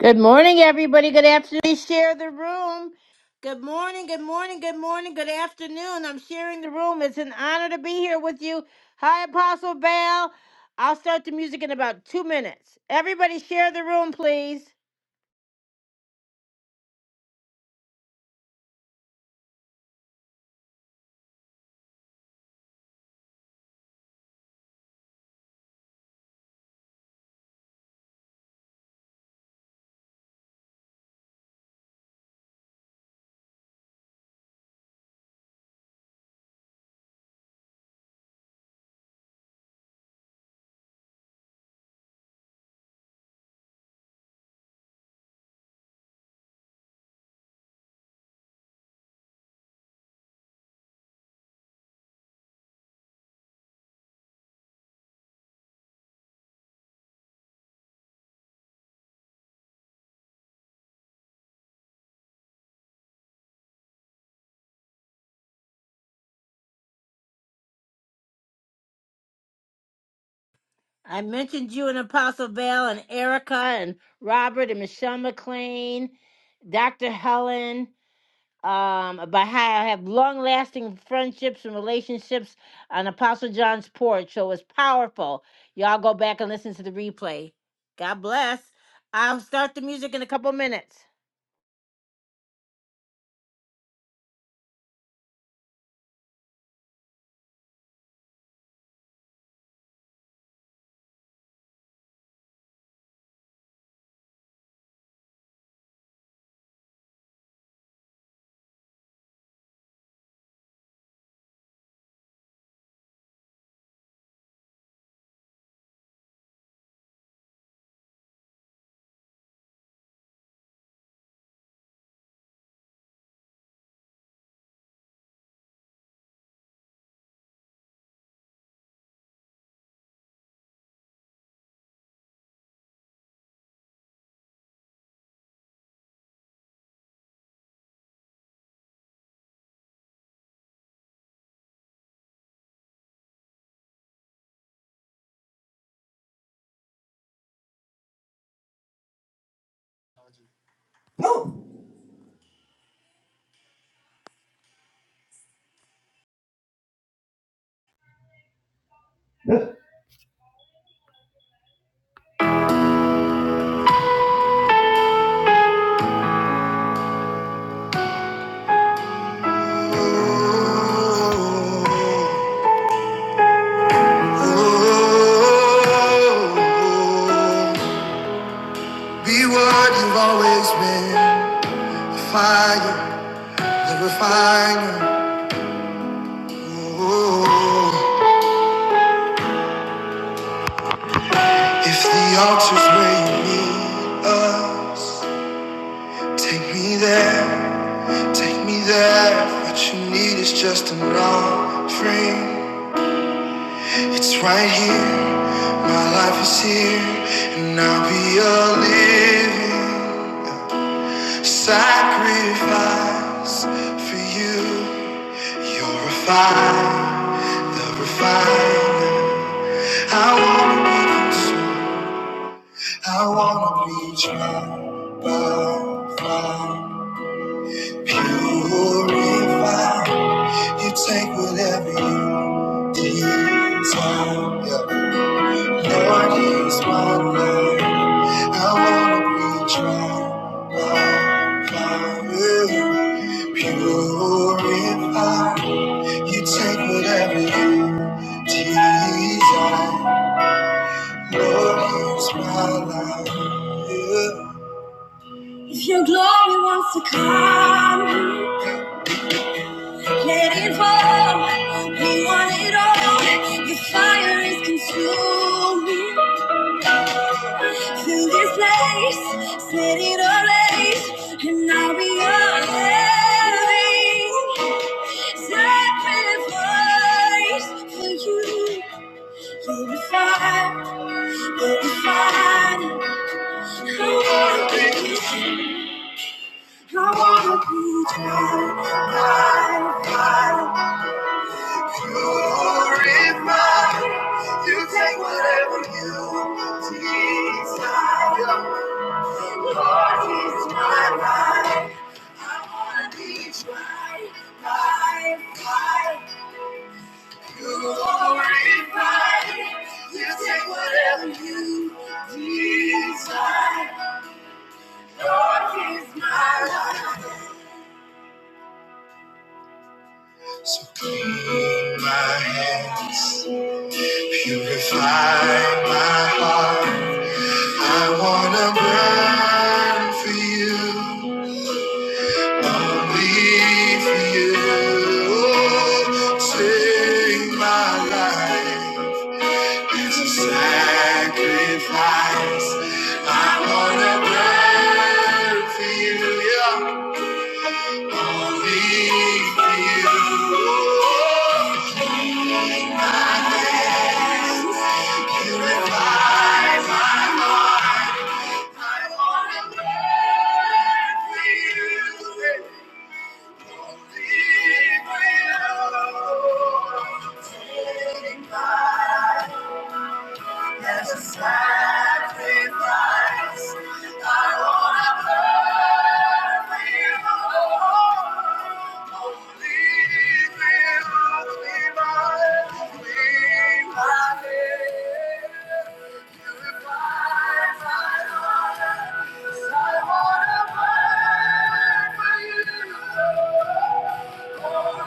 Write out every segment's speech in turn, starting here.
Good morning, everybody. Good afternoon. Share the room. Good morning, good morning, good morning, good afternoon. I'm sharing the room. It's an honor to be here with you. Hi, Apostle Bell. I'll start the music in about two minutes. Everybody, share the room, please. I mentioned you and Apostle Bell and Erica and Robert and Michelle McLean, Dr. Helen. um, about how I have long lasting friendships and relationships on Apostle John's porch. So it's powerful. Y'all go back and listen to the replay. God bless. I'll start the music in a couple minutes. Oh, be what you've always been. fire, the refiner. Oh, if the altar's where you need us. Take me there, take me there. What you need is just an offering. It's right here, my life is here, and I'll be a living sacrifice for you. You're refined, the refiner. I wanna be consumed, I wanna be tried by fire. Purify. You take whatever you desire. Yeah. Lord, use my life. I wanna be tried by fire. Purify. You take whatever you desire. Lord, use my life. Yeah. If your glory wants to come. Let it roll. We want it all. Your fire is consuming. Fill this place. Set it ablaze. And now we are living sacrifice for you. You're a fire. You're a fire. I wanna be tried by fire. You Glorify. You take whatever you desire. Lord, he's my life. I want to be tried by fire. You glorify. You take whatever you desire. Lord, he's my life. So clean my hands, purify my heart. I wanna burn for you, only for you. Take my life as a sacrifice. I wanna burn for you, yeah. Only for you. Purify. I wanna burn for you. As a sacrifice, I wanna burn for you. Only will be my clean my purify my heart. 'Cause I wanna burn for you. Purify.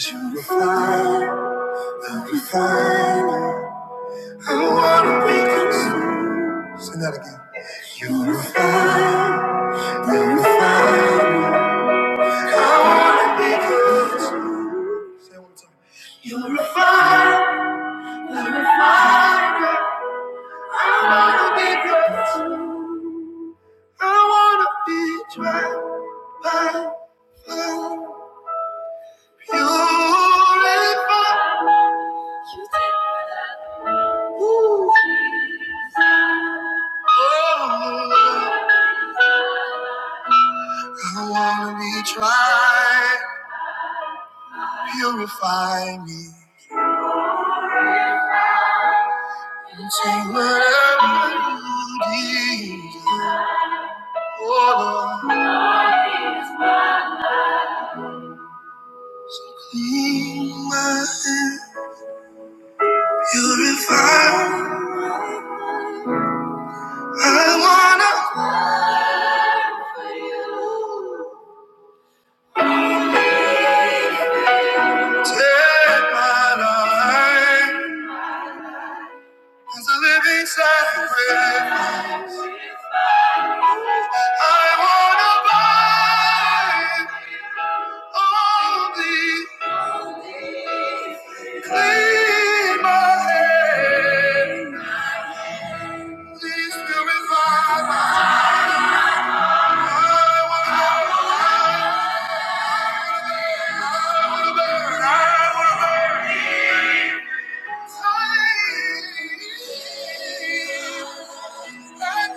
You're fine, I'm fine. I am fine i want to be consumed. Sing that again. You're fine, I'm fine. I don't want to be consumed. Say it one more time. You're a fire. Try, Purify me and take whatever you desire. Oh Lord, clean my hands. purify. I wanna take my life. As a living sacrifice, I wanna buy only clean my hands. Please purify my heart. I wanna burn. I Thank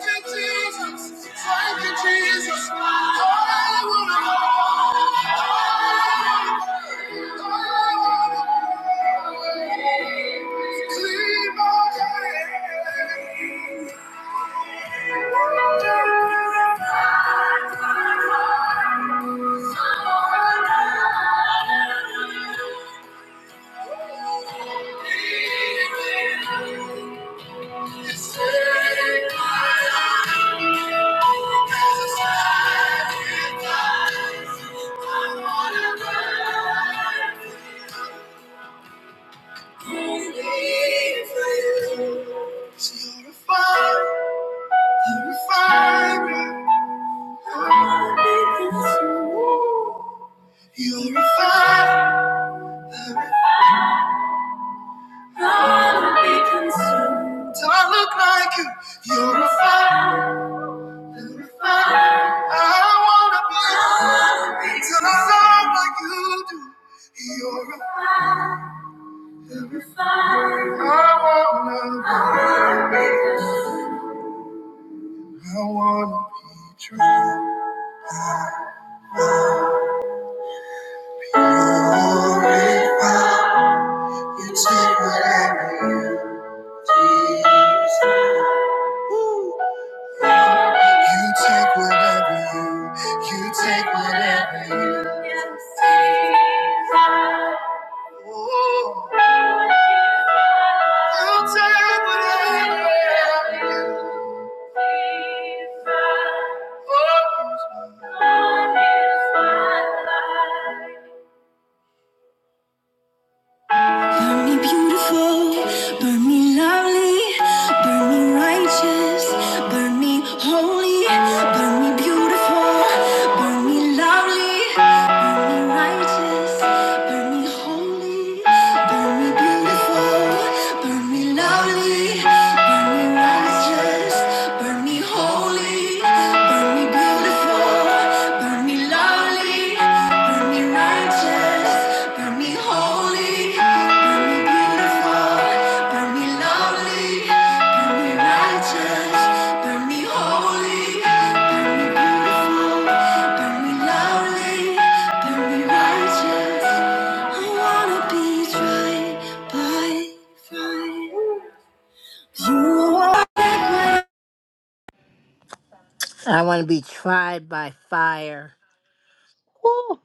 you, Jesus. Thank you, Jesus. I wanna know. I wanna know. Clean my hands. You're a fire, i wanna be consumed. I look like you. You're a fire. Till I love like you do. You're a fire. I wanna, I wanna be true. Glorified. You take whatever you, you take whatever you, you take whatever you. You take whatever you. Oh, Burn me beautiful, burn me lovely, burn me righteous, burn me holy, burn me beautiful, burn me lovely, burn me righteous, burn me holy. I want to be tried by fire. Woo.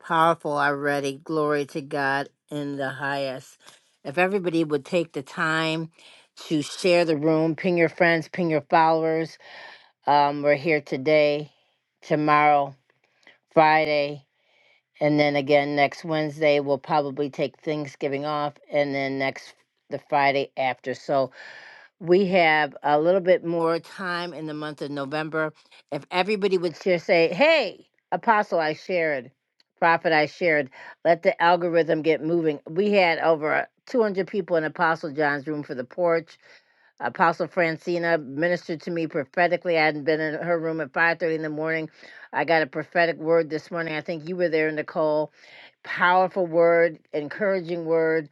Powerful already. Glory to God in the highest. If everybody would take the time to share the room, ping your friends, ping your followers. Um, we're here today, tomorrow, Friday, and then again next Wednesday. We'll probably take Thanksgiving off, and then next the Friday after. So we have a little bit more time in the month of November. If everybody would just say, hey, apostle, I shared, prophet, I shared, let the algorithm get moving. We had over 200 people in Apostle John's room for the porch. Apostle Francina ministered to me prophetically. I hadn't been in her room at 5.30 in the morning. I got a prophetic word this morning. I think you were there, Nicole. Powerful word, encouraging word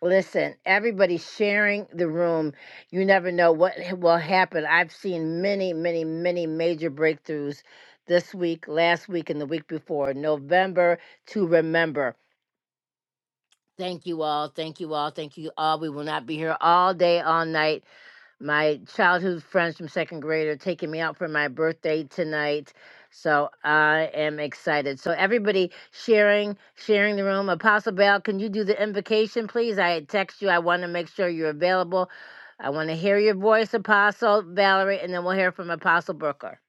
Listen, everybody sharing the room. You never know what h- will happen. I've seen many, many, many major breakthroughs this week, last week, and the week before. November to remember. Thank you all. Thank you all. Thank you all. We will not be here all day, all night. my childhood friends from second grade are taking me out for my birthday tonight. So I am excited. So everybody sharing, sharing the room. Apostle Bell, can you do the invocation, please? I had text you. I want to make sure you're available. I want to hear your voice, Apostle Valerie, and then we'll hear from Apostle Booker.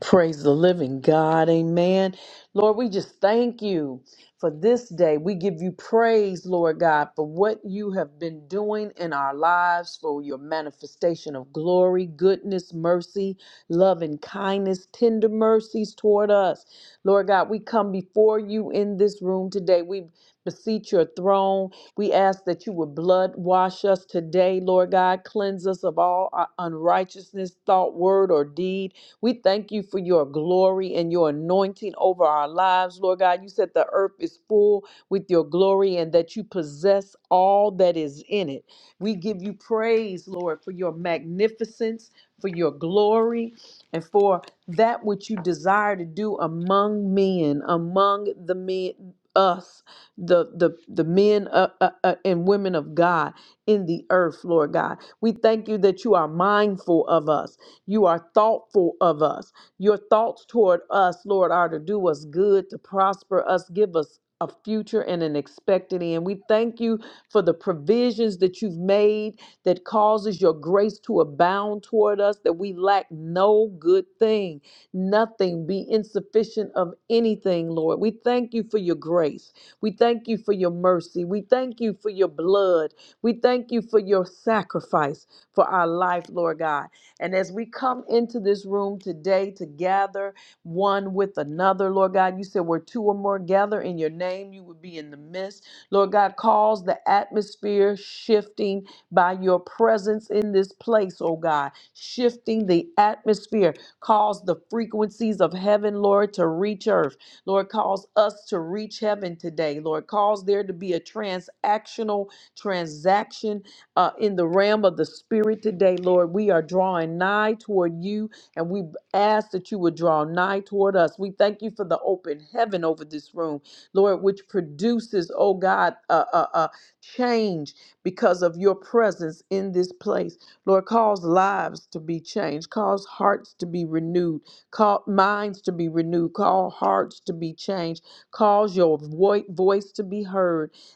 Praise the living God. Amen. Lord, we just thank you for this day. We give you praise, Lord God, for what you have been doing in our lives, for your manifestation of glory, goodness, mercy, love, and kindness, tender mercies toward us. Lord God, we come before you in this room today. We beseech your throne. We ask that you would blood wash us today, Lord God. Cleanse us of all uh, unrighteousness, thought, word, or deed. We thank you for your glory and your anointing over our lives, Lord God. You said the earth is full with your glory and that you possess all that is in it. We give you praise, Lord, for your magnificence, for your glory, and for that which you desire to do among men, among the men, us, the the the men uh, uh, uh, and women of God in the earth, Lord God. We thank you that you are mindful of us you are thoughtful of us. Your thoughts toward us, Lord, are to do us good, to prosper us, give us a future and an expected end. We thank you for the provisions that you've made that causes your grace to abound toward us, that we lack no good thing, nothing be insufficient of anything, Lord. We thank you for your grace. We thank you for your mercy. We thank you for your blood. We thank you for your sacrifice for our life, Lord God. And as we come into this room today to gather one with another, Lord God, you said where two or more gather in your name, you would be in the midst. Lord God, cause the atmosphere shifting by your presence in this place, oh God, shifting the atmosphere. Cause the frequencies of heaven, Lord, to reach earth. Lord, cause us to reach heaven today. Lord, cause there to be a transactional transaction uh, in the realm of the spirit today, Lord. We are drawing nigh toward you, and we ask that you would draw nigh toward us. We thank you for the open heaven over this room, Lord, which produces, oh God, uh, uh, uh, change because of your presence in this place. Lord, cause lives to be changed, cause hearts to be renewed, call minds to be renewed, call hearts to be changed, cause your voi- voice to be heard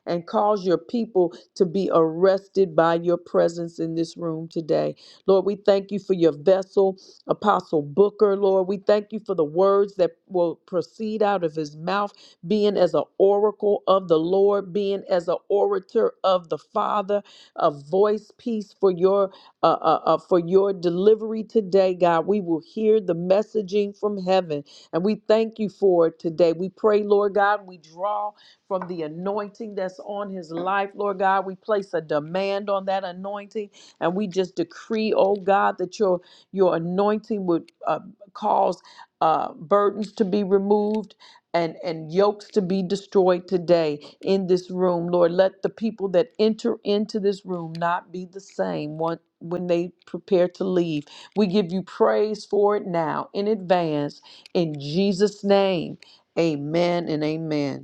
and cause your people to be arrested by your presence in this room today. Lord, we thank you for your vessel, Apostle Booker. Lord, we thank you for the words that will proceed out of his mouth, being as an oracle of the Lord, being as an orator of the Father, a voice piece for your uh, uh, uh, for your delivery today, God. We will hear the messaging from heaven, and we thank you for it today. We pray, Lord God, we draw from the anointing that's on his life, Lord God. We place a demand on that anointing and we just decree, oh God, that your your anointing would uh, cause uh, burdens to be removed. And, and yokes to be destroyed today in this room. Lord, let the people that enter into this room not be the same one, when they prepare to leave. We give you praise for it now in advance. In Jesus' name, amen and amen.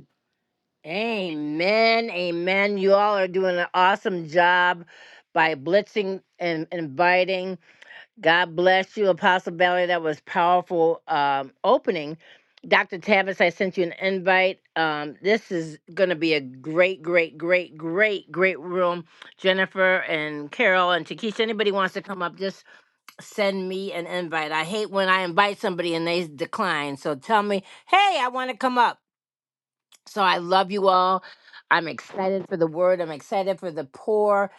Amen. Amen. You all are doing an awesome job by blitzing and inviting. God bless you, Apostle Valerie. That was powerful um, opening. Dr. Tavis, I sent you an invite. Um, this is going to be a great, great, great, great, great room. Jennifer and Carol and Takesha, anybody wants to come up, just send me an invite. I hate when I invite somebody and they decline. So tell me, hey, I want to come up. So I love you all. I'm excited for the word. I'm excited for the poor.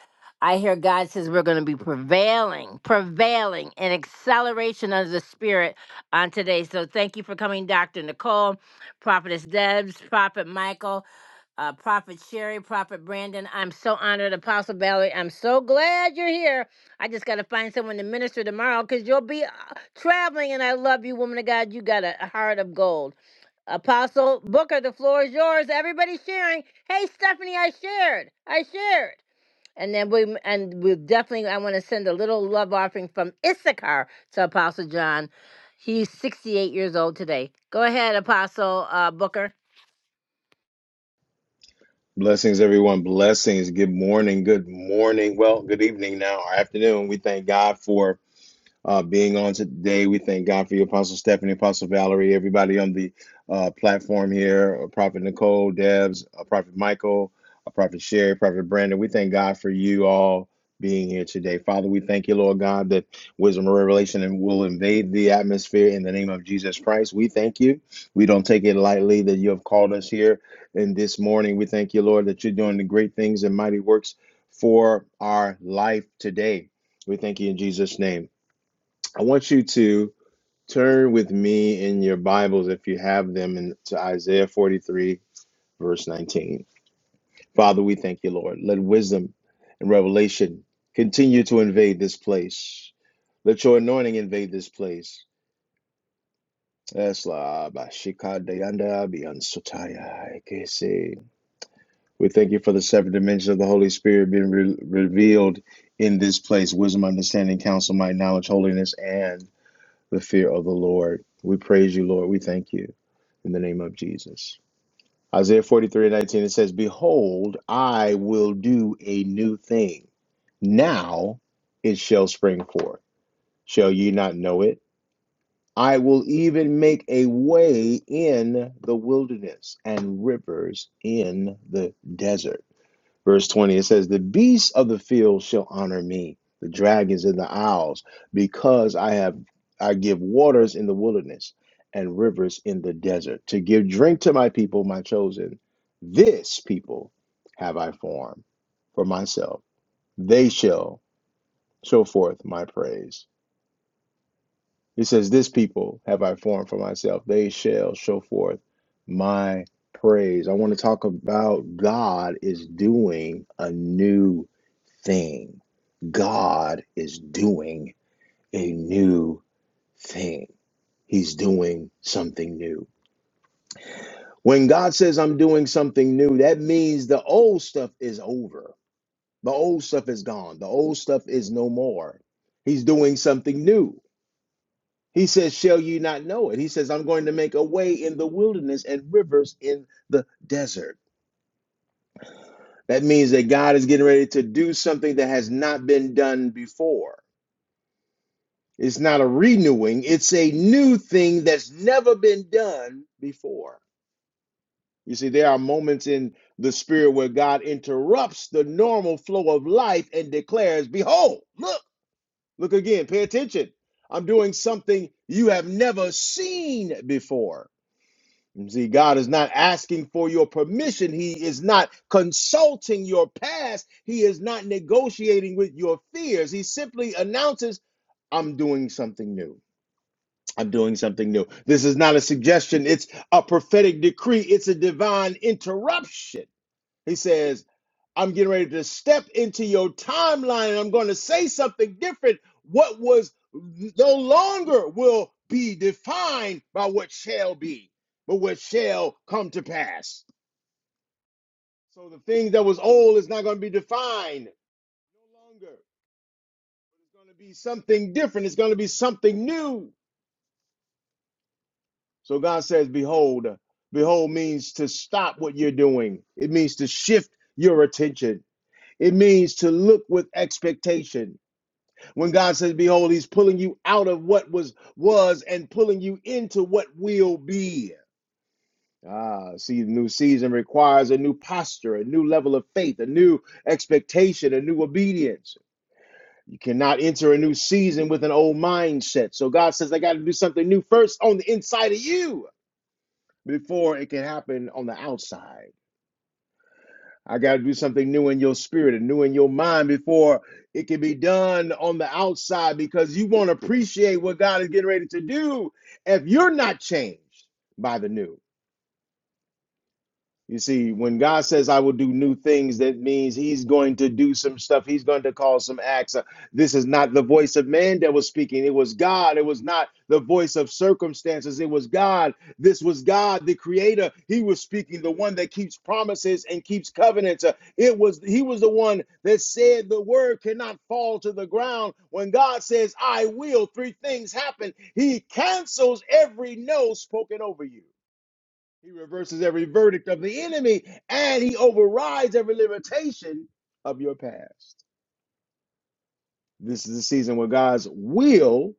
I hear God says we're going to be prevailing, prevailing in acceleration of the Spirit on today. So thank you for coming, Dr. Nicole, Prophetess Debs, Prophet Michael, uh, Prophet Sherry, Prophet Brandon. I'm so honored, Apostle Valerie. I'm so glad you're here. I just got to find someone to minister tomorrow because you'll be uh, traveling, and I love you, woman of God. You got a a heart of gold. Apostle Booker, the floor is yours. Everybody's sharing. Hey, Stephanie, I shared. I shared. And then we and we definitely I want to send a little love offering from Issachar to Apostle John. He's 68 years old today. Go ahead, Apostle uh, Booker. Blessings, everyone. Blessings. Good morning. Good morning. Well, good evening now, or afternoon. We thank God for uh, being on today. We thank God for you, Apostle Stephanie, Apostle Valerie, everybody on the uh, platform here, uh, Prophet Nicole, Debs, uh, Prophet Michael, uh, Prophet Sherry, Prophet Brandon. We thank God for you all being here today. Father, we thank you, Lord God, that wisdom and revelation and will invade the atmosphere in the name of Jesus Christ. We thank you. We don't take it lightly that you have called us here. And this morning, we thank you, Lord, that you're doing the great things and mighty works for our life today. We thank you in Jesus' name. I want you to turn with me in your Bibles, if you have them, in, to Isaiah 43, verse 19. Father, we thank you, Lord. Let wisdom and revelation continue to invade this place. Let your anointing invade this place. Esla ba shika dayanda bian sotaya kese. We thank you for the seven dimensions of the Holy Spirit being re- revealed in this place wisdom, understanding, counsel, might, knowledge, holiness, and the fear of the Lord. We praise you, Lord. We thank you in the name of Jesus. Isaiah 43 and 19, it says, Behold, I will do a new thing. Now it shall spring forth. Shall ye not know it? I will even make a way in the wilderness and rivers in the desert. Verse 20, it says, The beasts of the field shall honor me, the dragons and the owls, because I have I give waters in the wilderness and rivers in the desert, to give drink to my people, my chosen. This people have I formed for myself. They shall show forth my praise. It says, This people have I formed for myself. They shall show forth my praise. I want to talk about God is doing a new thing. God is doing a new thing. He's doing something new. When God says, I'm doing something new, that means the old stuff is over. The old stuff is gone. The old stuff is no more. He's doing something new. He says, Shall you not know it? He says, I'm going to make a way in the wilderness and rivers in the desert. That means that God is getting ready to do something that has not been done before. It's not a renewing, it's a new thing that's never been done before. You see, there are moments in the spirit where God interrupts the normal flow of life and declares, Behold, look, look again, pay attention. I'm doing something you have never seen before. You See, God is not asking for your permission. He is not consulting your past. He is not negotiating with your fears. He simply announces, I'm doing something new. I'm doing something new. This is not a suggestion, it's a prophetic decree, it's a divine interruption. He says, I'm getting ready to step into your timeline and I'm going to say something different. What was no longer will be defined by what shall be, but what shall come to pass. So the thing that was old is not going to be defined no longer. It's going to be something different. It's going to be something new. So God says, Behold, behold means to stop what you're doing, it means to shift your attention, it means to look with expectation. When God says, Behold, He's pulling you out of what was was and pulling you into what will be. Ah, see, the new season requires a new posture, a new level of faith, a new expectation, a new obedience. You cannot enter a new season with an old mindset. So God says, I got to do something new first on the inside of you before it can happen on the outside. I got to do something new in your spirit and new in your mind before it can be done on the outside because you won't appreciate what God is getting ready to do if you're not changed by the new. You see, when God says, I will do new things, that means He's going to do some stuff. He's going to cause some acts. Uh, This is not the voice of man that was speaking. It was God. It was not the voice of circumstances. It was God. This was God, the creator. He was speaking, the one that keeps promises and keeps covenants. Uh, It was He was the one that said the word cannot fall to the ground. When God says, I will, three things happen. He cancels every no spoken over you. He reverses every verdict of the enemy and he overrides every limitation of your past. This is the season where God's will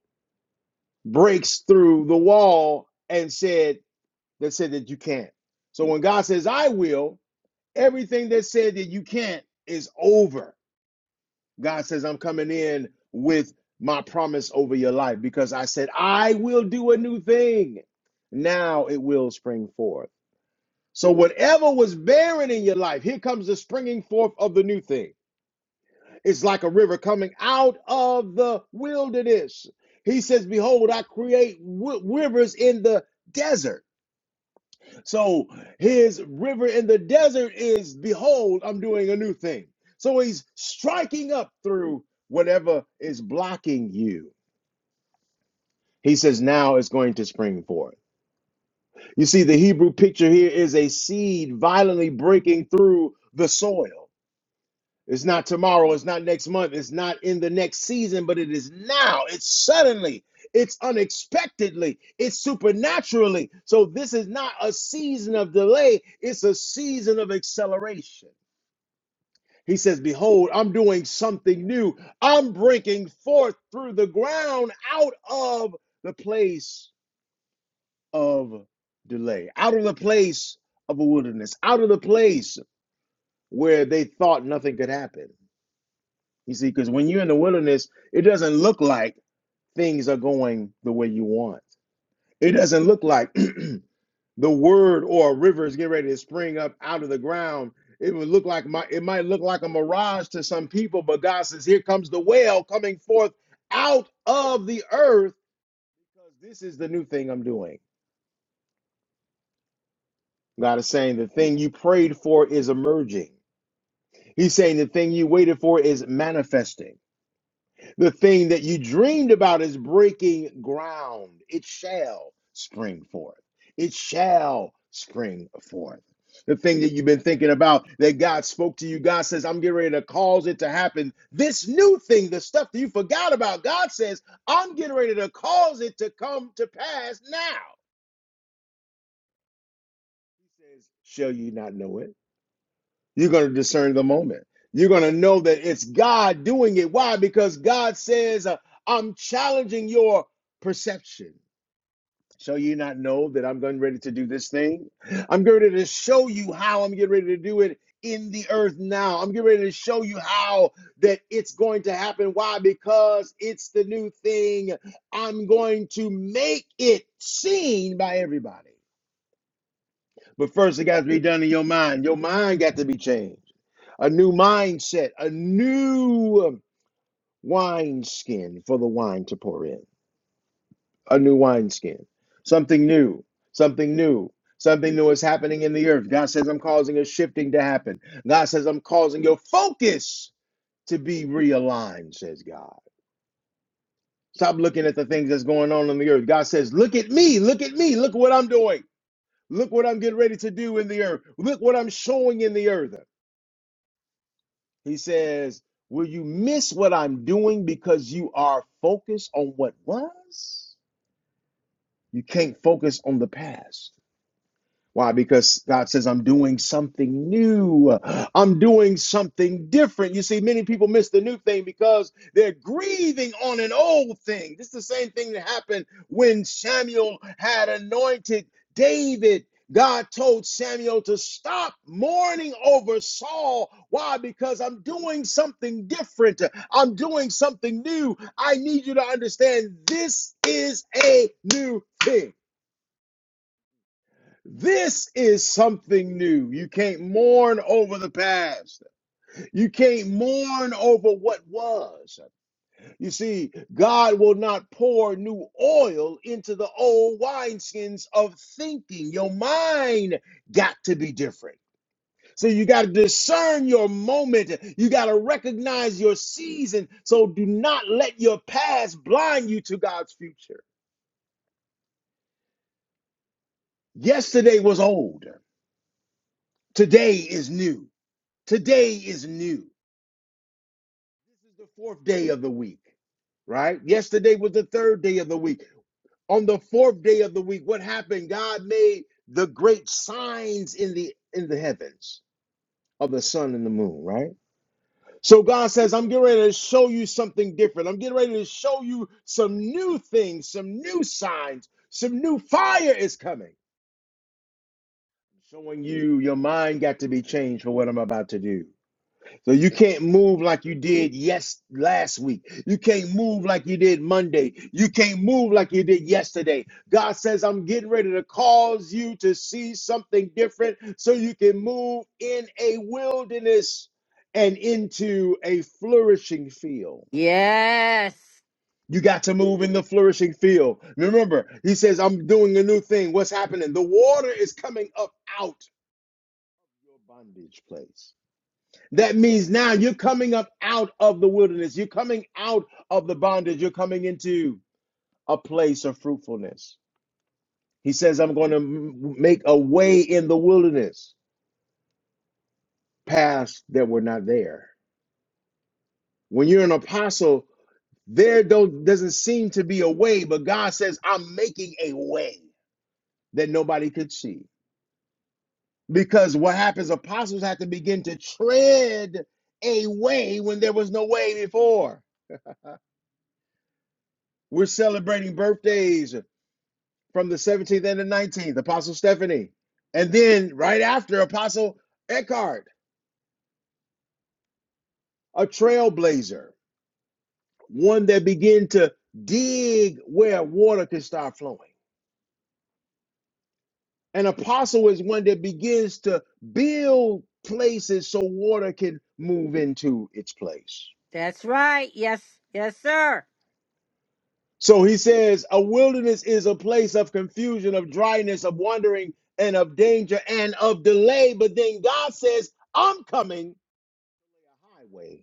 breaks through the wall and said that said that you can't. So when God says I will, everything that said that you can't is over. God says I'm coming in with my promise over your life because I said I will do a new thing. Now it will spring forth. So whatever was barren in your life, here comes the springing forth of the new thing. It's like a river coming out of the wilderness. He says, "Behold, I create w- rivers in the desert." So his river in the desert is, "Behold, I'm doing a new thing." So he's striking up through whatever is blocking you. He says, "Now it's going to spring forth." You see, the Hebrew picture here is a seed violently breaking through the soil. It's not tomorrow. It's not next month. It's not in the next season, but it is now. It's suddenly. It's unexpectedly. It's supernaturally. So this is not a season of delay. It's a season of acceleration. He says, Behold, I'm doing something new. I'm breaking forth through the ground out of the place of delay, out of the place of a wilderness, out of the place where they thought nothing could happen You see, because when you're in the wilderness, it doesn't look like things are going the way you want. It doesn't look like the word or a river is getting ready to spring up out of the ground. It would look like my it might look like a mirage to some people, but God says, Here comes the well coming forth out of the earth. Because this is the new thing I'm doing. God is saying the thing you prayed for is emerging. He's saying the thing you waited for is manifesting. The thing that you dreamed about is breaking ground. It shall spring forth. It shall spring forth. The thing that you've been thinking about that God spoke to you, God says, I'm getting ready to cause it to happen. This new thing, the stuff that you forgot about, God says, I'm getting ready to cause it to come to pass now. He says, Shall you not know it? You're going to discern the moment. You're going to know that it's God doing it. Why? Because God says, uh, I'm challenging your perception. Shall you not know that I'm getting ready to do this thing? I'm getting ready to show you how I'm getting ready to do it in the earth now. I'm getting ready to show you how that it's going to happen. Why? Because it's the new thing. I'm going to make it seen by everybody. But first, it got to be done in your mind. Your mind got to be changed. A new mindset, a new wineskin for the wine to pour in, a new wineskin, something new, something new. Something new is happening in the earth. God says, I'm causing a shifting to happen. God says, I'm causing your focus to be realigned, says God. Stop looking at the things that's going on in the earth. God says, Look at me, look at me, look what I'm doing. Look what I'm getting ready to do in the earth. Look what I'm showing in the earth. He says, Will you miss what I'm doing because you are focused on what was? You can't focus on the past. Why? Because God says, I'm doing something new. I'm doing something different. You see, many people miss the new thing because they're grieving on an old thing. This is the same thing that happened when Samuel had anointed David. God told Samuel to stop mourning over Saul. Why? Because I'm doing something different. I'm doing something new. I need you to understand this is a new thing. This is something new. You can't mourn over the past. You can't mourn over what was. You see, God will not pour new oil into the old wineskins of thinking. Your mind got to be different. So you got to discern your moment. You got to recognize your season. So do not let your past blind you to God's future. Yesterday was old. Today is new. Today is new. This is the fourth day of the week, right? Yesterday was the third day of the week. On the fourth day of the week, what happened? God made the great signs in the in the heavens of the sun and the moon, right? So God says, I'm getting ready to show you something different. I'm getting ready to show you some new things, some new signs, some new fire is coming. Showing you your mind got to be changed for what I'm about to do. So you can't move like you did yes last week. You can't move like you did Monday. You can't move like you did yesterday. God says, I'm getting ready to cause you to see something different so you can move in a wilderness and into a flourishing field. Yes, You got to move in the flourishing field. Remember, he says, I'm doing a new thing. What's happening? The water is coming up out your bondage place. That means now you're coming up out of the wilderness. You're coming out of the bondage. You're coming into a place of fruitfulness. He says, I'm going to make a way in the wilderness, paths that were not there. When you're an apostle, there don't, doesn't seem to be a way, but God says, I'm making a way that nobody could see. Because what happens, apostles have to begin to tread a way when there was no way before. We're celebrating birthdays. from the 17th and the 19th, Apostle Stephanie. And then right after, Apostle Eckhart, a trailblazer, one that began to dig where water can start flowing. An apostle is one that begins to build places so water can move into its place. that's right. Yes, yes, sir. So he says, a wilderness is a place of confusion, of dryness, of wandering, and of danger and of delay. But then God says, I'm coming a highway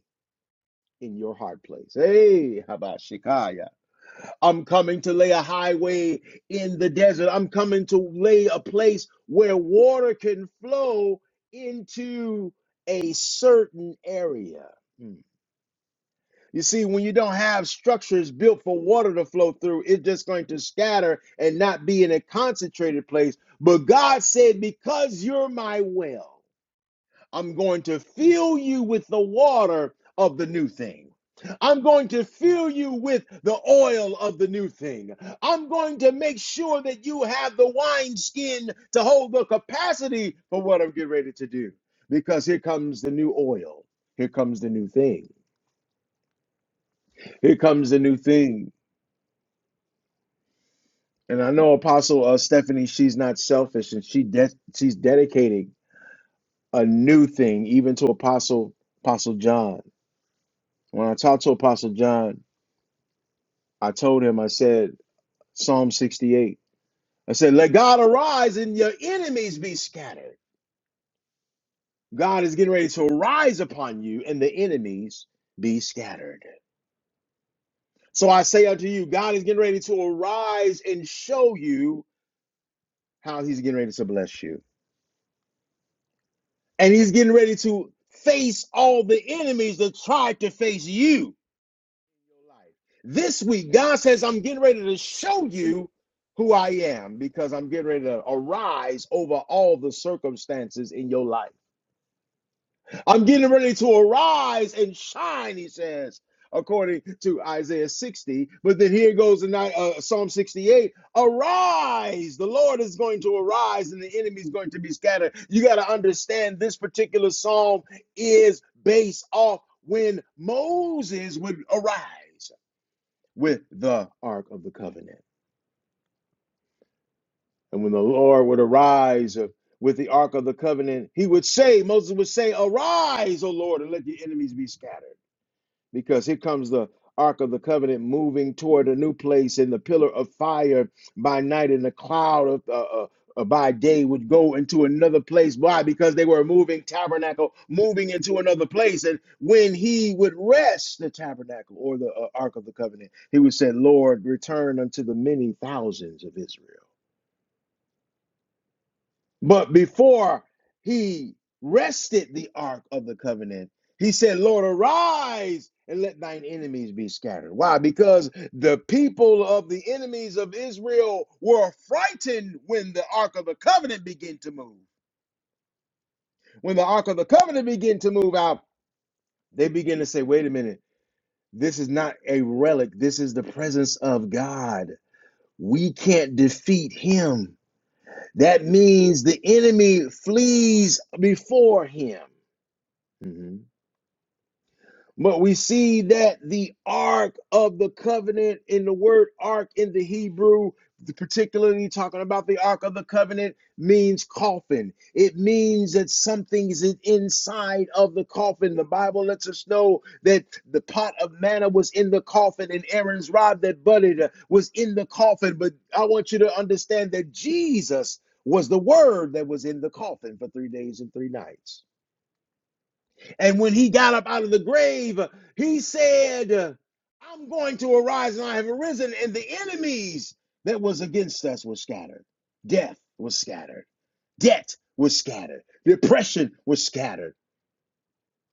in your hard place. Hey, Habashikaya. I'm coming to lay a highway in the desert. I'm coming to lay a place where water can flow into a certain area. Hmm. You see, when you don't have structures built for water to flow through, it's just going to scatter and not be in a concentrated place. But God said, Because you're my well. I'm going to fill you with the water of the new thing. I'm going to fill you with the oil of the new thing. I'm going to make sure that you have the wineskin to hold the capacity for what I'm getting ready to do. Because here comes the new oil. Here comes the new thing. Here comes the new thing. And I know Apostle uh, Stephanie, she's not selfish and she de- she's dedicating a new thing even to Apostle Apostle John. When I talked to Apostle John, I told him, I said, Psalm 68. I said, let God arise and your enemies be scattered. God is getting ready to arise upon you and the enemies be scattered. So I say unto you, God is getting ready to arise and show you how he's getting ready to bless you. And he's getting ready to face all the enemies that tried to face you. This week, God says, I'm getting ready to show you who I am because I'm getting ready to arise over all the circumstances in your life. I'm getting ready to arise and shine, he says, according to Isaiah 60. But then here goes in uh, Psalm 68 Arise, the Lord is going to arise and the enemy is going to be scattered. You got to understand this particular psalm is based off when Moses would arise with the Ark of the Covenant. And when the Lord would arise uh, with the Ark of the Covenant, he would say, Moses would say, Arise, O Lord, and let your enemies be scattered because here comes the Ark of the Covenant moving toward a new place, and the pillar of fire by night and the cloud of, uh, uh, uh, by day would go into another place. Why? Because they were a moving tabernacle, moving into another place. And when he would rest the tabernacle or the uh, Ark of the Covenant, he would say, Lord, return unto the many thousands of Israel. But before he rested the ark of the covenant, he said, Lord, arise and let thine enemies be scattered. Why? Because the people of the enemies of Israel were frightened when the ark of the covenant began to move. When the ark of the covenant began to move out, they begin to say, wait a minute, this is not a relic, this is the presence of God. We can't defeat him. That means the enemy flees before him. hmm But we see that the Ark of the Covenant in the word Ark in the Hebrew, particularly talking about the Ark of the Covenant, means coffin. It means that something is inside of the coffin. The Bible lets us know that the pot of manna was in the coffin and Aaron's rod that budded uh, was in the coffin. But I want you to understand that Jesus was the word that was in the coffin for three days and three nights. And when he got up out of the grave, he said, I'm going to arise and I have arisen. And the enemies that was against us were scattered. Death was scattered. Debt was scattered. Depression was scattered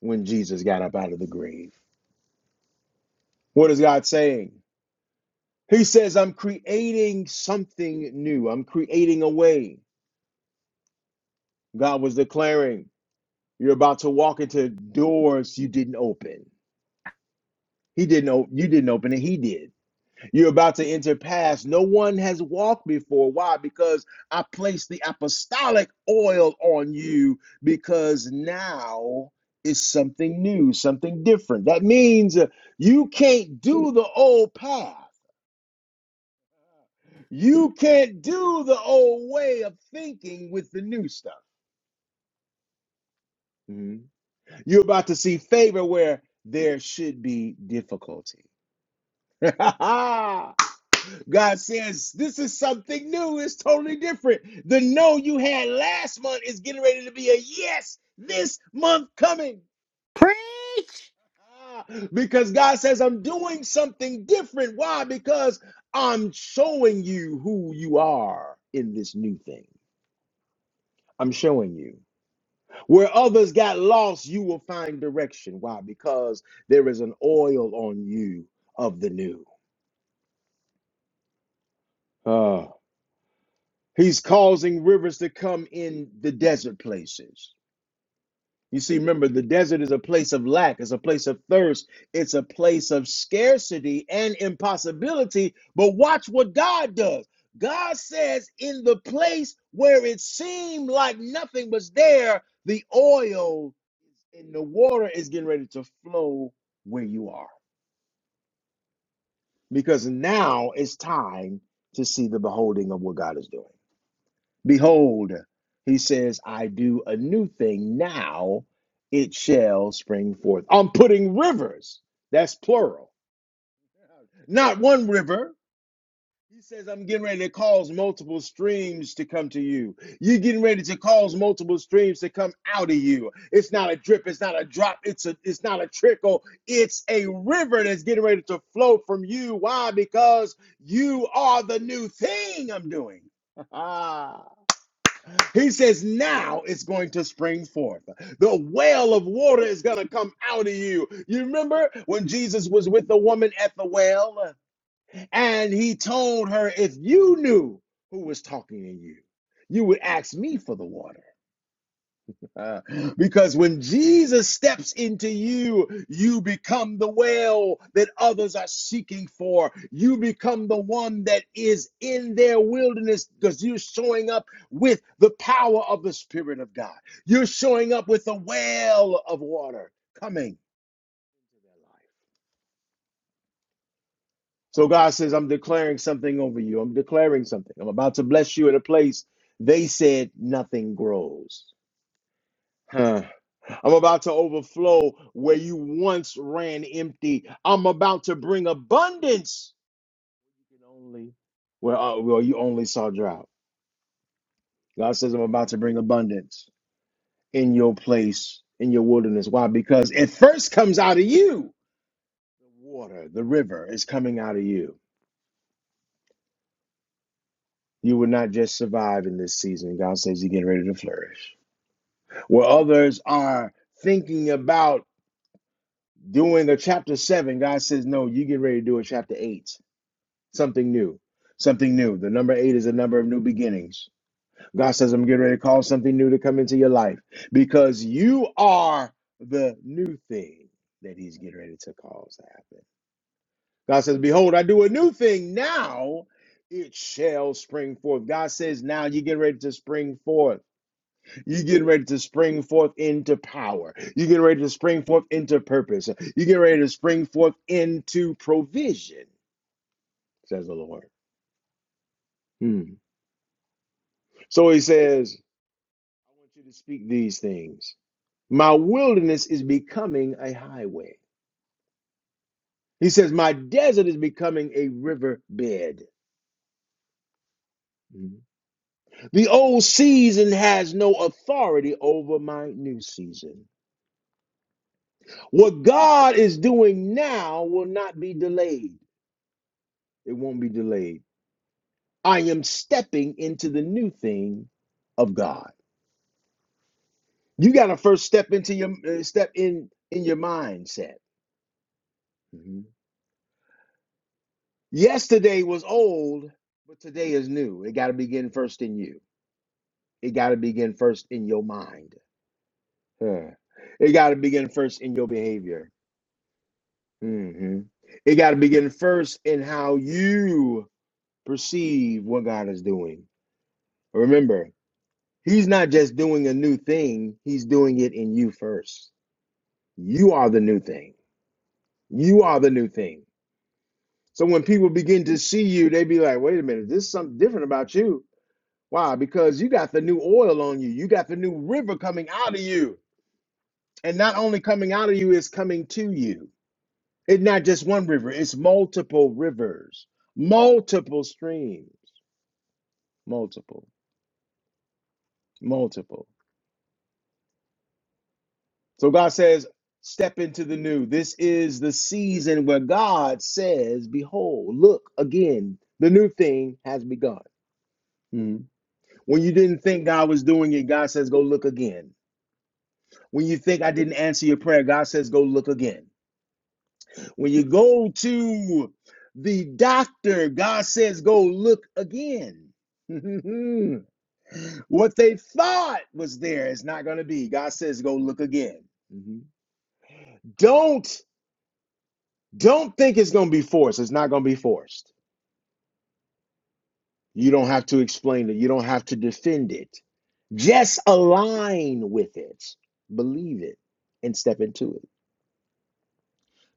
when Jesus got up out of the grave. What is God saying? He says, I'm creating something new. I'm creating a way. God was declaring, You're about to walk into doors you didn't open. He didn't open, you didn't open it, he did. You're about to enter paths no one has walked before. Why? Because I placed the apostolic oil on you because now is something new, something different. That means uh, you can't do the old path. You can't do the old way of thinking with the new stuff. Mhm. You're about to see favor where there should be difficulty. God says, This is something new. It's totally different. The no you had last month is getting ready to be a yes this month coming. Preach. Ah, Because God says, I'm doing something different. Why? Because I'm showing you who you are in this new thing. I'm showing you. Where others got lost, you will find direction. Why? Because there is an oil on you of the new. Ah. he's causing rivers to come in the desert places. You see, remember, the desert is a place of lack, it's a place of thirst, it's a place of scarcity and impossibility. But watch what God does. God says, in the place where it seemed like nothing was there, the oil and the water is getting ready to flow where you are. Because now it's time to see the beholding of what God is doing. Behold, he says, I do a new thing now, it shall spring forth. I'm putting rivers, that's plural, not one river. He says, I'm getting ready to cause multiple streams to come to you. You're getting ready to cause multiple streams to come out of you. It's not a drip, it's not a drop, it's a it's not a trickle, it's a river that's getting ready to flow from you. Why? Because you are the new thing I'm doing. He says, now it's going to spring forth. The well of water is going to come out of you. You remember when Jesus was with the woman at the well and he told her, if you knew who was talking to you, you would ask me for the water. Uh, because when Jesus steps into you, you become the well that others are seeking for. You become the one that is in their wilderness because you're showing up with the power of the Spirit of God. You're showing up with a well of water coming. So God says, I'm declaring something over you. I'm declaring something. I'm about to bless you in a place they said nothing grows. Huh. I'm about to overflow where you once ran empty. I'm about to bring abundance. You can only, well, uh, well, you only saw drought. God says, I'm about to bring abundance in your place, in your wilderness. Why? Because it first comes out of you. The water, the river is coming out of you. You will not just survive in this season. God says you're getting ready to flourish. Where others are thinking about doing a chapter seven, God says, no, you get ready to do a chapter eight something new. Something new. The number eight is a number of new beginnings. God says, I'm getting ready to cause something new to come into your life because you are the new thing that He's getting ready to cause to happen. God says, Behold, I do a new thing now. It shall spring forth. God says, Now you get ready to spring forth. You get ready to spring forth into power. You get ready to spring forth into purpose. You get ready to spring forth into provision, says the Lord. Hmm. So he says, I want you to speak these things. My wilderness is becoming a highway. He says, My desert is becoming a riverbed. Mhm. The old season has no authority over my new season. What God is doing now will not be delayed. It won't be delayed. I am stepping into the new thing of God. You got to first step into your uh, step in in your mindset. Yesterday was old, but today is new. It got to begin first in you. It got to begin first in your mind. Huh. It got to begin first in your behavior. hmm It got to begin first in how you perceive what God is doing. Remember, He's not just doing a new thing, He's doing it in you first. You are the new thing. You are the new thing. So when people begin to see you, they be like, wait a minute, there's something different about you Why? Because you got the new oil on you. You got the new river coming out of you. And not only coming out of you, it's coming to you. It's not just one river, it's multiple rivers, multiple streams, multiple, multiple. So God says, step into the new. This is the season where God says, behold, look again, the new thing has begun. Mhm. When you didn't think God was doing it, God says, go look again. When you think I didn't answer your prayer, God says, go look again. When you go to the doctor, God says, go look again. what they thought was there is not going to be. God says, go look again. Mhm. Don't don't think it's going to be forced. It's not going to be forced. You don't have to explain it. You don't have to defend it. Just align with it. Believe it and step into it.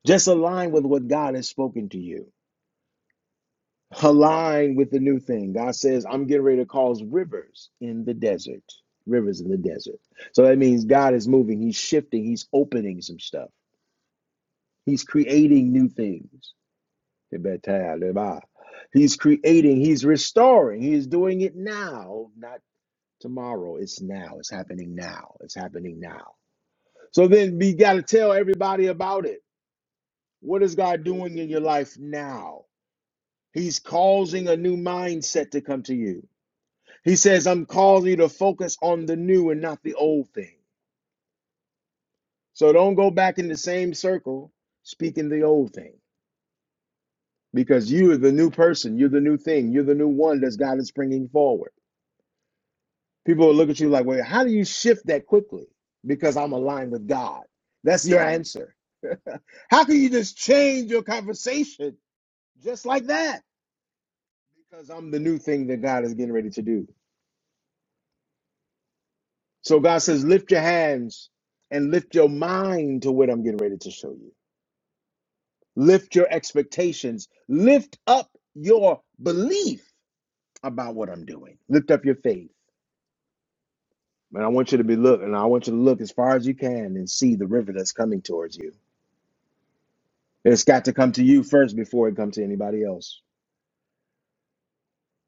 Just align with what God has spoken to you. align with the new thing. God says, I'm getting ready to cause rivers in the desert. Rivers in the desert. So that means God is moving. He's shifting. He's opening some stuff. He's creating new things. He's creating. He's restoring. He's doing it now, not tomorrow. It's now. It's happening now. It's happening now. So then we got to tell everybody about it. What is God doing in your life now? He's causing a new mindset to come to you. He says, I'm calling you to focus on the new and not the old thing. So don't go back in the same circle speaking the old thing because you are the new person. You're the new thing. You're the new one that God is bringing forward. People will look at you like, wait, how do you shift that quickly? Because I'm aligned with God. That's your answer. How can you just change your conversation just like that? Because I'm the new thing that God is getting ready to do. So God says, lift your hands and lift your mind to what I'm getting ready to show you. Lift your expectations. Lift up your belief about what I'm doing. Lift up your faith. And I want you to be look, and I want you to look as far as you can and see the river that's coming towards you. It's got to come to you first before it comes to anybody else.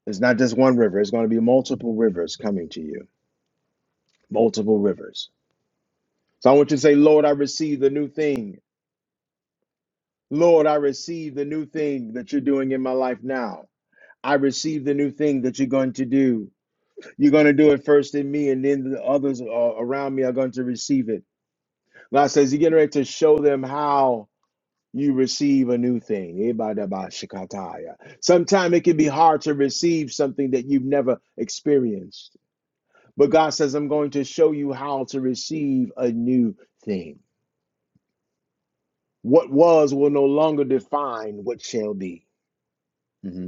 It's not just one river, it's going to be multiple rivers coming to you. Multiple rivers. So I want you to say, Lord, I receive the new thing. Lord, I receive the new thing that you're doing in my life now. I receive the new thing that you're going to do. You're going to do it first in me, and then the others uh, around me are going to receive it. God says, You're getting ready to show them how you receive a new thing. Ibadabashikataya. Sometimes it can be hard to receive something that you've never experienced. But God says, I'm going to show you how to receive a new thing. What was will no longer define what shall be. Mhm.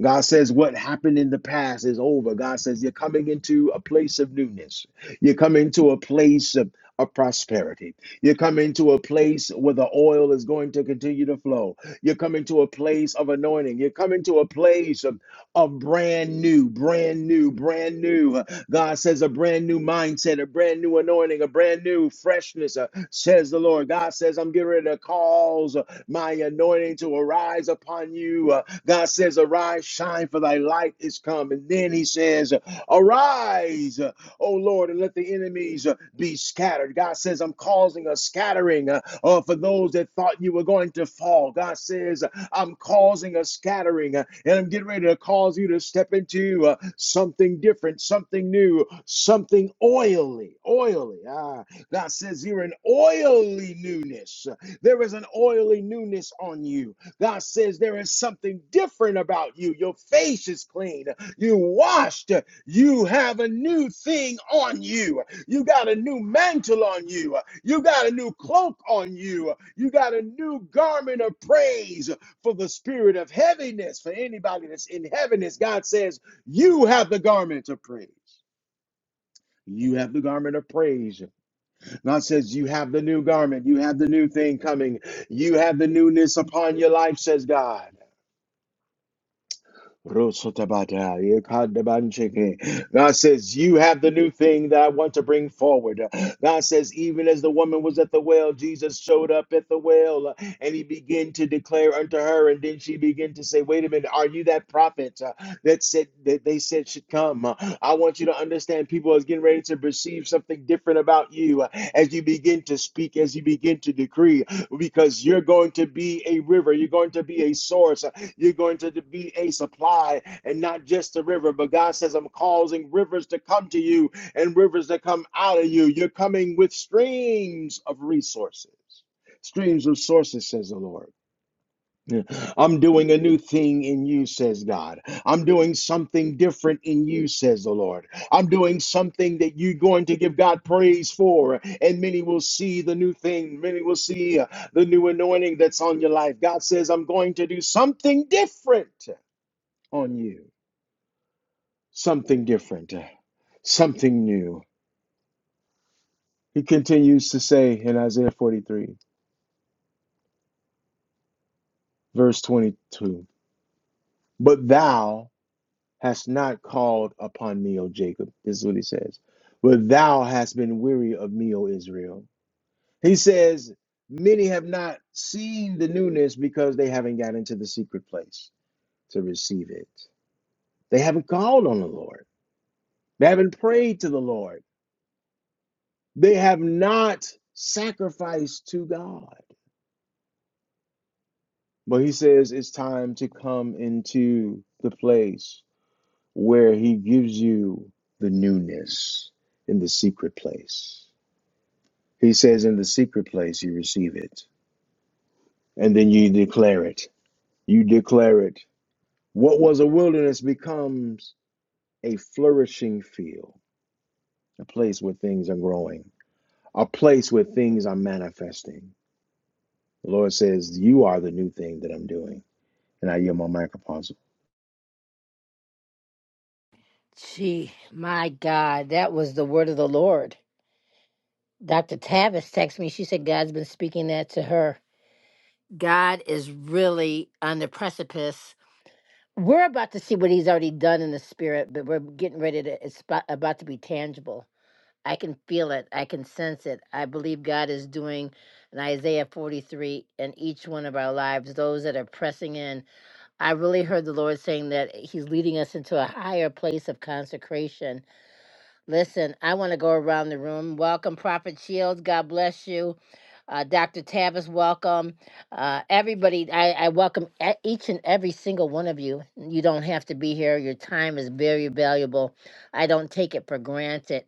God says what happened in the past is over. God says you're coming into a place of newness. You're coming to a place of, of prosperity. You're coming to a place where the oil is going to continue to flow. You're coming to a place of anointing. You're coming to a place of, of brand new, brand new, brand new. God says a brand new mindset, a brand new anointing, a brand new freshness, uh, says the Lord. God says, I'm getting ready to cause my anointing to arise upon you. Uh, God says, Arise, shine, for thy light is come. And then he says, Arise, uh, O Lord, and let the enemies uh, be scattered. God says, I'm causing a scattering uh, uh, for those that thought you were going to fall. God says, I'm causing a scattering, uh, and I'm getting ready to cause you to step into uh, something different, something new, something oily, oily. Ah, God says you're an oily newness. uh, there is an oily newness on you. God says there is something different about you. Your face is clean. You washed. You have a new thing on you. You got a new mantle on you. You got a new cloak on you. You got a new garment of praise for the spirit of heaviness. For anybody that's in heaviness, God says, You have the garment of praise. You have the garment of praise. God says, You have the new garment, you have the new thing coming, you have the newness upon your life, says God. Rosotabata, yekadebancheke. God says, You have the new thing that I want to bring forward. God says, Even as the woman was at the well, Jesus showed up at the well uh, and he began to declare unto her. And then she began to say, Wait a minute, are you that prophet uh, that said that they said should come? Uh, I want you to understand people are getting ready to perceive something different about you uh, as you begin to speak, as you begin to decree, because you're going to be a river, you're going to be a source, you're going to be a supply and not just a river. But God says, I'm causing rivers to come to you and rivers to come out of you. You're coming with streams of resources, streams of sources, says the Lord. I'm doing a new thing in you, says God. I'm doing something different in you, says the Lord. I'm doing something that you're going to give God praise for, and many will see the new thing. Many will see uh, the new anointing that's on your life. God says, I'm going to do something different on you, something different, uh, something new. He continues to say in Isaiah 43, verse 22, But thou hast not called upon me, O Jacob. This is what he says. But thou hast been weary of me, O Israel. He says, Many have not seen the newness because they haven't got into the secret place to receive it. They haven't called on the Lord. They haven't prayed to the Lord. They have not sacrificed to God. But he says it's time to come into the place where he gives you the newness in the secret place. He says, In the secret place, you receive it, and then you declare it. You declare it. What was a wilderness becomes a flourishing field, a place where things are growing, a place where things are manifesting. The Lord says, You are the new thing that I'm doing. And I yield my mic, Apostle. Gee, my God, that was the word of the Lord. Dr. Tavis texted me. She said God's been speaking that to her. God is really on the precipice. We're about to see what he's already done in the spirit, but we're getting ready to, it's about about to be tangible. I can feel it. I can sense it. I believe God is doing in Isaiah 43 in each one of our lives, those that are pressing in. I really heard the Lord saying that he's leading us into a higher place of consecration Listen, I want to go around the room. Welcome, Prophet Shields. God bless you. Uh, Dr. Tavis, welcome. Uh, everybody, I, I welcome e- each and every single one of you. You don't have to be here. Your time is very valuable. I don't take it for granted.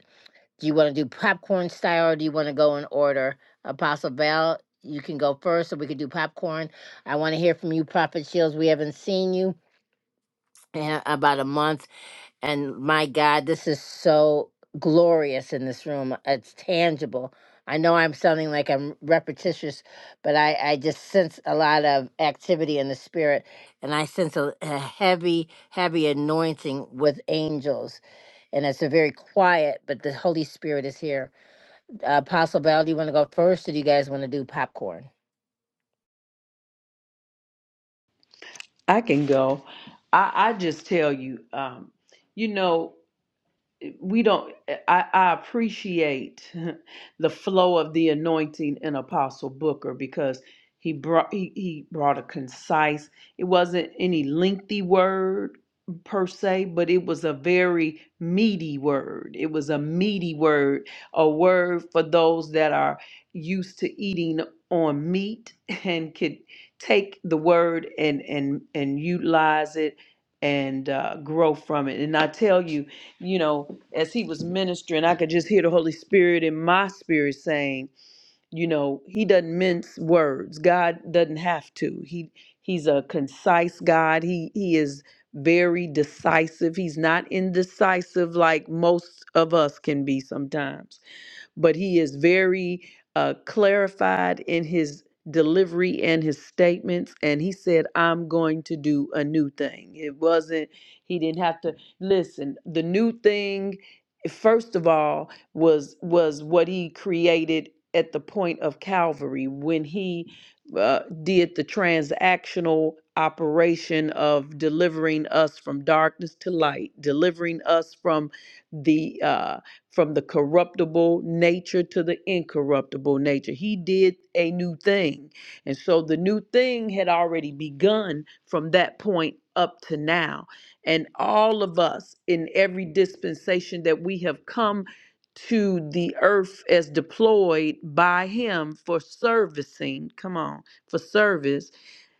Do you want to do popcorn style or do you want to go in order? Apostle Val, you can go first so we can do popcorn. I want to hear from you, Prophet Shields. We haven't seen you in about a month. And my God, this is so glorious in this room. It's tangible. I know I'm sounding like I'm repetitious, but I, I just sense a lot of activity in the spirit. And I sense a, a heavy, heavy anointing with angels. And it's a very quiet, but the Holy Spirit is here. Uh, Apostle Bell, do you want to go first, or do you guys want to do popcorn? I can go. I, I just tell you, um, you know, we don't I, I appreciate the flow of the anointing in apostle booker because he brought he, he brought a concise it wasn't any lengthy word per se but it was a very meaty word it was a meaty word a word for those that are used to eating on meat and could take the word and and and utilize it and uh, grow from it and i tell you you know, as he was ministering, I could just hear the Holy Spirit in my spirit saying, you know, he doesn't mince words. God doesn't have to. He he's a concise God. He he is very decisive. He's not indecisive like most of us can be sometimes but he is very uh, clarified in his delivery and his statements. And he said, I'm going to do a new thing. It wasn't, he didn't have to listen. The new thing, first of all, was was what he created at the point of Calvary when he uh, did the transactional operation of delivering us from darkness to light, delivering us from the uh, from the corruptible nature to the incorruptible nature. He did a new thing. And so the new thing had already begun from that point up to now. And all of us in every dispensation that we have come to the earth as deployed by him for servicing, come on, for service,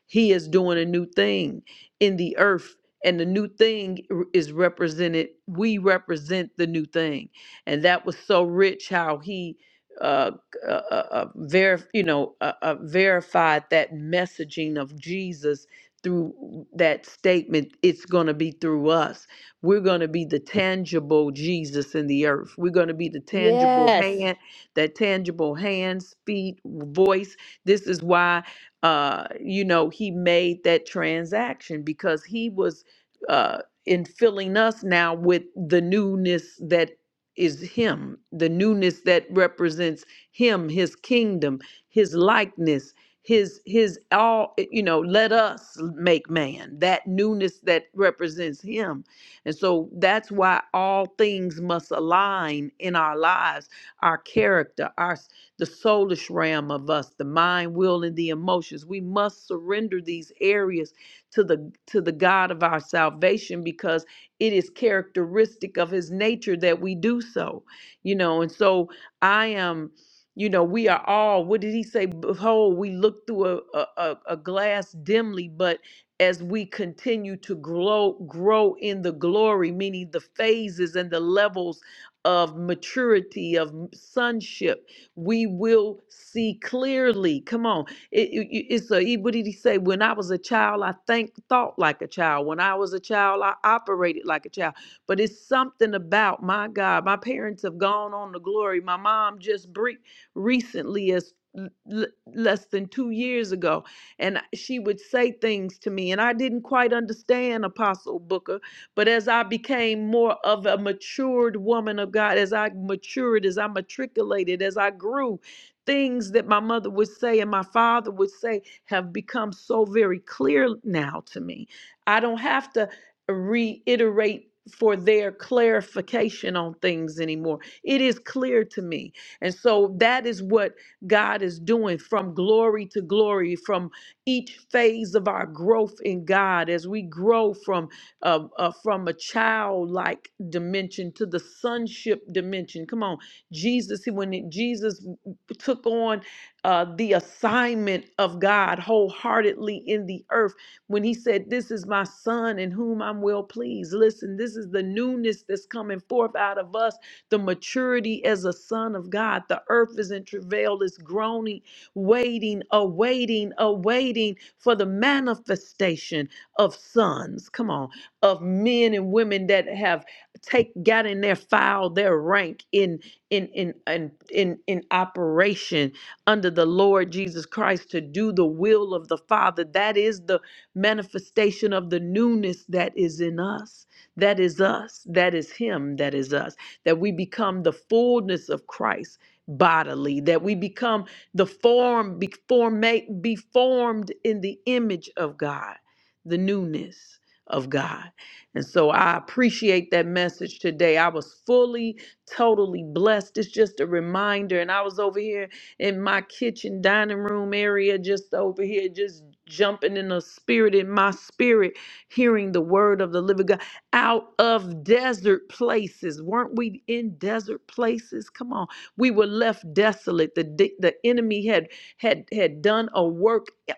he is doing a new thing in the earth. And the new thing is represented, we represent the new thing and that was so rich how he uh, uh, uh uh, verif- you know uh, uh, verified that messaging of Jesus through that statement it's going to be through us we're going to be the tangible Jesus in the earth we're going to be the tangible Mhm. Yes. hand that tangible hands feet voice this is why uh you know he made that transaction because he was uh in filling us now with the newness that is him the newness that represents him his kingdom his likeness his his all eh, you know let us make man that newness that represents him and so that's why all things must align in our lives our character our s- the soulish realm of us the mind will and the emotions we must surrender these areas to the to the god of our salvation because it is characteristic of his nature that we do so, you know. And so I am, you know, we are all, what did he say? Behold, we look through a, a, a a glass dimly, but as we continue to grow, grow in the glory, meaning the phases and the levels of maturity, of sonship, we will see clearly. Come on it, it- it's a, he- what did he say? When I was a child, I think thought like a child. When I was a child, I operated like a child. But it's something about my God. My parents have gone on to glory. My mom just bre- recently, as l- l- less than two years ago, and she would say things to me, and I didn't quite understand Apostle Booker. But as I became more of a matured woman of God, as I matured, as I matriculated, as I grew, Things that my mother would say and my father would say have become so very clear now to me. I don't have to reiterate for their clarification on things anymore. It is clear to me. And so that is what God is doing from glory to glory, from each phase of our growth in God as we grow from uh, uh, from a childlike dimension to the sonship dimension. Come on, Jesus. When Jesus took on uh, the assignment of God wholeheartedly in the earth when he said, This is my son in whom I'm well pleased. Listen, this is the newness that's coming forth out of us, the maturity as a son of God. The earth is in travail, is groaning, waiting, awaiting, awaiting for the manifestation of sons. Come on, of men and women that have take got in their file, their rank in in in in in, in operation under the Lord Jesus Christ to do the will of the Father. That is the manifestation of the newness that is in us. That is us. That is Him. That is us. That we become the fullness of Christ bodily. That we become the form, be, form be formed in the image of God, the newness of God. And so I appreciate that message today. I was fully totally blessed. It's just a reminder. And I was over here in my kitchen dining room area, just over here, just jumping in the spirit, in my spirit, hearing the word of the living God out of desert places. Weren't we in desert places? Come on. We were left desolate. The, de- the enemy had had had done a work eh,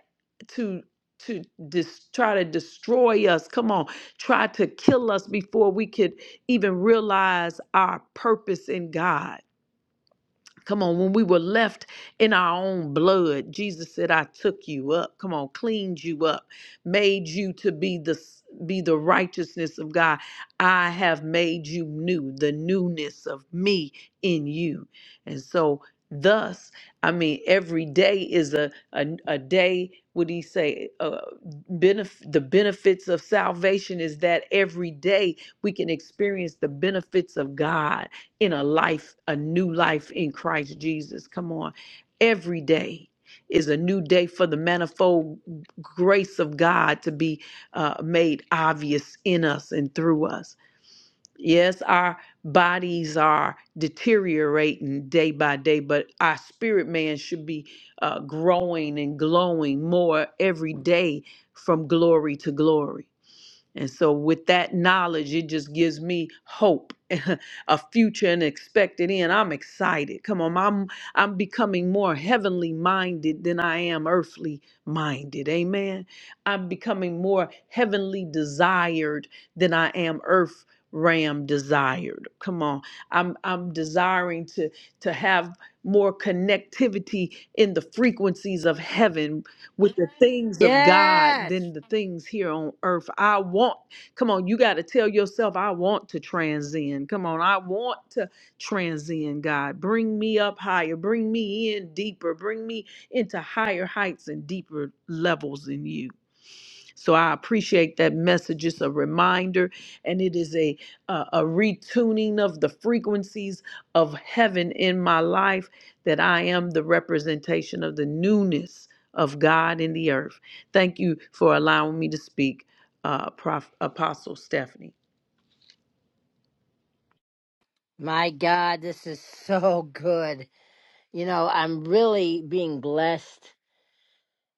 to to dis- try to destroy us. Come on, try to kill us before we could even realize our purpose in God Come on, when we were left in our own blood, Jesus said, I took you up. Come on, cleaned you up, made you to be the be the righteousness of God. I have made you new, the newness of me in you. And so thus, I mean, every day is a a, a day, would he say, uh, benef- the benefits of salvation is that every day we can experience the benefits of God in a life, a new life in Christ Jesus. Come on. Every day is a new day for the manifold grace of God to be uh, made obvious in us and through us. Yes, our bodies are deteriorating day by day, but our spirit man should be uh, growing and glowing more every day from glory to glory. And so, with that knowledge, it just gives me hope, a future and expected end. I'm excited. Come on, I'm I'm becoming more heavenly minded than I am earthly minded. Amen. I'm becoming more heavenly desired than I am earth ram desired. Come on, I'm I'm desiring to to have more connectivity in the frequencies of heaven with the things of God Yes. than the things here on earth. I want, come on, you got to tell yourself, I want to transcend. Come on, I want to transcend, God. Bring me up higher, bring me in deeper, bring me into higher heights and deeper levels in you. So I appreciate that message. It's a reminder, and it is a a, a retuning of the frequencies of heaven in my life. That I am the representation of the newness of God in the earth. Thank you for allowing me to speak, uh, Prof, Apostle Stephanie. My God, this is so good. You know, I'm really being blessed,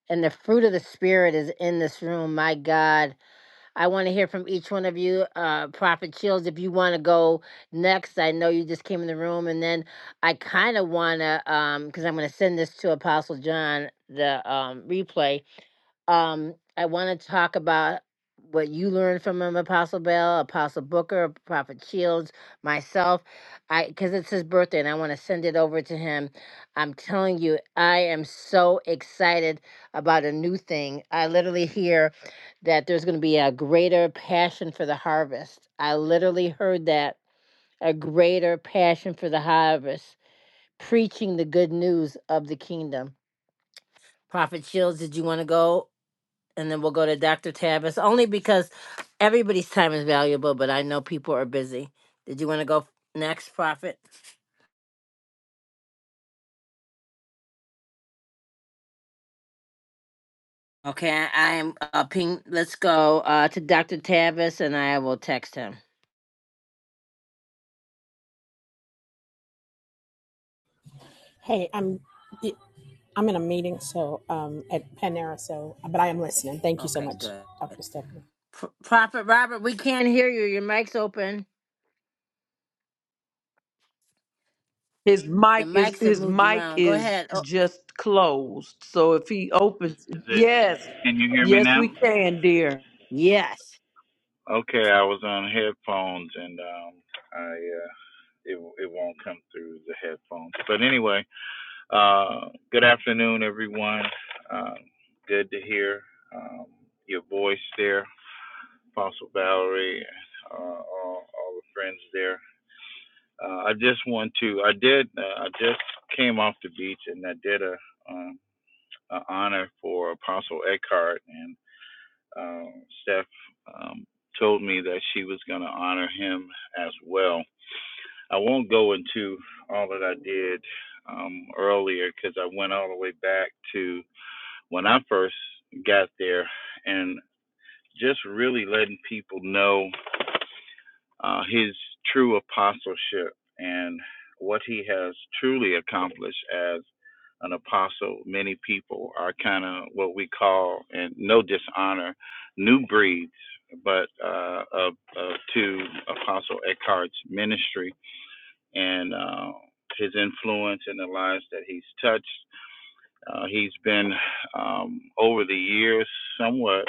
and the fruit of the Spirit is in this room. My God. I want to hear from each one of you. Uh, Prophet Shields, if you want to go next, I know you just came in the room, and then I kind of want to, um, because I'm going to send this to Apostle John the um replay. Um, I want to talk about what you learned from him, Apostle Bell, Apostle Booker, Prophet Shields, myself. I because it's his birthday, and I want to send it over to him. I'm telling you, I am so excited about a new thing. I literally hear that there's going to be a greater passion for the harvest. I literally heard that a greater passion for the harvest, preaching the good news of the kingdom. Prophet Shields, did you want to go? And then we'll go to Dr. Tavis, only because everybody's time is valuable, but I know people are busy. Did you want to go next, Prophet? Okay, I am uh, ping. Let's go uh, to Dr. Tavis and I will text him. Hey, I'm I'm in a meeting, so um, at Panera, so but I am listening. Thank you so Okay, much, good. Dr. P- Stephanie. Prophet Robert, we can't hear you. Your mic's open. His The mic is mics have his moved mic around. Go is ahead. Oh, just closed. So if he opens, Is it? yes, Can you hear me yes, now? we can, dear. Yes, Okay, I was on headphones and um, I uh, it it won't come through the headphones. But anyway, uh, good afternoon, everyone. Um, good to hear um, your voice there, Apostle Valerie, uh, all, all the friends there. Uh, I just want to. I did. Uh, I just came off the beach and I did a. Um, an honor for Apostle Eckhart and. um, Steph um, told me that she was going to honor him as well. I won't go into all that I did um, earlier because I went all the way back to when I first got there and just really letting people know uh, his true apostleship and what he has truly accomplished as an apostle. Many people are kind of what we call, and no dishonor, new breeds, but uh, of, of to Apostle Eckhart's ministry and uh, his influence in the lives that he's touched. Uh, he's been um, over the years somewhat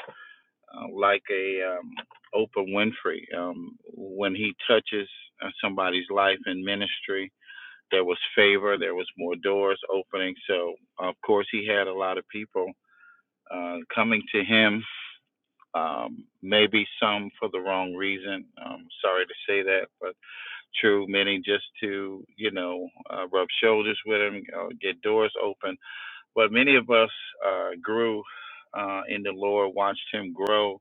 uh, like a um, Oprah Winfrey. Um, when he touches uh, somebody's life in ministry, there was favor, there was more doors opening. So, of course, he had a lot of people uh, coming to him. Um, maybe some for the wrong reason. Um, sorry to say that, but true. Many just to you know uh, rub shoulders with him, uh, get doors open. But many of us uh, grew uh, in the Lord, watched him grow,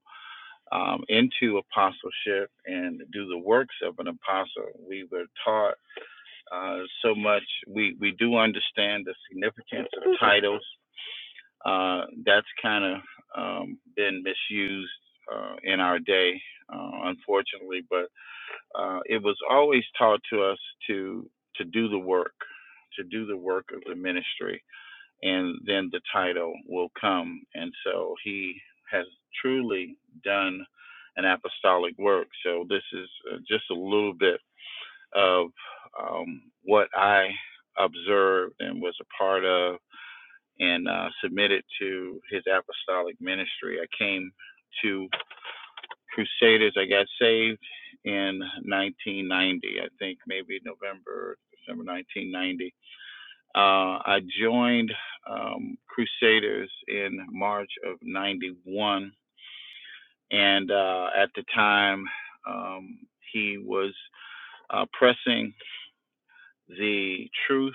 um, into apostleship and do the works of an apostle. We were taught uh, so much. We, we do understand the significance of titles. Uh, that's kind of um, been misused uh, in our day, uh, unfortunately. But uh, it was always taught to us to to do the work, to do the work of the ministry and then the title will come. And so he has truly done an apostolic work. So this is uh, just a little bit of um, what I observed and was a part of and uh, submitted to his apostolic ministry. I came to Crusaders. I got saved in 1990, I think maybe November, December 1990 uh, I joined um, Crusaders in March of 91. And uh, at the time, um, he was uh, pressing the truth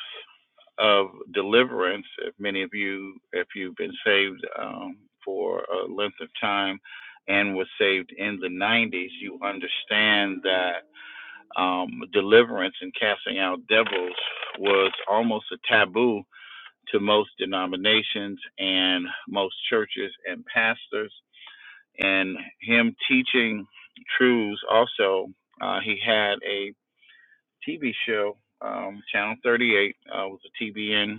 of deliverance. If many of you, if you've been saved um, for a length of time and was saved in the 90s, you understand that um, deliverance and casting out devils was almost a taboo to most denominations and most churches and pastors. And him teaching truths also, uh, he had a TV show, um, Channel 38, uh, was a TBN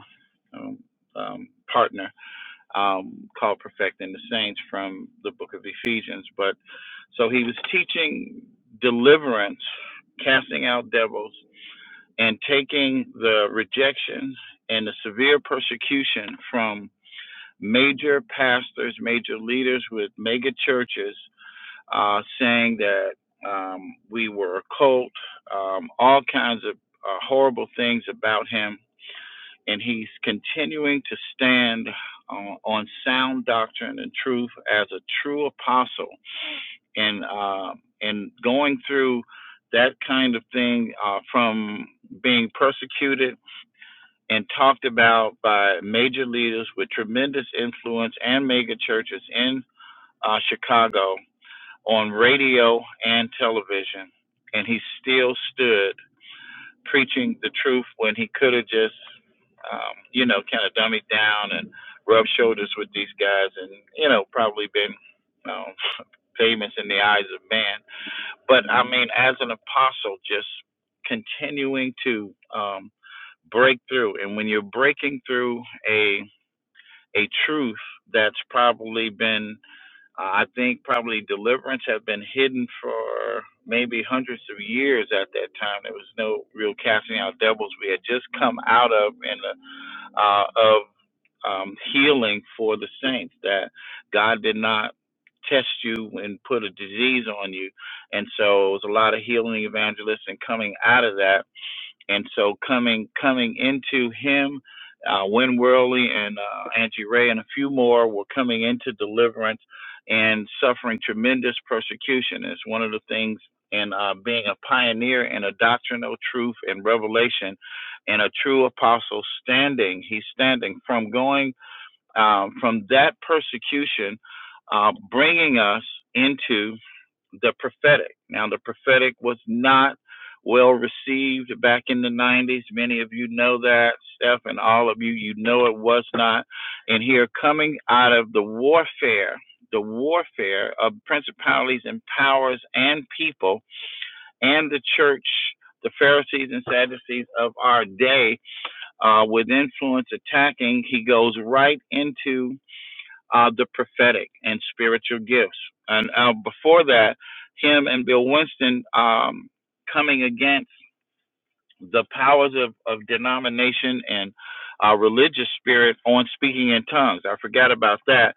um, um, partner um, called Perfecting the Saints from the book of Ephesians. But so he was teaching deliverance, casting out devils, and taking the rejection and the severe persecution from major pastors, major leaders with mega churches uh, saying that um, we were a cult, um, all kinds of uh, horrible things about him. And he's continuing to stand uh, on sound doctrine and truth as a true apostle. And, uh, and going through that kind of thing uh, from being persecuted and talked about by major leaders with tremendous influence and mega churches in uh, Chicago on radio and television. And he still stood preaching the truth when he could have just, um, you know, kind of dummied down and rubbed shoulders with these guys and, you know, probably been um, famous in the eyes of man. But I mean, as an apostle, just continuing to um, break through. And when you're breaking through a a truth that's probably been, uh, I think, probably deliverance have been hidden for maybe hundreds of years at that time. There was no real casting out devils. We had just come out of and uh, of um, healing for the saints that God did not test you and put a disease on you, and so it was a lot of healing evangelists and coming out of that and so coming coming into him, uh, Win Worley and uh, Angie Ray and a few more were coming into deliverance and suffering tremendous persecution. It's one of the things in uh, being a pioneer in a doctrinal truth and revelation, and a true apostle standing. He's standing from going um, from that persecution, uh, bringing us into the prophetic. Now, the prophetic was not well received back in the 90s. Many of you know that, Steph, and all of you, you know it was not. And here, coming out of the warfare, the warfare of principalities and powers and people and the church, the Pharisees and Sadducees of our day, uh, with influence attacking, he goes right into uh, the prophetic and spiritual gifts. And uh, before that, him and Bill Winston um, coming against the powers of, of denomination and uh, religious spirit on speaking in tongues. I forgot about that.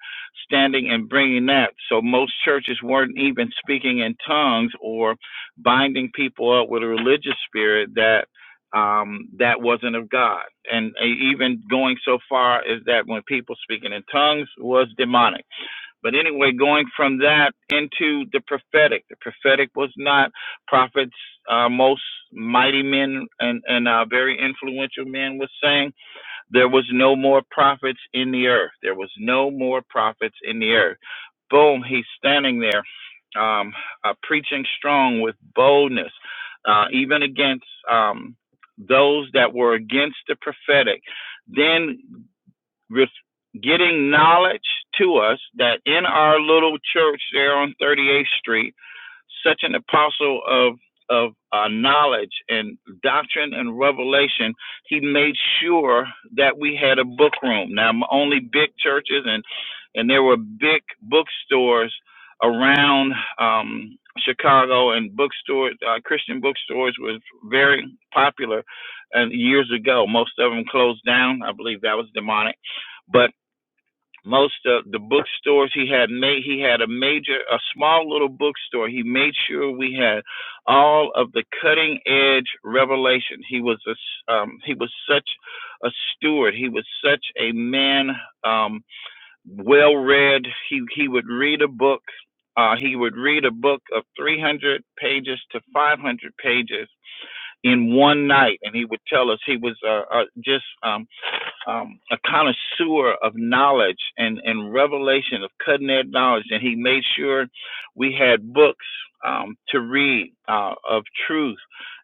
Standing and bringing that. So most churches weren't even speaking in tongues or binding people up with a religious spirit that um, that wasn't of God. And uh, even going so far as that when people speaking in tongues was demonic but anyway, going from that into the prophetic, the prophetic was not prophets. Uh, most mighty men and and uh, very influential men was saying there was no more prophets in the earth. There was no more prophets in the earth. Boom, he's standing there, um, uh, preaching strong with boldness, uh, even against um, those that were against the prophetic. Then with getting knowledge to us that in our little church there on 38th Street, such an apostle of of uh, knowledge and doctrine and revelation, he made sure that we had a book room. Now, only big churches and and there were big bookstores around um, Chicago, and bookstores, uh, Christian bookstores, was very popular. And years ago, most of them closed down. I believe that was demonic but most of the bookstores he had made he had a major a small little bookstore he made sure we had all of the cutting edge revelation he was a, um, he was such a steward he was such a man um, well read he he would read a book uh, he would read a book of 300 pages to 500 pages in one night and he would tell us he was uh, uh, just um, um, a connoisseur of knowledge and, and revelation of cutting edge knowledge, and he made sure we had books um, to read uh, of truth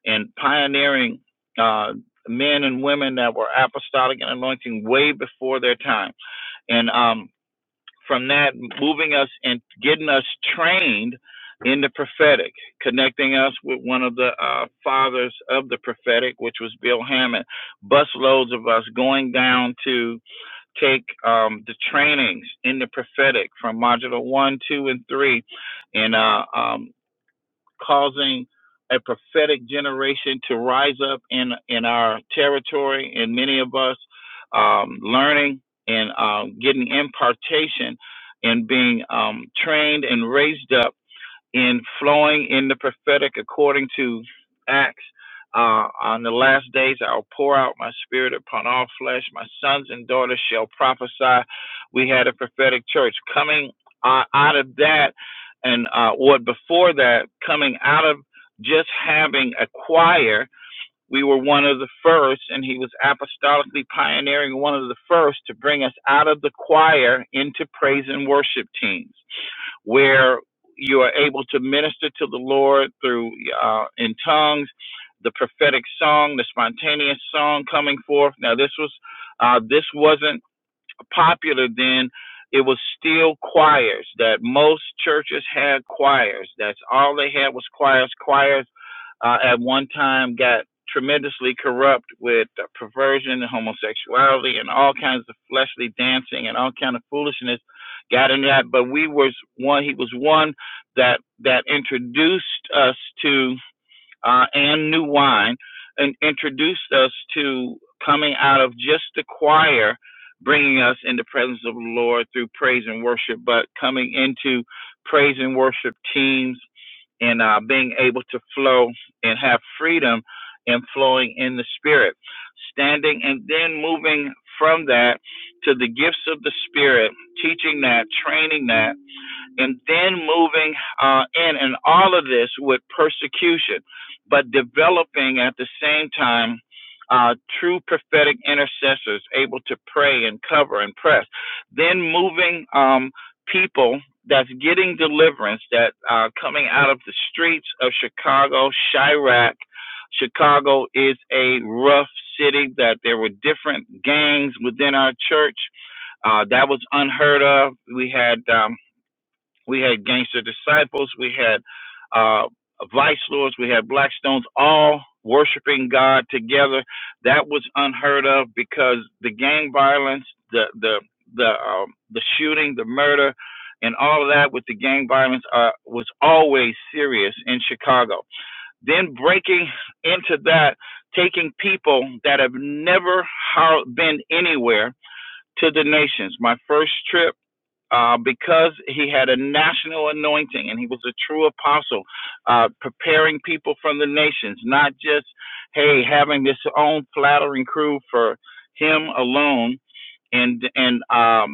and pioneering uh, men and women that were apostolic and anointing way before their time. And um, from that, moving us and getting us trained in the prophetic, connecting us with one of the uh, fathers of the prophetic, which was Bill Hammond busloads of us going down to take um, the trainings in the prophetic from module one, two, and three, and uh, um, causing a prophetic generation to rise up in in our territory, and many of us um, learning and um, getting impartation and being um, trained and raised up in flowing in the prophetic according to Acts. Uh, on the last days, I'll pour out my spirit upon all flesh. My sons and daughters shall prophesy. We had a prophetic church coming uh, out of that, and uh, what before that, coming out of just having a choir, we were one of the first, and he was apostolically pioneering one of the first to bring us out of the choir into praise and worship teams where you are able to minister to the Lord through uh, in tongues, the prophetic song, the spontaneous song coming forth. Now this was uh, this wasn't popular then. It was still choirs that most churches had choirs. That's all they had was choirs. Choirs uh, at one time got tremendously corrupt with uh, perversion and homosexuality and all kinds of fleshly dancing and all kind of foolishness got in that but we was one he was one that that introduced us to uh, and new wine and introduced us to coming out of just the choir bringing us in the presence of the lord through praise and worship but coming into praise and worship teams and uh, being able to flow and have freedom and flowing in the spirit. Standing and then moving from that to the gifts of the spirit, teaching that, training that, and then moving uh, in, and all of this with persecution, but developing at the same time uh, true prophetic intercessors able to pray and cover and press. Then moving um, people that's getting deliverance that are coming out of the streets of Chicago, Chirac. Chicago is a rough city that there were different gangs within our church. Uh, that was unheard of. We had um, we had gangster disciples. We had uh, vice lords. We had Blackstones all worshiping God together. That was unheard of because the gang violence, the the the um, the shooting, the murder, and all of that with the gang violence uh, was always serious in Chicago. Then breaking into that, taking people that have never ho- been anywhere to the nations. My first trip uh, because he had a national anointing and he was a true apostle, uh, preparing people from the nations, not just, hey, having this own flattering crew for him alone and, and, um,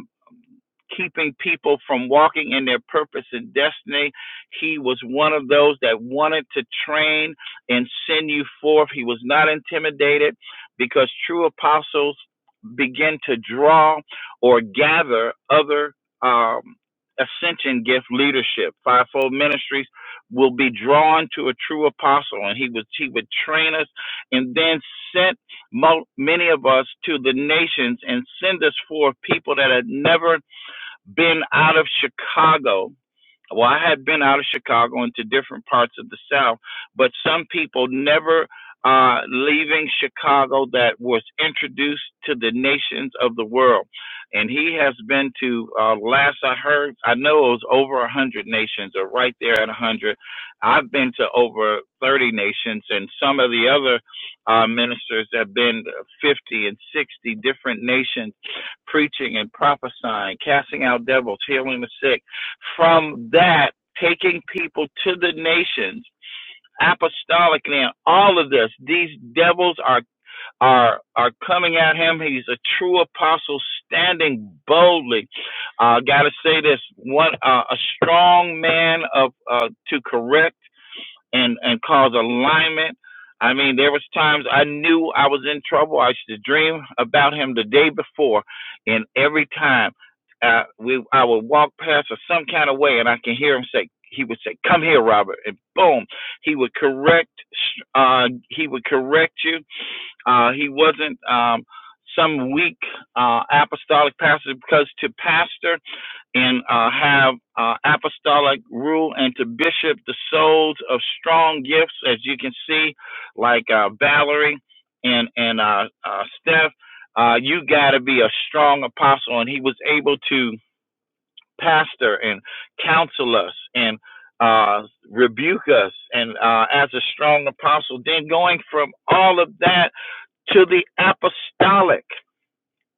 keeping people from walking in their purpose and destiny. He was one of those that wanted to train and send you forth. He was not intimidated because true apostles begin to draw or gather other um, ascension gift leadership. Fivefold ministries will be drawn to a true apostle, and he would he would train us, and then sent mo- many of us to the nations and send us forth people that had never been out of Chicago well, I had been out of Chicago into different parts of the South, but some people never uh, leaving Chicago that was introduced to the nations of the world. And he has been to, uh, last I heard, I know it was over a 100 nations or right there at a 100. I've been to over 30 nations, and some of the other uh, ministers have been 50 and 60 different nations preaching and prophesying, casting out devils, healing the sick from that, taking people to the nations, apostolic now, all of this, these devils are are are coming at him. He's a true apostle standing boldly. I Uh gotta say this, one uh, a strong man of uh to correct and and cause alignment. I mean, there was times I knew I was in trouble. I used to dream about him the day before, and every time uh, we I would walk past or some kind of way, and I can hear him say he would say, "Come here, Robert," and boom, he would correct uh, he would correct you. Uh, he wasn't um, some weak uh, apostolic pastor because to pastor and uh, have uh, apostolic rule and to bishop the souls of strong gifts, as you can see, like uh, Valerie and and uh, uh, Steph. Uh, you got to be a strong apostle, and he was able to pastor and counsel us and uh, rebuke us, and uh, as a strong apostle. Then going from all of that to the apostolic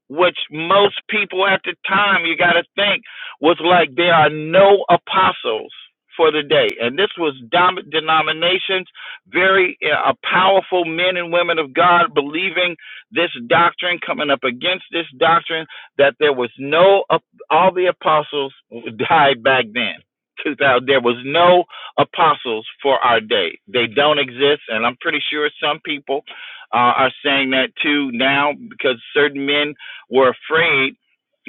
which most people at the time you got to think was like there are no apostles for the day and this was dom- denominations very uh, powerful men and women of god believing this doctrine coming up against this doctrine that there was no ap- all the apostles died back then 2000 there was no apostles for our day they don't exist and i'm pretty sure some people uh, are saying that too now because certain men were afraid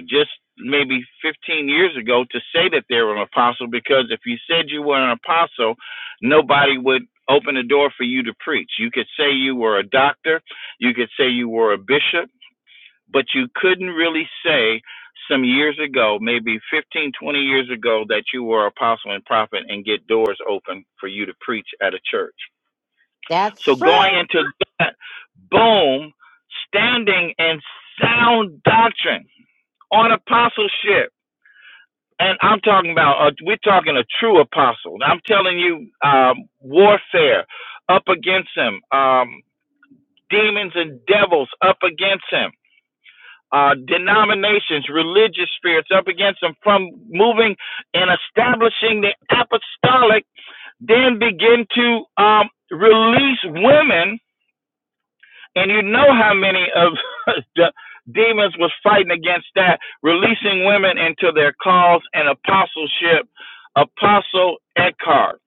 just maybe 15 years ago to say that they were an apostle because if you said you were an apostle, nobody would open the door for you to preach. You could say you were a doctor, you could say you were a bishop, but you couldn't really say some years ago, maybe 15, 20 years ago, that you were an apostle and prophet and get doors open for you to preach at a church. So that's going true. into that, boom, standing in sound doctrine on apostleship. And I'm talking about, uh, we're talking a true apostle. I'm telling you, um, warfare up against him, um, demons and devils up against him, uh, denominations, religious spirits up against him from moving and establishing the apostolic, then begin to um, release women And you know how many of the demons was fighting against that, releasing women into their calls and apostleship, Apostle Eckhart.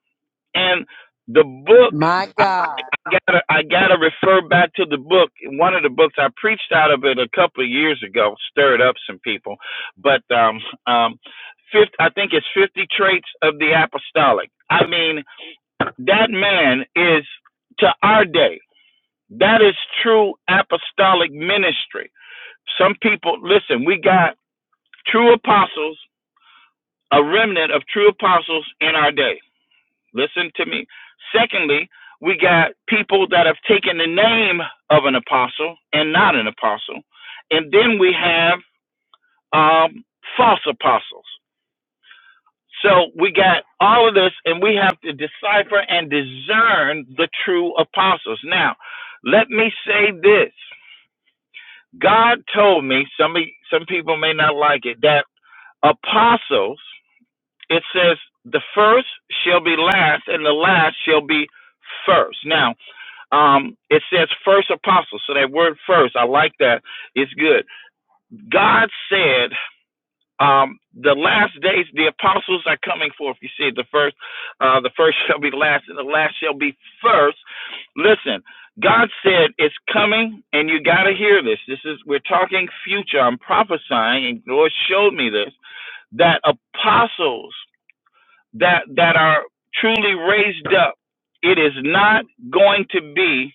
And the book, My God. gotta, I got to refer back to the book. One of the books I preached out of it a couple of years ago, stirred up some people. But um, um, fifth, I think it's 50 Traits of the Apostolic. I mean, that man is to our day. That is true apostolic ministry. Some people, listen, we got true apostles, a remnant of true apostles in our day. Listen to me. Secondly, we got people that have taken the name of an apostle and not an apostle. And then we have um, false apostles. So we got all of this, and we have to decipher and discern the true apostles. Now, let me say this God told me some e, some people may not like it that apostles it says the first shall be last and the last shall be first. Now, um it says first apostle. So that word first, I like that. It's good. God said um, the last days, the apostles are coming forth. You see, the first, uh, the first shall be last, and the last shall be first. Listen, God said it's coming, and you got to hear this. This is we're talking future. I'm prophesying, and the Lord showed me this that apostles that that are truly raised up. It is not going to be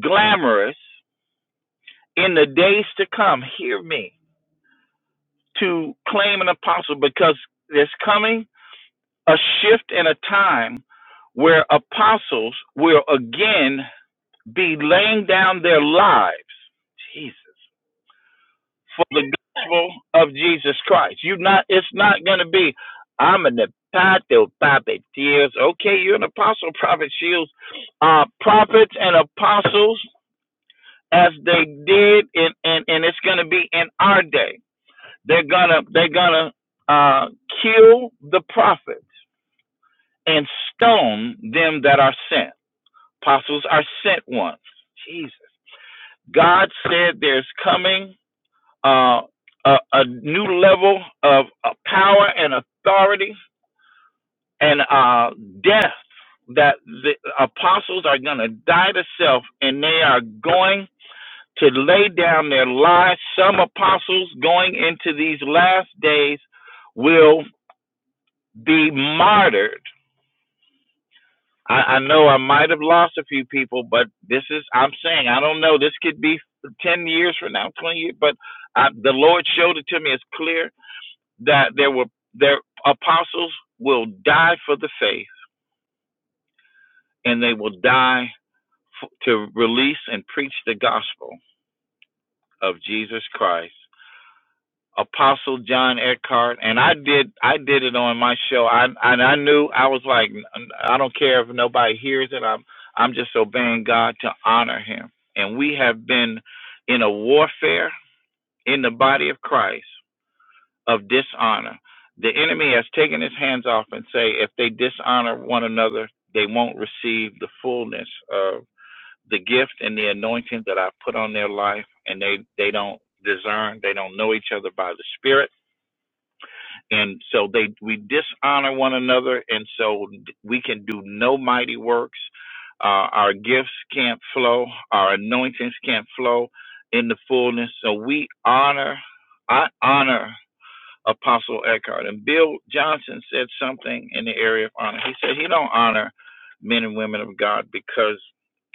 glamorous in the days to come. Hear me to claim an apostle because it's coming a shift in a time where apostles will again be laying down their lives Jesus for the gospel of Jesus Christ. You not it's not gonna be I'm an apostle, prophet, Shields. Okay, you're an apostle, prophet, Shields. Uh, prophets and apostles, as they did, and and and it's gonna be in our day. They're gonna they're gonna uh, kill the prophet and stone them that are sent. Apostles are sent ones. Jesus. God said there's coming uh, a, a new level of uh, power and authority and uh, death that the apostles are going to die to self and they are going to lay down their lives. Some apostles going into these last days will be martyred I, I know I might have lost a few people, but this is I'm saying I don't know. This could be ten years from now, twenty years, but I, the Lord showed it to me. It's clear that there were their apostles will die for the faith, and they will die f- to release and preach the gospel of Jesus Christ. Apostle John Eckhart, and I did I did it on my show. I and I knew I was like I don't care if nobody hears it. I'm I'm just obeying God to honor Him. And we have been in a warfare in the body of Christ of dishonor. The enemy has taken his hands off and say if they dishonor one another, they won't receive the fullness of the gift and the anointing that I put on their life, and they they don't discern, they don't know each other by the Spirit and so they we dishonor one another and so we can do no mighty works uh, our gifts can't flow our anointings can't flow in the fullness so we honor i honor apostle eckhart and bill johnson said something in the area of honor he said he don't honor men and women of god because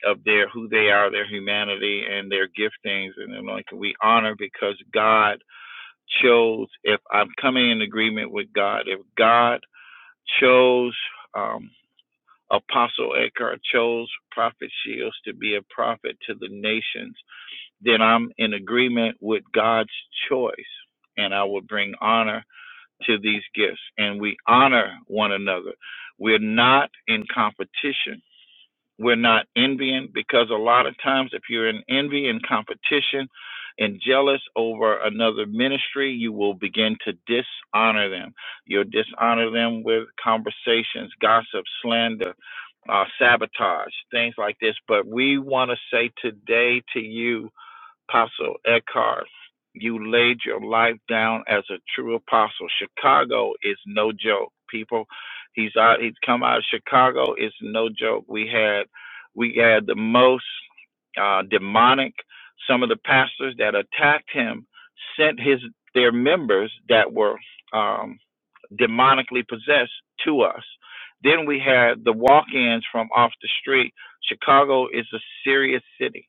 of their who they are their humanity and their giftings and anointing we honor because god chose, if I'm coming in agreement with God, if God chose um, Apostle Eckhart, chose Prophet Shields to be a prophet to the nations, then I'm in agreement with God's choice. And I will bring honor to these gifts. And we honor one another. We're not in competition we're not envying because a lot of times, if you're in envy and competition and jealous over another ministry, you will begin to dishonor them. You'll dishonor them with conversations, gossip, slander, uh, sabotage, things like this. But we want to say today to you Apostle Eckhart, you laid your life down as a true apostle. Chicago is no joke, people. He's out. He's come out of Chicago. It's no joke. We had, we had the most uh, demonic. Some of the pastors that attacked him sent his their members that were. um, demonically possessed to us. Then we had the walk-ins from off the street. Chicago is a serious city.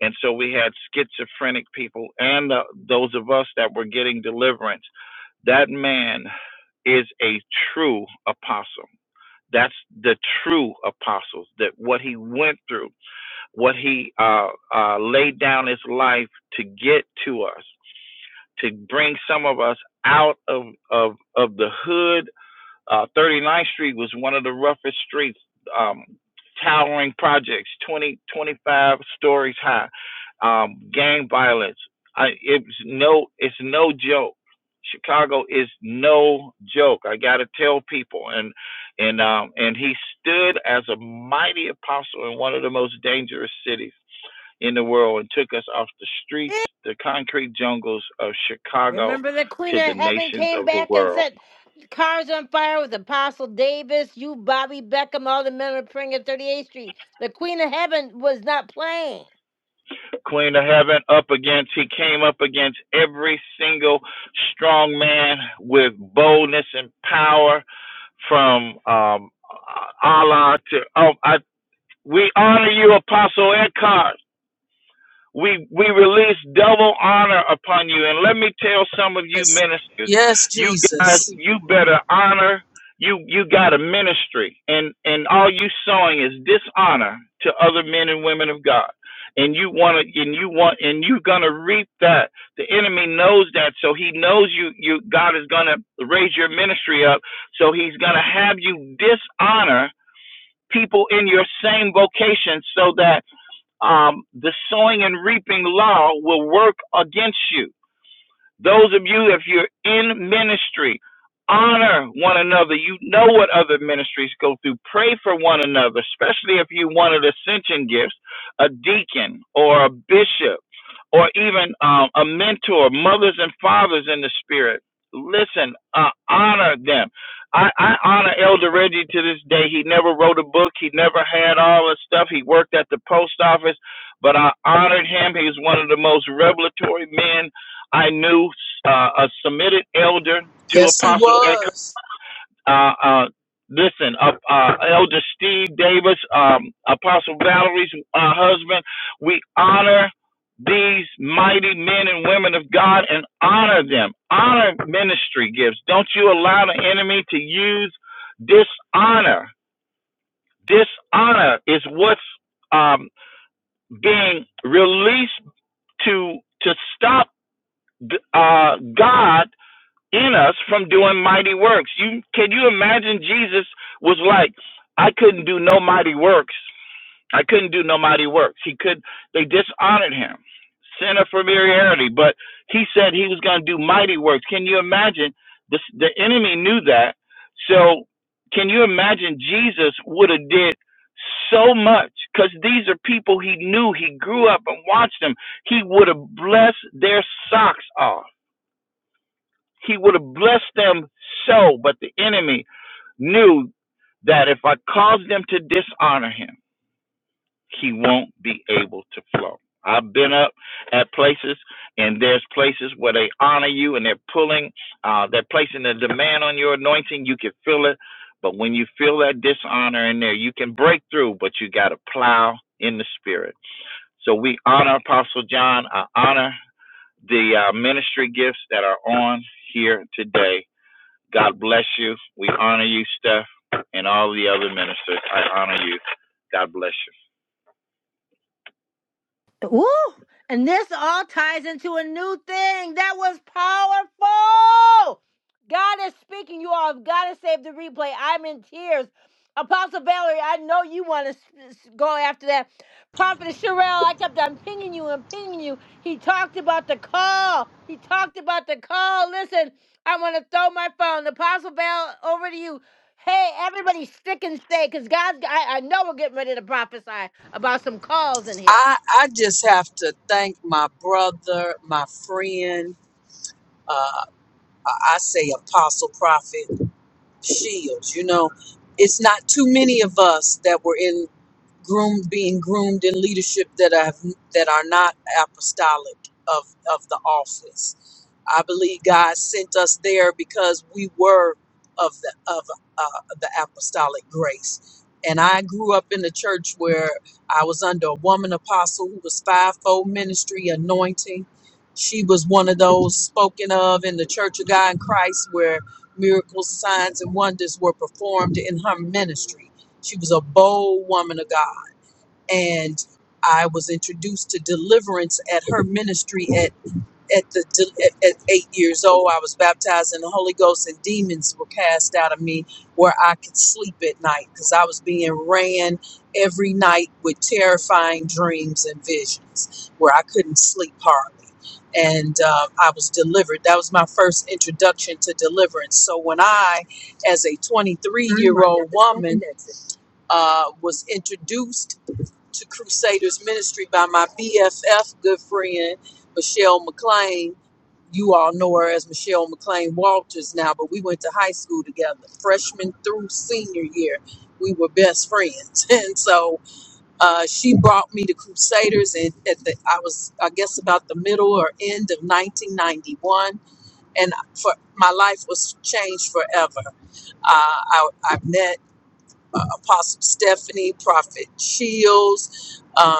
And so we had schizophrenic people and the, those of us that were getting deliverance. That man is a true apostle. That's the true apostles. That what he went through, what he uh, uh, laid down his life to get to us, to bring some of us out of of of the hood uh, Ninth Street was one of the roughest streets, um, towering projects, 20 25 stories high. Um, gang violence. I, it's no, it's no joke. Chicago is no joke. I gotta tell people, and and um, and he stood as a mighty apostle in one of the most dangerous cities in the world, and took us off the streets, the concrete jungles of Chicago, remember the Queen to the of Heaven nations came of the back and world. set cars on fire with Apostle Davis, you, Bobby Beckham, all the men of praying at 38th Street. The Queen of Heaven was not playing. Queen of Heaven up against, he came up against every single strong man with boldness and power from um, uh, Allah to, oh, I, we honor you, Apostle Eckhart. We we release double honor upon you. And let me tell some of you Yes, ministers, yes, you guys, Jesus. you better honor. You you got a ministry, and and all you sowing is dishonor to other men and women of God. And you want to, and you want, and you're gonna reap that. The enemy knows that, so he knows you. You God is gonna raise your ministry up, so he's gonna have you dishonor people in your same vocation, so that um, the sowing and reaping law will work against you. Those of you, if you're in ministry, honor one another. You know what other ministries go through. Pray for one another, especially if you wanted ascension gifts, a deacon or a bishop, or even um, a mentor, mothers and fathers in the spirit. Listen, uh, honor them. I, I honor Elder Reggie to this day. He never wrote a book. He never had all the stuff. He worked at the post office, but I honored him. He was one of the most revelatory men I knew uh, a Semitic elder to Yes, he Apostle Eckhart. was. Uh, uh, listen, uh, uh, Elder Steve Davis, um, Apostle Valerie's uh, husband. We honor these mighty men and women of God and honor them. Honor ministry gifts. Don't you allow the enemy to use dishonor. Dishonor is what's um, being released to to stop uh, God in us from doing mighty works. You can you imagine Jesus was like, I couldn't do no mighty works. I couldn't do no mighty works. He could they dishonored him. Sin of familiarity, but he said he was going to do mighty works. Can you imagine? The the enemy knew that. So can you imagine Jesus would have did so much because these are people he knew. He grew up and watched them. He would have blessed their socks off he would have blessed them so, but the enemy knew that if I cause them to dishonor him, he won't be able to flow. I've been up at places, and there's places where they honor you, and they're pulling, uh, they're placing a demand on your anointing. You can feel it, but when you feel that dishonor in there, you can break through, but you got to plow in the spirit. So we honor Apostle John. I honor the uh, ministry gifts that are on here today God bless you. We honor you, Steph, and all the other ministers. I honor you. God bless Woo! And this all ties into a new thing that was powerful. God is speaking, you all. have got to save the replay. I'm in tears. Apostle Valerie, I know you want to go after that. Prophet Sherelle, I kept on pinging you and pinging you. He talked about the call. He talked about the call. Listen, I want to throw my phone. Apostle Val, over to you. Hey, everybody, stick and stay, because God's, I, I know we're getting ready to prophesy about some calls in here. I I just have to thank my brother, my friend. Uh, I I say Apostle Prophet Shields. You know, it's not too many of us that were in. groomed, being groomed in leadership that have that are not apostolic of of the office. I believe God sent us there because we were of the of uh, the apostolic grace. And I grew up in a church where I was under a woman apostle who was fivefold ministry anointing. She was one of those spoken of in the Church of God in Christ where miracles, signs, and wonders were performed in her ministry. She was a bold woman of God and I was introduced to deliverance at her ministry at at the at, at eight years old. I was baptized in the Holy Ghost, and demons were cast out of me where I could sleep at night because I was being ran every night with terrifying dreams and visions where I couldn't sleep hardly. And um, I was delivered. That was my first introduction to deliverance. So when I, as a 23 year old woman, uh, was introduced to Crusaders Ministry by my BFF, good friend, Michelle McLean. You all know her as Michelle McLean Walters now, but we went to high school together, freshman through senior year. We were best friends. And so uh, she brought me to Crusaders, and at the, I was, I guess, about the middle or end of 1991. And for my life was changed forever. Uh, I, I met uh, Apostle Stephanie, Prophet Shields, um,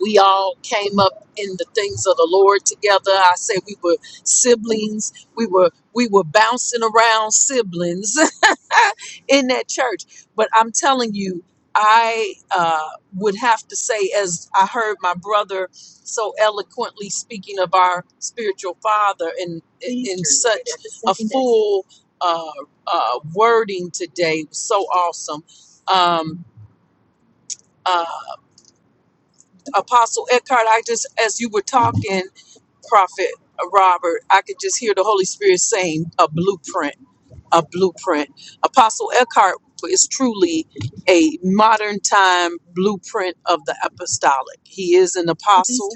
we all came up in the things of the Lord together. I say we were siblings. We were we were bouncing around siblings in that church. But I'm telling you, I uh, would have to say, as I heard my brother so eloquently speaking of our spiritual father in in such a full uh, uh, wording today, so awesome. Um, uh, Apostle Eckhart, I just as you were talking. Prophet uh, Robert, I could just hear the Holy Spirit saying a blueprint a blueprint. Apostle Eckhart is truly a modern time blueprint of the apostolic. He is an apostle.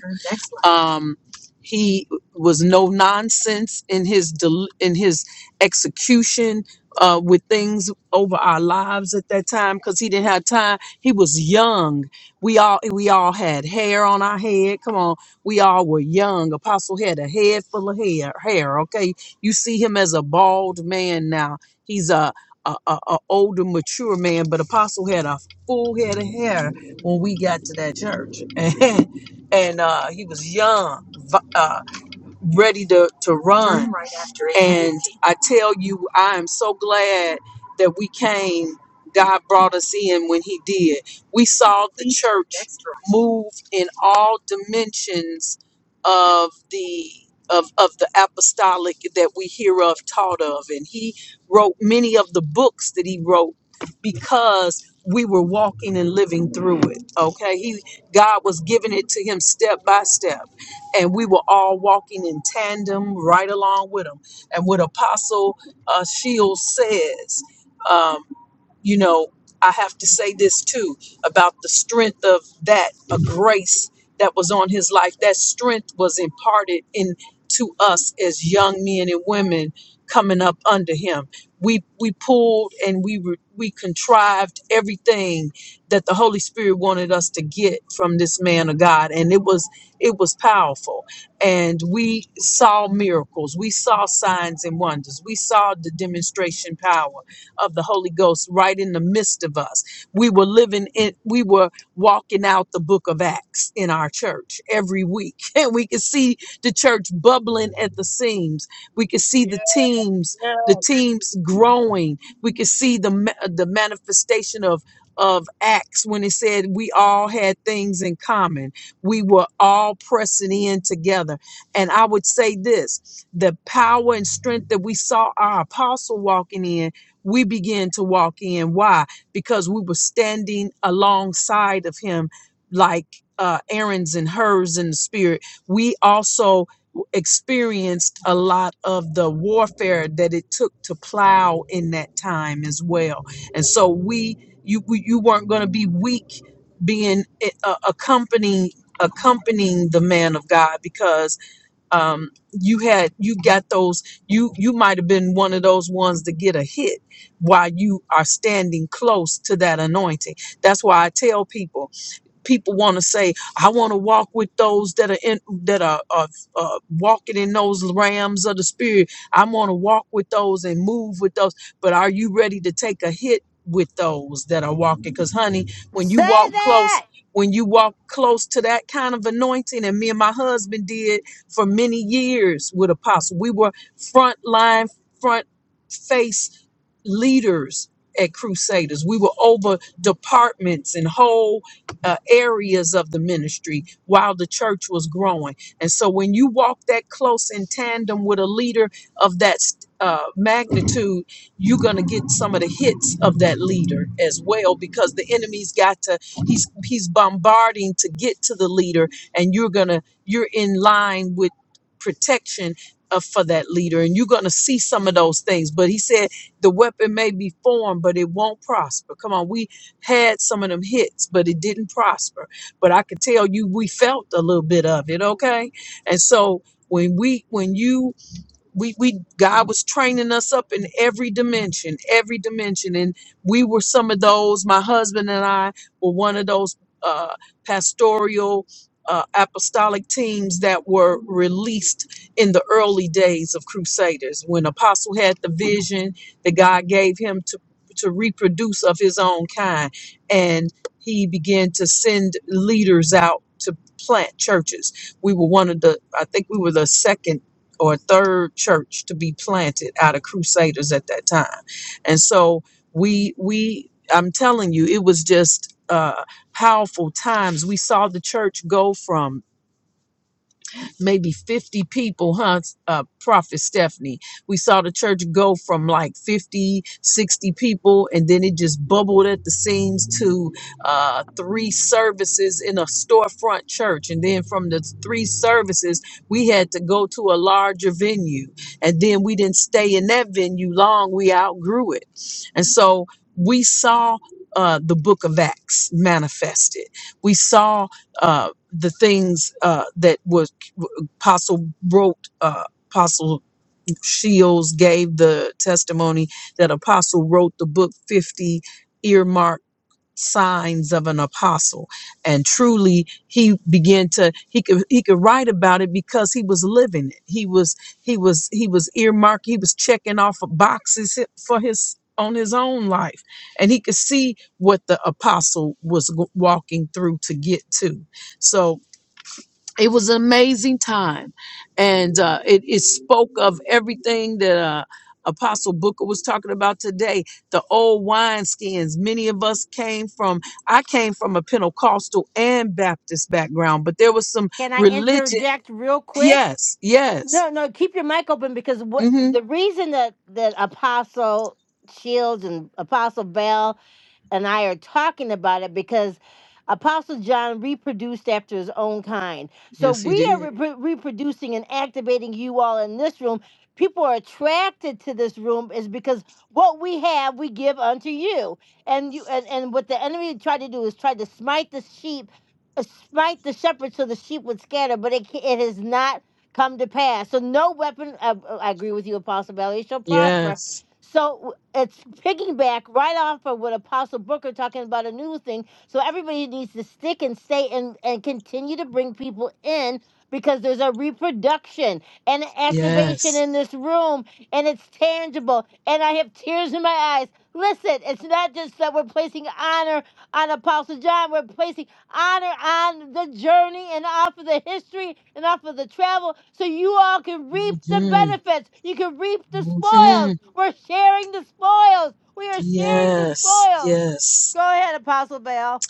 Um, he was no nonsense in his del- in his execution uh, with things over our lives at that time because he didn't have time. He was young. We all we all had hair on our head. Come on, we all were young. Apostle had a head full of hair. Hair, okay, you see him as a bald man now. He's a a, a, a older, mature man, but Apostle had a full head of hair when we got to that church, and, and uh, he was young, vi- uh, ready to, to run. right after it. And I tell you, I am so glad that we came. God brought us in when He did. We saw the church next right. move in all dimensions of the of, of the apostolic that we hear of taught of. And he wrote many of the books that he wrote because we were walking and living through it. Okay. He God was giving it to him step by step and we were all walking in tandem right along with him. And what Apostle uh, Shields says. um, you know, I have to say this too about the strength of that a grace that was on his life. That strength was imparted in to us as young men and women coming up under him. We we pulled and we were we contrived everything that the Holy Spirit wanted us to get from this man of God, and it was it was powerful. And we saw miracles, we saw signs and wonders, we saw the demonstration power of the Holy Ghost right in the midst of us. We were living in, we were walking out the book of Acts in our church every week. And we could see the church bubbling at the seams. We could see you. Yeah, the teams, yeah. the teams growing. We could see the, ma- the manifestation of of Acts when it said we all had things in common. We were all pressing in together. And I would say this the power and strength that we saw our apostle walking in we began to walk in. Why? Because we were standing alongside of him, like uh, Aaron's and hers in the spirit. We also experienced a lot of the warfare that it took to plow in that time as well. And so we, you, we, you weren't going to be weak being eh, uh, accompanying accompanying the man of God because um, you had you got those you you might have been one of those ones to get a hit while you are standing close to that anointing that's why i tell people people want to say i want to walk with those that are in that are, are uh, walking in those rams of the spirit i want to walk with those and move with those but are you ready to take a hit with those that are walking because honey when you Say walk close that. when you walk close to that kind of anointing and me and my husband did for many years with apostle we were front line front face leaders at Crusaders. We were over departments and whole uh, areas of the ministry while the church was growing. And so when you walk that close in tandem with a leader of that uh, magnitude, you're going to get some of the hits of that leader as well because the enemy's got to he's he's bombarding to get to the leader and you're going to you're in line with protection of, for that leader. And you're going to see some of those things. But he said the weapon may be formed, but it won't prosper. Come on, we had some of them hits, but it didn't prosper. But I could tell you we felt a little bit of it, okay? And so when we when you we we God was training us up in every dimension, every dimension, and we were some of those. My husband and I were one of those uh, pastoral uh, apostolic teams that were released in the early days of Crusaders when Apostle had the vision that God gave him to to reproduce of his own kind, and he began to send leaders out to plant churches. We were one of the, I think we were the second or a third church to be planted out of crusaders at that time and so we we i'm telling you it was just uh powerful times we saw the church go from maybe 50 people, huh, uh, Prophet Stephanie? We saw the church go from like 50, 60 people, and then it just bubbled at the seams to uh, three services in a storefront church. And then from the three services, we had to go to a larger venue. And then we didn't stay in that venue long. We outgrew it and so we saw uh, the book of Acts manifested. We saw uh, the things uh, that was Apostle wrote, uh, Apostle Shields gave the testimony that Apostle wrote the book 50 earmarked signs of an apostle and truly he began to he could he could write about it because he was living it he was he was he was earmarked he was checking off of boxes for his on his own life and he could see what the apostle was go- walking through to get to so it was an amazing time and uh, it, it spoke of everything that uh, apostle booker was talking about today the old wineskins many of us came from i came from a pentecostal and baptist background but there was some Can I religion interject real quick? yes yes No, no, keep your mic open because what hmm the reason that that Apostle Shields and Apostle Bell and I are talking about it because Apostle John reproduced after his own kind. So yes he we are did repro- reproducing and activating you all in this room. People are attracted to this room is because what we have we give unto you. And you and, and what the enemy tried to do is try to smite the sheep, uh, smite the shepherd so the sheep would scatter, but it ca- it has not come to pass. So no weapon I, I agree with you Apostle Valley shall prosper. yes So it's picking back right off of what Apostle Booker talking about a new thing. So everybody needs to stick and stay and, and continue to bring people in because there's a reproduction and an activation yes in this room and it's tangible and I have tears in my eyes. Listen, it's not just that we're placing honor on Apostle John, we're placing honor on the journey and off of the history and off of the travel so you all can reap the hmm benefits. You can reap the hmm spoils. We're sharing the spoils. We are sharing the yes spoils. yes Go ahead, Apostle Bell.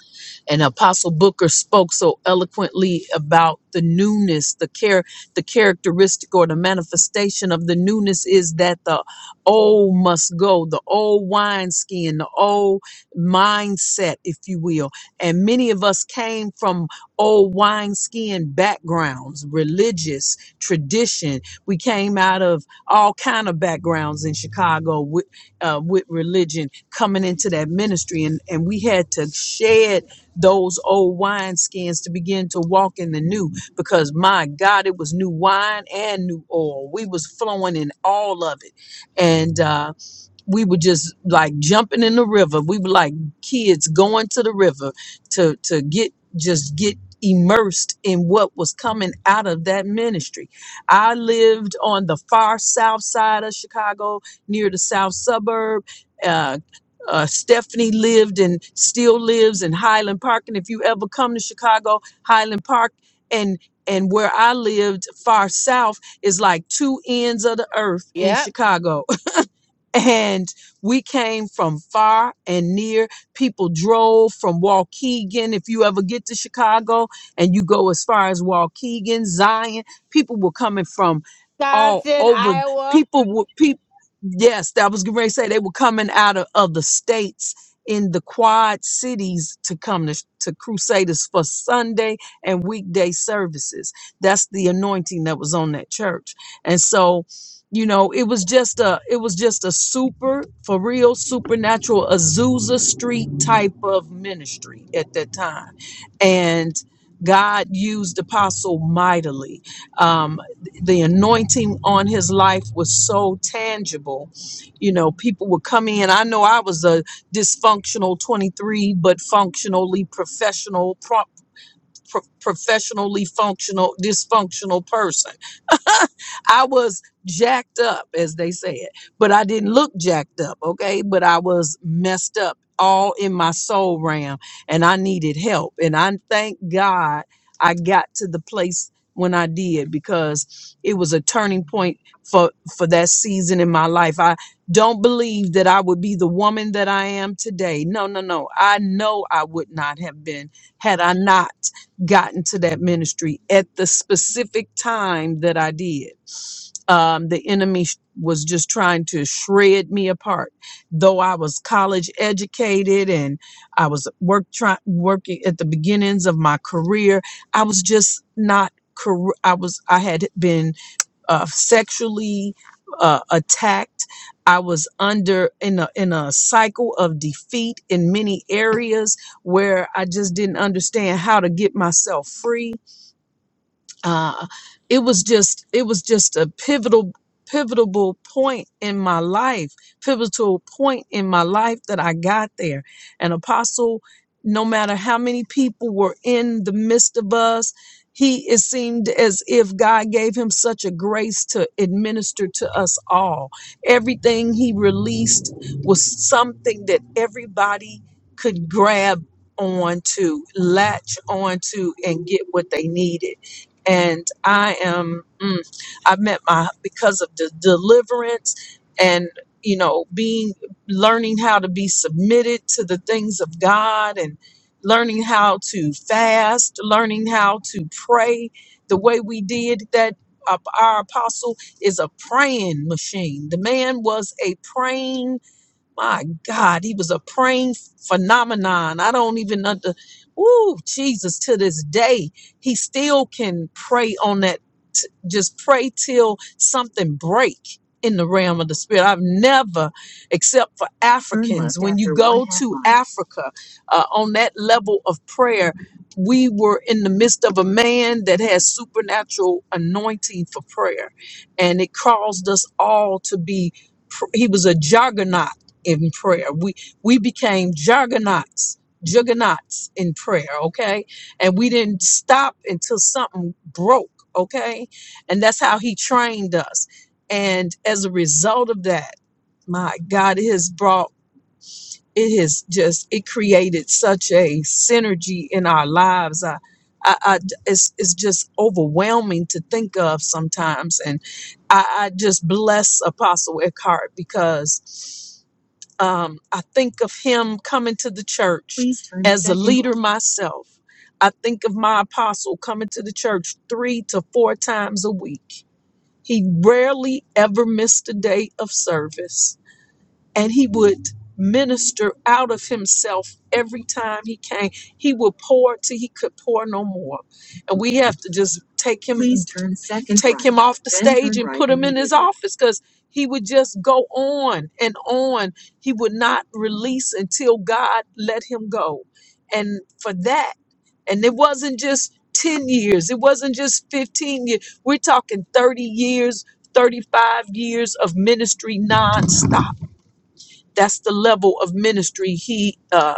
and apostle booker spoke so eloquently about the newness the care the characteristic or the manifestation of the newness is that the old must go the old wineskin the old mindset if you will and many of us came from old wineskin backgrounds religious tradition we came out of all kind of backgrounds in chicago with, uh, with religion coming into that ministry and, and we had to shed those old wine skins to begin to walk in the new because my God, it was new wine and new oil. We was flowing in all of it. And, uh we were just like jumping in the river. We were like kids going to the river to to get just get immersed in what was coming out of that ministry. I lived on the far south side of Chicago, near the south suburb. Uh, uh, Stephanie lived and still lives in Highland Park. And if you ever come to Chicago, Highland Park and and where I lived far south is like two ends of the earth in Yep, Chicago and we came from far and near. People drove from Waukegan. If you ever get to Chicago and you go as far as Waukegan, Zion, people were coming from all Wisconsin, over. Iowa. People were people. Yes, that was getting ready to say they were coming out of, of the states in the quad cities to come to, to Crusaders for Sunday and weekday services. That's the anointing that was on that church. And so you know it was just a it was just a super for real supernatural azusa street type of ministry at that time and god used apostle mightily um, the anointing on his life was so tangible you know people would come in i know i was a dysfunctional 23 but functionally professional pro- professionally functional, dysfunctional person. I was jacked up, as they said, but I didn't look jacked up, okay? But I was messed up all in my soul realm and I needed help. And I thank God I got to the place when I did because it was a turning point for for that season in my life. I don't believe that I would be the woman that I am today. No, no, no. I know I would not have been had I not gotten to that ministry at the specific time that I did. Um, the enemy sh- was just trying to shred me apart. Though I was college educated and I was work try, working at the beginnings of my career, I was just not. car- I was. I had been uh, sexually uh, attacked. I was under in a in a cycle of defeat in many areas where I just didn't understand how to get myself free uh, it was just it was just a pivotal pivotal point in my life pivotal point in my life that i got there and apostle no matter how many people were in the midst of us he it seemed as if god gave him such a grace to administer to us all everything he released was something that everybody could grab on to, latch on to, and get what they needed and I am mm, I've met my because of the deliverance and you know being learning how to be submitted to the things of God and learning how to fast, learning how to pray the way we did that uh, our apostle is a praying machine. The man was a praying my God, he was a praying phenomenon. I don't even under. Ooh, Jesus! To this day, he still can pray on that. T- just pray till something break in the realm of the spirit. I've never, except for Africans, when you go to Africa uh, on that level of prayer, we were in the midst of a man that has supernatural anointing for prayer, and it caused us all to be. pr- He was a juggernaut in prayer. We we became juggernauts, juggernauts in prayer, okay? And we didn't stop until something broke, okay? And that's how he trained us. And as a result of that, my God, it has brought it has just it created such a synergy in our lives. I, I, I it's it's just overwhelming to think of sometimes, and I, I just bless Apostle Eckhart because um, I think of him coming to the church Please turn as a second leader myself. I think of my apostle coming to the church three to four times a week. He rarely ever missed a day of service and he would minister out of himself every time he came. He would pour till he could pour no more. And we have to just take him Please turn second take right, him right, off the then stage turn and right put right him in his immediately. office because he would just go on and on. He would not release until God let him go. And for that, and it wasn't just 10 years, it wasn't just 15 years. We're talking 30 years, 35 years of ministry nonstop that's the level of ministry he uh,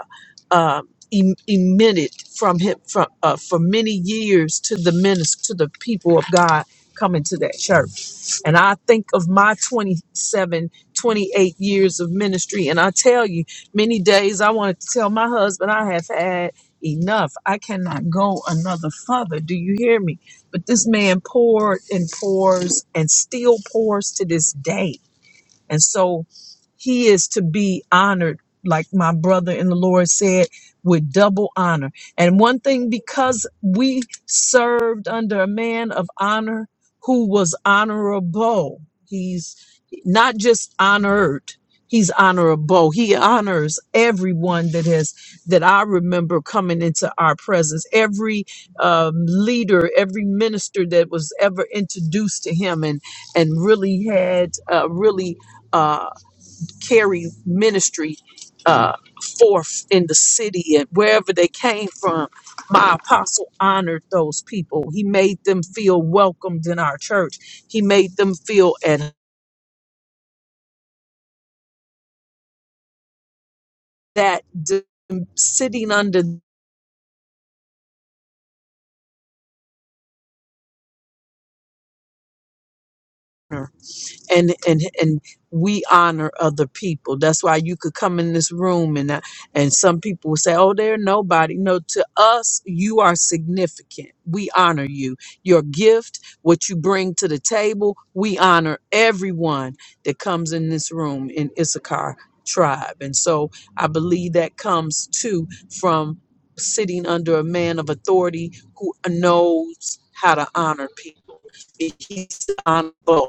uh, em- emitted from him from uh, for many years to the minist to the people of God coming to that church. And I think of my 27, 28 years of ministry, and I tell you, many days I wanted to tell my husband I have had enough. I cannot go another further. Do you hear me? But this man poured and pours and still pours to this day and so he is to be honored, like my brother in the Lord said, with double honor. And one thing, because we served under a man of honor who was honorable, he's not just honored. He's honorable. He honors everyone that has that I remember coming into our presence. Every um, leader, every minister that was ever introduced to him, and and really had uh, really uh, carry ministry uh, forth in the city and wherever they came from. My apostle honored those people. He made them feel welcomed in our church. He made them feel at that d- sitting under. and and and we honor other people that's why you could come in this room and uh, and some people will say oh they're nobody no to us you are significant we honor you your gift what you bring to the table we honor everyone that comes in this room in issachar tribe and so i believe that comes too from sitting under a man of authority who knows how to honor people he's honorable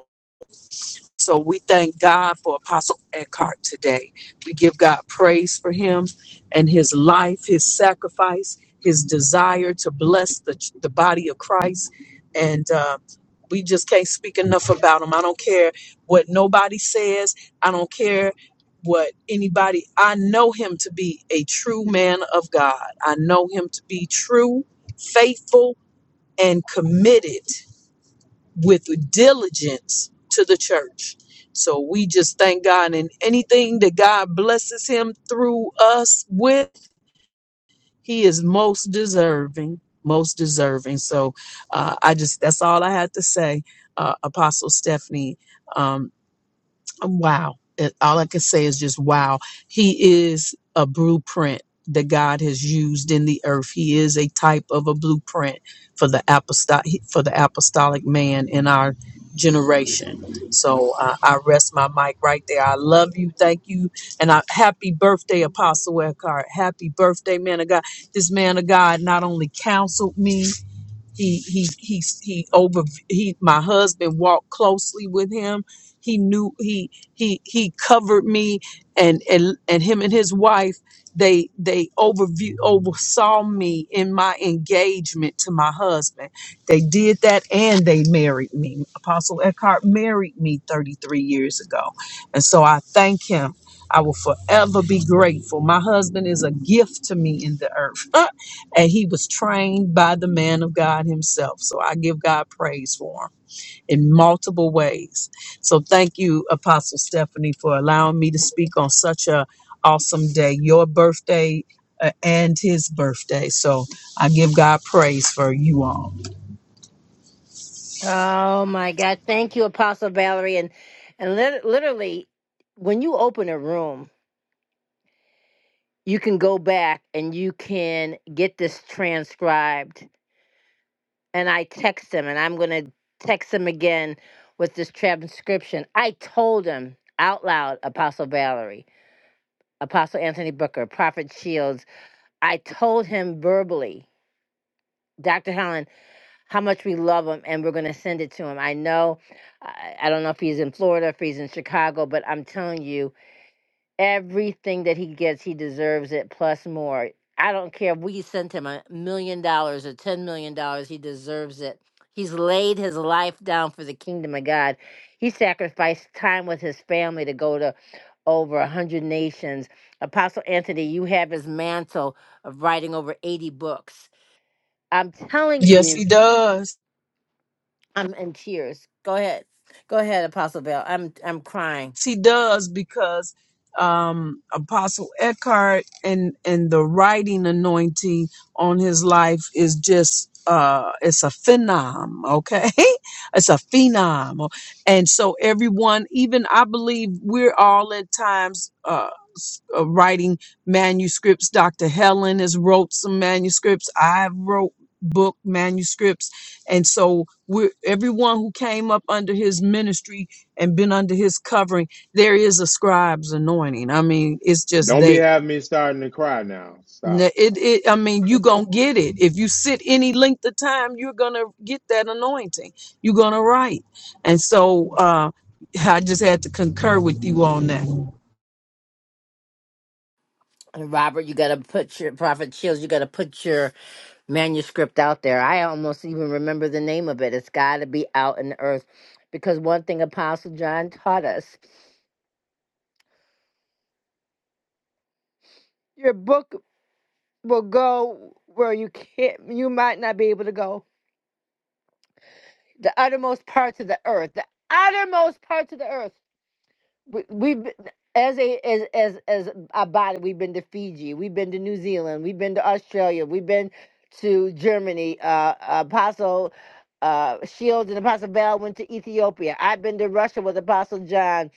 so we thank God for Apostle Eckhart today. We give God praise for him and his life, his sacrifice, his desire to bless the, the body of Christ. And uh, we just can't speak enough about him. I don't care what nobody says, I don't care what anybody, I know him to be a true man of God. I know him to be true, faithful, and committed with diligence to the church. So we just thank God And anything that God blesses him through us with, he is most deserving, most deserving. So uh, I just, that's all I had to say, uh, Apostle Stephanie. Um, Wow. It- All I can say is just wow. He is a blueprint that God has used in the earth. He is a type of a blueprint for the apostolic for the apostolic man in our generation. So uh, I rest my mic right there. I love you. Thank you. And I, happy birthday, Apostle Eckhart. Happy birthday, man of God. This man of God not only counseled me, he he he he over he my husband walked closely with him he knew he he he covered me and and and him and his wife they they overview oversaw me in my engagement to my husband they did that and they married me apostle eckhart married me 33 years ago and so i thank him i will forever be grateful my husband is a gift to me in the earth and he was trained by the man of God himself. So I give God praise for him in multiple ways. So thank you, Apostle Stephanie, for allowing me to speak on such a awesome day, your birthday uh, and his birthday. So I give God praise for you all. Oh my God. Thank you, Apostle Valerie. And and lit- literally, when you open a room, you can go back and you can get this transcribed and I text him, and I'm going to text him again with this transcription. I told him out loud, Apostle Valerie, Apostle Anthony Booker, Prophet Shields. I told him verbally, Dr. Helen, how much we love him, and we're going to send it to him. I know, I I don't know if he's in Florida, if he's in Chicago, but I'm telling you. Everything that he gets, he deserves it plus more. I don't care if we sent him a million dollars or ten million dollars, he deserves it. He's laid his life down for the kingdom of God. He sacrificed time with his family to go to over a 100 nations. Apostle Anthony, you have his mantle of writing over 80 books. I'm telling Yes, you, he does. I'm in tears. Go ahead. Go ahead, Apostle Bell. I'm I'm crying. He does because um, Apostle Eckhart and and the writing anointing on his life is just uh, it's a phenom, okay? It's a phenom, and so everyone, even I believe, we're all at times. Uh, s- uh, writing manuscripts dr helen has wrote some manuscripts i've wrote book manuscripts and so we're everyone who came up under his ministry and been under his covering, there is a scribe's anointing. I mean, it's just Don't be there. having me starting to cry now. Stop N- It, now. it, I mean, you gonna get it if you sit any length of time. You're gonna get that anointing. You're gonna write, and so uh, I just had to concur with you on that. And Robert, you gotta put your prophet chills. You gotta put your manuscript out there. I almost even remember the name of it. It's got to be out in the earth because one thing Apostle John taught us your book will go where you can't, you might not be able to go. The uttermost parts of the earth, the uttermost parts of the earth. we, we've been- as a as as as a body we've been to fiji we've been to new zealand we've been to australia we've been to germany uh apostle uh shields and apostle bell went to ethiopia i've been to russia with apostle john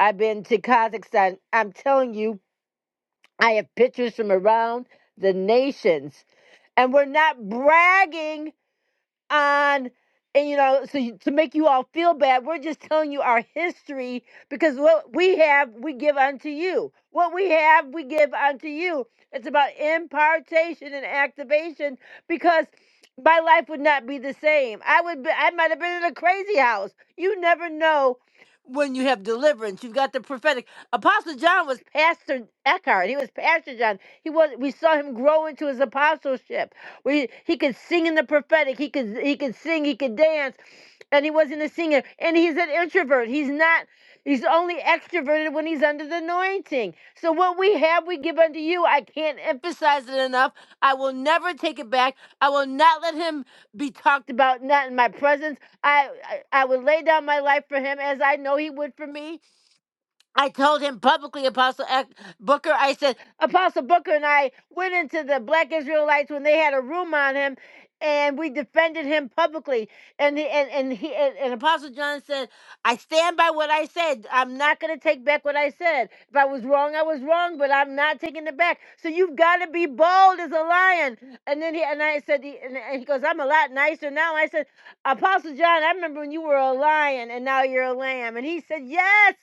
i've been to kazakhstan i'm telling you i have pictures from around the nations and we're not bragging on and you know so you, to make you all feel bad we're just telling you our history because what we have we give unto you what we have we give unto you it's about impartation and activation because my life would not be the same i would be, i might have been in a crazy house you never know when you have deliverance you've got the prophetic apostle john was pastor eckhart he was pastor john he was we saw him grow into his apostleship we he could sing in the prophetic. He could he could sing. He could dance, and he wasn't a singer. And he's an introvert. He's not. He's only extroverted when he's under the anointing. So what we have, we give unto you. I can't emphasize it enough. I will never take it back. I will not let him be talked about not in my presence. I I, I would lay down my life for him as I know he would for me. I told him publicly, Apostle Ec- Booker, I said, Apostle Booker and I went into the Black Israelites when they had a room on him and we defended him publicly. And he, and, and he and, and Apostle John said, I stand by what I said. I'm not gonna take back what I said. If I was wrong, I was wrong, but I'm not taking it back. So you've gotta be bold as a lion. And then he and I said he- and, and he goes, I'm a lot nicer now. I said, Apostle John, I remember when you were a lion and now you're a lamb. And he said, Yes.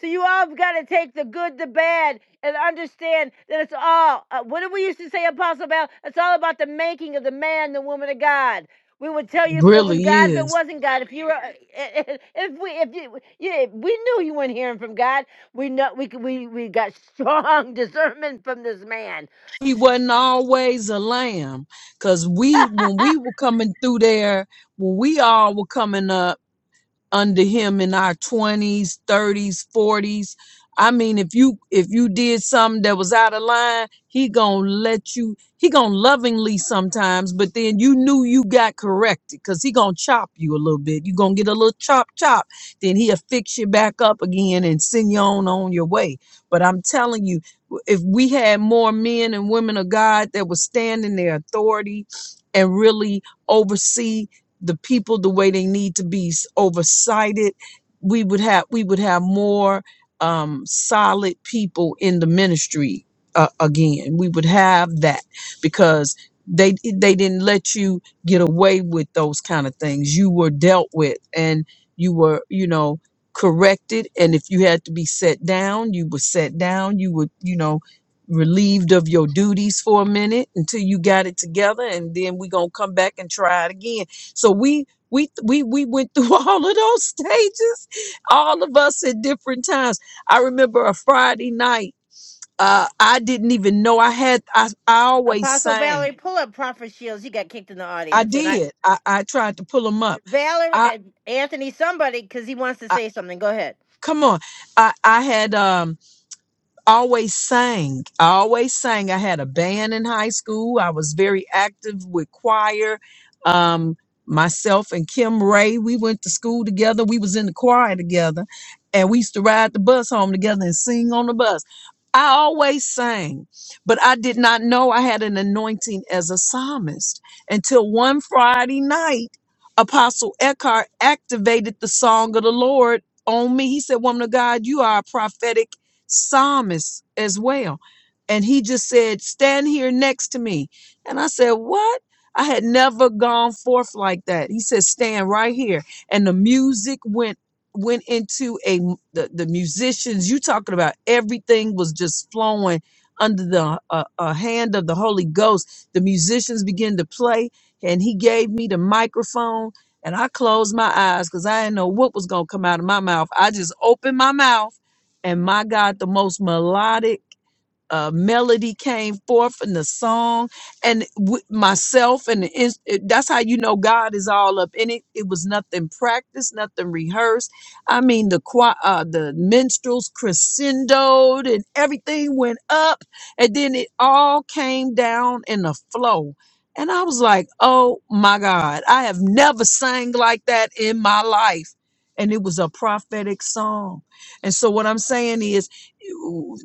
So you all have got to take the good, the bad, and understand that it's all. Uh, what did we used to say, Apostle Bell? It's all about the making of the man, the woman of God. We would tell you if it was Really God, if it is. wasn't God, if you were, uh, eh, eh, eh, if we, if you, yeah, we knew you weren't hearing from God. We know we we we got strong discernment from this man. He wasn't always a lamb, cause we when we were coming through there, when we all were coming up. under him in our 20s 30s 40s i mean if you if you did something that was out of line he gonna let you he gonna lovingly sometimes but then you knew you got corrected because he gonna chop you a little bit you gonna get a little chop chop then he'll fix you back up again and send you on on your way but i'm telling you w- if we had more men and women of god that would stand in their authority and really oversee the people the way they need to be s- oversighted we would have we would have more um solid people in the ministry uh, again we would have that because they they didn't let you get away with those kind of things you were dealt with and you were you know corrected and if you had to be set down you were set down you were you know relieved of your duties for a minute until you got it together and then we're gonna come back and try it again so we we we we went through all of those stages, all of us at different times. I remember a Friday night. Uh, I didn't even know I had. I I always Apostle sang. Valerie, pull up Prophet Shields. He got kicked in the I audience, and I, did. I I tried to pull them up. Valerie, I, uh, Anthony, somebody, because he wants to I say something. Go ahead. come on. I I had um always sang. I always sang. I had a band in high school. I was very active with choir. Um, myself and Kim Ray, we went to school together. We was in the choir together, and we used to ride the bus home together and sing on the bus. I always sang, but I did not know I had an anointing as a psalmist until one Friday night, Apostle Eckhart activated the song of the Lord on me. He said, Woman of God, you are a prophetic psalmist as well. And he just said, Stand here next to me. And I said, What? I had never gone forth like that. He said, Stand right here. And the music went went into a the, the musicians you talking about everything was just flowing under the uh, uh, hand of the holy ghost the musicians began to play and he gave me the microphone and i closed my eyes because i didn't know what was going to come out of my mouth i just opened my mouth and my God, the most melodic uh, melody came forth in the song and w- myself and the ins- it- that's how you know god is all up in it it was nothing practiced nothing rehearsed i mean the choir uh, the minstrels crescendoed and everything went up and then it all came down in a flow and i was like oh my god i have never sang like that in my life and it was a prophetic song and so what i'm saying is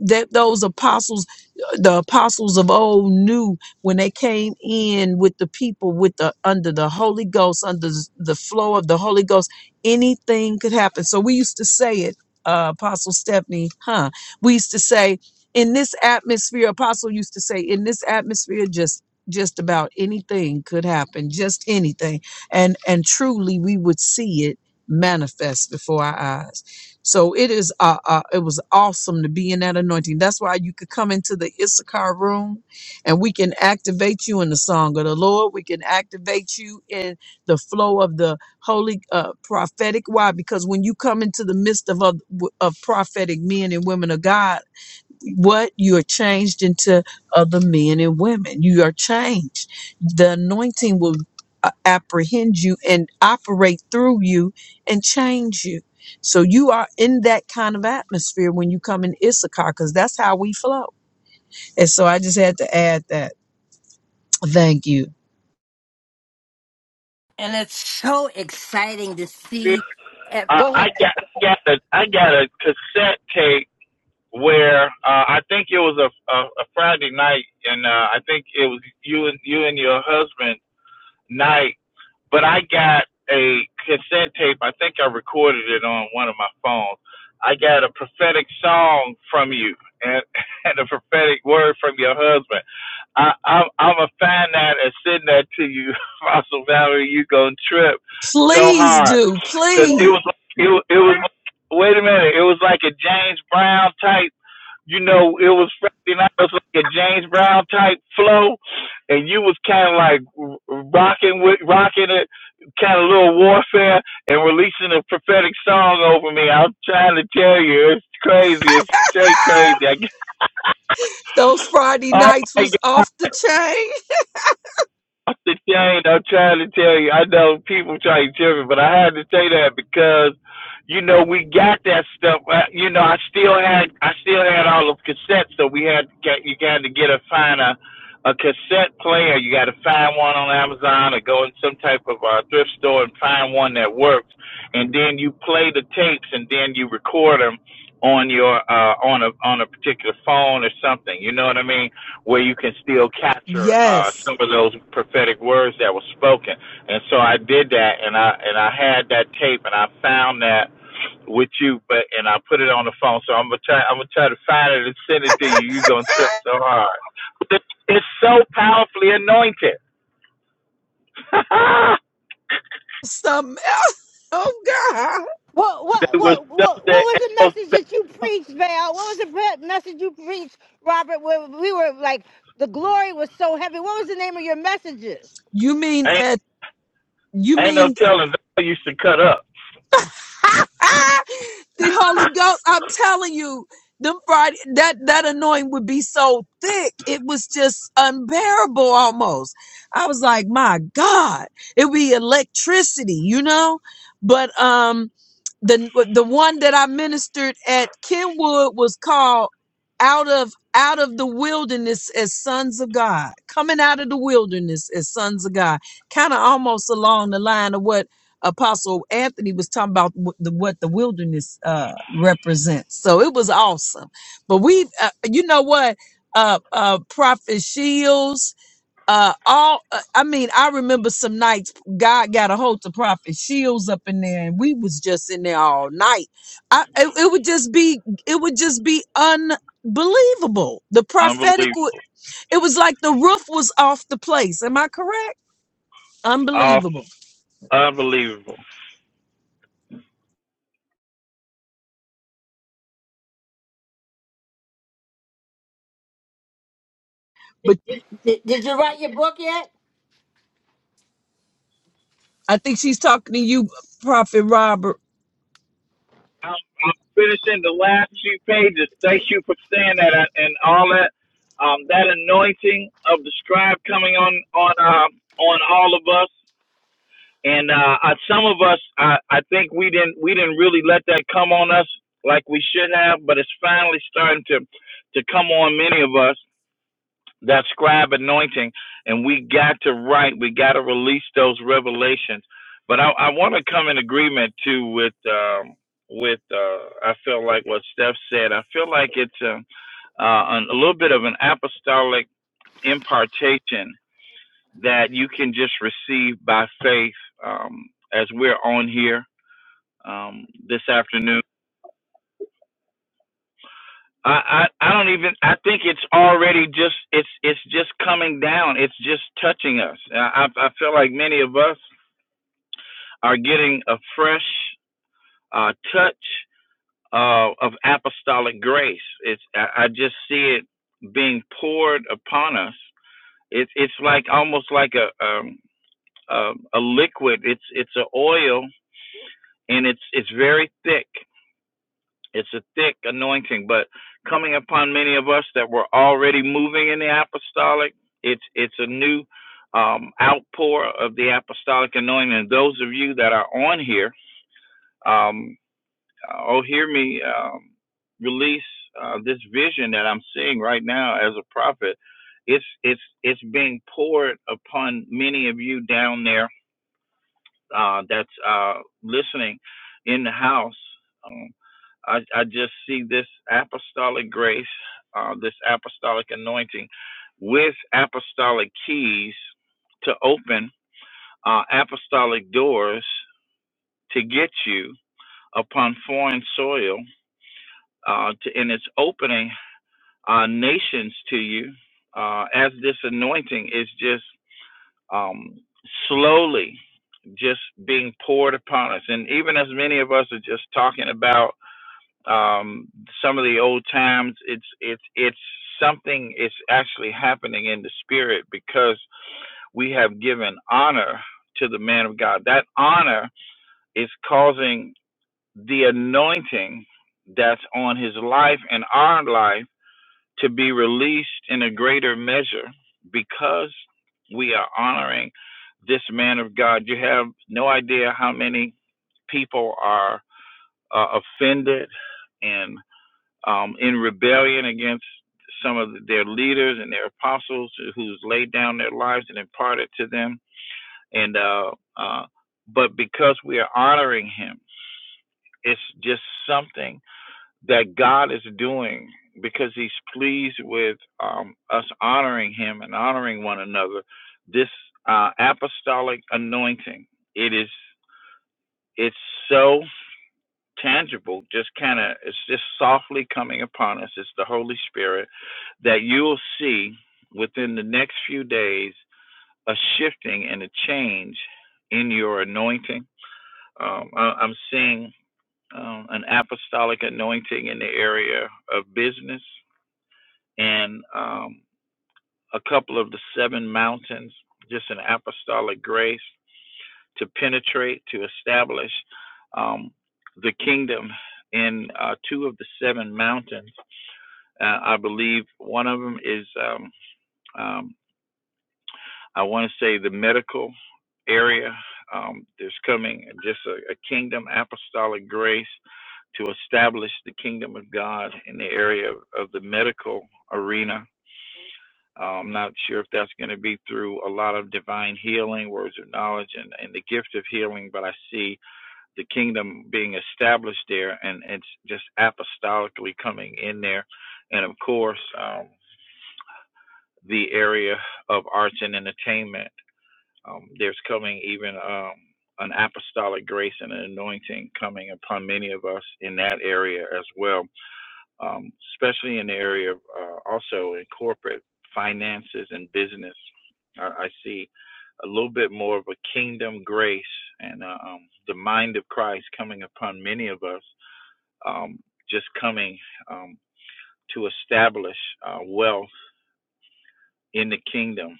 that those apostles the apostles of old knew when they came in with the people with the under the holy ghost under the flow of the holy ghost anything could happen so we used to say it uh, apostle stephanie huh we used to say in this atmosphere apostle used to say in this atmosphere just just about anything could happen just anything and and truly we would see it manifest before our eyes so it is uh, uh it was awesome to be in that anointing. That's why you could come into the Issachar room and we can activate you in the song of the Lord. We can activate you in the flow of the holy uh prophetic why because when you come into the midst of of, of prophetic men and women of God what you are changed into other men and women you are changed the anointing will uh, apprehend you and operate through you and change you so you are in that kind of atmosphere when you come in issachar because that's how we flow and so i just had to add that thank you And it's so exciting to We, see. ev- uh, Go I ahead. got got a I got a cassette tape where uh, I think it was a, a a Friday night, and uh, I think it was you and you and your husband night. But I got a cassette tape. I think I recorded it on one of my phones. I got a prophetic song from you and, and a prophetic word from your husband I, I'm I'm gonna that and send that to you, Fossil Valerie. You gonna trip so please hard do because it please was like, it was- it was wait a minute, it was like a James Brown type. You know, it was Friday night. It was like a James Brown type flow, and you was kind of like rocking with rocking it, kind of little warfare, and releasing a prophetic song over me. I'm trying to tell you, it's crazy. It's straight Ah, crazy. I, those friday oh nights my God. was off the chain I think I ain't. I'm trying to tell you. I know people try to tell me, but I had to say that because, you know, we got that stuff. Uh, You know, I still had, I still had all of cassettes, so we had to get, you got to get a find a, a cassette player. You got to find one on Amazon or go in some type of uh, thrift store and find one that works, and then you play the tapes and then you record them on your uh on a on a particular phone or something you know what i mean where you can still capture uh, yes some of those prophetic words that were spoken. And so I did that, and I and I had that tape, and I found that with you, but and I put it on the phone. So I'm gonna try. I'm gonna try to find it and send it to you. You're gonna trip so hard. But It's so powerfully anointed. there something else oh god What, what, was what, what, stuff what that was ain't the message that no, you preached, Val? What was the pre- message you preached, Robert? Where we were like, the glory was so heavy. What was the name of your messages? you mean at you ain't no mean telling. I used to cut up. the Holy Ghost, I'm telling you, the Friday that that anointing would be so thick, it was just unbearable almost. I was like, my God, it would be electricity, you know. But um, the the one that I ministered at Kenwood was called "Out of Out of the Wilderness as Sons of God," coming out of the wilderness as sons of God, kind of almost along the line of what Apostle Anthony was talking about what the, what the wilderness uh, represents. So it was awesome. But we, uh, you know what, uh, uh, Prophet Shields, uh, all uh, I mean, I remember some nights God got a hold to Prophet Shields up in there, and we was just in there all night. I it, it would just be it would just be unbelievable. The Unbelievable. prophetic, wa- it was like the roof was off the place. Am I correct? All Unbelievable unbelievable. Did, did you write your book yet? I think she's talking to you, Prophet Robert. finishing the last few pages. Thank you for saying that uh, and all that. Um, that anointing of the scribe coming on on uh, on all of us, and uh, uh, some of us, I, I think we didn't we didn't really let that come on us like we should have, but it's finally starting to to come on many of us that scribe anointing and we got to write we got to release those revelations but i, I want to come in agreement too with um with uh i feel like what steph said i feel like it's a, uh, an, a little bit of an apostolic impartation that you can just receive by faith um as we're on here um this afternoon I, I I don't even I think it's already just it's it's just coming down. It's just touching us. I I feel like many of us are getting a fresh uh, touch uh, of apostolic grace. It's I, I just see it being poured upon us. It's it's like almost like a um, a, a liquid. It's it's an oil and it's it's very thick It's a thick anointing, but coming upon many of us that were already moving in the apostolic, it's it's a new um, outpour of the apostolic anointing. And those of you that are on here, um, oh, hear me um, release uh, this vision that I'm seeing right now as a prophet. It's it's it's being poured upon many of you down there uh, that's uh, listening in the house. Um, I, I just see this apostolic grace, uh, this apostolic anointing with apostolic keys to open uh, apostolic doors to get you upon foreign soil, uh, to, and it's opening uh, nations to you uh, as this anointing is just. um, slowly just being poured upon us. And even as many of us are just talking about um, some of the old times, it's it's it's something is actually happening in the spirit because we have given honor to the man of God. That honor is causing the anointing that's on his life and our life to be released in a greater measure because we are honoring this man of God. You have no idea how many people are uh, offended and um, in rebellion against some of their leaders and their apostles who's laid down their lives and imparted to them. And uh, uh, but because we are honoring him, it's just something that God is doing because he's pleased with um, us honoring him and honoring one another. This uh, apostolic anointing, it is, it's so tangible, just kind of, it's just softly coming upon us. It's the Holy Spirit that you'll see within the next few days a shifting and a change in your anointing. Um, I, I'm seeing um, an apostolic anointing in the area of business. and um, a couple of the seven mountains, just an apostolic grace to penetrate, to establish um, the kingdom in uh, two of the seven mountains. Uh, I believe one of them is, um, um, I want to say, the medical area. Um, there's coming just a, a kingdom apostolic grace to establish the kingdom of God in the area of, of the medical arena Uh, I'm not sure if that's going to be through a lot of divine healing, words of knowledge, and, and the gift of healing, but I see the kingdom being established there and it's just apostolically coming in there. And of course, um, the area of arts and entertainment, um, there's coming even um, an apostolic grace and an anointing coming upon many of us in that area as well um, especially in the area of uh, also in corporate finances and business. I, I see a little bit more of a kingdom grace and uh, um, the mind of Christ coming upon many of us, um, just coming um, to establish uh, wealth in the kingdom.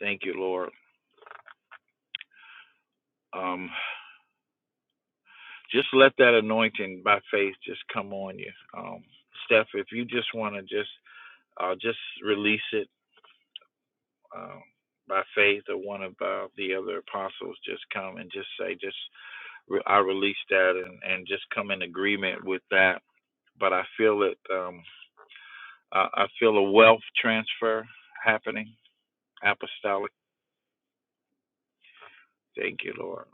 Thank you, Lord. Um, just let that anointing by faith just come on you. Um, Steph, if you just want to just uh, just release it um, by faith or one of uh, the other apostles just come and just say, just re- I release that and, and just come in agreement with that. But I feel it. Um, I, I feel a wealth transfer happening, apostolic. Thank you, Lord.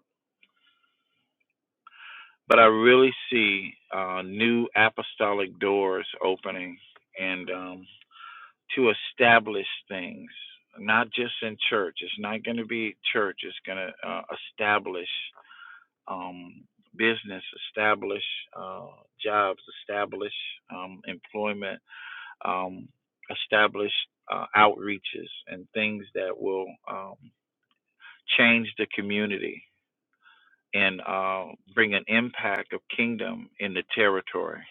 But I really see uh, new apostolic doors opening and um, to establish things, not just in church. It's not going to be church. It's going to uh, establish um, business establish, uh, jobs establish, um, employment um, establish, uh, outreaches and things that will um, change the community and uh, bring an impact of kingdom in the territory.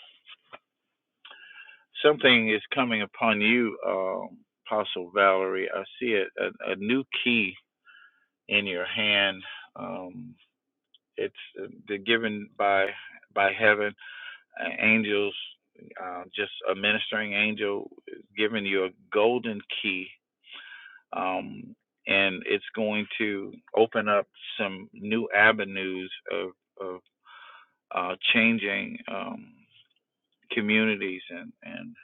Something is coming upon you, um Apostle Valerie. I see a, a, a new key in your hand. Um, it's uh, the given by by heaven uh, angels, uh, just a ministering angel is giving you a golden key, um, and it's going to open up some new avenues of, of uh, changing um, communities and, and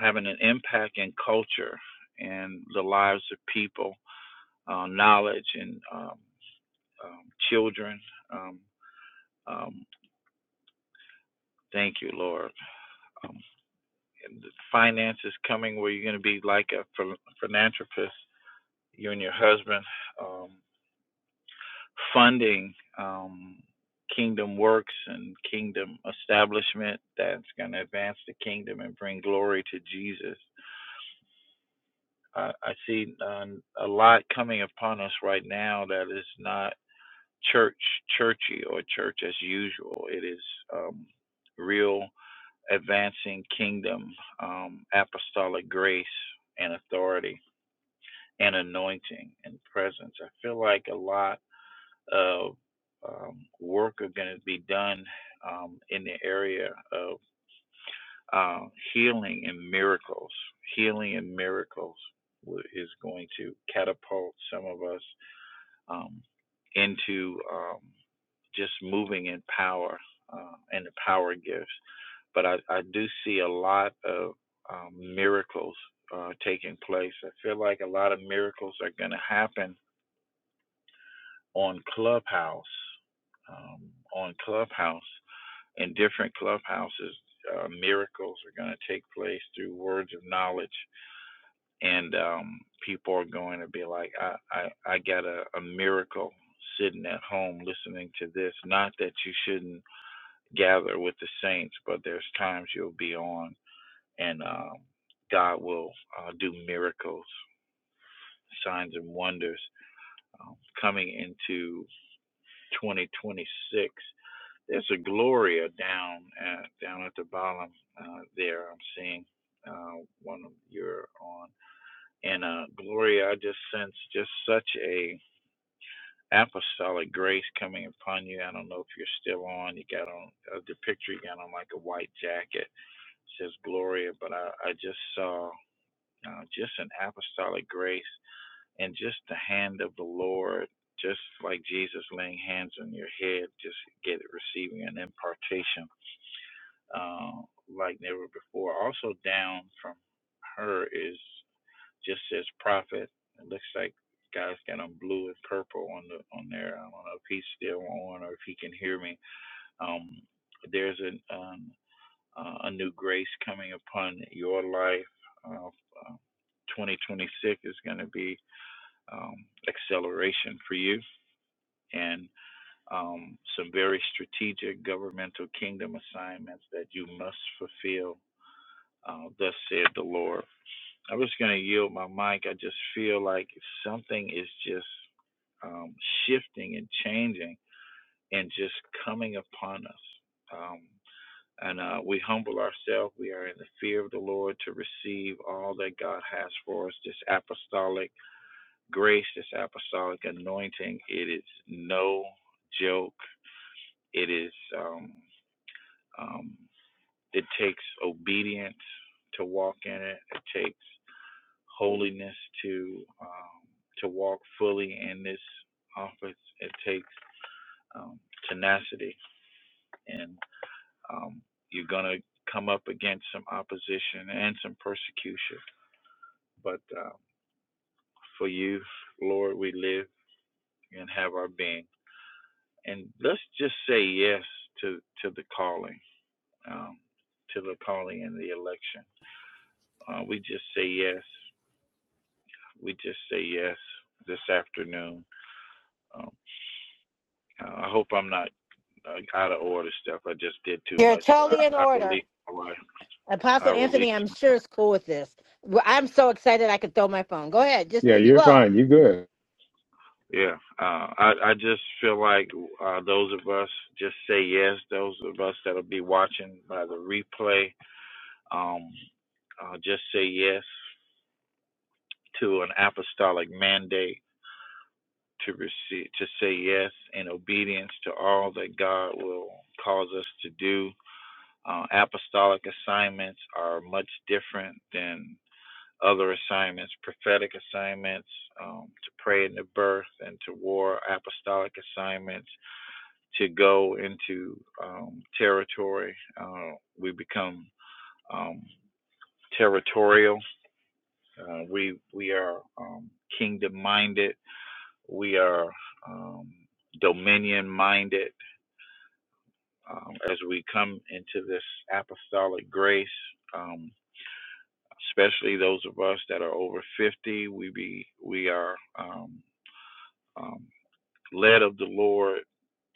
having an impact in culture and the lives of people, uh, knowledge and um, um, children. Um, um, thank you, Lord. Um, Finance is coming where you're going to be like a philanthropist, you and your husband, um, funding um, kingdom works and kingdom establishment that's going to advance the kingdom and bring glory to Jesus. I, I see uh, a lot coming upon us right now that is not church, churchy, or church as usual. It is um, real advancing kingdom, um, apostolic grace, and authority and anointing and presence. I feel like a lot of um, work are going to be done um, in the area of uh, healing and miracles. Healing and miracles is going to catapult some of us um, into um, just moving in power uh, and the power gifts. But I, I do see a lot of um, miracles uh, taking place. I feel like a lot of miracles are going to happen on Clubhouse, um, on Clubhouse, in different clubhouses, uh, miracles are going to take place through words of knowledge, and um, people are going to be like, I, I, I got a, a miracle sitting at home listening to this. Not that you shouldn't gather with the saints, but there's times you'll be on, and um, God will uh, do miracles, signs, and wonders um, coming into 2026 There's a Gloria down at, down at the bottom uh, there. I'm seeing uh, one of you're on, and uh, Gloria, I just sense just such a apostolic grace coming upon you. I don't know if you're still on. You got on uh, the picture. You got on like a white jacket. It says Gloria, but I, I just saw uh, just an apostolic grace and just the hand of the Lord just like Jesus laying hands on your head, just get receiving an impartation uh, like never before. Also down from her is just says prophet. It looks like guys got on blue and purple on the on there. I don't know if he's still on or if he can hear me. Um, there's an um, uh, a new grace coming upon your life. Uh, uh, 2026 is going to be um, acceleration for you and um, some very strategic governmental kingdom assignments that you must fulfill uh, thus said the Lord. I'm just going to yield my mic. I just feel like something is just um, shifting and changing and just coming upon us. Um, and uh, we humble ourselves. We are in the fear of the Lord to receive all that God has for us. This apostolic grace, this apostolic anointing, it is no joke. It is, um, um, it takes obedience to walk in it. It takes holiness to um, to walk fully in this office. It takes um, tenacity, and um, you're gonna come up against some opposition and some persecution. But um, for you, Lord, we live and have our being, and let's just say yes to to the calling, um, to the calling and the election. Uh, we just say yes. We just say yes this afternoon. Um, uh, I hope I'm not uh, out of order stuff. I just did too You're much, but totally in I, I order. released my wife. I Apostle released. Anthony, I'm sure is cool with this. Well, I'm so excited I could throw my phone. Go ahead. Just Yeah, you're well. fine. You're good. Yeah, uh, I I just feel like uh, those of us just say yes. Those of us that'll be watching by the replay, um, uh, just say yes to an apostolic mandate to receive to say yes in obedience to all that God will cause us to do. Uh, apostolic assignments are much different than. other assignments, prophetic assignments, um, to pray in the birth and to war, apostolic assignments, to go into um, territory. Uh, we become um, territorial. Uh, we we are um, kingdom minded. We are um, dominion minded. Um, as we come into this apostolic grace, um, especially those of us that are over 50, we be we are um, um, led of the Lord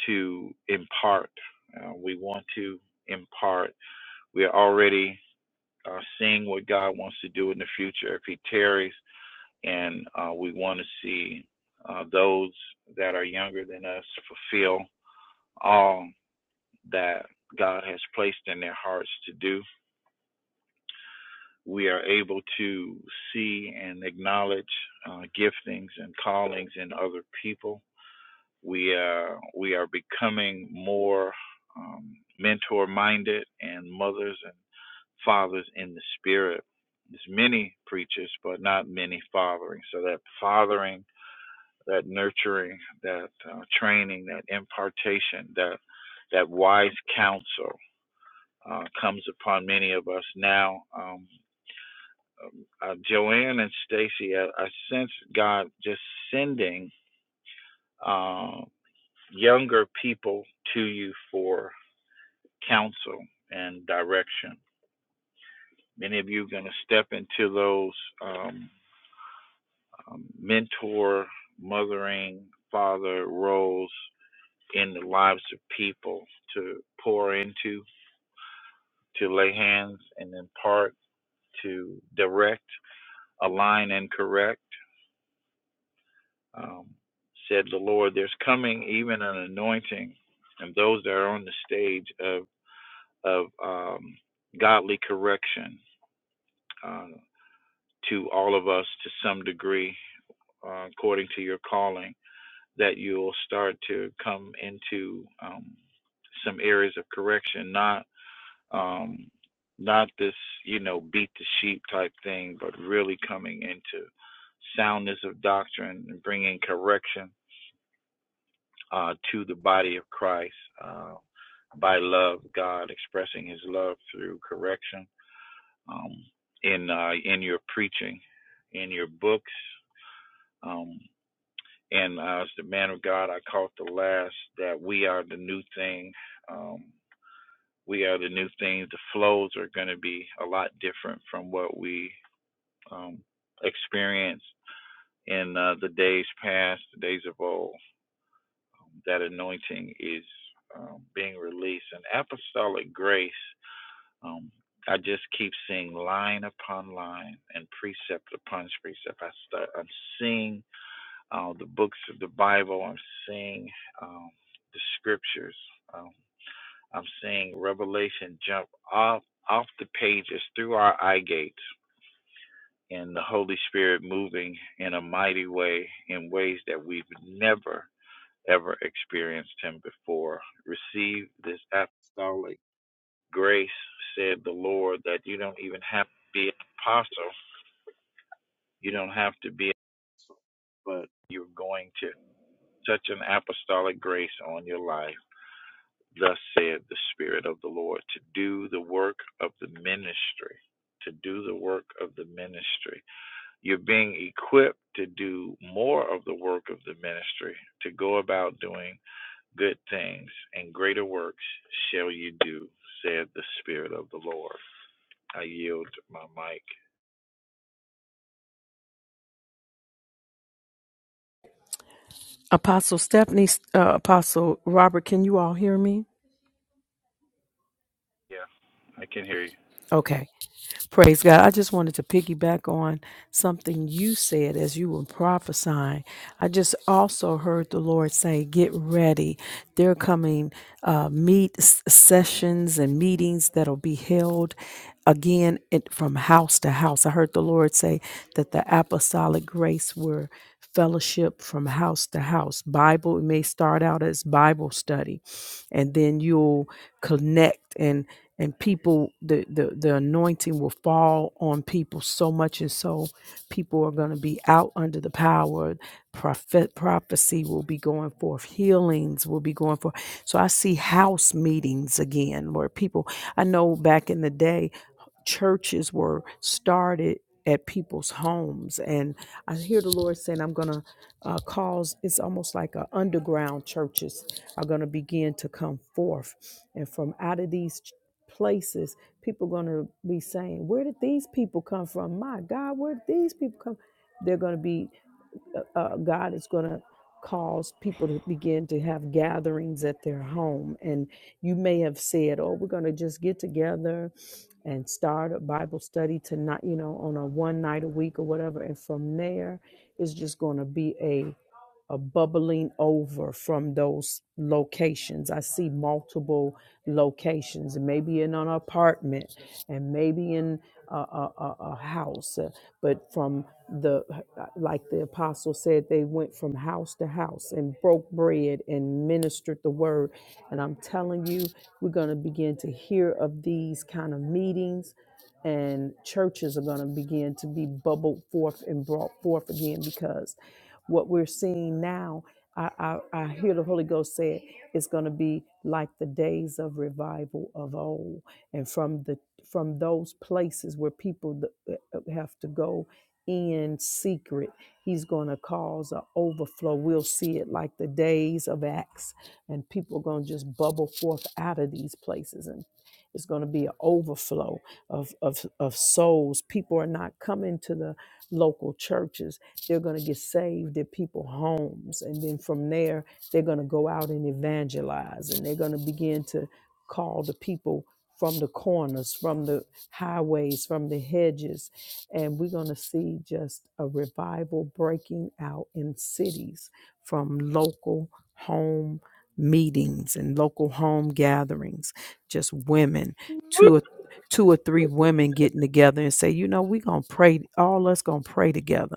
to impart. Uh, we want to impart. We are already uh, seeing what God wants to do in the future if He tarries, and uh, we want to see uh, those that are younger than us fulfill all that God has placed in their hearts to do. We are able to see and acknowledge uh, giftings and callings in other people we are we are becoming more um, mentor minded and mothers and fathers in the spirit. There's many preachers, but not many fathering. So that fathering, that nurturing, that uh, training, that impartation, that that wise counsel uh, comes upon many of us now. Um, um, uh, Joanne and Stacy, I, I sense God just sending uh, younger people to you for counsel and direction. Many of you are going to step into those um, um, mentor, mothering, father roles in the lives of people to pour into, to lay hands and impart, to direct, align, and correct. Um, said the Lord, there's coming even an anointing, and those that are on the stage of of um, godly correction uh, to all of us to some degree uh, according to your calling, that you'll start to come into um, some areas of correction, not um, not this you know beat the sheep type thing, but really coming into soundness of doctrine and bringing correction uh, to the body of Christ uh, by love, God expressing His love through correction um, in uh, in your preaching, in your books. Um, And uh, as the man of God, I caught the last that we are the new thing. Um, we are the new thing. The flows are going to be a lot different from what we um, experienced in uh, the days past, the days of old. That anointing is um, being released. And apostolic grace, um, I just keep seeing line upon line and precept upon precept. I start, I'm seeing uh, the books of the Bible. I'm seeing um, the scriptures. Um, I'm seeing Revelation jump off off the pages through our eye gates, and the Holy Spirit moving in a mighty way in ways that we've never ever experienced Him before. Receive this act of grace, said the Lord, that you don't even have to be an apostle. You don't have to be. You're going to such an apostolic grace on your life Thus said the Spirit of the Lord, to do the work of the ministry. To do the work of the ministry. You're being equipped to do more of the work of the ministry, to go about doing good things, and greater works shall you do, said the Spirit of the Lord. I yield my mic. Apostle Stephanie, uh, Apostle Robert, can you all hear me? Yeah, I can hear you. Okay. Praise God. I just wanted to piggyback on something you said as you were prophesying. I just also heard the Lord say, Get ready. There are coming uh, meet s- sessions and meetings that'll be held again it, from house to house. I heard the Lord say that the apostolic grace were fellowship from house to house. Bible, it may start out as Bible study and then you'll connect and and people the the, the anointing will fall on people so much and so people are going to be out under the power prophet prophecy will be going forth healings will be going forth so i see house meetings again where people i know back in the day churches were started at people's homes and i hear the lord saying i'm going to uh, cause it's almost like a underground churches are going to begin to come forth and from out of these ch- places people are going to be saying where did these people come from my god where did these people come they're going to be uh, uh, god is going to cause people to begin to have gatherings at their home and you may have said oh we're going to just get together and start a Bible study tonight, you know, on a one night a week or whatever. And from there, it's just going to be a are bubbling over from those locations. I see multiple locations, maybe in an apartment and maybe in a, a, a a house. Uh, But from the, like the apostle said, they went from house to house and broke bread and ministered the word. And I'm telling you, we're going to begin to hear of these kind of meetings and churches are going to begin to be bubbled forth and brought forth again because what we're seeing now, I, I, I hear the Holy Ghost say it's going to be like the days of revival of old, and from the from those places where people th- uh, uh, have to go in secret, He's going to cause an overflow. We'll see it like the days of Acts, and people are going to just bubble forth out of these places, and it's going to be an overflow of, of of souls. People are not coming to the local churches they're going to get saved at people's homes and then from there they're going to go out and evangelize and they're going to begin to call the people from the corners from the highways from the hedges and we're going to see just a revival breaking out in cities from local home meetings and local home gatherings just women two or two or three women getting together and say you know we're going to pray all us going to pray together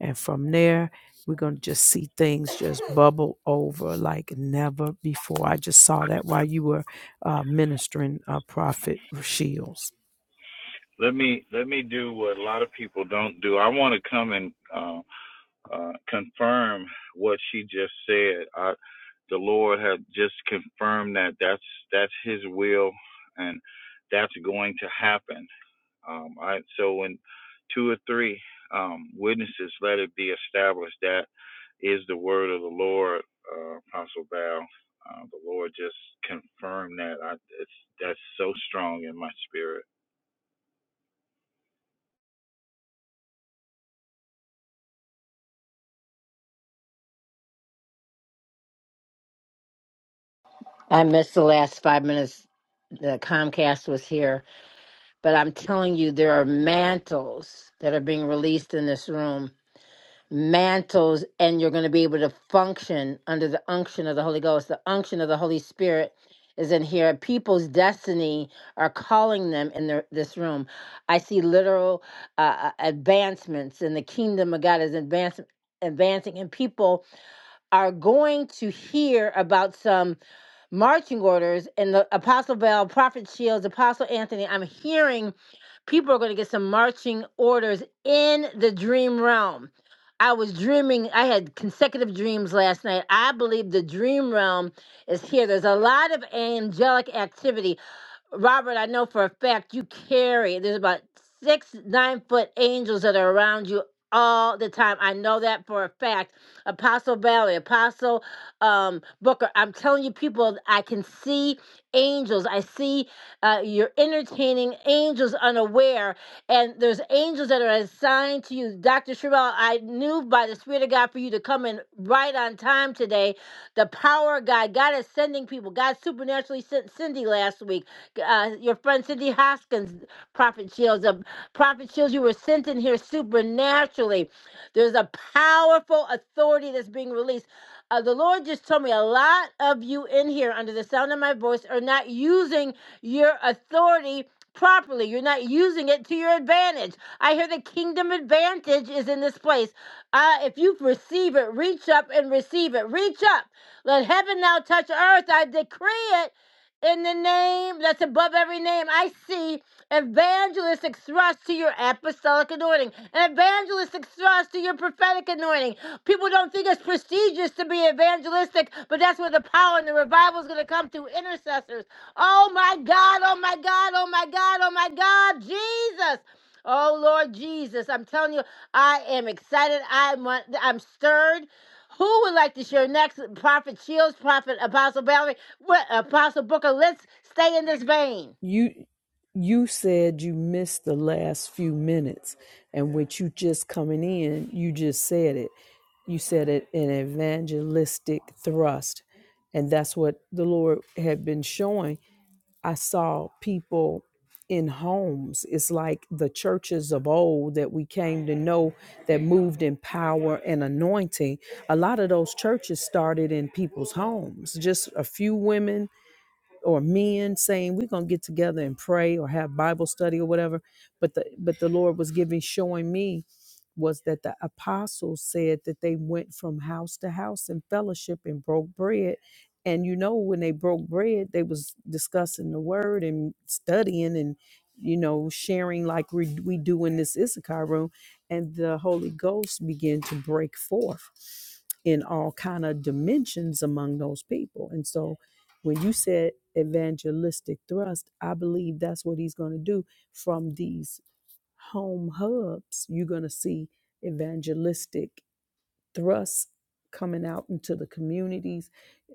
and from there, we're going to just see things just bubble over like never before. I just saw that while you were uh, ministering uh, Prophet Shields. Let me let me do what a lot of people don't do. I want to come and uh, uh, confirm what she just said. I, the Lord had just confirmed that that's that's His will, and that's going to happen. Um, I, so when two or three um, witnesses, let it be established that is the word of the Lord, uh, Apostle Val. Uh, the Lord just confirmed that. I, it's that's so strong in my spirit. I missed the last five minutes. The Comcast was here. But I'm telling you, there are mantles that are being released in this room. Mantles, and you're going to be able to function under the unction of the Holy Ghost. The unction of the Holy Spirit is in here. People's destiny are calling them in their, this room. I see literal uh, uh, advancements, and the kingdom of God is advancing. Advancing, and people are going to hear about some marching orders and the Apostle Bell, Prophet Shields, Apostle Anthony. I'm hearing people are going to get some marching orders in the dream realm. I was dreaming, I had consecutive dreams last night. I believe the dream realm is here. There's a lot of angelic activity Robert, I know for a fact you carry, there's about six nine foot angels that are around you all the time. I know that for a fact. Apostle Valley, Apostle um, Booker, I'm telling you, people, I can see angels. I see uh, you're entertaining angels unaware, and there's angels that are assigned to you. Dr. Sherelle, I knew by the Spirit of God for you to come in right on time today. The power of God, God is sending people. God supernaturally sent Cindy last week uh, your friend Cindy Hoskins, Prophet Shields. Uh, Prophet Shields, you were sent in here supernaturally. There's a powerful authority that's being released. Uh, the Lord just told me a lot of you in here, under the sound of my voice, are not using your authority properly. You're not using it to your advantage. I hear the kingdom advantage is in this place. Uh, if you receive it, reach up and receive it. Reach up. Let heaven now touch earth. I decree it in the name that's above every name. I see evangelistic thrust to your apostolic anointing, an evangelistic thrust to your prophetic anointing. People don't think it's prestigious to be evangelistic, but that's where the power and the revival is going to come through intercessors. Oh my God, oh my God, oh my God, oh my God, Jesus. Oh Lord Jesus, I'm telling you, I am excited. I'm I'm stirred. Who would like to share next? Prophet Shields, Prophet Apostle Valerie, what, Apostle Booker. Let's stay in this vein. You you said you missed the last few minutes, and with you just coming in, you just said it. You said it an evangelistic thrust, and that's what the Lord had been showing. I saw people in homes. It's like the churches of old that we came to know that moved in power and anointing. A lot of those churches started in people's homes, just a few women or men saying we're going to get together and pray or have bible study or whatever but the but the lord was giving showing me was that the apostles said that they went from house to house in fellowship and broke bread and you know when they broke bread they was discussing the word and studying and you know sharing like we, we do in this issachar room and the holy ghost began to break forth in all kind of dimensions among those people and so when you said evangelistic thrust, I believe that's what he's going to do from these home hubs. You're going to see evangelistic thrust coming out into the communities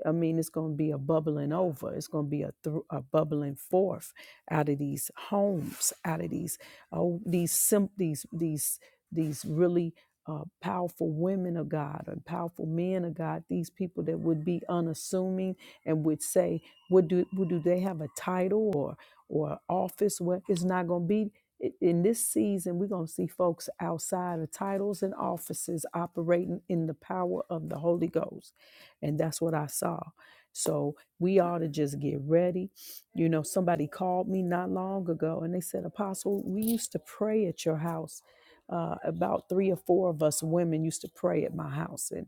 I mean, it's going to be a bubbling over. It's going to be a, thr a bubbling forth out of these homes, out of these oh these sim- these these these really uh, powerful women of God and powerful men of God. These people that would be unassuming and would say, "What do what do they have a title or or office? Where it's not going to be." i- In this season, we're going to see folks outside of titles and offices operating in the power of the Holy Ghost and that's what I saw. So we ought to just get ready. You know, somebody called me not long ago and they said, Apostle, we used to pray at your house. Uh, about three or four of us women used to pray at my house, and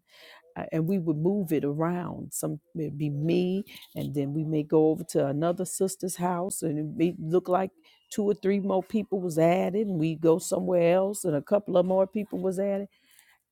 I- and we would move it around. Some it'd be me, and then we may go over to another sister's house, and it may look like two or three more people was added, and we go somewhere else, and a couple of more people was added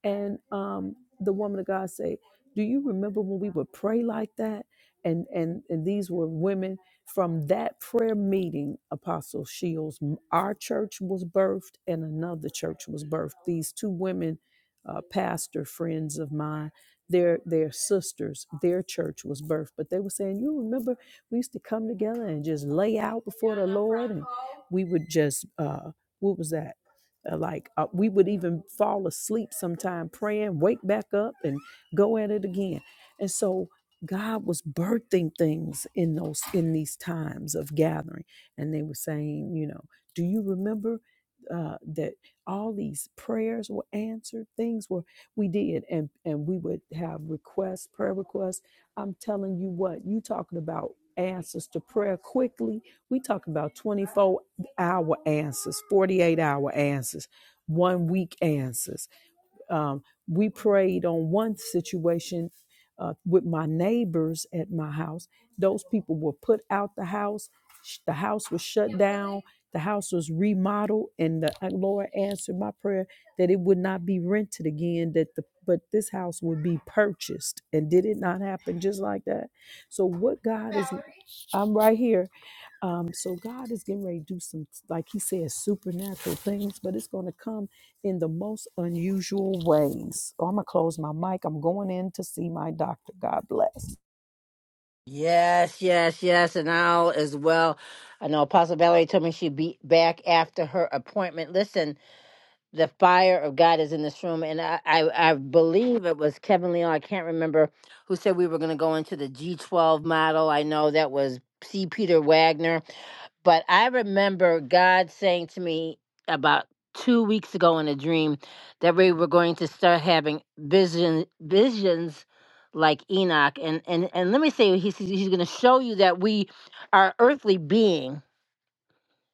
and um, the woman of God say, "Do you remember when we would pray like that?" And and and these were women from that prayer meeting. Apostle Shields, m- our church was birthed, and another church was birthed. These two women, uh, pastor friends of mine. Their, their sisters, their church was birthed, but they were saying, You remember, we used to come together and just lay out before the Lord, and we would just, uh, what was that? Uh, Like uh, we would even fall asleep sometime praying, wake back up and go at it again. And so God was birthing things in those in these times of gathering. And they were saying, you know, do you remember uh, that all these prayers were answered? Things were we did, and and we would have requests, prayer requests. I'm telling you what, you talking about answers to prayer quickly. We talking about 24 hour answers, 48 hour answers, one week answers. Um, we prayed on one situation uh, with my neighbors at my house. Those people were put out the house, Sh- the house was shut down. The house was remodeled, and the and Lord answered my prayer that it would not be rented again. That the but this house would be purchased, and did it not happen just like that? So what God is? I'm right here. Um, so God is getting ready to do some, like He says, supernatural things, but it's going to come in the most unusual ways. Oh, I'm gonna close my mic. I'm going in to see my doctor. God bless. Yes, yes, yes, and I'll as well. I know Apostle Valerie told me she'd be back after her appointment. Listen, the fire of God is in this room, and I, I, I believe it was Kevin Leon. I can't remember who said we were going to go into the G12 model. I know that was C. Peter Wagner But I remember God saying to me about two weeks ago in a dream that we were going to start having vision visions like Enoch. And and and let me say he says he's gonna show you that we are earthly being.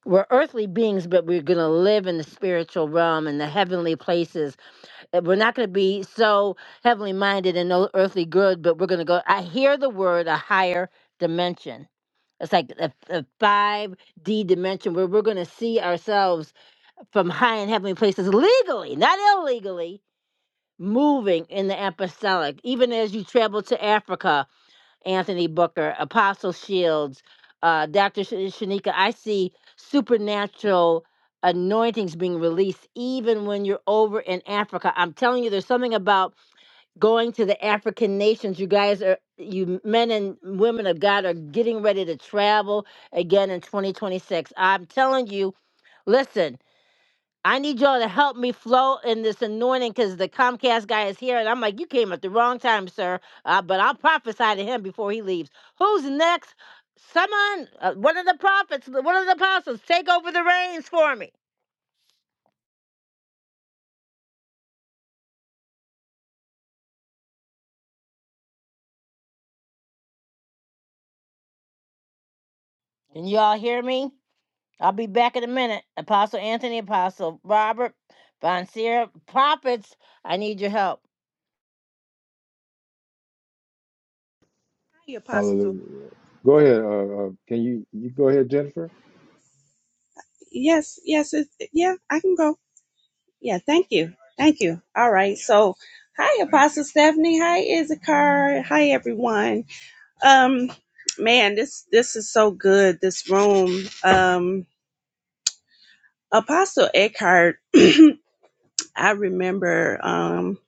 We're earthly beings, but we're gonna live in the spiritual realm and the heavenly places. And We're not gonna be so heavenly minded and no earthly good, but we're gonna go. I hear the word a higher dimension it's like a, a 5D dimension where we're going to see ourselves from high and heavenly places legally, not illegally, moving in the apostolic. Even as you travel to Africa, Anthony Booker, Apostle Shields, uh, Dr. Sh- Shanika, I see supernatural anointings being released even when you're over in Africa. I'm telling you, there's something about going to the African nations. You guys are, you men and women of God are getting ready to travel again in 2026. I'm telling you, listen, I need y'all to help me flow in this anointing because the Comcast guy is here. And I'm like, you came at the wrong time, sir. Uh, but I'll prophesy to him before he leaves. Who's next? Someone, uh, one of the prophets, one of the apostles, take over the reins for me. Can y'all hear me? I'll be back in a minute. Apostle Anthony, Apostle Robert, Von Seer, prophets, I need your help. Hi Apostle Hallelujah. Go ahead. Tiffany. Uh, uh, can you you go ahead, Jennifer? Yes, yes, it, yeah, I can go. Yeah, thank you. Thank you. All right. So, hi, Apostle Stephanie. Hi, Issachar. Hi, everyone. Um, man, this this is so good. This room. Um, Apostle Eckhart. I remember um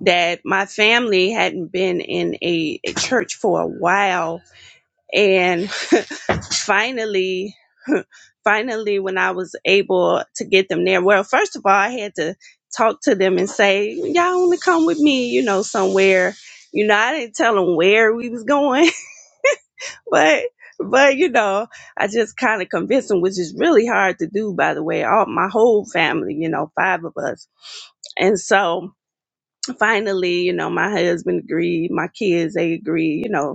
that my family hadn't been in a, a church for a while, and finally finally when i was able to get them there well first of all i had to talk to them and say y'all want to come with me you know somewhere you know i didn't tell them where we was going but but you know i just kind of convinced them which is really hard to do by the way all my whole family you know five of us and so finally you know my husband agreed my kids they agreed you know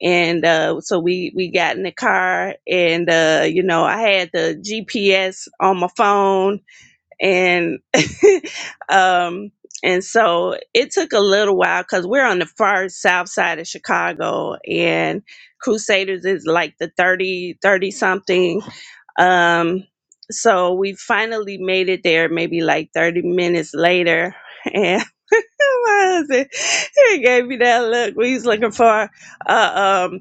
and uh, so we we got in the car and uh, you know i had the gps on my phone and um and so it took a little while because we're on the far south side of chicago and crusaders is like the 30 30 something um, so we finally made it there, maybe like 30 minutes later. And my husband, he gave me that look. We was looking for a um,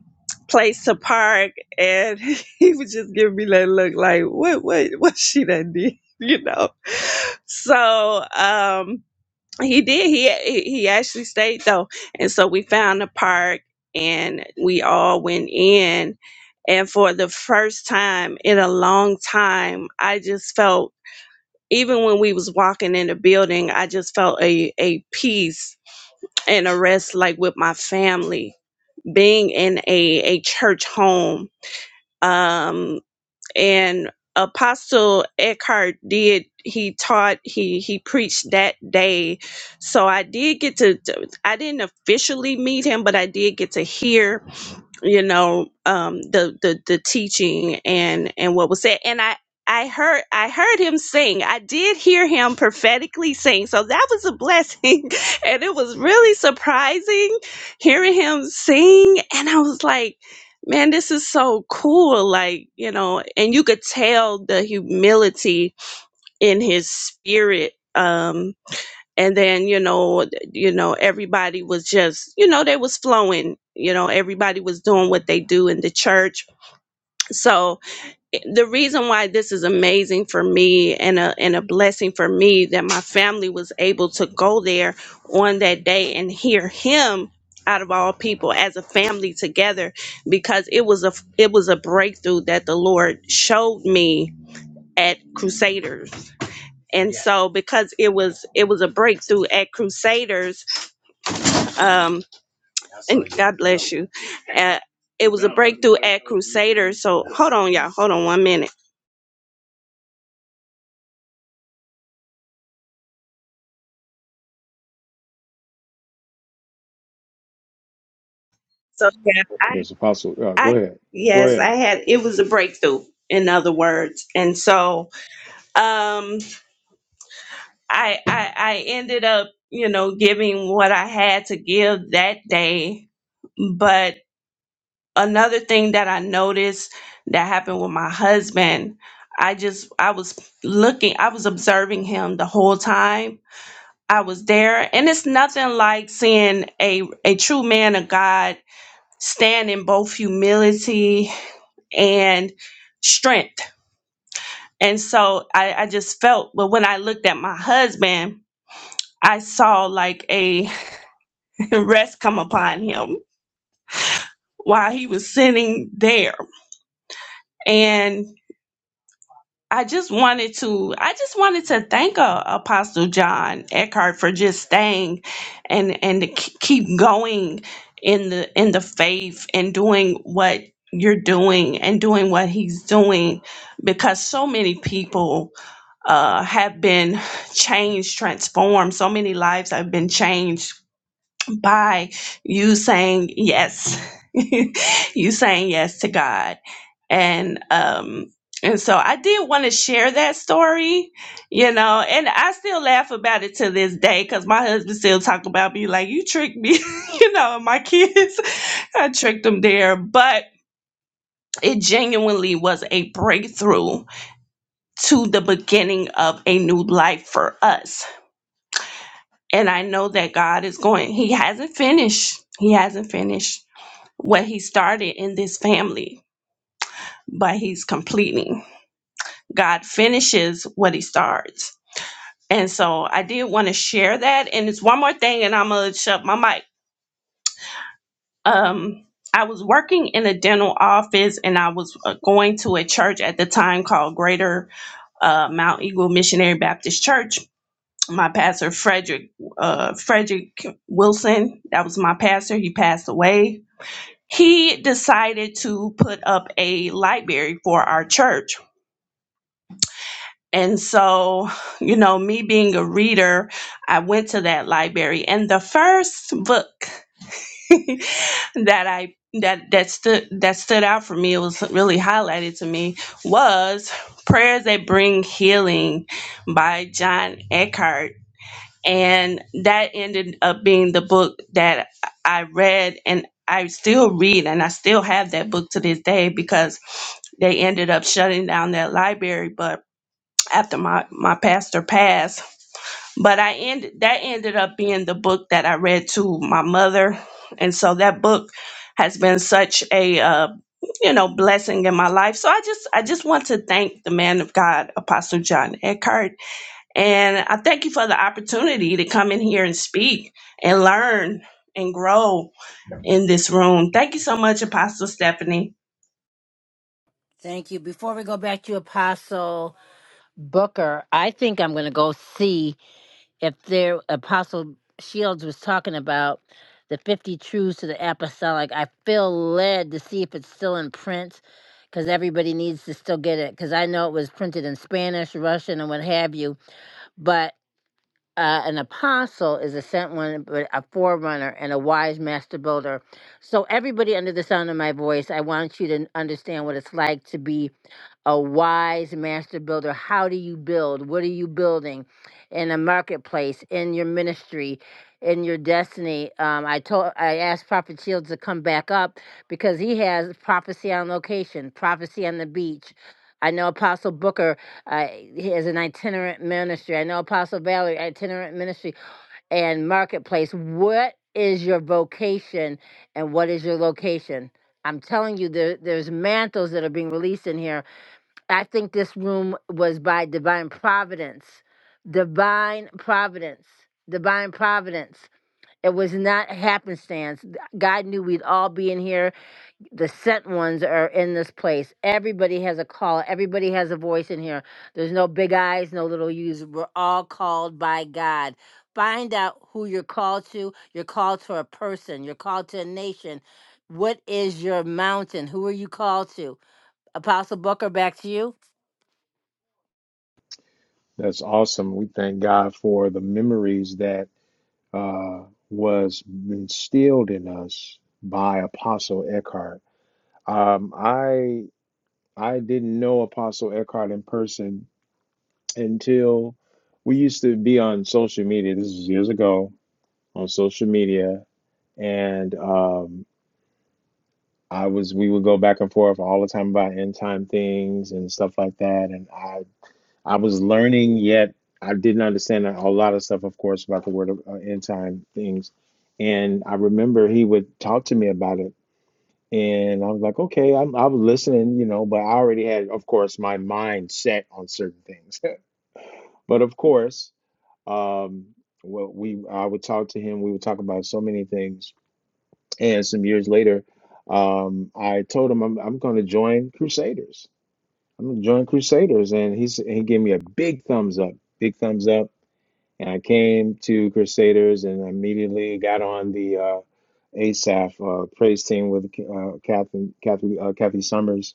place to park, and he was just giving me that look like, what, what, what she done did, you know? So, um, he did. He he he actually stayed though, and so we found a park, and we all went in, and for the first time in a long time, I just felt even when we was walking in the building, I just felt a a peace and a rest like with my family being in a a church home. Um, and apostle eckhart did he taught he he preached that day so i did get to to- i didn't officially meet him but i did get to hear you know um the the the teaching and and what was said and i i heard i heard him sing i did hear him prophetically sing so that was a blessing and it was really surprising hearing him sing and i was like man this is so cool like you know and you could tell the humility in his spirit Um, and then you know th- you know everybody was just you know they was flowing you know everybody was doing what they do in the church so i- the reason why this is amazing for me and a and a blessing for me that my family was able to go there on that day and hear him out of all people as a family together because it was a f- it was a breakthrough that the Lord showed me at Crusaders. And Yeah. so because it was it was a breakthrough at Crusaders um, and God bless you. Uh, it was a breakthrough at Crusader. So hold on, y'all. Hold on one minute. So yeah, I, Yes, Apostle. Uh, go I, ahead. Go yes, ahead. I had. It was a breakthrough. In other words, and so um, I, I, I ended up, you know, giving what I had to give that day. But another thing that I noticed that happened with my husband, I just, I was looking, I was observing him the whole time I was there, and it's nothing like seeing a a true man of God stand in both humility and strength. And so I, I just felt, but when I looked at my husband, I saw like a rest come upon him while he was sitting there. and. I just wanted to I just wanted to thank uh, Apostle John Eckhart for just staying and and to k- keep going in the in the faith and doing what you're doing and doing what he's doing because so many people uh, have been changed transformed so many lives have been changed by you saying yes you saying yes to god and um and so i did want to share that story you know and i still laugh about it to this day because my husband still talk about me like you tricked me you know and my kids i tricked them there but it genuinely was a breakthrough to the beginning of a new life for us and i know that god is going he hasn't finished he hasn't finished what he started in this family, but he's completing. God finishes what he starts. And so I did want to share that. And it's one more thing, and I'm going to shut my mic. Um, I was working in a dental office, and I was uh, going to a church at the time called Greater uh, Mount Eagle Missionary Baptist Church. My pastor, Frederick uh, Frederick Wilson, that was my pastor. He passed away he decided to put up a library for our church And so, you know, me being a reader, I went to that library and the first book that I that that stood that stood out for me, it was really highlighted to me, was Prayers That Bring Healing by John Eckhart. And that ended up being the book that I read and I still read and I still have that book to this day because they ended up shutting down that library. But after my my pastor passed but i ended that ended up being the book that i read to my mother and so that book has been such a uh, you know blessing in my life so i just i just want to thank the man of god apostle john eckhart and i thank you for the opportunity to come in here and speak and learn and grow in this room. Thank you so much, Apostle Stephanie. Thank you. Before we go back to Apostle Booker, I think I'm going to go see if there Apostle Shields was talking about the 50 truths to the apostolic. I feel led to see if it's still in print because everybody needs to still get it because I know it was printed in Spanish, Russian, and what have you. but. uh, an apostle is a sent one, but a forerunner and a wise master builder. So, everybody under the sound of my voice, I want you to understand what it's like to be a wise master builder. How do you build? What are you building in a marketplace, in your ministry, in your destiny? Um, I told I asked Prophet Shields to come back up because he has prophecy on location, prophecy on the beach. I know Apostle Booker uh, he has an itinerant ministry. I know Apostle Valerie itinerant ministry and marketplace. What is your vocation and what is your location? I'm telling you, there, there's mantles that are being released in here I think this room was by divine providence. Divine providence. Divine providence. It was not happenstance. God knew we'd all be in here. The sent ones are in this place. Everybody has a call. Everybody has a voice in here. There's no big eyes, no little U's. We're all called by God. Find out who you're called to. You're called to a person. You're called to a nation. What is your mountain? Who are you called to? Apostle Booker, back to you. That's awesome. We thank God for the memories that uh, was instilled in us by Apostle Eckhart. Um, I I didn't know Apostle Eckhart in person until we used to be on social media. This was years ago on social media, and um, I was we would go back and forth all the time about end time things and stuff like that. And I I was learning, yet I didn't understand a, a lot of stuff, of course, about the word of uh, end time things. And I remember he would talk to me about it, and I was like, okay, I'm I was listening, you know, but I already had, of course, my mind set on certain things. but of course, um, what we I would talk to him, we would talk about so many things, and some years later, um, I told him I'm I'm going to join Crusaders. I'm going to join Crusaders, and he's he gave me a big thumbs up, big thumbs up And I came to Crusaders and immediately got on the uh, ASAF uh, praise team with uh, Kathy, Kathy, uh, Kathy Summers.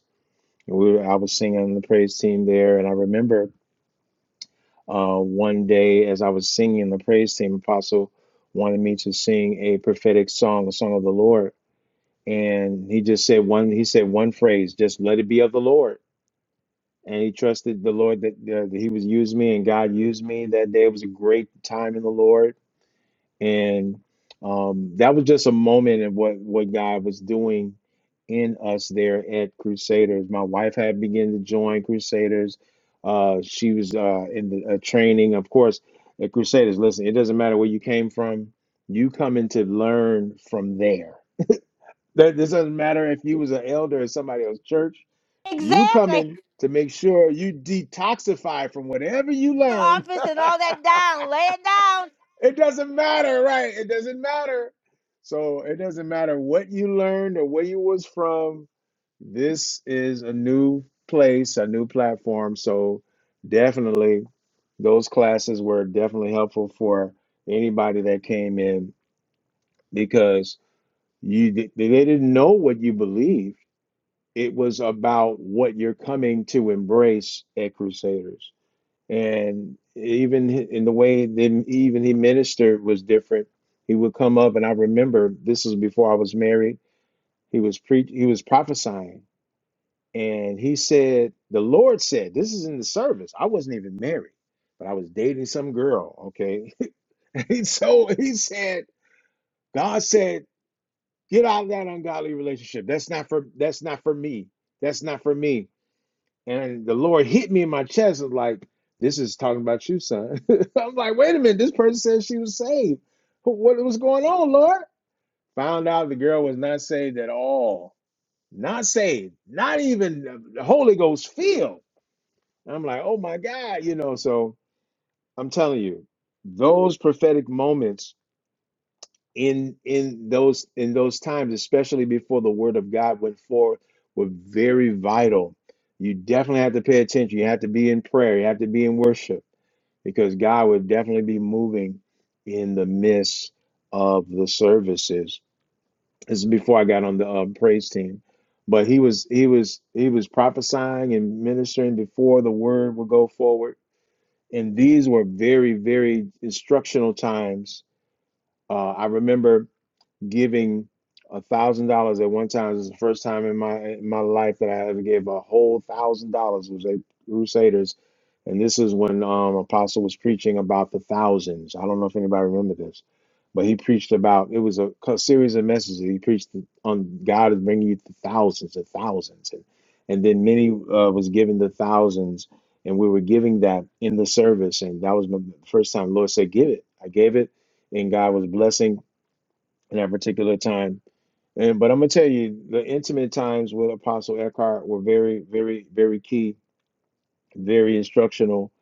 And we were, I was singing on the praise team there. And I remember uh, one day as I was singing the praise team, Apostle wanted me to sing a prophetic song, a song of the Lord. And he just said one, he said one phrase, just let it be of the Lord. And he trusted the Lord that, uh, that he was using me and God used me that day. It was a great time in the Lord and um, that was just a moment of what what God was doing in us there at Crusaders. My wife had begun to join Crusaders. Uh, she was uh, in the uh, training, of course, at Crusaders. Listen, it doesn't matter where you came from; you come in to learn from there. That this doesn't matter if you was an elder at somebody else's church. You Exactly. coming to make sure you detoxify from whatever you Your learn office and all that down. Lay it down. It doesn't matter, right? It doesn't matter. So it doesn't matter what you learned or where you was from. This is a new place, a new platform. So definitely those classes were definitely helpful for anybody that came in because you they didn't know what you believed. It was about what you're coming to embrace at Crusaders and even in the way that even he ministered was different. He would come up, and I remember this was before I was married. He was pre he was prophesying, and he said, "The Lord said, this is in the service." I wasn't even married, but I was dating some girl. Okay, and so he said, "God said, get out of that ungodly relationship. That's not for that's not for me. That's not for me." And the Lord hit me in my chest and like, this is talking about you, son. I'm like, wait a minute, this person said she was saved. What was going on, Lord? Found out the girl was not saved at all. Not saved. Not even the the Holy Ghost filled. I'm like, oh my God, you know. So I'm telling you, those prophetic moments in in those in those times, especially before the word of God went forth, were very vital. You definitely have to pay attention. You have to be in prayer. You have to be in worship because God would definitely be moving in the midst of the services. This is before I got on the uh, praise team, but he was he was he was prophesying and ministering before the word would go forward. And these were very very instructional times. Uh, I remember giving a thousand dollars at one time. This is the first time in my in my life that I ever gave a whole thousand dollars was at Crusaders, and this is when um, Apostle was preaching about the thousands. I don't know if anybody remember this, but he preached about it was a co- series of messages. He preached on God is bringing you to thousands and thousands, and and then many uh, was given the thousands, and we were giving that in the service, and that was my first time. Lord said, "Give it." I gave it, and God was blessing in that particular time. And but I'm gonna tell you, the intimate times with Apostle Eckhart were very, very, very key, very instructional.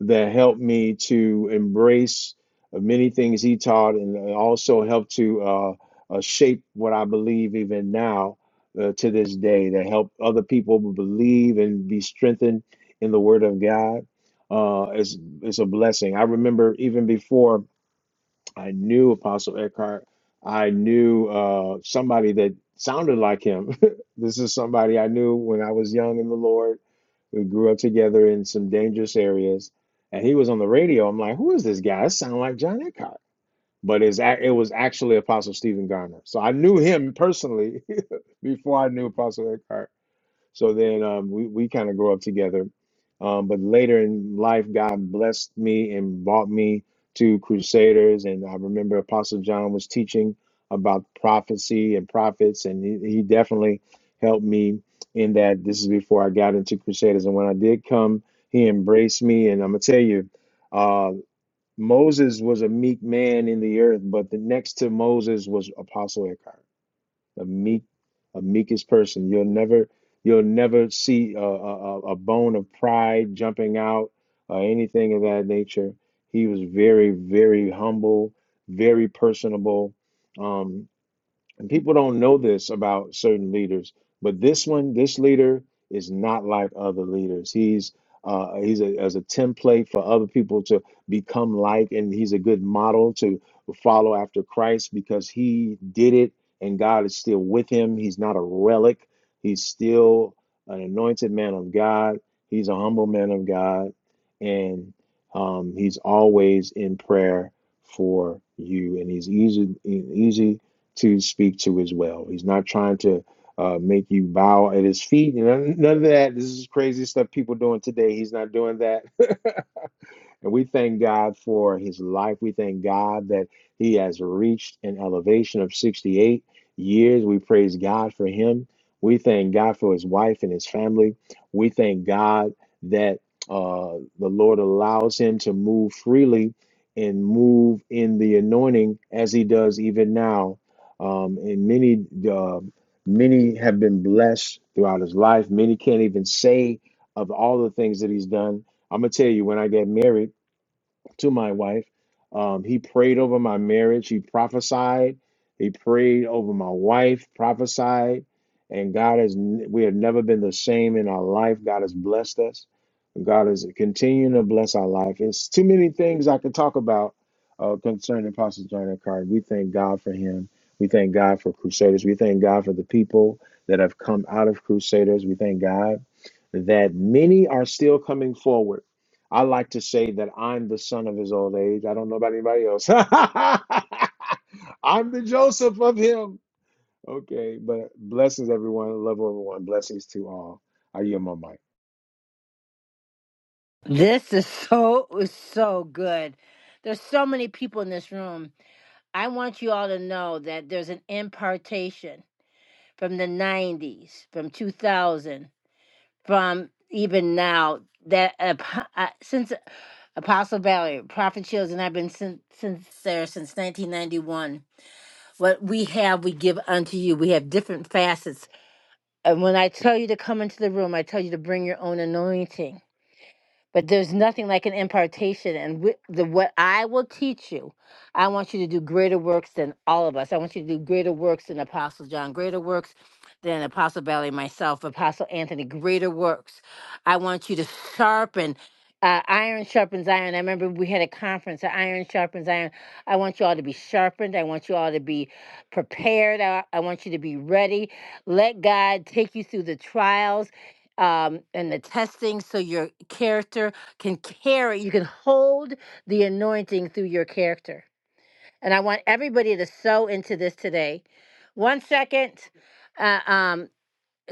That helped me to embrace uh, many things he taught, and uh, also helped to uh, uh, shape what I believe even now uh, to this day. That helped other people believe and be strengthened in the Word of God. Uh, it's it's a blessing. I remember even before I knew Apostle Eckhart. I knew uh, somebody that sounded like him. This is somebody I knew when I was young in the Lord. We grew up together in some dangerous areas, and he was on the radio. I'm like, who is this guy? It sounds like John Eckhart, but it's ac- it was actually Apostle Stephen Garner. So I knew him personally before I knew Apostle Eckhart. So then um, we, we kind of grew up together. Um, but later in life, God blessed me and brought me to Crusaders. And I remember Apostle John was teaching about prophecy and prophets, and he, he definitely helped me in that. This is before I got into Crusaders. And when I did come, he embraced me. And I'm going to tell you, uh, Moses was a meek man in the earth, but the next to Moses was Apostle Eckhart a meek, a meekest person. You'll never, you'll never see a, a, a bone of pride jumping out or anything of that nature. He was very, very humble, very personable. Um, and people don't know this about certain leaders, but this one, this leader is not like other leaders. He's uh, he's a, as a template for other people to become like, and he's a good model to follow after Christ because he did it, and God is still with him. He's not a relic. He's still an anointed man of God. He's a humble man of God, and um, he's always in prayer for you, and he's easy, e-, easy to speak to as well. He's not trying to uh, make you bow at his feet. You know, none of that. This is crazy stuff people doing today. He's not doing that. And we thank God for his life. We thank God that he has reached an elevation of 68 years. We praise God for him. We thank God for his wife and his family. We thank God that uh, the Lord allows him to move freely and move in the anointing as he does even now. Um, and many, uh, many have been blessed throughout his life. Many can't even say of all the things that he's done. I'm gonna tell you, when I got married to my wife. Um, he prayed over my marriage. He prophesied. He prayed over my wife, prophesied. And God has, we have never been the same in our life. God has blessed us. God is continuing to bless our life. It's too many things I could talk about uh, concerning Pastor John F. Carter. We thank God for him. We thank God for Crusaders. We thank God for the people that have come out of Crusaders. We thank God that many are still coming forward I like to say that I'm the son of his old age. I don't know about anybody else. I'm the Joseph of him. Okay, but blessings, everyone. Love everyone. Blessings to all. I yield my mic. This is so is so good. There's so many people in this room. I want you all to know that there's an impartation from the 90s, from 2000, from even now that uh, uh, since Apostle Valerie, Prophet Shields, and I've been since, since there since 1991. What we have, we give unto you. We have different facets And when I tell you to come into the room, I tell you to bring your own anointing but there's nothing like an impartation and wh- the what i will teach you i want you to do greater works than all of us i want you to do greater works than apostle john greater works than apostle Bailey, myself apostle anthony greater works i want you to sharpen uh, iron sharpens iron. I remember we had a conference. uh, Iron sharpens iron. I want you all to be sharpened. I want you all to be prepared. I, I want you to be ready. Let God take you through the trials um, and the testing so your character can carry, you can hold the anointing through your character. And I want everybody to sow into this today. One second. Uh, um,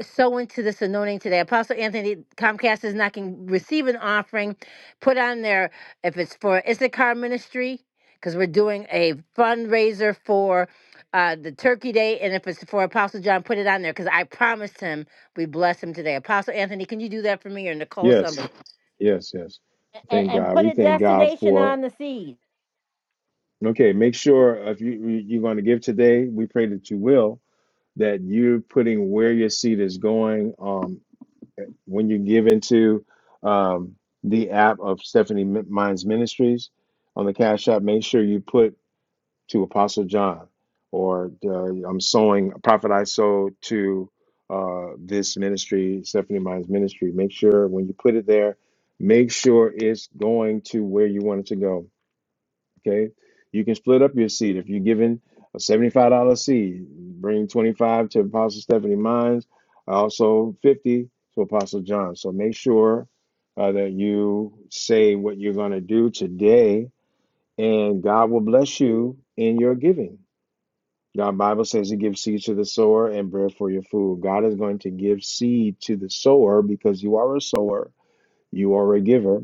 sow into this anointing today. Apostle Anthony, Comcast is not going to receive an offering. Put on there if it's for Issachar Ministry, because we're doing a fundraiser for uh, the Turkey Day. And if it's for Apostle John, put it on there, because I promised him we bless him today. Apostle Anthony, can you do that for me or Nicole, somebody? Yes, yes, yes. And, Thank and God. put We a thank God destination for. on the seed. Okay, make sure if you you- you're going to give today, we pray that you will. That you're putting where your seed is going. Um, when you give into um, the app of Stephanie Mi- Mines Ministries on the Cash App, make sure you put to Apostle John or uh, I'm sowing Prophet I sow to uh, this ministry, Stephanie Mines Ministry. Make sure when you put it there, make sure it's going to where you want it to go Okay. You can split up your seed. If you're giving a $75 seed, bring 25 to Apostle Stephanie Mines, also 50 to Apostle John. So make sure uh, that you say what you're going to do today, and God will bless you in your giving. God Bible says He gives seed to the sower and bread for your food. God is going to give seed to the sower because you are a sower, you are a giver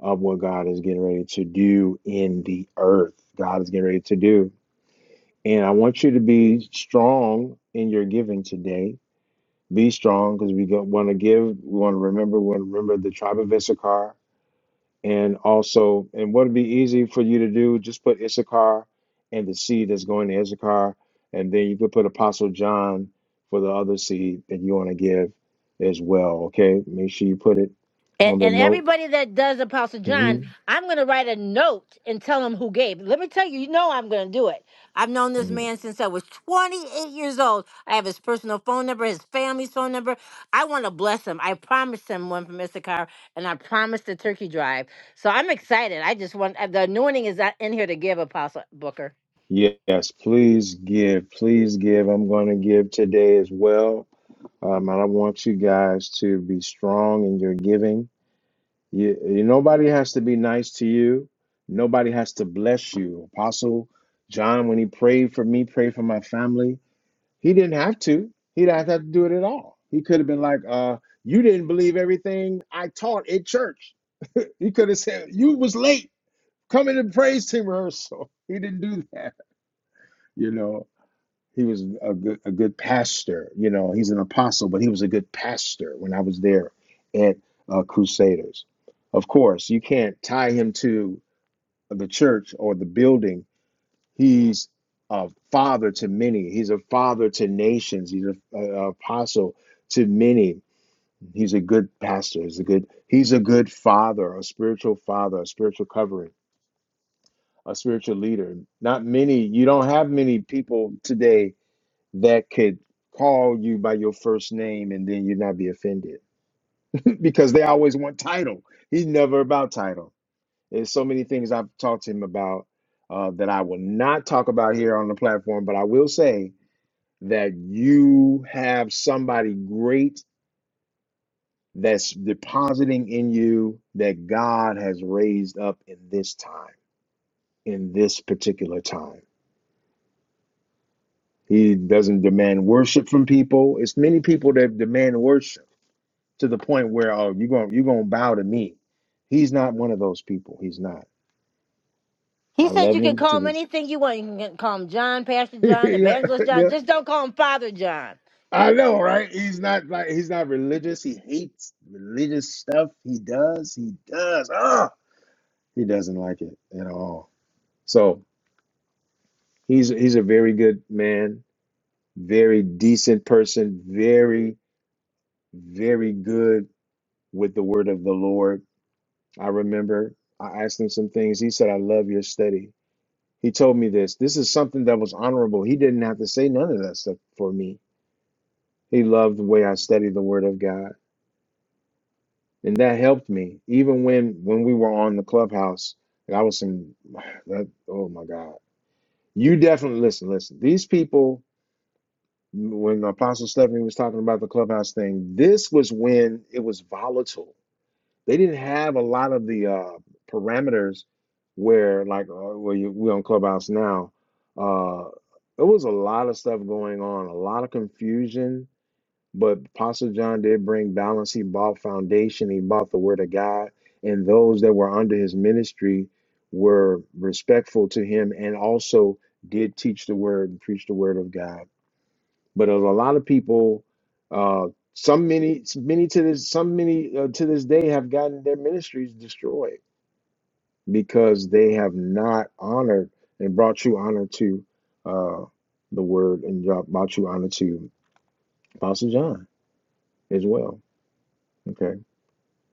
of what God is getting ready to do in the earth. God is getting ready to do. And I want you to be strong in your giving today. Be strong because we want to give. We want to remember. We want to remember the tribe of Issachar, and also, and what would be easy for you to do? Just put Issachar and the seed that's going to Issachar, and then you could put Apostle John for the other seed that you want to give as well. Okay, make sure you put it And, on the and note. everybody that does Apostle Mm-hmm. John, I'm going to write a note and tell him who gave. Let me tell you, you know I'm going to do it. I've known this Mm-hmm. man since I was 28 years old. I have his personal phone number, his family's phone number. I want to bless him. I promised him one from Issachar, and I promised the turkey drive. So I'm excited. I just want uh, the anointing is not in here to give Apostle Booker. Yes, please give. Please give. I'm going to give today as well. Um, and I want you guys to be strong in your giving. You, you, nobody has to be nice to you, nobody has to bless you. Apostle John, when he prayed for me, prayed for my family, he didn't have to. He didn't have to do it at all. He could have been like, uh, You didn't believe everything I taught at church. He could have said, You was late coming to praise team rehearsal. He didn't do that, you know. he was a good a good pastor. You know, he's an apostle, but he was a good pastor when I was there at uh, Crusaders. Of course, you can't tie him to the church or the building. He's a father to many. He's a father to nations. He's an apostle to many. He's a good pastor. He's a good. He's a good father, a spiritual father, a spiritual covering, a spiritual leader. Not many. You don't have many people today that could call you by your first name and then you not be offended because they always want title. He's never about title. There's so many things I've talked to him about uh, that I will not talk about here on the platform, but I will say that you have somebody great that's depositing in you that God has raised up in this time, in this particular time. He doesn't demand worship from people. It's many people that demand worship to the point where oh you're going you're going to bow to me he's not one of those people he's not He i said love you can him call to him this anything you want. You can get- call him John, Pastor John, yeah Evangelist John. yeah Just don't call him Father John. i know right he's not like he's not religious he hates religious stuff he does he does ah he doesn't like it at all so he's he's a very good man very decent person very very good with the word of the lord i remember i asked him some things he said i love your study He told me this. This is something that was honorable. He didn't have to say none of that stuff for me. He loved the way I studied the Word of God, and that helped me. Even when when we were on the clubhouse, and I was in that. Oh my God! You definitely listen. Listen, these people. When Apostle Stephanie was talking about the clubhouse thing, this was when it was volatile. They didn't have a lot of the uh, parameters where, like, uh, where you, we on Clubhouse now. Uh, there was a lot of stuff going on, a lot of confusion. But Apostle John did bring balance. He bought foundation. He bought the Word of God, and those that were under his ministry were respectful to him, and also did teach the Word and preach the Word of God. But a lot of people, uh, some many, many to this, some many uh, to this day have gotten their ministries destroyed because they have not honored and brought true honor to uh, the word and brought brought true honor to Apostle John as well. Okay,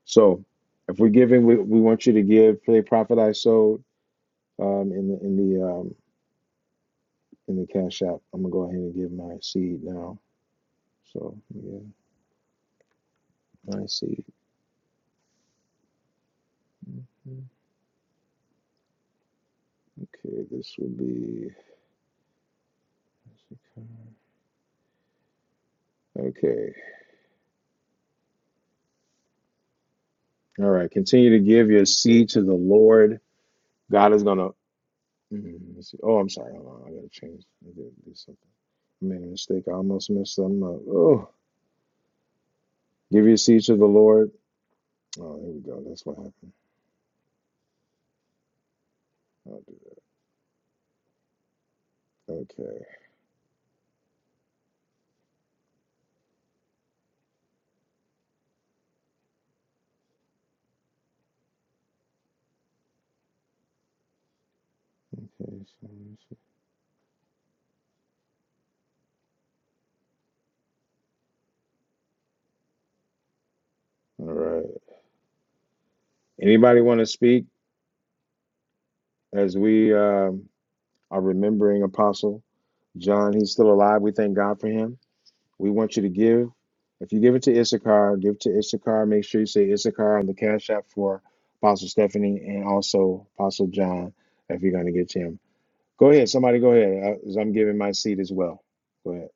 so if we're giving, we, we want you to give for the prophet I sold um, in the in the um, in the cash app. I'm gonna go ahead and give my seed now. So yeah, my seed. Okay, this would be. Okay. All right. Continue to give your seed to the Lord. God is going to. let's see. Oh, I'm sorry. Hold on. I got to change. I got do something. I made a mistake. I almost messed something up. Oh, give your seed to the Lord. Oh, here we go. That's what happened. I'll do it. Okay. Okay. so- so- All right. Anybody want to speak as we um, are remembering Apostle John? He's still alive. We thank God for him. We want you to give. If you give it to Issachar, give to Issachar. Make sure you say Issachar on the Cash App for Apostle Stephanie and also Apostle John if you're going to get to him. Go ahead. Somebody go ahead. I, am giving my seat as well. Go ahead.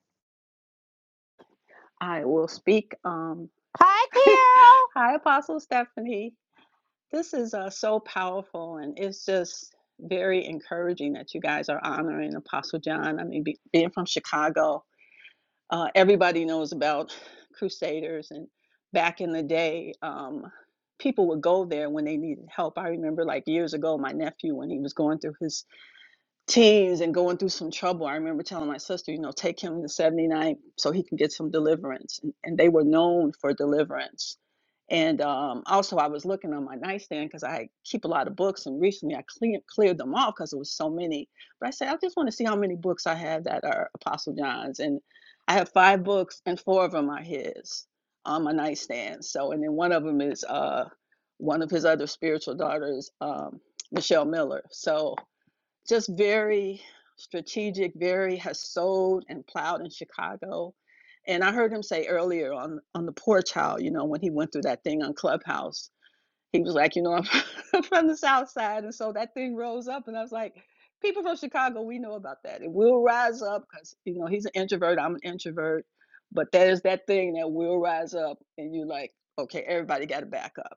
I will speak. Um, Hi, Carol. hi, Apostle Stephanie. This is uh, so powerful, and it's just very encouraging that you guys are honoring Apostle John. I mean, be, being from Chicago, uh, everybody knows about Crusaders, and back in the day, um, people would go there when they needed help. I remember, like years ago, my nephew when he was going through his teams and going through some trouble. I remember telling my sister, you know, take him to 79 so he can get some deliverance. And, and they were known for deliverance. And um, also, I was looking on my nightstand because I keep a lot of books, and recently I clean, cleared them off because there was so many. But I said, I just want to see how many books I have that are Apostle John's, and I have five books, and four of them are his on my nightstand. So, and then one of them is uh, one of his other spiritual daughters, um, Michelle Miller. So just very strategic, very has sowed and plowed in Chicago. And I heard him say earlier on on the poor child, you know, when he went through that thing on Clubhouse, he was like, you know, I'm from the South Side, and so that thing rose up, and I was like, people from Chicago, we know about that. It will rise up because you know he's an introvert, I'm an introvert, but there's that thing that will rise up, and you are like, okay, everybody got to back up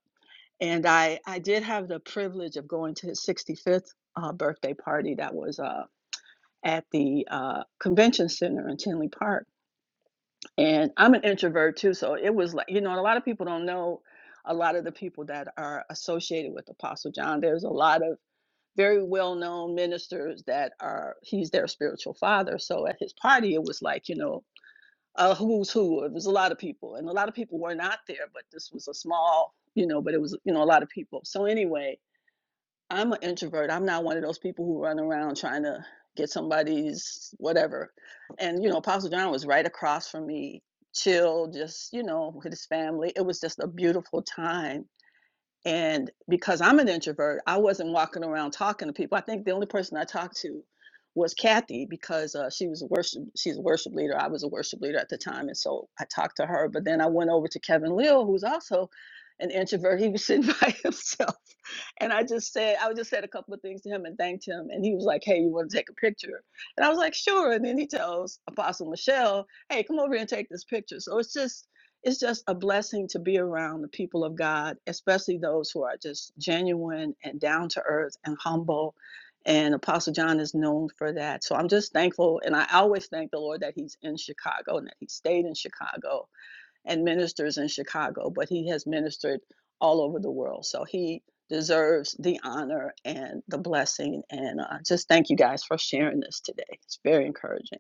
and I I did have the privilege of going to his 65th uh, birthday party that was uh, at the uh, convention center in Tinley Park. And I'm an introvert too, so it was like you know, and a lot of people don't know a lot of the people that are associated with Apostle John. There's a lot of very well-known ministers that are he's their spiritual father. So at his party, it was like you know. A who's who. It was a lot of people, and a lot of people were not there. But this was a small, you know. But it was, you know, a lot of people. So anyway, I'm an introvert. I'm not one of those people who run around trying to get somebody's whatever. And you know, Apostle John was right across from me, chill, just you know, with his family. It was just a beautiful time and because I'm an introvert, I wasn't walking around talking to people. I think the only person I talked to was Kathy because uh, she was a worship. She's a worship leader. I was a worship leader at the time, and so I talked to her. But then I went over to Kevin Lill, who's also an introvert. He was sitting by himself, and I just said, I just said a couple of things to him and thanked him. And he was like, "Hey, you want to take a picture?" And I was like, "Sure." And then he tells Apostle Michelle, "Hey, come over here and take this picture." So it's just it's just a blessing to be around the people of God, especially those who are just genuine and down to earth and humble. And Apostle John is known for that. So I'm just thankful. And I always thank the Lord that he's in Chicago and that he stayed in Chicago and ministers in Chicago, but he has ministered all over the world. So he deserves the honor and the blessing. And uh, just thank you guys for sharing this today. It's very encouraging.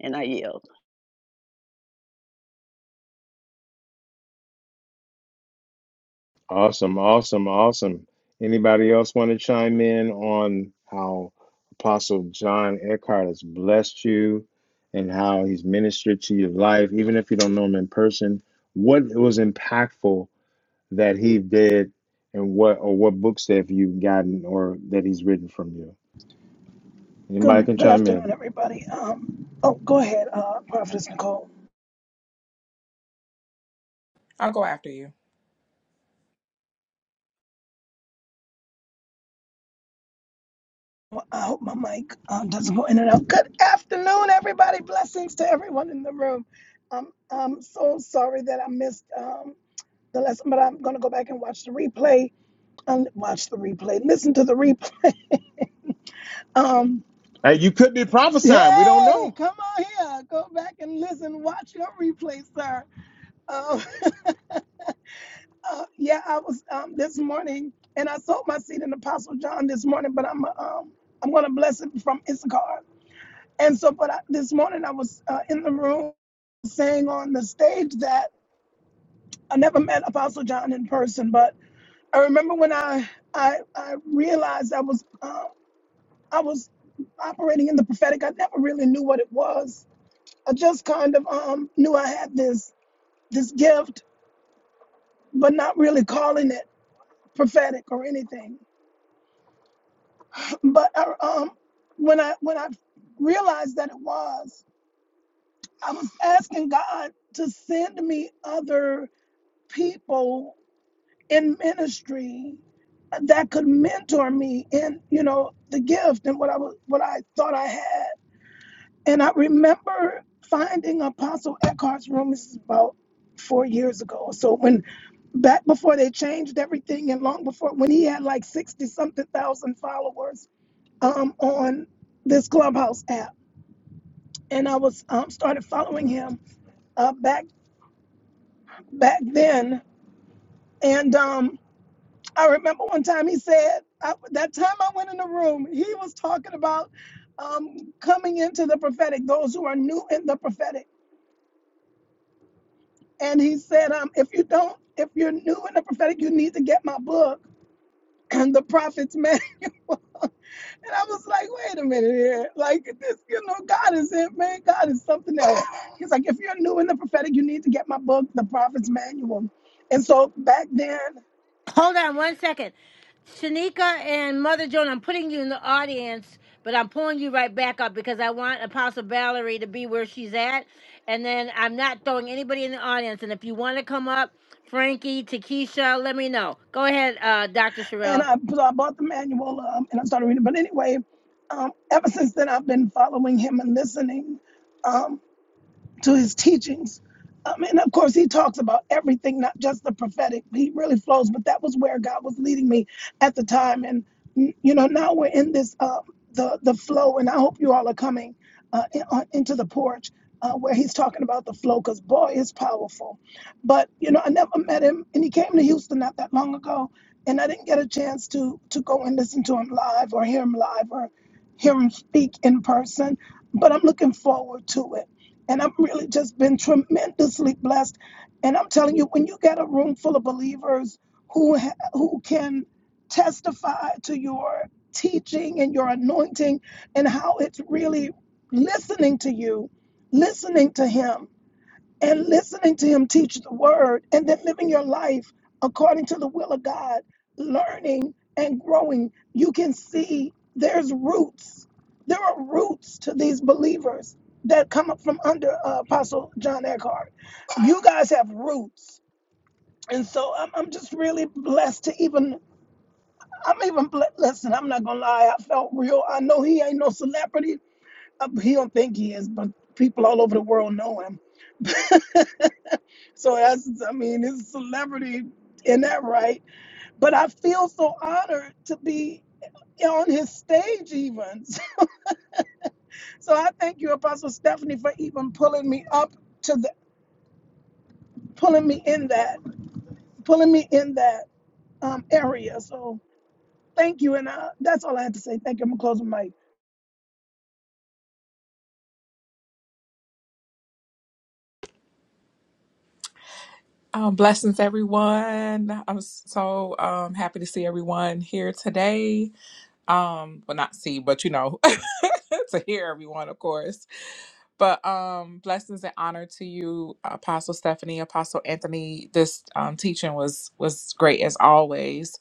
And I yield. Awesome. Awesome. Awesome. Anybody else want to chime in on how Apostle John Eckhart has blessed you and how he's ministered to your life, even if you don't know him in person? What was impactful that he did and what or what books have you gotten or that he's written from you? Anybody Good, can good chime in. afternoon, everybody. Um, oh, go ahead, uh, Prophetess Nicole. I'll go after you. Well, I hope my mic um, doesn't go in and out. Good afternoon, everybody. Blessings to everyone in the room. Um, I'm so sorry that I missed um, the lesson, but I'm going to go back and watch the replay. And watch the replay. Listen to the replay. Um, Hey, you could be prophesying. We don't hey, know. come on here. Go back and listen. Watch your replay, sir. Um, Uh, yeah, I was um, this morning, and I sold my seed in Apostle John this morning, but I'm uh, um, I'm gonna bless it from Issachar. And so, but I, this morning I was uh, in the room saying on the stage that I never met Apostle John in person, but I remember when I I, I realized I was uh, I was operating in the prophetic. I never really knew what it was. I just kind of um, knew I had this this gift, but not really calling it prophetic or anything. But uh, um, when I when I realized that it was, I was asking God to send me other people in ministry that could mentor me in you know the gift and what I was what I thought I had. And I remember finding Apostle Eckhart's room. This is about four years ago. So when back before they changed everything and long before when he had like sixty something thousand followers um, on this Clubhouse app, and I was um, started following him uh, back back then. And um, I remember one time he said I, that time I went in the room, he was talking about um, coming into the prophetic, those who are new in the prophetic, and he said, um, if you don't, if you're new in the prophetic, you need to get my book and the prophets. Manual. And I was like, wait a minute here. Like this, you know, God is it, man. God is something else. He's like, if you're new in the prophetic, you need to get my book, The Prophet's Manual. And so back then, Hold on one second. Shanika and Mother Joan, I'm putting you in the audience, but I'm pulling you right back up because I want Apostle Valerie to be where she's at. And then I'm not throwing anybody in the audience. And if you want to come up, Frankie, Takesha, let me know. Go ahead, uh, Dr. and Sherelle. I, so I bought the manual um, and I started reading. But anyway, um, ever since then, I've been following him and listening. Um, to his teachings. Um, and of course, he talks about everything, not just the prophetic. He really flows, but that was where God was leading me at the time. And mm, you know, now we're in this uh, the the flow, and I hope you all are coming uh, in, on, into the porch uh, where he's talking about the flow, because boy, it's powerful. But you know, I never met him, and he came to Houston not that long ago, and I didn't get a chance to to go and listen to him live or hear him live or hear him speak in person. But I'm looking forward to it and I've really just been tremendously blessed. And I'm telling you, when you get a room full of believers who ha- who can testify to your teaching and your anointing and how it's really listening to you, listening to him and listening to him teach the word and then living your life according to the will of God, learning and growing, you can see there's roots. There are roots to these believers that come up from under uh, Apostle John Eckhart. You guys have roots. And so I'm, I'm just really blessed to even, I'm even, ble- listen, I'm not going to lie, I felt real. I know he ain't no celebrity. Uh, He don't think he is, but people all over the world know him So that's, I mean, it's a celebrity in that right. But I feel so honored to be on his stage even. So I thank you, Apostle Stephanie, for even pulling me up to the, pulling me in that, pulling me in that um, area. So thank you. And uh, that's all I had to say. Thank you. I'm going to close my mic. Um, blessings, everyone. I'm so um, happy to see everyone here today. Um, well, not see, but you know, to hear everyone, of course. But um, blessings and honor to you, Apostle Stephanie, Apostle Anthony. This um, teaching was was great as always,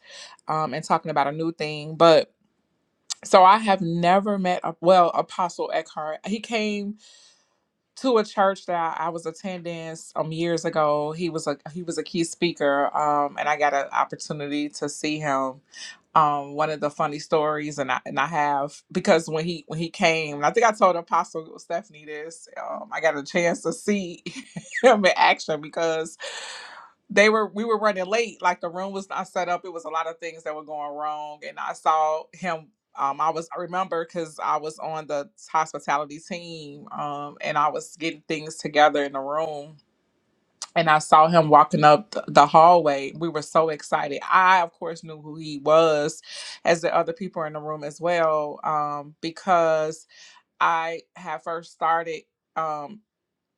um, and talking about a new thing. But so I have never met a well Apostle Eckhart. He came. to a church that I was attending um years ago. He was a he was a key speaker, um, and I got an opportunity to see him um one of the funny stories and I and I have because when he when he came and I think I told Apostle Stephanie this um I got a chance to see him in action because they were we were running late like the room was not set up it was a lot of things that were going wrong and I saw him um I was I remember cuz I was on the hospitality team um and I was getting things together in the room and I saw him walking up th- the hallway. We were so excited. I, of course, knew who he was, as the other people in the room as well, um, because I had first started um,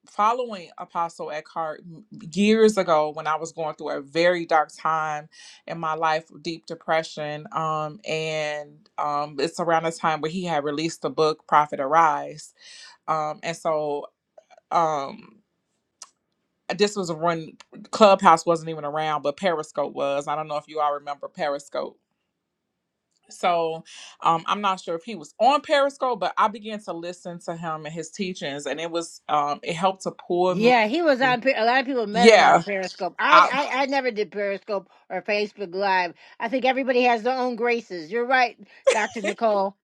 following Apostle Eckhart m- years ago when I was going through a very dark time in my life, deep depression. Um, and um, it's around the time where he had released the book, Prophet Arise. Um, and so. Um, this was when Clubhouse wasn't even around, but Periscope was. I don't know if you all remember Periscope. So um, I'm not sure if he was on Periscope, but I began to listen to him and his teachings, and it was um, it helped to pull me. Yeah, he was on. Per- A lot of people met him Yeah, on Periscope. I, I, I I never did Periscope or Facebook Live. I think everybody has their own graces. You're right, Dr. Nicole.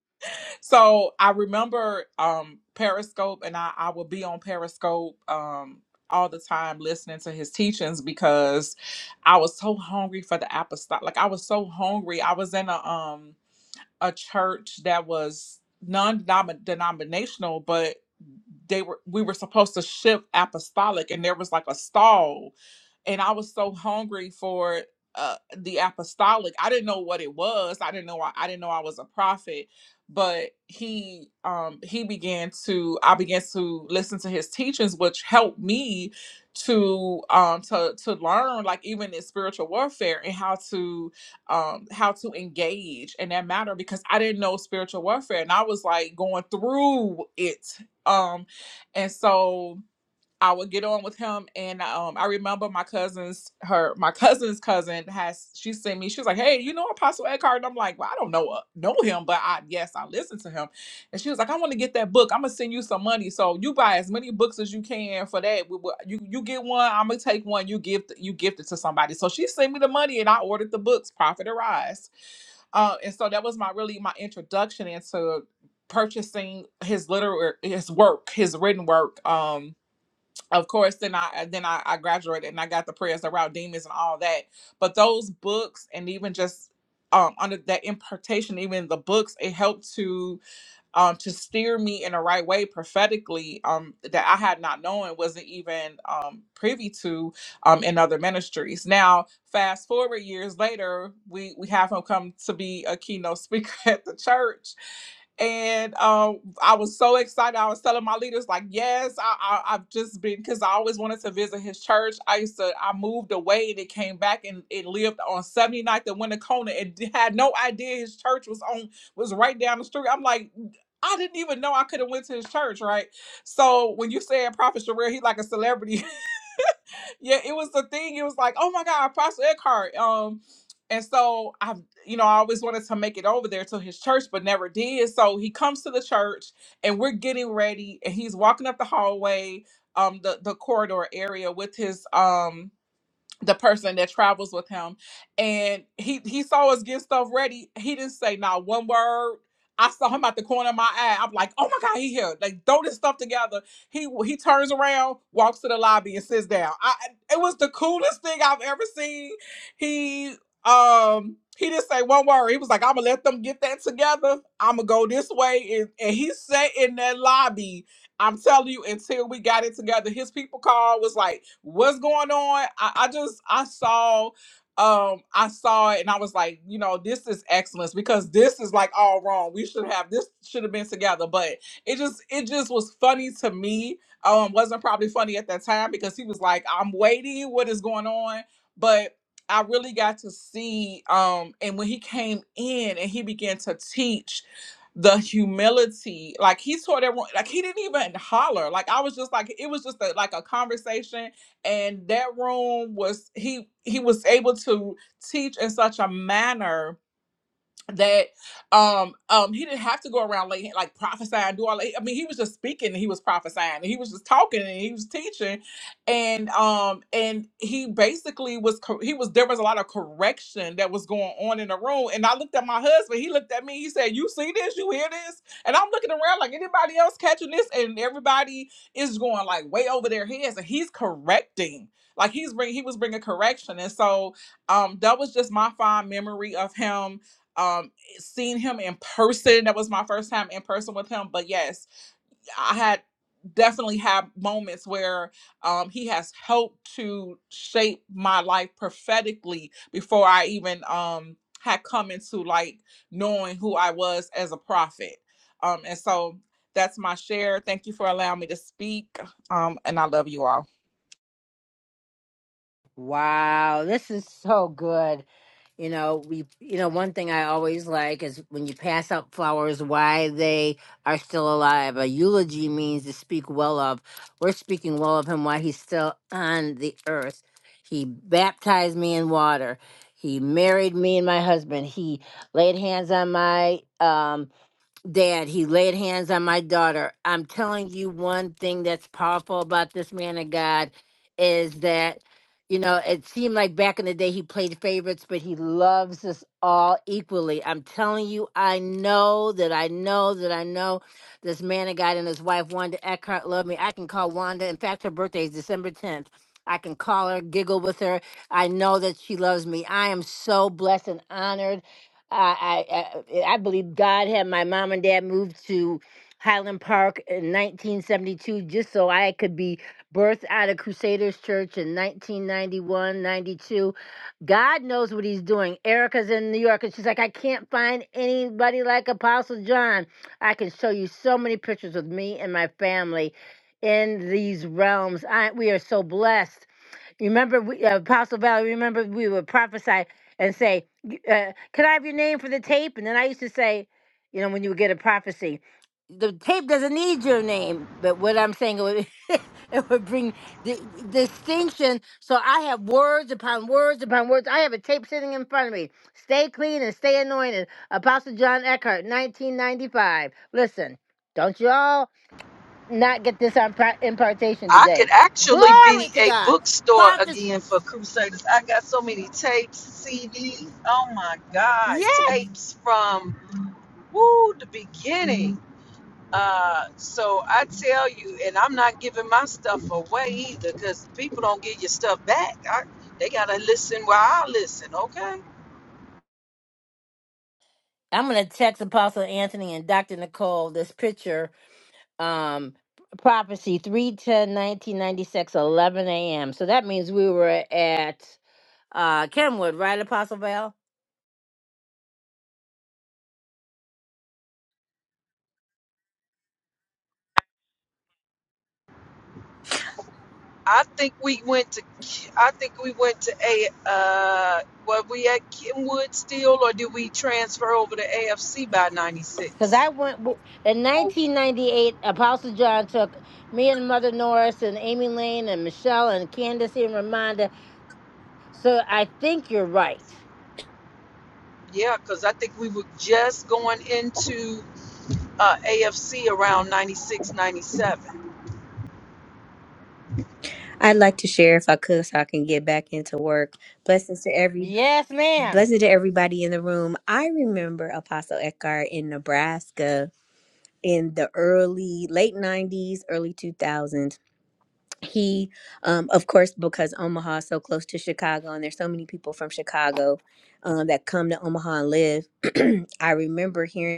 so I remember um, Periscope, and I, I would be on Periscope um, all the time listening to his teachings because I was so hungry for the apostolic. Like I was so hungry. I was in a um a church that was non-denominational but they were we were supposed to shift apostolic and there was like a stall and I was so hungry for uh, the apostolic. I didn't know what it was. I didn't know I, I didn't know I was a prophet, but he um he began to I began to listen to his teachings, which helped me to um to to learn like even in spiritual warfare and how to um how to engage in that matter because I didn't know spiritual warfare and I was like going through it um and so I would get on with him, and um, I remember my cousin's her my cousin's cousin has she sent me. She was like, "Hey, you know Apostle Eckhart?" And I'm like, "Well, I don't know uh, know him, but I yes, I listen to him." And she was like, "I want to get that book. I'm gonna send you some money, so you buy as many books as you can for that. We, will you you get one, I'm gonna take one. You give you gift it to somebody." So she sent me the money, and I ordered the books, Profit Arise. Uh, and so that was my really my introduction into purchasing his literary his work, his written work. Um, of course then i uh, then I, I graduated and i got the prayers around demons and all that but those books and even just um under that impartation even the books it helped to um to steer me in the right way prophetically um that i had not known wasn't even um privy to um in other ministries now fast forward years later we we have him come to be a keynote speaker at the church and um, I was so excited. I was telling my leaders, like, yes, I, I, I've just been because I always wanted to visit his church. I used to, I moved away and it came back and it lived on 79th and Winnacona and d- had no idea his church was on was right down the street. I'm like, I didn't even know I could have went to his church, right? So when you say Prophet Sherelle, he like a celebrity yeah, it was the thing. It was like, oh my God, Apostle Eckhart. Um, and so I, you know, I always wanted to make it over there to his church, but never did. So he comes to the church, and we're getting ready, and he's walking up the hallway, um, the the corridor area with his um the person that travels with him and he he saw us get stuff ready he didn't say not one word i saw him at the corner of my eye i'm like oh my god he here like throw this stuff together he he turns around walks to the lobby and sits down i it was the coolest thing i've ever seen he um he didn't say one word he was like i'm gonna let them get that together i'm gonna go this way and, and he sat in that lobby I'm telling you, until we got it together, his people call was like, "What's going on?" I, I just I saw, um, I saw it, and I was like, you know, this is excellence because this is like all wrong. We should have this should have been together, but it just it just was funny to me. Um, wasn't probably funny at that time because he was like, "I'm waiting. What is going on?" But I really got to see, um, and when he came in and he began to teach the humility like he taught everyone like he didn't even holler like i was just like it was just a, like a conversation and that room was he he was able to teach in such a manner that um um he didn't have to go around like like prophesying and do all that. I mean he was just speaking and he was prophesying and he was just talking and he was teaching and um and he basically was cor- he was there was a lot of correction that was going on in the room and I looked at my husband he looked at me he said you see this you hear this and I'm looking around like anybody else catching this and everybody is going like way over their heads and he's correcting like he's bring he was bringing correction and so um that was just my fond memory of him um seen him in person that was my first time in person with him but yes i had definitely had moments where um he has helped to shape my life prophetically before i even um had come into like knowing who i was as a prophet um and so that's my share thank you for allowing me to speak um and i love you all Wow, this is so good. You know, we you know, one thing I always like is when you pass out flowers why they are still alive. A eulogy means to speak well of. We're speaking well of him while he's still on the earth. He baptized me in water. He married me and my husband. He laid hands on my um Dad, he laid hands on my daughter. I'm telling you, one thing that's powerful about this man of God is that, you know, it seemed like back in the day he played favorites, but he loves us all equally. I'm telling you, I know that I know that I know this man of God and his wife, Wanda Eckhart, love me. I can call Wanda. In fact, her birthday is December 10th. I can call her, giggle with her. I know that she loves me. I am so blessed and honored I, I I I believe God had my mom and dad move to Highland Park in 1972 just so I could be birthed out of Crusaders Church in 1991, 92. God knows what he's doing. Erica's in New York and she's like, I can't find anybody like Apostle John. I can show you so many pictures of me and my family in these realms. I, we are so blessed. Remember, we, uh, Apostle Valley, remember we would prophesy and say, "Y- uh, Can I have your name for the tape? And then I used to say, you know, when you would get a prophecy, the tape doesn't need your name. But what I'm saying, it would, it would bring di- distinction. So I have words upon words upon words. I have a tape sitting in front of me. Stay clean and stay anointed. Apostle John Eckhart, 1995. Listen, don't you all not get this on pro- impartation I could today. actually Glory be to a bookstore God again for Crusaders. I got so many tapes, CDs. Oh my God, Yes. tapes from woo the beginning. Uh, so I tell you, and I'm not giving my stuff away either, because people don't get your stuff back. I, they gotta listen while I listen. Okay. I'm going to text Apostle Anthony and Dr. Nicole this picture, um, prophecy three ten nineteen ninety six eleven a.m. So that means we were at uh, Kenwood, right, Apostle Val? I think we went to. K- I think we went to a. Uh, were we at Kenwood still, or did we transfer over to AFC by Because '96? I went w- in 1998, Apostle John took me and Mother Norris and Amy Lane and Michelle and Candace and Ramonda. So I think you're right. Yeah, because I think we were just going into uh, AFC around 96, 97. I'd like to share if I could so I can get back into work. Blessings to every Yes, ma'am. blessings to everybody in the room. I remember Apostle Eckhart in Nebraska in the early late 90s, early 2000s. He um of course because Omaha is so close to Chicago and there's so many people from Chicago um that come to Omaha and live. I remember hearing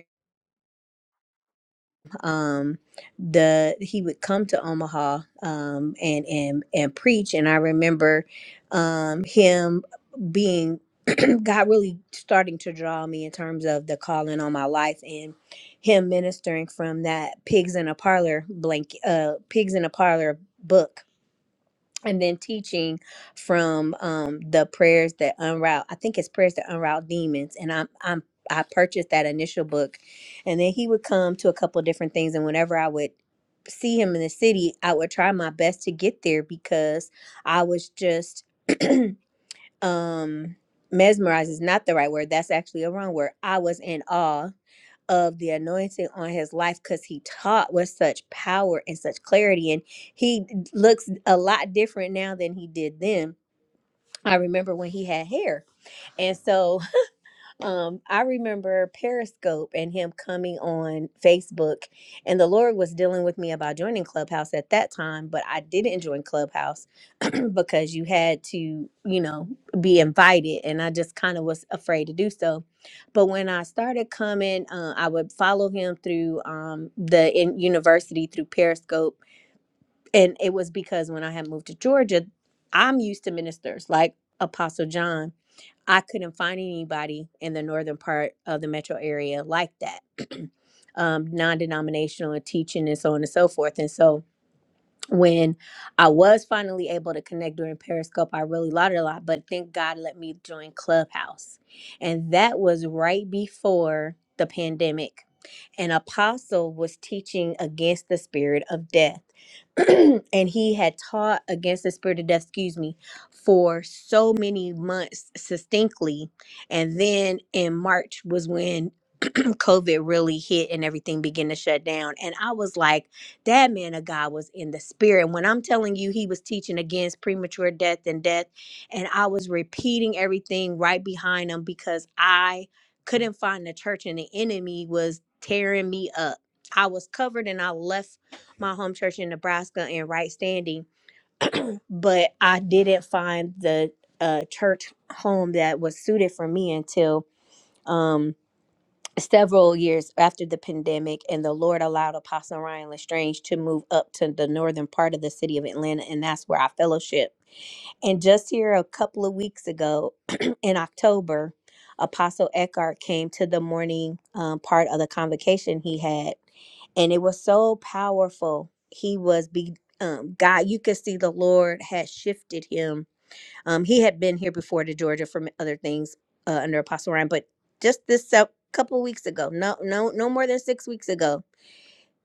um, the he would come to Omaha um, and and and preach. And I remember um, him being God really starting to draw me in terms of the calling on my life and him ministering from that pigs in a parlor blank uh pigs in a parlor book and then teaching from um the prayers that unroute i think it's prayers that unroute demons and i'm i'm i purchased that initial book and then he would come to a couple of different things and whenever i would see him in the city i would try my best to get there because i was just um mesmerized is not the right word that's actually a wrong word i was in awe of the anointing on his life because he taught with such power and such clarity. And he looks a lot different now than he did then. I remember when he had hair. And so um, I remember Periscope and him coming on Facebook, and the Lord was dealing with me about joining Clubhouse at that time, but I didn't join Clubhouse because you had to, you know, be invited, and I just kind of was afraid to do so. But when I started coming, uh, I would follow him through um, the in university through Periscope, and it was because when I had moved to Georgia, I'm used to ministers like Apostle John I couldn't find anybody in the northern part of the metro area like that, um, non denominational and teaching and so on and so forth. And so when I was finally able to connect during Periscope, I really learned a lot, but thank God let me join Clubhouse. And that was right before the pandemic an apostle was teaching against the spirit of death. and he had taught against the spirit of death, excuse me, for so many months succinctly. And then in March was when COVID really hit and everything began to shut down. And I was like, that man of God was in the spirit. When I'm telling you, he was teaching against premature death and death. And I was repeating everything right behind him because I couldn't find the church and the enemy was tearing me up. I was covered and I left my home church in Nebraska in right standing, but I didn't find the uh, church home that was suited for me until. Um, several years after the pandemic, and the Lord allowed Apostle Ryan Lestrange to move up to the northern part of the city of Atlanta, and that's where I fellowship. And just here a couple of weeks ago in October, Apostle Eckhart came to the morning um, part of the convocation he had, and it was so powerful. He was be um, God. You could see the Lord had shifted him um, he had been here before to Georgia from other things uh, under Apostle Ryan, but just this sep- couple weeks ago, no, no, no more than six weeks ago,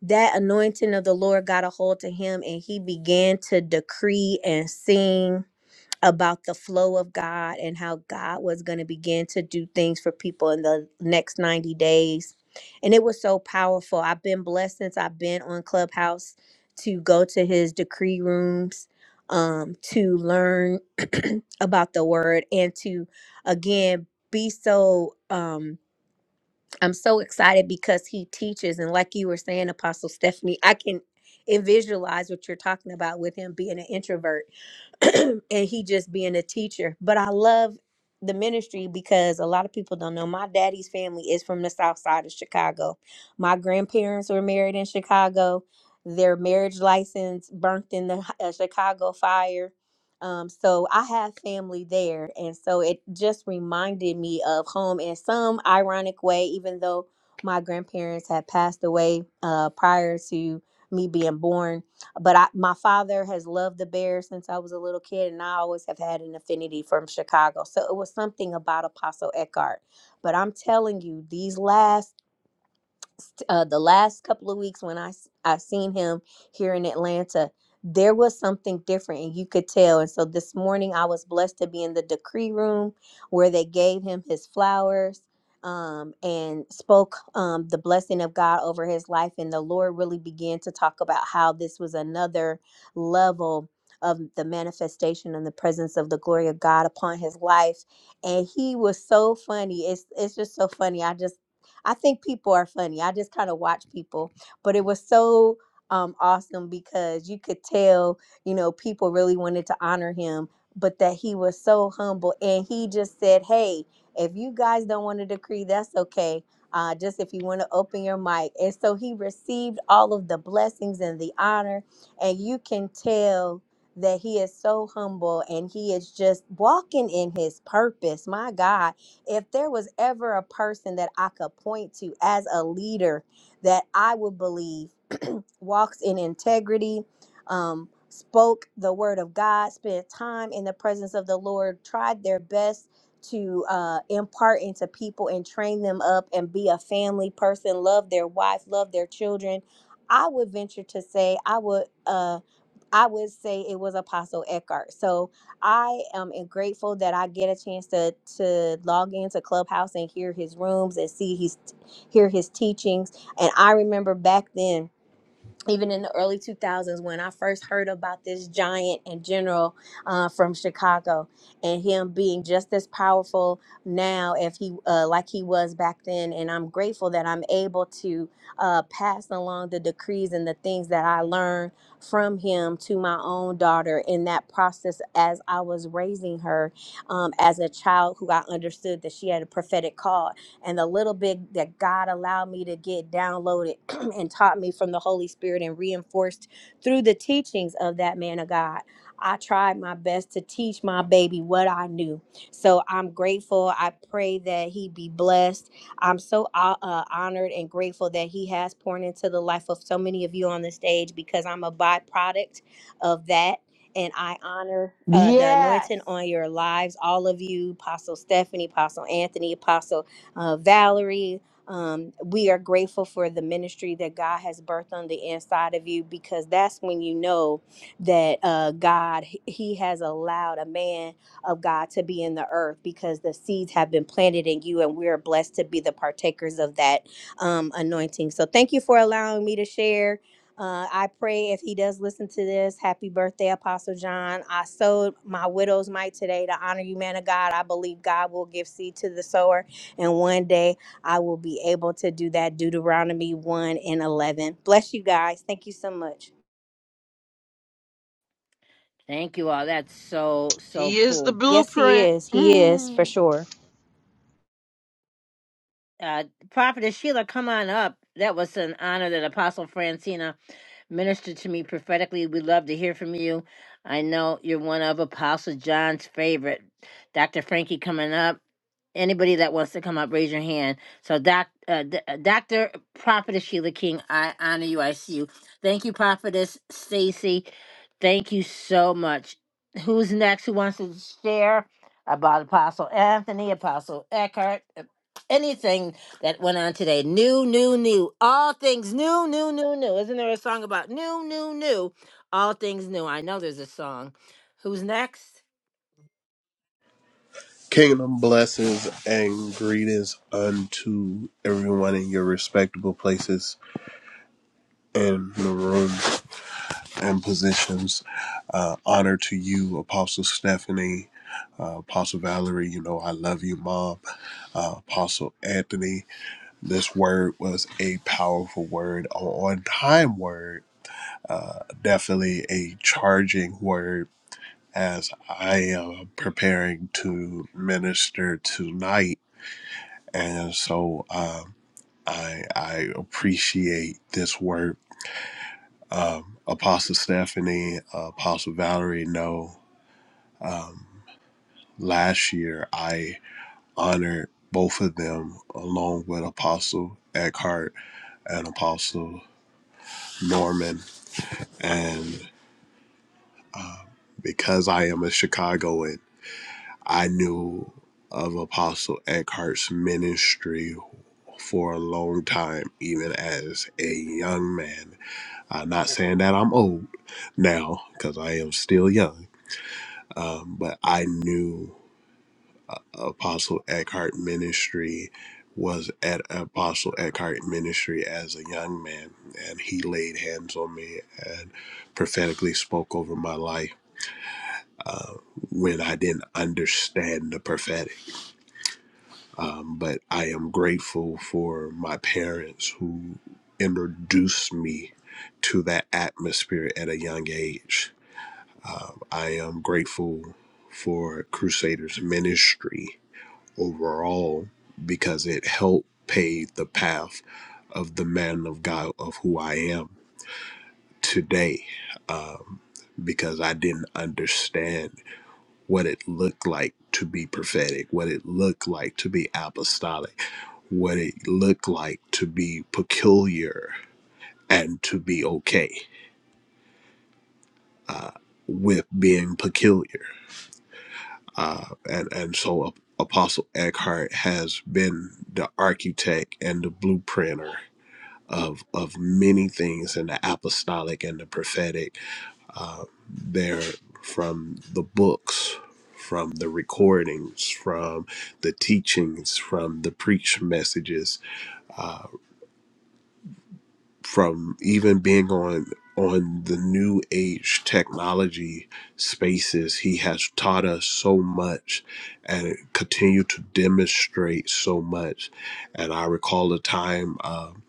that anointing of the Lord got a hold to him, and he began to decree and sing about the flow of God and how God was going to begin to do things for people in the next 90 days. And it was so powerful. I've been blessed since I've been on Clubhouse to go to his decree rooms, um, to learn about the word and to, again, be so. Um, I'm so excited because he teaches, and like you were saying, Apostle Stephanie, I can and visualize what you're talking about with him being an introvert and he just being a teacher. But I love the ministry because a lot of people don't know my daddy's family is from the south side of Chicago. My grandparents were married in Chicago. Their marriage license burnt in the uh, Chicago fire um, so I have family there. And so it just reminded me of home in some ironic way, even though my grandparents had passed away uh, prior to me being born. But I, my father has loved the Bears since I was a little kid, and I always have had an affinity from Chicago. So it was something about Apostle Eckhart. But I'm telling you, these last uh, the last couple of weeks when I s- I seen him here in Atlanta, there was something different, and you could tell. And so this morning, I was blessed to be in the decree room where they gave him his flowers um, and spoke um, the blessing of God over his life, and the Lord really began to talk about how this was another level of the manifestation and the presence of the glory of God upon his life and he was so funny it's it's just so funny I just I think people are funny. I just kind of watch people, but it was so um, awesome because you could tell, you know, people really wanted to honor him, but that he was so humble and he just said, "Hey, if you guys don't want to decree, that's okay. Uh, just if you want to open your mic." And so he received all of the blessings and the honor, and you can tell that he is so humble and he is just walking in his purpose. My God if there was ever a person that I could point to as a leader that I would believe walks in integrity, um, spoke the word of God, spent time in the presence of the Lord, tried their best to uh, impart into people and train them up and be a family person, love their wife, love their children. I would venture to say I would. Uh, I would say it was Apostle Eckhart. So I am grateful that I get a chance to to log into Clubhouse and hear his rooms and see his hear his teachings. And I remember back then even in the early 2000s when I first heard about this giant and general uh, from Chicago and him being just as powerful now if he uh, like he was back then and I'm grateful that I'm able to uh, pass along the decrees and the things that I learned from him to my own daughter in that process as I was raising her um, as a child who I understood that she had a prophetic call and the little bit that God allowed me to get downloaded and taught me from the Holy Spirit and reinforced through the teachings of that man of God. I tried my best to teach my baby what I knew. So I'm grateful. I pray that he be blessed. I'm so uh, uh, honored and grateful that he has poured into the life of so many of you on the stage because I'm a byproduct of that. And I honor uh, the Yes. anointing on your lives, all of you, Apostle Stephanie, Apostle Anthony, Apostle uh, Valerie. Um, we are grateful for the ministry that God has birthed on the inside of you because that's when you know that uh, God, He has allowed a man of God to be in the earth because the seeds have been planted in you and we are blessed to be the partakers of that um, anointing. So thank you for allowing me to share. Uh, I pray if he does listen to this, happy birthday, Apostle John. I sowed my widow's mite today to honor you, man of God. I believe God will give seed to the sower and one day I will be able to do that. Deuteronomy 1 and 11. Bless you guys. Thank you so much. Thank you all. That's so, so He is the cool. Yes, He blueprint. is. He is for Mm. sure. Uh, Prophetess Sheila, come on up. That was an honor that Apostle Francina ministered to me prophetically. We'd love to hear from you. I know you're one of Apostle John's favorite. Dr. Frankie coming up. Anybody that wants to come up, raise your hand. So, doc, uh, D- uh, Dr. Prophetess Sheila King, I honor you. I see you. Thank you, Prophetess Stacy. Thank you so much. Who's next? Who wants to share about Apostle Anthony, Apostle Eckhart? anything that went on today. New, new, new. All things new, new, new, new. Isn't there a song about new, new, new? All things new. I know there's a song. Who's next? Kingdom blessings and greetings unto everyone in your respectable places in the room and positions. Uh, honor to you, Apostle Stephanie, uh, Apostle Valerie. You know, I love you, Mom. Uh, Apostle Anthony. This word was a powerful word, an on time word, uh, definitely a charging word as I am preparing to minister tonight And so um, I, I appreciate this work. Um, Apostle Stephanie, uh, Apostle Valerie know um, last year I honored both of them along with Apostle Eckhart and Apostle Norman. And because I am a Chicagoan, I knew of Apostle Eckhart's ministry for a long time, even as a young man I'm not saying that I'm old now because I am still young, um, but I knew Apostle Eckhart Ministry was at Apostle Eckhart Ministry as a young man, and he laid hands on me and prophetically spoke over my life uh, when I didn't understand the prophetic. Um, but I am grateful for my parents who introduced me to that atmosphere at a young age Um, I am grateful for Crusaders ministry overall because it helped pave the path of the man of God of who I am today. Um, because I didn't understand what it looked like to be prophetic, what it looked like to be apostolic, what it looked like to be peculiar and to be okay with being peculiar uh, and and so Apostle Eckhart has been the architect and the blueprinter of of many things in the apostolic and the prophetic. Uh, there, from the books, from the recordings, from the teachings, from the preach messages, from even being on on the new age technology spaces he has taught us so much and continue to demonstrate so much and i recall a time um,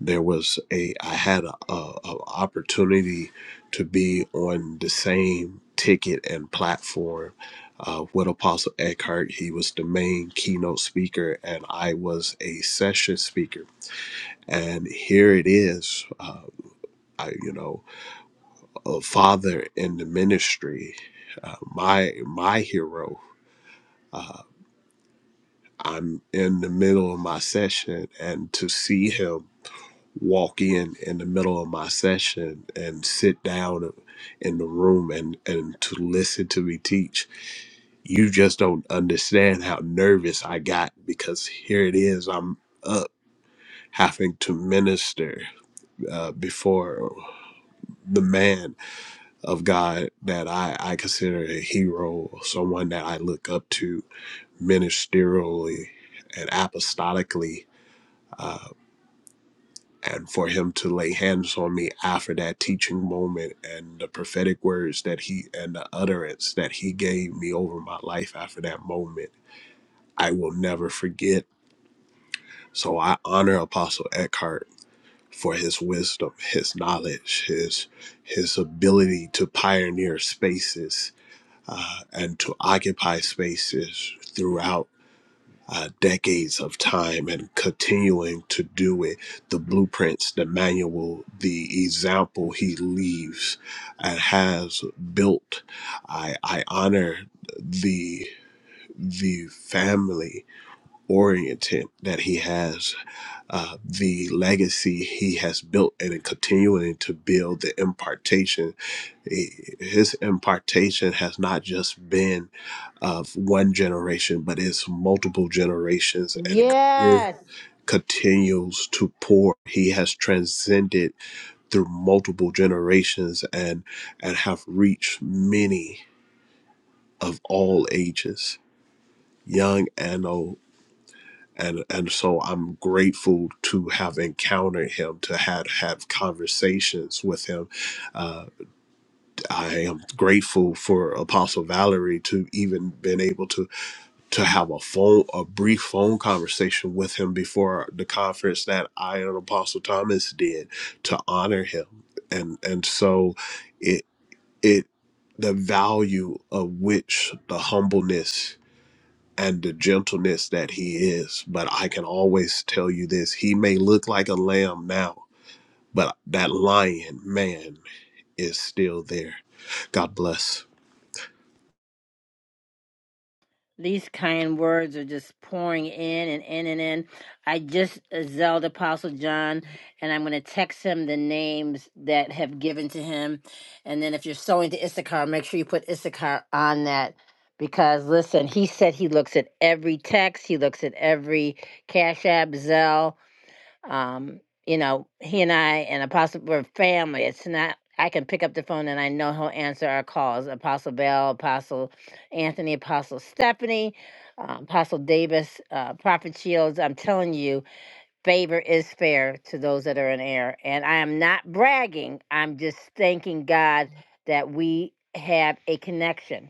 there was a i had a, a, a opportunity to be on the same ticket and platform uh, with apostle eckhart he was the main keynote speaker and i was a session speaker and here it is. uh, I, you know, a father in the ministry, uh, my my hero. I'm in the middle of my session, and to see him walk in in the middle of my session and sit down in the room and and to listen to me teach, you just don't understand how nervous I got because here it is, I'm up having to minister uh, before the man of God that I, I consider a hero, someone that I look up to ministerially and apostolically. Uh, and for him to lay hands on me after that teaching moment and the prophetic words that he and the utterance that he gave me over my life after that moment, I will never forget. So I honor Apostle Eckhart for his wisdom, his knowledge, his his ability to pioneer spaces uh, and to occupy spaces throughout uh, decades of time and continuing to do it. The blueprints, the manual, the example he leaves and has built. I, I honor the the family oriented that he has, uh, the legacy he has built, and in continuing to build the impartation his impartation has not just been of one generation, but it's multiple generations and it continu- Yes. continues to pour. He has transcended through multiple generations and and have reached many of all ages, young and old. And, and so I'm grateful to have encountered him, to have had conversations with him, uh, I am grateful for Apostle Valerie to even been able to to have a phone a brief phone conversation with him before the conference that I and Apostle Thomas did to honor him. And and so it it the value of which the humbleness and the gentleness that he is. But I can always tell you this, he may look like a lamb now, but that lion man is still there. God bless. These kind words are just pouring in and in and in. I just uh, Zelda Apostle John, and I'm going to text him the names that have given to him. And then if you're sewing to Issachar, make sure you put Issachar on that. Because listen, he said he looks at every text, he looks at every Cash App, Zelle. Um, you know, he and I and Apostle we're family. It's not I can pick up the phone and I know he'll answer our calls. Apostle Bell, Apostle Anthony, Apostle Stephanie, uh, Apostle Davis, uh, Prophet Shields. I'm telling you, favor is fair to those that are in error, And I am not bragging. I'm just thanking God that we have a connection.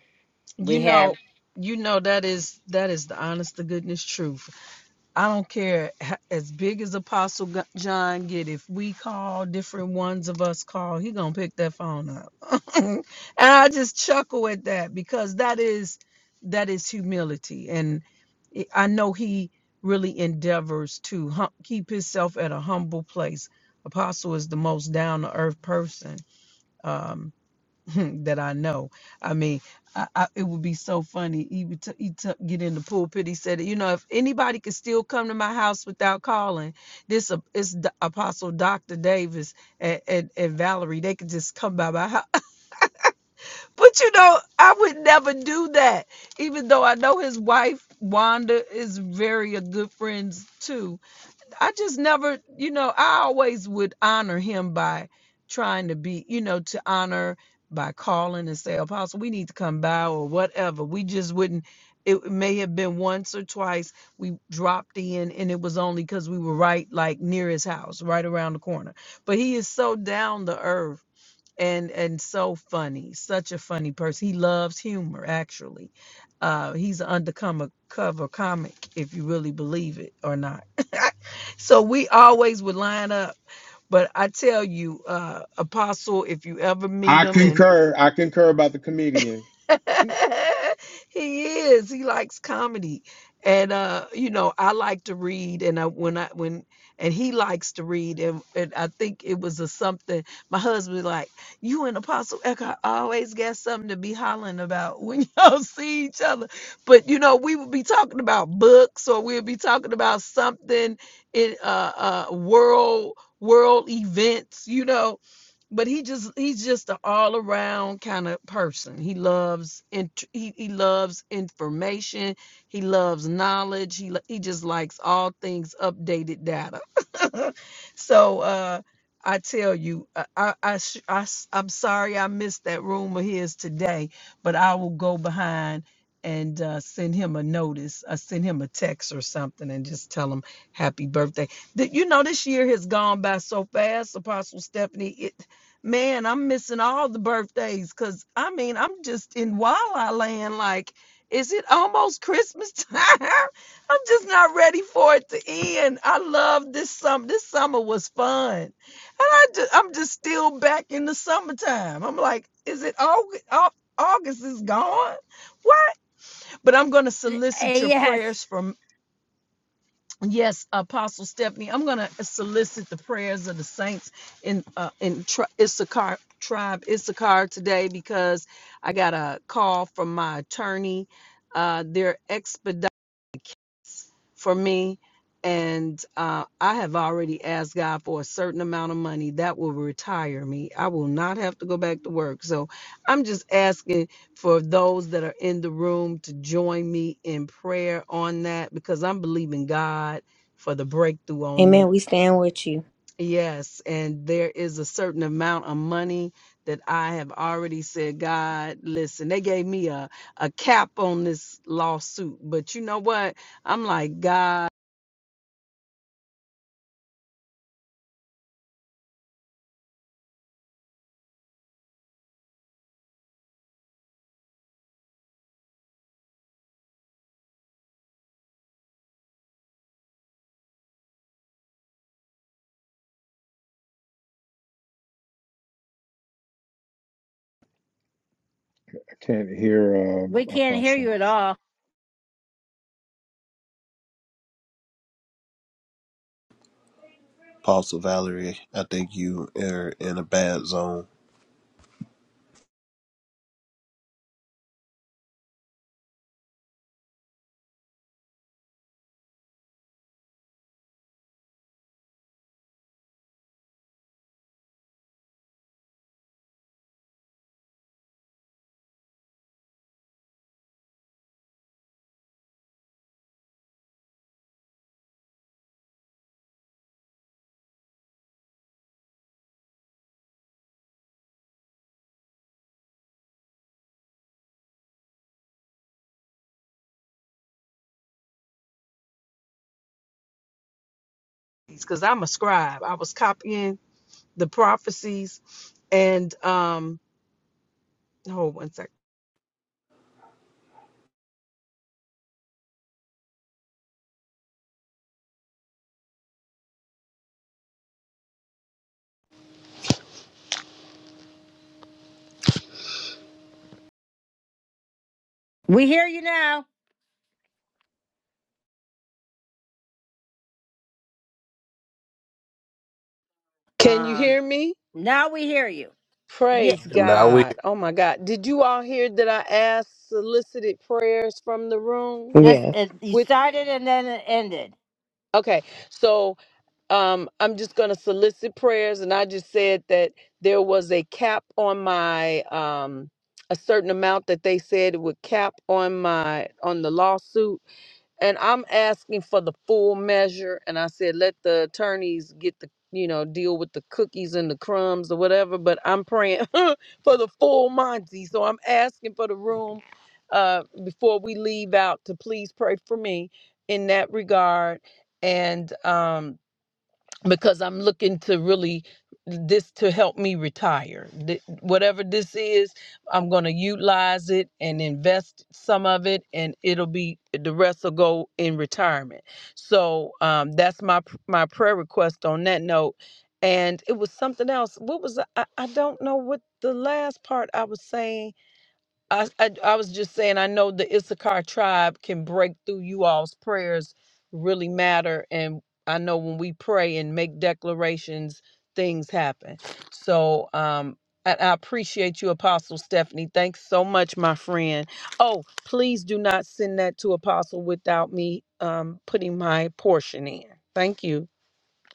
You We know, have you know that is that is the honest to goodness truth. I don't care h- as big as Apostle G- John get. If we call different ones of us call, he gonna pick that phone up. and I just chuckle at that because that is that is humility, and it- I know he really endeavors to hum- keep himself at a humble place. Apostle is the most down to earth person. Um, that I know. I mean, I, I, it would be so funny. He would t- he t- get in the pulpit. He said, you know, if anybody could still come to my house without calling, this a- is the Apostle Doctor Davis and, and and Valerie. They could just come by my house. But you know, I would never do that. Even though I know his wife Wanda is very a good friends too I just never, you know, I always would honor him by trying to be, you know, to honor by calling and say, Apostle, we need to come by or whatever. We just wouldn't. It may have been once or twice we dropped in, and it was only because we were right, like near his house, right around the corner. But he is so down to earth and and so funny such a funny person he loves humor actually uh he's an undercover cover comic if you really believe it or not so we always would line up but i tell you uh apostle if you ever meet I him concur. I concur about the comedian. he is. He likes comedy. And uh, you know, I like to read and I when I when and he likes to read and, and I think it was a something my husband was like, you and Apostle Eckhart always got something to be hollering about when y'all see each other. But you know, we would be talking about books or we'd be talking about something in uh uh world world events, you know but he just he's just an all around kind of person. He loves and he, he loves information. He loves knowledge. He he just likes all things updated data. so uh, I tell you, I I, I, sh- s- I'm sorry I missed that room of his today, but I will go behind and uh, send him a notice. I send him a text or something and just tell him happy birthday. Th- You know, this year has gone by so fast, Apostle Stephanie. It, Man, I'm missing all the birthdays because I mean, I'm just in la land. Like, is it almost Christmas time? I'm just not ready for it to end. I love this summer. This summer was fun. And I just, I'm just still back in the summertime. I'm like, is it August? August is gone. What? But I'm going to Eh, solicit your yes. prayers for Yes, Apostle Stephanie, I'm going to solicit the prayers of the saints in uh, in tri- Issachar tribe Issachar today because I got a call from my attorney. Uh, they're expediting for me. And uh, I have already asked God for a certain amount of money that will retire me. I will not have to go back to work. So I'm just asking for those that are in the room to join me in prayer on that because I'm believing God for the breakthrough on Amen. We this. stand with you. Yes. And there is a certain amount of money that I have already said, God, listen, they gave me a, a cap on this lawsuit. But you know what? I'm like, God. I can't hear We uh, can't hear Apostle. you at all. Apostle Valerie, I think you are in a bad zone. because I'm a scribe. I was copying the prophecies and um hold one second. We hear you now. Can you Um, hear me? now we hear you. Yeah, Praise And now we God. Oh my God. Did you all hear that I asked solicited prayers from the room? just Yes. it, you With started and then it ended. okay, so um I'm just gonna solicit prayers and I just said that there was a cap on my um a certain amount that they said it would cap on my on the lawsuit and I'm asking for the full measure. And I said, let the attorneys get the, you know, deal with the cookies and the crumbs or whatever. But I'm praying for the full Monty. So I'm asking for the room uh, before we leave out to please pray for me in that regard. And um, because I'm looking to really this to help me retire. Th- Whatever this is, I'm going to utilize it and invest some of it, and it'll be the rest will go in retirement. So um, that's my p- my prayer request on that note. And it was something else. What was the- I? I don't know what the last part I was saying I, I I was just saying I know the Issachar tribe can break through you all's prayers really matter and I know when we pray and make declarations things happen. So um I, I appreciate you Apostle Stephanie. Thanks so much my friend. Oh, please do not send that to Apostle without me um putting my portion in. Thank you.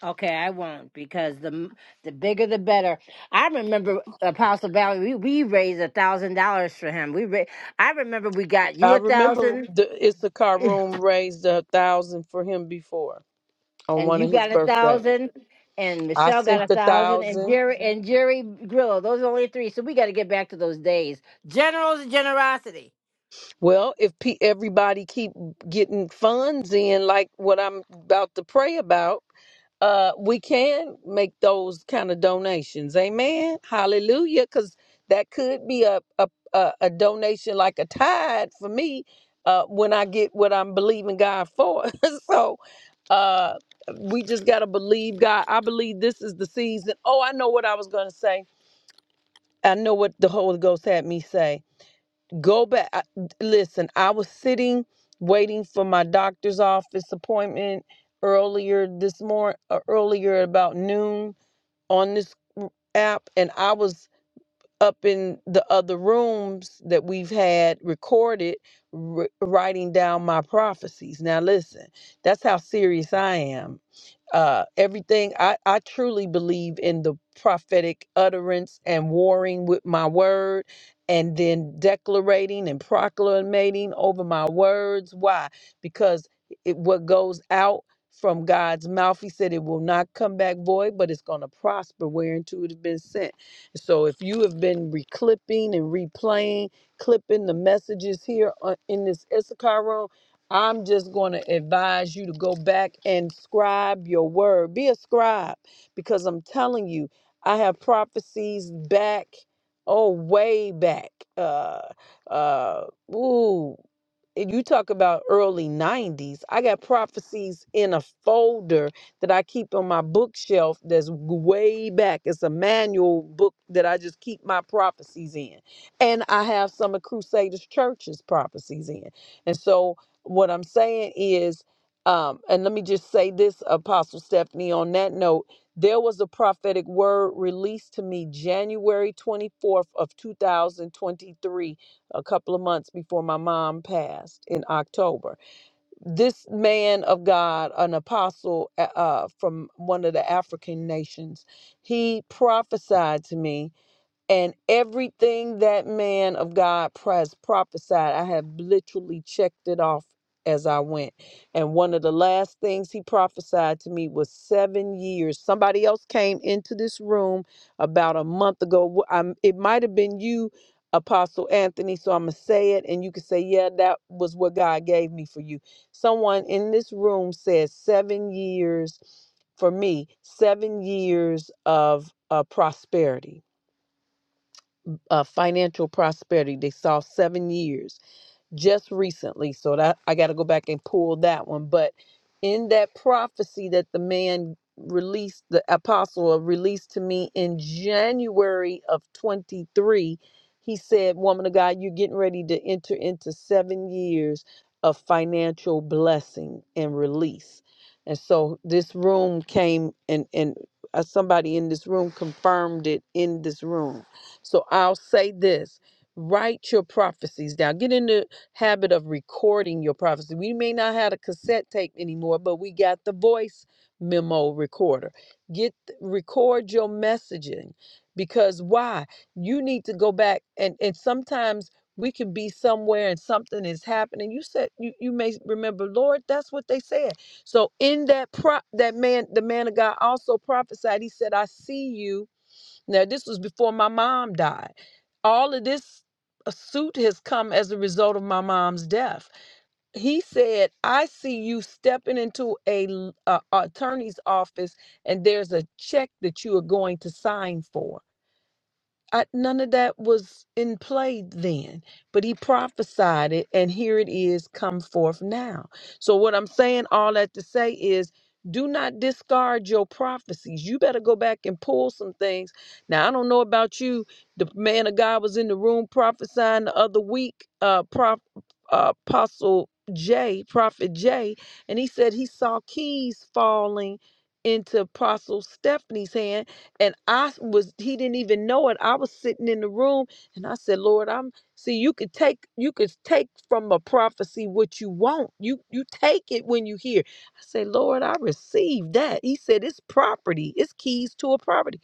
Okay, I won't because the m- the bigger the better. I remember Apostle Valley. We, we raised a thousand dollars for him. We ra- I remember we got you I a remember thousand, the Issachar room raised a thousand for him before on and one you of his got a birthdays. thousand, and I Michelle got sent a a thousand, and thousand. Jerry and Jerry Grillo. Those are only three. So we got to get back to those days. Generals of generosity. Well, if pe- everybody keep getting funds in, like what I'm about to pray about, uh, we can make those kind of donations. Amen. Hallelujah. Because that could be a, a a a donation like a tithe for me uh, when I get what I'm believing God for. so uh, we just gotta believe God. I believe this is the season. Oh, I know what I was gonna say. I know what the Holy Ghost had me say go back I- listen i was sitting waiting for my doctor's office appointment earlier this morning earlier about noon on this app and i was up in the other rooms that we've had recorded r- writing down my prophecies now listen that's how serious i am uh everything i i truly believe in the prophetic utterance and warring with my word and then declarating and proclamating over my words why because it what goes out from God's mouth. He said it will not come back void, but it's going to prosper whereunto it has been sent. So if you have been reclipping and replaying, clipping the messages here on, in this Issachar room, I'm just going to advise you to go back and scribe your word. Be a scribe because I'm telling you, I have prophecies back, oh, way back. Uh, uh, ooh, and you talk about early 90s. I got prophecies in a folder that I keep on my bookshelf that's way back. It's a manual book that I just keep my prophecies in. And I have some of Crusaders Church's prophecies in. And so what I'm saying is, um, and let me just say this, Apostle Stephanie, on that note, there was a prophetic word released to me January 24th of 2023, a couple of months before my mom passed in October this man of God, an apostle uh, uh, from one of the African nations, he prophesied to me and everything that man of God pres- prophesied, I have literally checked it off as I went. And one of the last things he prophesied to me was seven years. Somebody else came into this room about a month ago. Wh- I'm, it might have been you, Apostle Anthony. So I'm going to say it, and you can say, Yeah, that was what God gave me for you. Someone in this room said, Seven years for me, seven years of uh, prosperity uh, financial prosperity. They saw seven years just recently. So that I got to go back and pull that one. But in that prophecy that the man released, the apostle released to me in January of 23, he said, Woman of God, you're getting ready to enter into seven years of financial blessing and release. And so this room came and, and uh, somebody in this room confirmed it in this room. So I'll say this write your prophecies down. Get in there habit of recording your prophecy. We may not have a cassette tape anymore, but we got the voice memo recorder. Get record your messaging because why? You need to go back and and sometimes we can be somewhere and something is happening. You said you, you may remember, Lord, that's what they said. So in that prop that man, the man of God also prophesied. He said, I see you now, this was before my mom died. All of this uh, suit has come as a result of my mom's death. He said, I see you stepping into a a attorney's office and there's a check that you are going to sign for. I, none of that was in play then, but he prophesied it, and here it is come forth now. So, what I'm saying, all that to say is, do not discard your prophecies. You better go back and pull some things. Now, I don't know about you. The man of God was in the room prophesying the other week, uh, Prof, uh, Apostle J, Prophet J, and he said he saw keys falling into Apostle Stephanie's hand and I was, he didn't even know it. I was sitting in the room and I said, Lord, I'm see, you could take, you could take from a prophecy what you want. You you take it when you hear. I said, Lord, I received that. He said, It's property, it's keys to a property.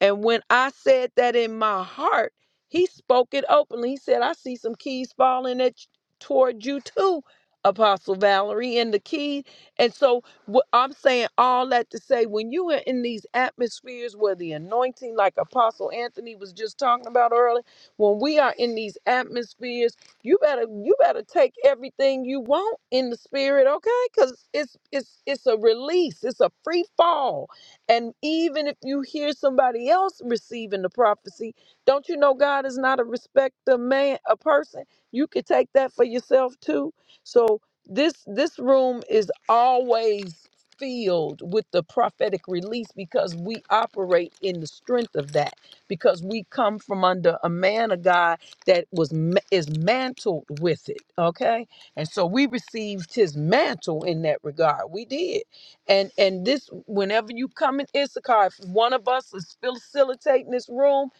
And when I said that in my heart, he spoke it openly. He said, I see some keys falling at toward you too, Apostle Valerie, and the key. And so what I'm saying all that to say when you are in these atmospheres where the anointing, like Apostle Anthony was just talking about earlier, when we are in these atmospheres, you better you better take everything you want in the spirit, okay? Because it's it's it's a release, it's a free fall and even if you hear somebody else receiving the prophecy, don't you know God is not a respecter of man, a person? You could take that for yourself too. So this this room is always filled with the prophetic release because we operate in the strength of that because we come from under a man of God that was ma- is mantled with it, okay? And so we received his mantle in that regard. We did and and this whenever you come in Issachar, if one of us is facilitating this room,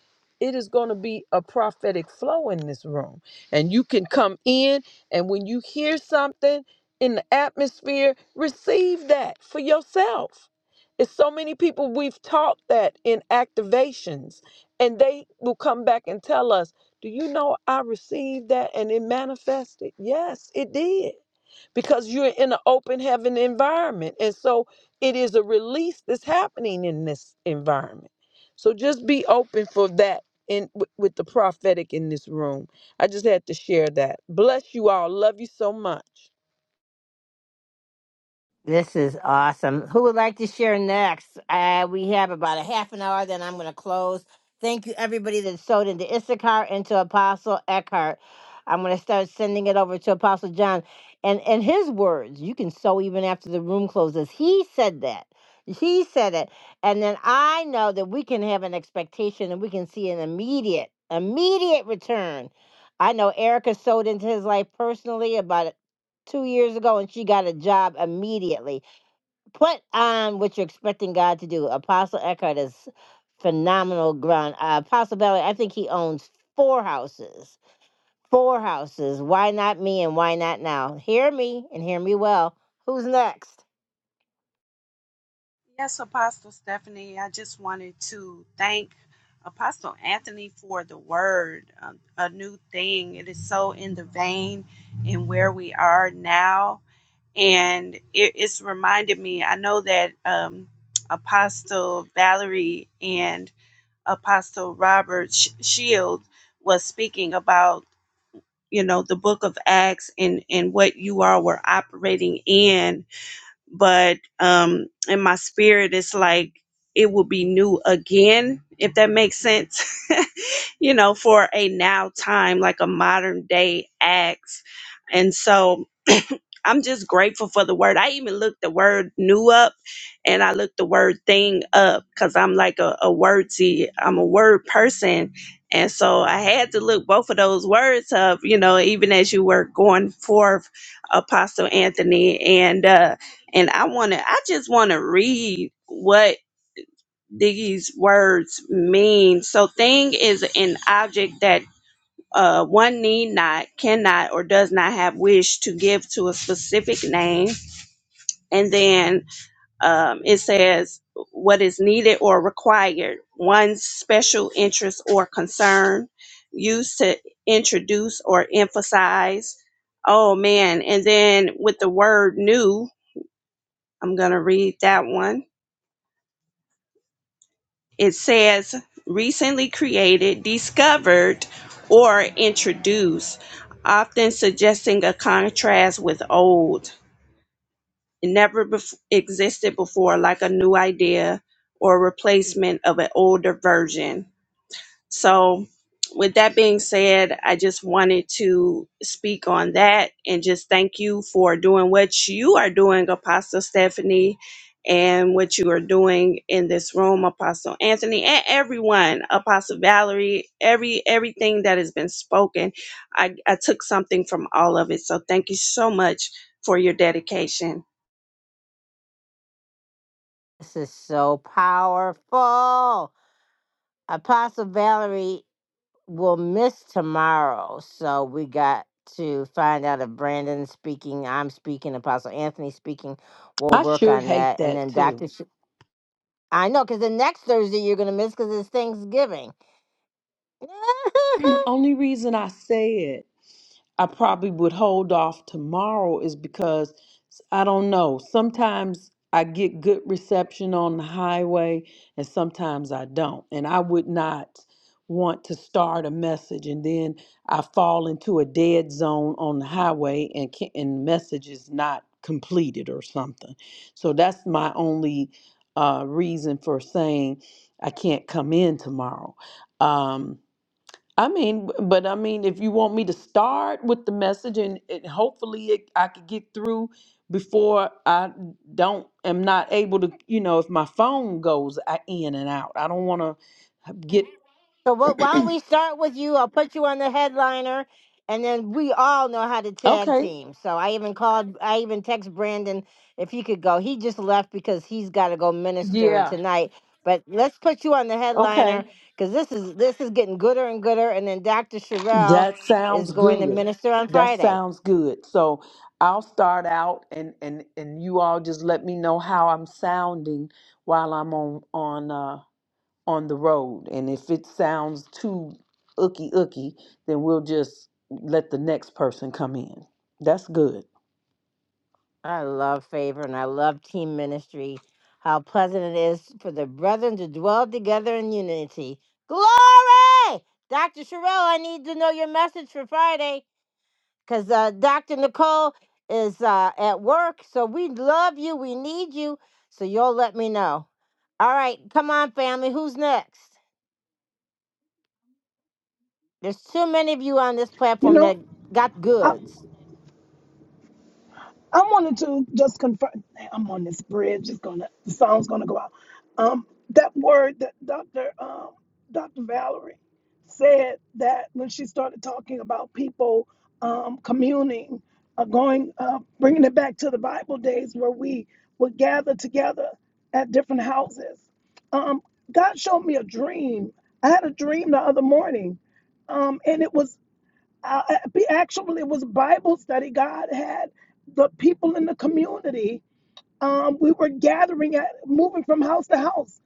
it is going to be a prophetic flow in this room. And you can come in, and when you hear something in the atmosphere, receive that for yourself. It's so many people we've taught that in activations, and they will come back and tell us, Do you know I received that and it manifested? Yes, it did because you're in an open heaven environment. And so it is a release that's happening in this environment. So just be open for that in with with the prophetic in this room. I just had to share that. Bless you all. Love you so much. This is awesome. Who would like to share next? Uh, we have about a half an hour, then I'm going to close. Thank you, everybody that sewed into Issachar and to Apostle Eckhart. I'm going to start sending it over to Apostle John. And in his words, you can sew even after the room closes. He said that. He said it. And then I know that we can have an expectation and we can see an immediate, immediate return. I know Erica sewed into his life personally about two years ago and she got a job immediately. Put on what you're expecting God to do. Apostle Eckhart is phenomenal ground. Uh, Apostle Belly, I think he owns four houses. Four houses. Why not me and why not now? Hear me and hear me well. Who's next? Yes, Apostle Stephanie, I just wanted to thank Apostle Anthony for the word, um, a new thing. It is so in the vein, you know, the book of Acts and, and what you all were operating in. but um in my spirit it's like it will be new again if that makes sense you know for a now time like a modern day acts and so i'm just grateful for the word i even looked the word new up and i looked the word thing up because i'm like a, a wordsy i'm a word person and so i had to look both of those words up you know even as you were going forth apostle anthony and uh and I want to I just want to read what these words mean. So thing is an object that uh, one need not, cannot, or does not have wish to give to a specific name. And then um, it says what is needed or required, one's special interest or concern, used to introduce or emphasize. Oh man. And then with the word new, I'm going to read that one It says recently created, discovered, or introduced, often suggesting a contrast with old. It never bef- existed before, like a new idea or replacement of an older version. So, with that being said, I just wanted to speak on that and just thank you for doing what you are doing, Apostle Stephanie, and what you are doing in this room, Apostle Anthony, and everyone, Apostle Valerie, every everything that has been spoken. I, I took something from all of it. So thank you so much for your dedication. This is so powerful. Apostle Valerie we'll miss tomorrow. So we got to find out if Brandon's speaking, I'm speaking, Apostle Anthony speaking. We'll I work sure on hate that. And that then Dr. too. Sh- I know, because the next Thursday you're going to miss because it's Thanksgiving. Only reason I said I probably would hold off tomorrow is because I don't know. Sometimes I get good reception on the highway and sometimes I don't. And I would not want to start a message and then I fall into a dead zone on the highway and can, and message is not completed or something. So that's my only uh, reason for saying I can't come in tomorrow. Um, I mean, b- but I mean, if you want me to start with the message and, and hopefully it, I could get through before I don't am not able to, you know, if my phone goes a- in and out. I don't want to get So what? Why don't we start with you? I'll put you on the headliner, and then we all know how to tag Okay. team. So I even called. I even text Brandon if he could go. He just left because he's got to go minister Yeah. tonight. But let's put you on the Okay. headliner because this is this is getting gooder and gooder. And then Dr. Sherelle That sounds is going to good. minister on That Friday. sounds good. So I'll start out and and and you all just let me know how I'm sounding while I'm on on. uh, on the road. And if it sounds too ooky ooky, then we'll just let the next person come in. That's good. I love favor and I love team ministry. How pleasant it is for the brethren to dwell together in unity. Glory! Dr. Sherelle, I need to know your message for Friday because uh, Dr. Nicole is uh, at work. So we love you. We need you. So you'll let me know. All right, come on, family. Who's next? There's too many of you on this You platform know, that got I, goods. I wanted to just confirm. I'm on this bridge. It's gonna the song's gonna go out. Um, that word that Dr. Um, Dr. Valerie said that when she started talking about people um, communing, uh, going, uh, bringing it back to the Bible days where we would gather together at different houses. Um, God showed me a dream. I had a dream the other morning, um, and it was uh, uh, actually it was bible study god had the people in the community um, we were gathering at moving from house to house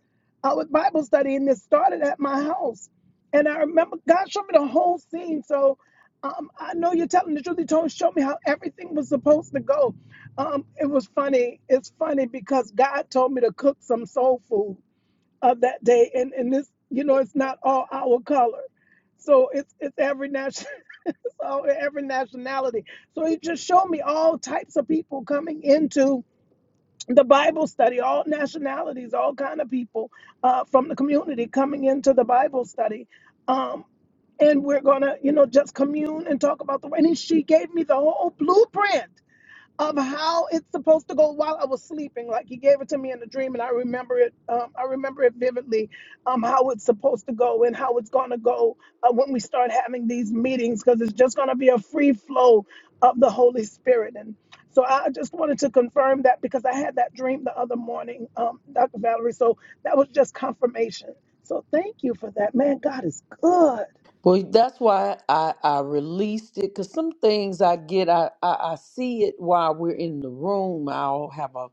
uh, with bible study and this started at my house and i remember god showed me the whole scene so um, i know you're telling the truth he told show me how everything was supposed to go um, it was funny it's funny because god told me to cook some soul food of uh, that day and, and this you know it's not all our color so it's it's every national so every nationality. So he just showed me all types of people coming into the Bible study, all nationalities, all kind of people uh, from the community coming into the Bible study. Um, and we're gonna, you know, just commune and talk about the. way. And he, she gave me the whole blueprint of how it's supposed to go while I was sleeping. Like he gave it to me in a dream, and I remember it. Um, I remember it vividly. Um, how it's supposed to go and how it's gonna go uh, when we start having these meetings, because it's just gonna be a free flow of the Holy Spirit. And so I just wanted to confirm that because I had that dream the other morning, um, Dr. Valerie. So that was just confirmation. So thank you for that, man. God is good. Well, that's why I, I released it because some things I get, I, I, I see it while we're in the room. I'll have a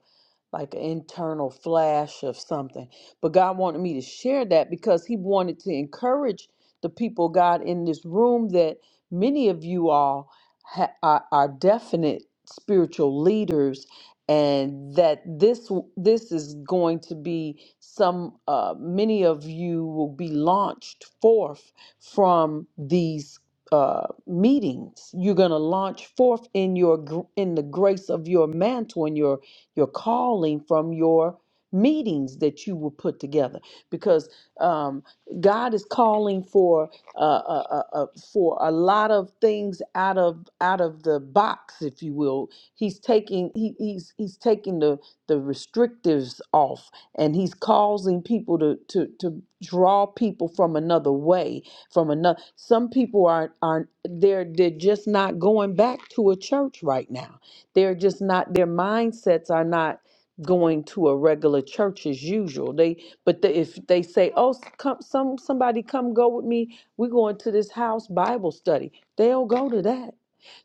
like an internal flash of something. But God wanted me to share that because He wanted to encourage the people, God, in this room that many of you all ha- are, are definite spiritual leaders and that this this is going to be some uh, many of you will be launched forth from these uh, meetings. You're going to launch forth in your gr- in the grace of your mantle and your your calling from your meetings that you will put together because um, God is calling for uh, uh, uh, uh, for a lot of things out of out of the box, if you will. He's taking he, he's he's taking the the restrictives off, and he's causing people to to to draw people from another way from another some people are are they're they're just not going back to a church right now they're just not their mindsets are not going to a regular church as usual they but the, if they say oh s- come some somebody come go with me we're going to this house bible study they'll go to that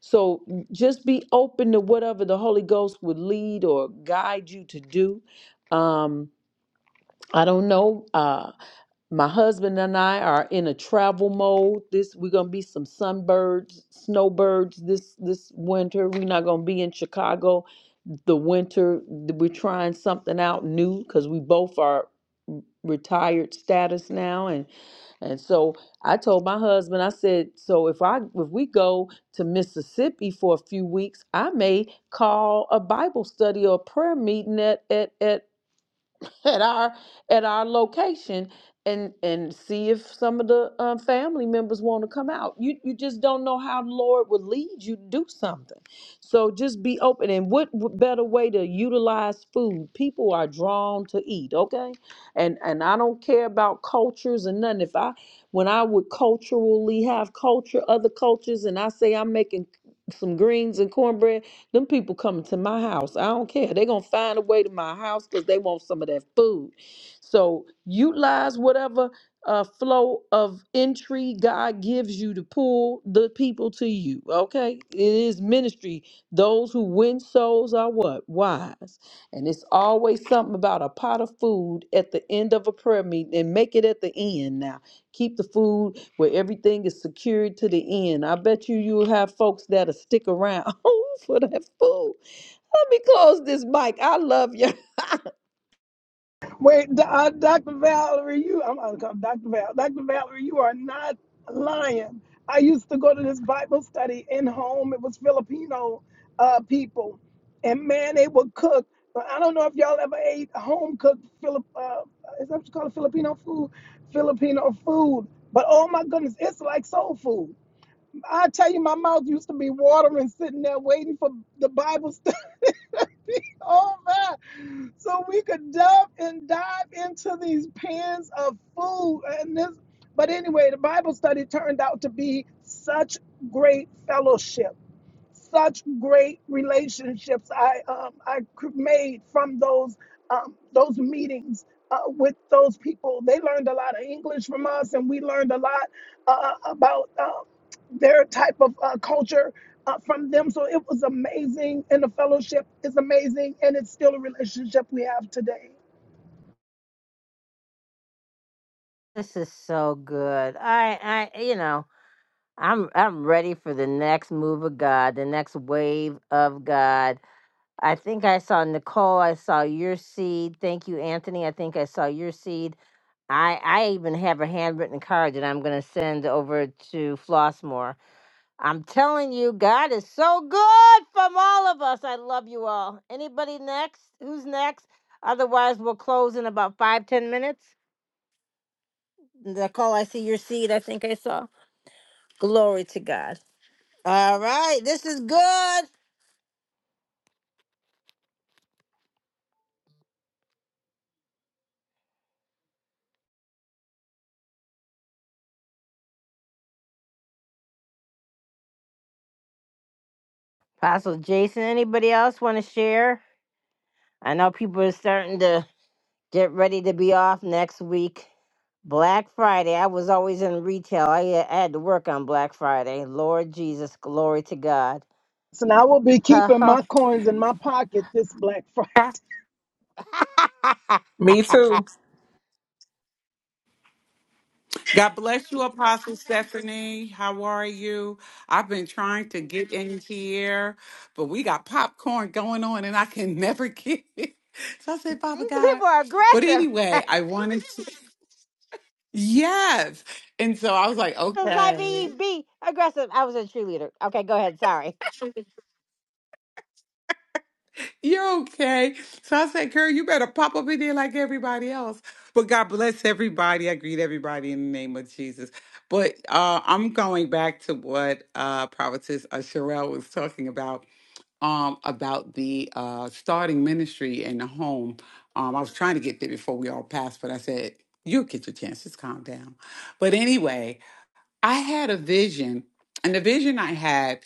so just be open to whatever the holy ghost would lead or guide you to do um i don't know Uh, my husband and I are in a travel mode. This we're gonna be some sunbirds, snowbirds this this winter. We're not gonna be in Chicago the winter. We're trying something out new because we both are retired status now, and and so I told my husband, I said, so if I if we go to Mississippi for a few weeks, I may call a Bible study or a prayer meeting at at at at our at our location and and see if some of the um, family members want to come out. You you just don't know how the Lord will lead you to do something. So just be open. And what w- better way to utilize food? People are drawn to eat. Okay, and and I don't care about cultures and nothing. If I when I would culturally have culture other cultures, and I say I'm making some greens and cornbread them people coming to my house. I don't care. They're gonna find a way to my house because they want some of that food. So utilize whatever uh, flow of entry God gives you to pull the people to you. Okay, it is ministry. Those who win souls are what wise, and it's always something about a pot of food at the end of a prayer meeting. And make it at the end now. Keep the food where everything is secured to the end. I bet you you'll have folks that'll stick around for that food. Let me close this mic. I love you. Wait, Do- uh, Dr. Valerie, you, I'm going to call Dr. Val. Dr. Valerie, you are not lying. I used to go to this Bible study in home. It was Filipino uh, people. And man, they would cook. But I don't know if y'all ever ate home cooked Filip, uh, is that what you call it? Filipino food? Filipino food. But oh my goodness, it's like soul food. I tell you, my mouth used to be watering sitting there waiting for the Bible study over so we could dive and dive into these pans of food and this but anyway the bible study turned out to be such great fellowship such great relationships I um, I cr- made from those um, those meetings uh, with those people. They learned a lot of English from us, and we learned a lot uh, about uh, their type of uh, culture uh, from them. So it was amazing, and the fellowship is amazing, and it's still a relationship we have today. This is so good. I, I, you know. I'm I'm ready for the next move of God, the next wave of God. I think I saw Nicole, I saw your seed. Thank you, Anthony. I think I saw your seed. I I even have a handwritten card that I'm going to send over to Flossmore. I'm telling you, God is so good from all of us. I love you all. Anybody next? Who's next? Otherwise, we'll close in about five, ten minutes. Nicole, I see your seed. I think I saw. Glory to God. All right, this is good. Apostle Jason, anybody else want to share? I know people are starting to get ready to be off next week. Black Friday. I was always in retail. I, uh, I had to work on Black Friday. Lord Jesus, glory to God. So now I will be keeping Ha, my coins in my pocket this Black Friday. ha. me too God bless you, Apostle Stephanie. How are you? I've been trying to get in here, but we got popcorn going on and I can never get it. So I said, Father These God. people are But aggressive. anyway, Since I wanted to. Yes. And so I was like, I okay, be be aggressive. I was a cheerleader. Okay, go ahead. Sorry. you're okay. So I said, girl, you better pop up in there like everybody else. But God bless everybody. I greet everybody in the name of Jesus. But uh, I'm going back to what uh, Prophetess uh, Sherelle was talking about um, about the uh, starting ministry in the home. Um, I was trying to get there before we all passed, but I said, You'll get your chances, calm down. But anyway, I had a vision, and the vision I had,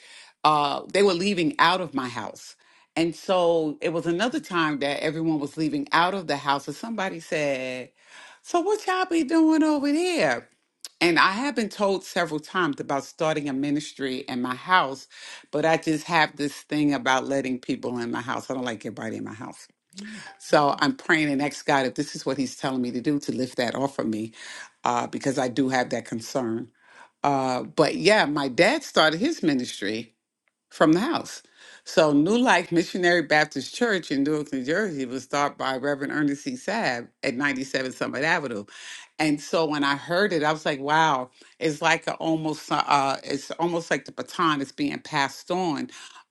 uh, they were leaving out of my house. And so it was another time that everyone was leaving out of the house, and somebody said, So what y'all be doing over there? And I have been told several times about starting a ministry in my house, but I just have this thing about letting people in my house. I don't like everybody in my house. So I'm praying and ask God if this is what He's telling me to do to lift that off of me, uh, because I do have that concern. Uh, but yeah, my dad started his ministry from the house. So, New Life Missionary Baptist Church in Newark, New Jersey was started by Reverend Ernest C. Sabb at 97 Summit Avenue. And so when I heard it, I was like, wow, it's like a almost uh it's almost like the baton is being passed on.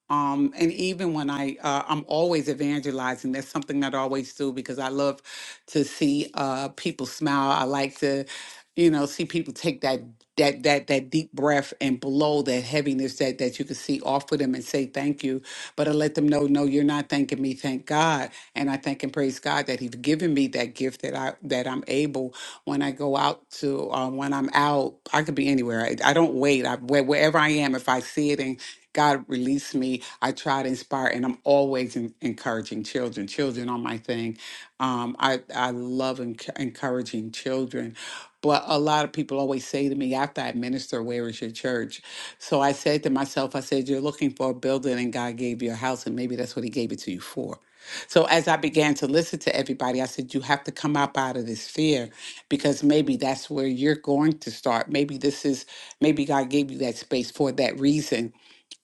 Um, and even when I, uh, I'm always evangelizing. That's something that I always do because I love to see uh, people smile. I like to you know, see people take that that that that deep breath and blow that heaviness that that you can see off of them and say thank you. But I let them know, no, you're not thanking me. Thank God, and I thank and praise God that He's given me that gift that I that I'm able when I go out to uh, when I'm out. I could be anywhere. I, I don't wait. I where- wherever I am, if I see it and God release me, I try to inspire, and I'm always en- encouraging children. Children are my thing. Um, I I love enc- encouraging children. But a lot of people always say to me after I minister, Where is your church? So I said to myself, I said, You're looking for a building and God gave you a house, and maybe that's what He gave it to you for. So as I began to listen to everybody, I said, You have to come up out of this fear because maybe that's where you're going to start. Maybe this is, maybe God gave you that space for that reason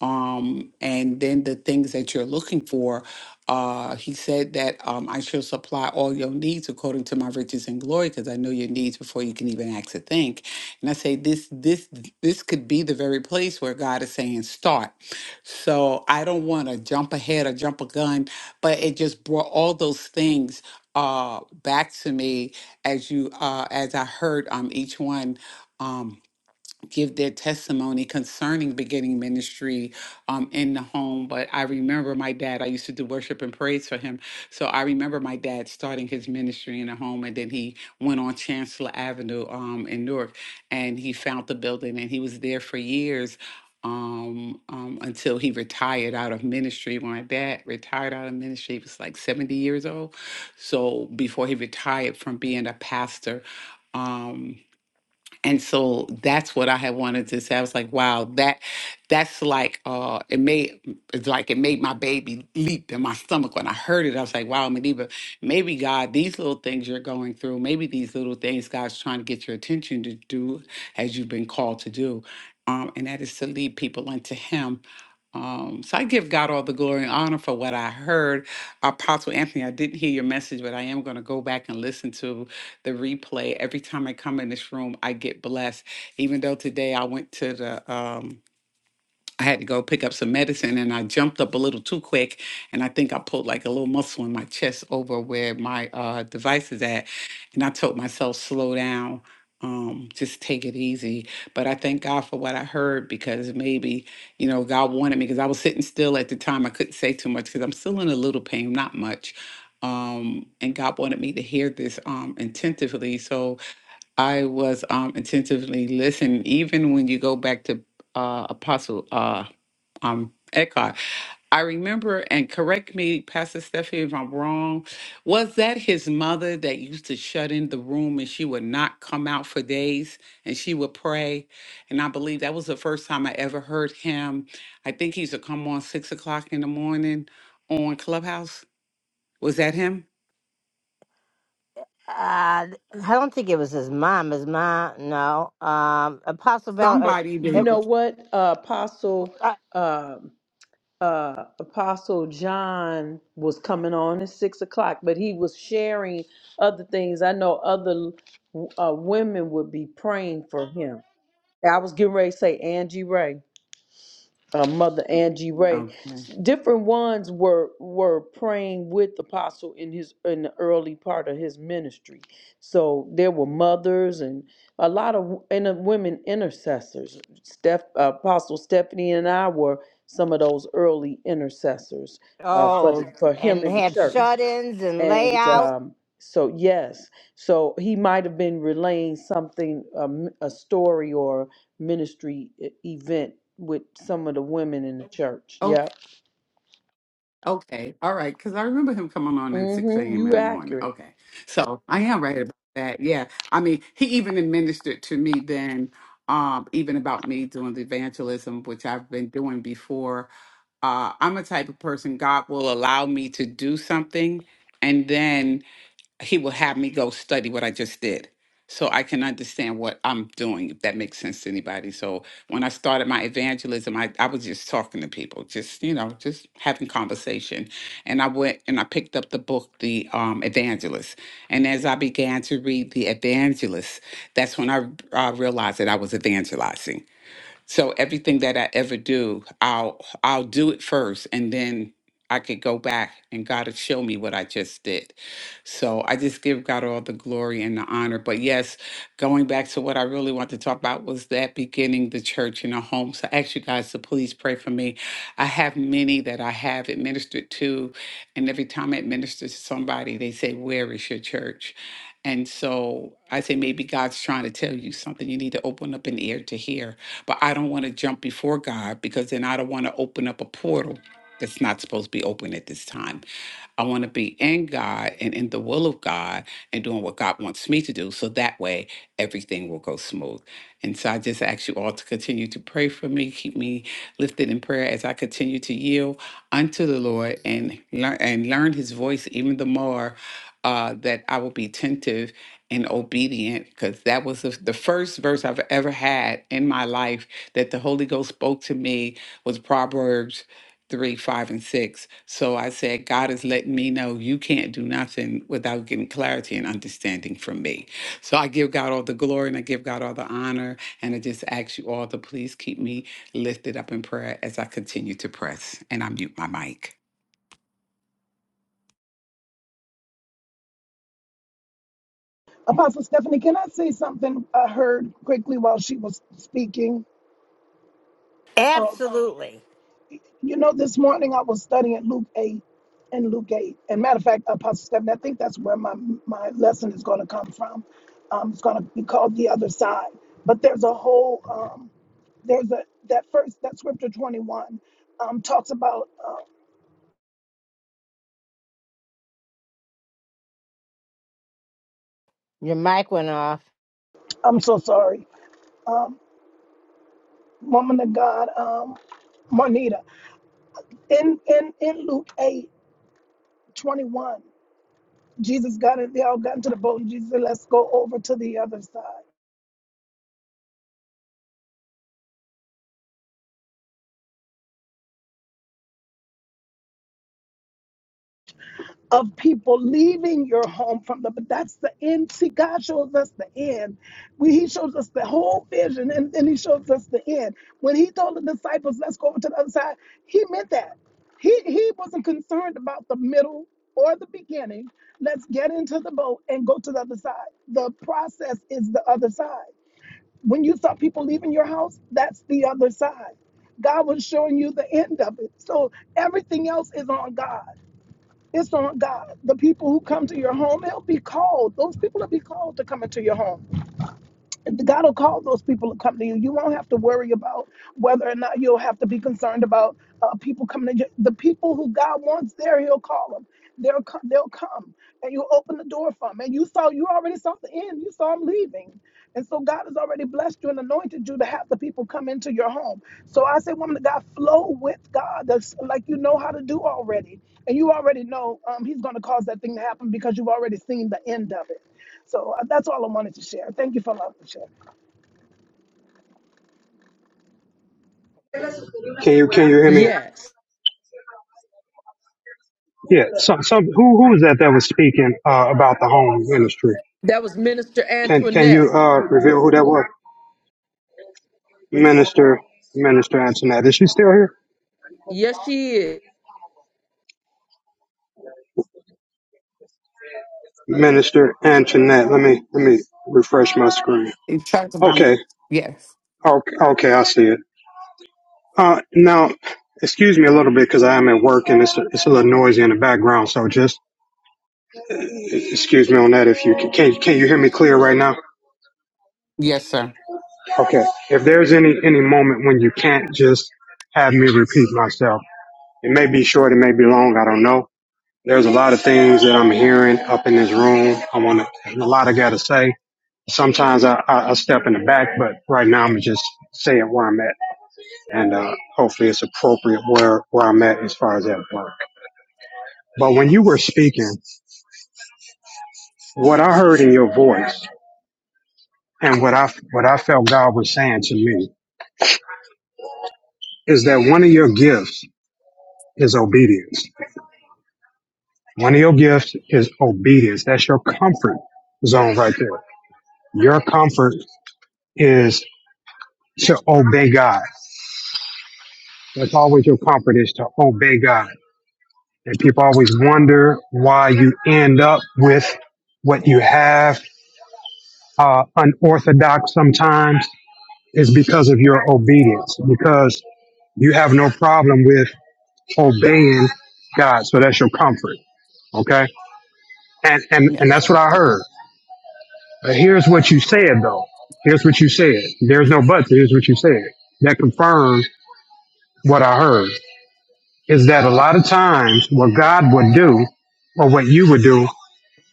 um, and then the things that you're looking for. Uh, he said that um, I shall supply all your needs according to my riches and glory, because I know your needs before you can even ask to think. And I say this, this, this could be the very place where God is saying start. So I don't want to jump ahead or jump a gun, but it just brought all those things uh back to me as you uh as I heard um each one Um, give their testimony concerning beginning ministry um, in the home. But I remember my dad, I used to do worship and praise for him. So I remember my dad starting his ministry in the home and then he went on Chancellor Avenue um, in Newark and he found the building and he was there for years. Um, um, until he retired out of ministry. When my dad retired out of ministry, he was like 70 years old. So before he retired from being a pastor, um, and so that's what I had wanted to say. I was like, wow, that that's like uh it made it's like it made my baby leap in my stomach when I heard it. I was like, wow, Mediva, maybe God, these little things you're going through, maybe these little things God's trying to get your attention to do as you've been called to do. Um, and that is to lead people unto him. Um, so I give God all the glory and honor for what I heard. Apostle Anthony, I didn't hear your message, but I am going to go back and listen to the replay. Every time I come in this room, I get blessed. Even though today I went to the um I had to go pick up some medicine and I jumped up a little too quick. And I think I pulled like a little muscle in my chest over where my uh, device is at. And I told myself, slow down, um, just take it easy. But I thank God for what I heard because maybe, you know, God wanted me because I was sitting still at the time. I couldn't say too much because I'm still in a little pain, not much. Um, and God wanted me to hear this um, intentively. So I was um, intentively listening, even when you go back to uh, Apostle. uh, um, Eckhart. I remember, and correct me, Pastor Stephanie, if I'm wrong, was that his mother that used to shut in the room and she would not come out for days and she would pray? And I believe that was the first time I ever heard him. I think he used to come on six o'clock in the morning on Clubhouse. Was that him? Uh, I don't think it was his mom. His mom, no. Um, Apostle Valerie. Somebody you did. know what, uh, Apostle Uh, um uh, Apostle John was coming on at six o'clock, but he was sharing other things. I know other uh, women would be praying for him. I was getting ready to say Angie Ray. uh, Mother Angie Ray. Okay. Different ones were were praying with Apostle in his in the early part of his ministry. So there were mothers and a lot of w- and uh, women intercessors. Steph, Apostle Stephanie and I were some of those early intercessors uh, for the, oh, for him and in the had church. shut-ins and And layout. um, so, yes, so he might have been relaying something, um, a story or ministry e- event with some of the women in the church. Yeah. Okay, all right, because I remember him coming on at 6 Mm-hmm. a.m. in You the morning. accurate. Okay, so I am right about that. Yeah, I mean, he even administered to me then, um, even about me doing the evangelism, which I've been doing before. Uh, I'm a type of person, God will allow me to do something, and then he will have me go study what I just did so I can understand what I'm doing, if that makes sense to anybody. So when I started my evangelism, I, I was just talking to people, just, you know, just having conversation. And I went and I picked up the book, The um, Evangelist. And as I began to read The Evangelist, that's when I uh, realized that I was evangelizing so everything that I ever do, I'll I'll do it first and then I could go back and God would show me what I just did. So I just give God all the glory and the honor. But yes, going back to what I really want to talk about was that beginning the church in a home. So I ask you guys to please pray for me. I have many that I have administered to, and every time I administer to somebody, they say, Where is your church? And so I say, maybe God's trying to tell you something. You need to open up an ear to hear but I don't want to jump before God because then I don't want to open up a portal that's not supposed to be open at this time. I want to be in God and in the will of God and doing what God wants me to do. So that way, everything will go smooth. And so I just ask you all to continue to pray for me, keep me lifted in prayer as I continue to yield unto the Lord and learn and learn His voice even the more. Uh, that I will be attentive and obedient because that was the, the first verse I've ever had in my life that the Holy Ghost spoke to me was Proverbs three, five, and six. So I said, God is letting me know you can't do nothing without getting clarity and understanding from me. So I give God all the glory and I give God all the honor. And I just ask you all to please keep me lifted up in prayer as I continue to press. And I mute my mic. Apostle Stephanie, can I say something I heard quickly while she was speaking? Um, Absolutely. You know, this morning I was studying Luke 8 and Luke 8. And matter of fact, Apostle Stephen, I think that's where my, my lesson is going to come from. Um, it's going to be called The Other Side. But there's a whole, um, there's a, that first, that scripture 21 um, talks about, uh, Your mic went off. I'm so sorry, um, woman of God, um, Marnita. In, in, in Luke 8:21, Jesus got it, they all got into the boat and Jesus said, let's go over to the other side. of people leaving your home from the but that's the end see god shows us the end we, he shows us the whole vision and then he shows us the end when he told the disciples let's go over to the other side he meant that he he wasn't concerned about the middle or the beginning let's get into the boat and go to the other side the process is the other side when you saw people leaving your house that's the other side god was showing you the end of it so everything else is on god it's on God. The people who come to your home, they'll be called. Those people will be called to come into your home. God will call those people to come to you. You won't have to worry about whether or not you'll have to be concerned about uh, people coming to you. The people who God wants there, He'll call them. They'll come. They'll come, and you open the door for them. And you saw, you already saw the end. You saw them leaving, and so God has already blessed you and anointed you to have the people come into your home. So I say, woman of God, flow with God. That's like you know how to do already, and you already know um, He's going to cause that thing to happen because you've already seen the end of it. So uh, that's all I wanted to share. Thank you for allowing me to share. Can you can you hear me? Yes. Yeah, some some who who was that that was speaking uh, about the home ministry? That was Minister Can can you Antoinette. uh reveal who that was? Minister Minister Antoinette is she still here? Yes, she is. Minister Antoinette, let me let me refresh my screen. It talks about Okay, yes. okay, okay I see it. Uh, now, excuse me a little bit because I am at work and it's it's a little noisy in the background. So just excuse me on that if you can. Can, can you hear me clear right now? Yes, sir. Okay. If there's any any moment when you can't just have me repeat myself, it may be short, it may be long, I don't know. There's a lot of things that I'm hearing up in this room. I want to, a lot I got to say. Sometimes I, I, I step in the back, but right now I'm just saying where I'm at, and uh, hopefully it's appropriate where where I'm at as far as that work. But when you were speaking, what I heard in your voice and what I what I felt God was saying to me is that one of your gifts is obedience One of your gifts is obedience. That's your comfort zone right there. Your comfort is to obey God. That's always your comfort is to obey God. And people always wonder why you end up with what you have, uh, unorthodox sometimes is because of your obedience, because you have no problem with obeying God. So that's your comfort. Okay. And, and, Yes. and that's what I heard. Uh, here's what you said, though. Here's what you said. There's no buts. Here's what you said. That confirms what I heard is that a lot of times what God would do or what you would do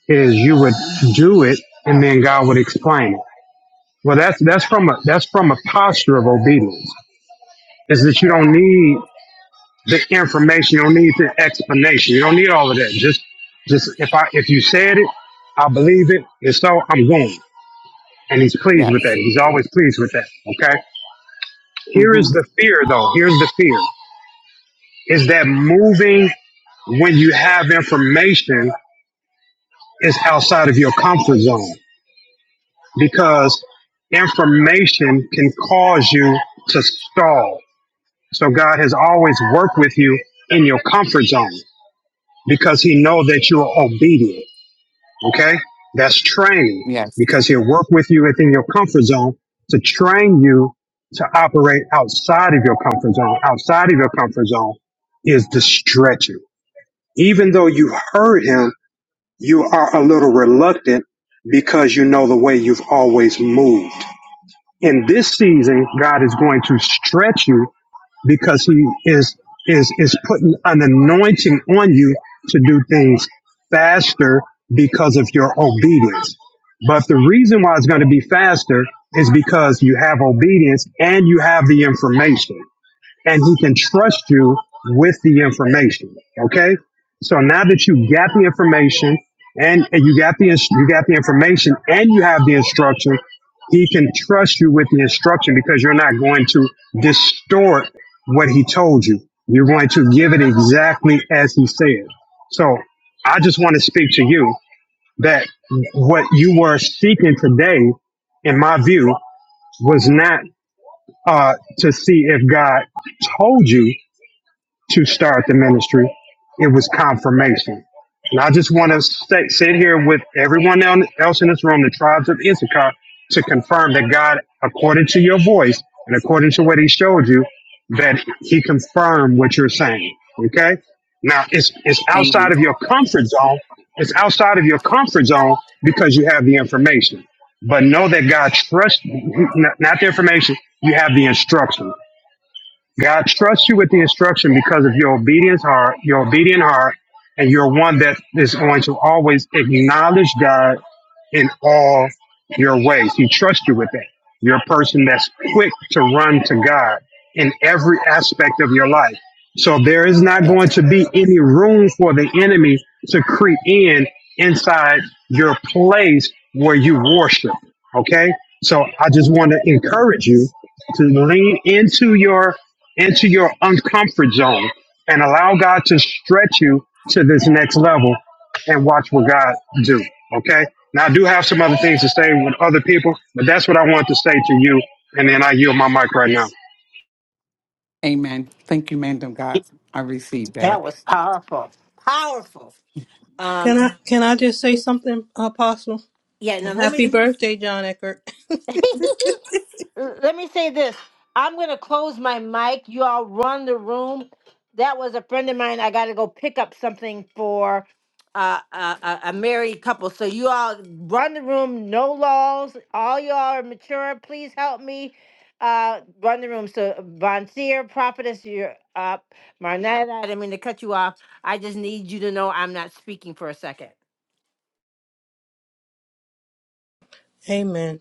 is you would do it and then God would explain it. Well, that's, that's from a, that's from a posture of obedience is that you don't need the information. You don't need the explanation. You don't need all of that. Just, just if I, if you said it, I believe it. and so, I'm going. And he's pleased with that. Yes. He's always pleased with that. Okay Here is Mm-hmm. the fear, though. Here's the fear is that moving when you have information is outside of your comfort zone because information can cause you to stall. So God has always worked with you in your comfort zone because he knows that you are obedient. Okay? That's training Yes. because he'll work with you within your comfort zone to train you to operate outside of your comfort zone. Outside of your comfort zone is the stretching. Even though you heard him, you are a little reluctant because you know the way you've always moved. In this season, God is going to stretch you because he is is is putting an anointing on you to do things faster because of your obedience. But the reason why it's going to be faster is because you have obedience and you have the information and he can trust you with the information. Okay. So now that you got the information and, and you got the ins- you got the information and you have the instruction, he can trust you with the instruction because you're not going to distort what he told you. You're going to give it exactly as he said. So I just want to speak to you that what you were seeking today, in my view, was not uh, to see if God told you to start the ministry. It was confirmation. And I just want to sit, sit here with everyone else in this room, the tribes of Issachar, to confirm that God, according to your voice and according to what He showed you, that He confirmed what you're saying. Okay? Now, it's, it's outside Amen. of your comfort zone. It's outside of your comfort zone because you have the information. But know that God trusts, not not the information, you have the instruction. God trusts you with the instruction because of your obedience heart, your obedient heart, and you're one that is going to always acknowledge God in all your ways. He trusts you with that. You're a person that's quick to run to God in every aspect of your life. So there is not Yes. going to be any room for the enemy to creep in inside your place where you worship. Okay? So I just want Mhm. to Yes. encourage you to lean into your into your uncomfort zone and allow God to stretch you to this next level and watch what God do. Okay. Now I do have some other things to say with other people, but that's what I want to say to you. And then I yield my mic right now. Amen. Thank you, man of God. I received that. That was powerful. Powerful. Um, Can I can I just say something, Apostle? yeah, now let me Happy birthday, John Eckert. l- let me say this. I'm gonna close my mic. You all run the room. That was a friend of mine. I gotta go pick up something for uh, a, a a married couple. So you all run the room. No laws. All y'all are mature. Please help me. Uh, run the room. So Von Seer, prophetess, you're up. Marnetta, I didn't mean to cut you off. I just need you to know I'm not speaking for a second. Amen.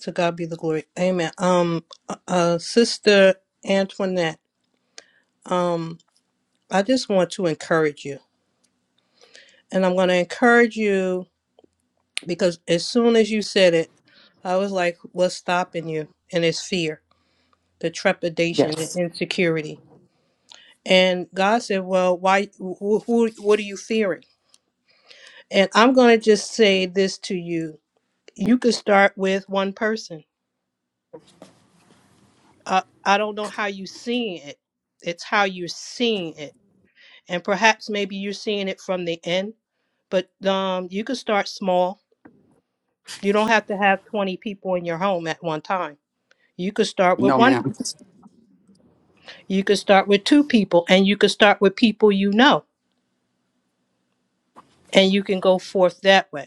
To God be the glory. Amen. Um, uh, Sister Antoinette. Um, I just want to encourage you, and I'm going to encourage you because as soon as you said it, I was like, "What's stopping you?" And it's fear, the trepidation, and Yes. insecurity. And God said, "Well, why? Who, who, what are you fearing?" And I'm going to just say this to you you could start with one person. Uh, I don't know how you seeing it. It's how you're seeing it, and perhaps maybe you're seeing it from the end. But um, you could start small. You don't have to have 20 people in your home at one time. You could start with No, one. ma'am. You could start with two people, and you could start with people you know, and you can go forth that way.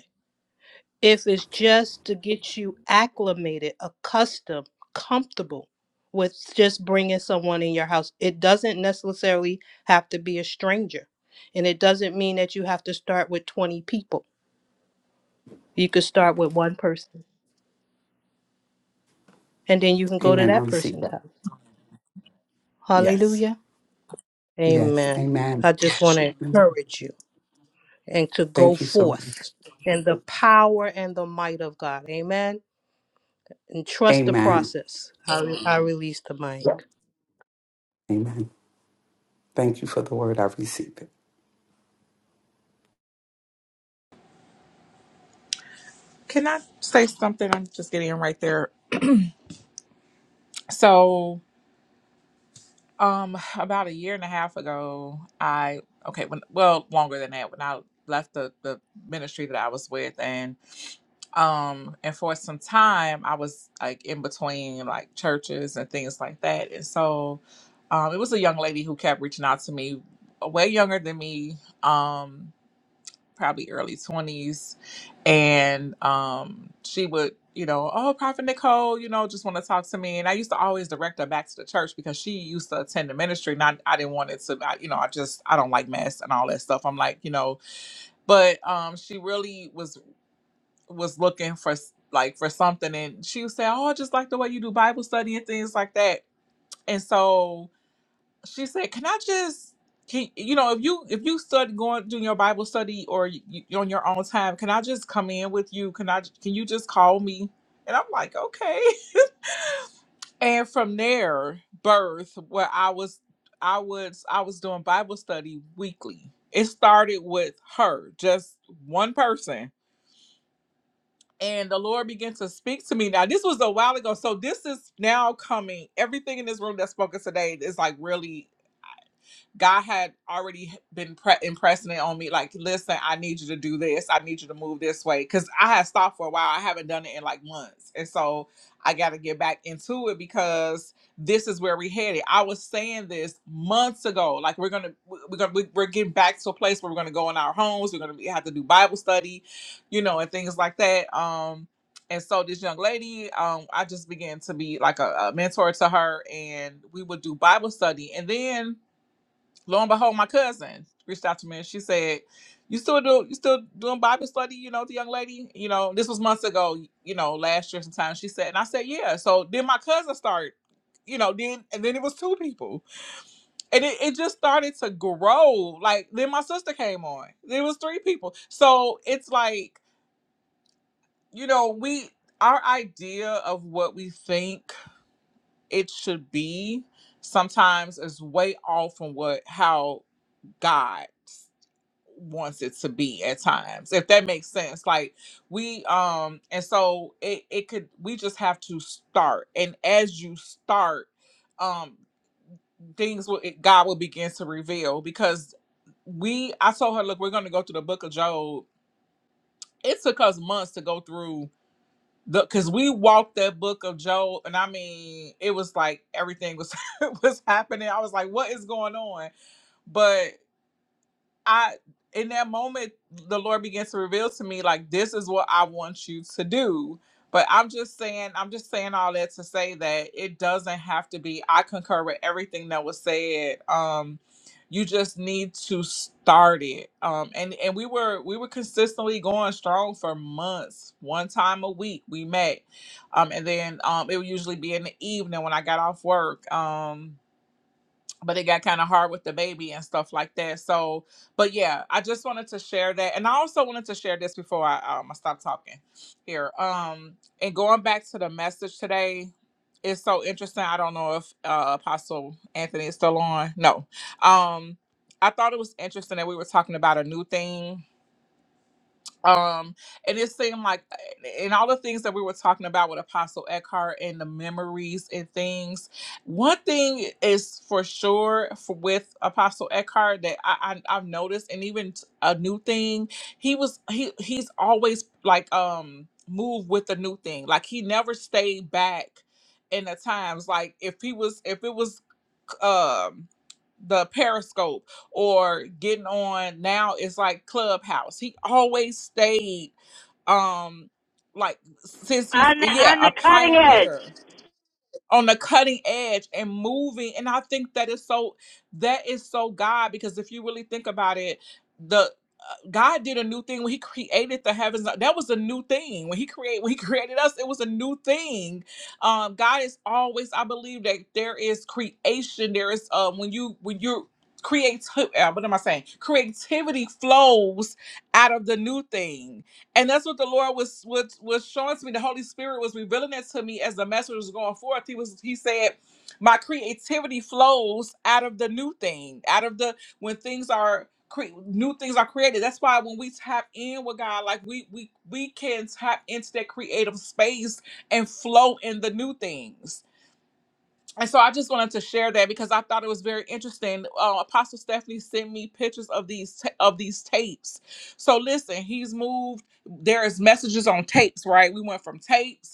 if it's just to get you acclimated, accustomed, comfortable with just bringing someone in your house, it doesn't necessarily have to be a stranger. And it doesn't mean that you have to start with 20 people. You could start with one person and then you can go to Amen. I that receive person's that. house. Yes. Hallelujah. Yes. Amen. Amen. I just want to Mm-hmm. encourage you and to go Thank you so forth much. in the power and the might of God. Amen. And trust the Amen. process. I, I release the mic. Amen. Thank you for the word. I receive it. can i say something i'm just getting right there so Um, about a year and a half ago, I okay, when well, longer than that, when I left the the ministry that I was with, and um, and for some time, I was like in between like churches and things like that, and so, um, it was a young lady who kept reaching out to me, way younger than me, um probably early 20s and um she would you know oh prophet nicole you know just want to talk to me and i used to always direct her back to the church because she used to attend the ministry and i, I didn't want it to I, you know i just i don't like mess and all that stuff i'm like you know but um she really was was looking for s- like for something and she would say oh i just like the way you do bible study and things like that and so she said, "Can I just can you know if you if you study going doing your Bible study or you, you on your own time, can I just come in with you? Can I can you just call me?" And I'm like, "Okay." And from there, birth where I was I was I was doing Bible study weekly. It started with her, just one person. And the Lord began to speak to me. Now, this was a while ago. So this is now coming. Everything in this room that's spoken today is like really God had already been pre- impressing it on me, like, listen, I need you to do this. I need you to move this way. Cause I had stopped for a while. I haven't done it in like months. And so I got to get back into it because this is where we headed. I was saying this months ago. Like, we're going to, we're going to, we're getting back to a place where we're going to go in our homes. We're going to have to do Bible study, you know, and things like that. Um, and so this young lady um i just began to be like a, a mentor to her and we would do bible study and then lo and behold, my cousin reached out to me and she said, "You still do you still doing Bible study? You know, the young lady. You know, this was months ago. You know, last year sometime." She said, and I said, "Yeah." So then my cousin started. You know, then and then it was two people, and it, it just started to grow. Like then my sister came on. There was three people. So it's like you know we our idea of what we think it should be sometimes is way off from what how God. wants it to be at times if that makes sense like we um and so it it could we just have to start and as you start um things will it, god will begin to reveal because we i told her look we're going to go through the book of job it took us months to go through the because we walked that book of job and i mean it was like everything was was happening i was like what is going on but I in that moment the Lord begins to reveal to me like this is what I want you to do. But I'm just saying, I'm just saying all that to say that it doesn't have to be. I concur with everything that was said. Um, you just need to start it. Um, and and we were we were consistently going strong for months. One time a week we met, um, and then um, it would usually be in the evening when I got off work. Um, but it got kind of hard with the baby and stuff like that. So, but yeah, I just wanted to share that, and I also wanted to share this before I um I stop talking here. Um, and going back to the message today, it's so interesting. I don't know if uh, Apostle Anthony is still on. No, um, I thought it was interesting that we were talking about a new thing um and it seemed like and all the things that we were talking about with apostle eckhart and the memories and things one thing is for sure for, with apostle eckhart that I, I i've noticed and even t- a new thing he was he he's always like um moved with the new thing like he never stayed back in the times like if he was if it was um the periscope or getting on now it's like clubhouse he always stayed um like since he's yeah On the a cutting edge. pioneer on the cutting edge and moving and i think that is so that is so god because if you really think about it the uh, god did a new thing when he created the heavens uh, that was a new thing when he created when he created us it was a new thing um god is always i believe that there is creation there is um when you when you're creative uh, what am i saying creativity flows out of the new thing and that's what the Lord was was was showing to me. The Holy Spirit was revealing that to me as the message was going forth. He was he said, My creativity flows out of the new thing, out of the when things are cre- new things are created. That's why when we tap in with God, like we we we can tap into that creative space and flow in the new things and so I just wanted to share that because I thought it was very interesting. Uh, Apostle Stephanie sent me pictures of these ta- of these tapes. So listen, he's moved. There is messages on tapes, right? We went from tapes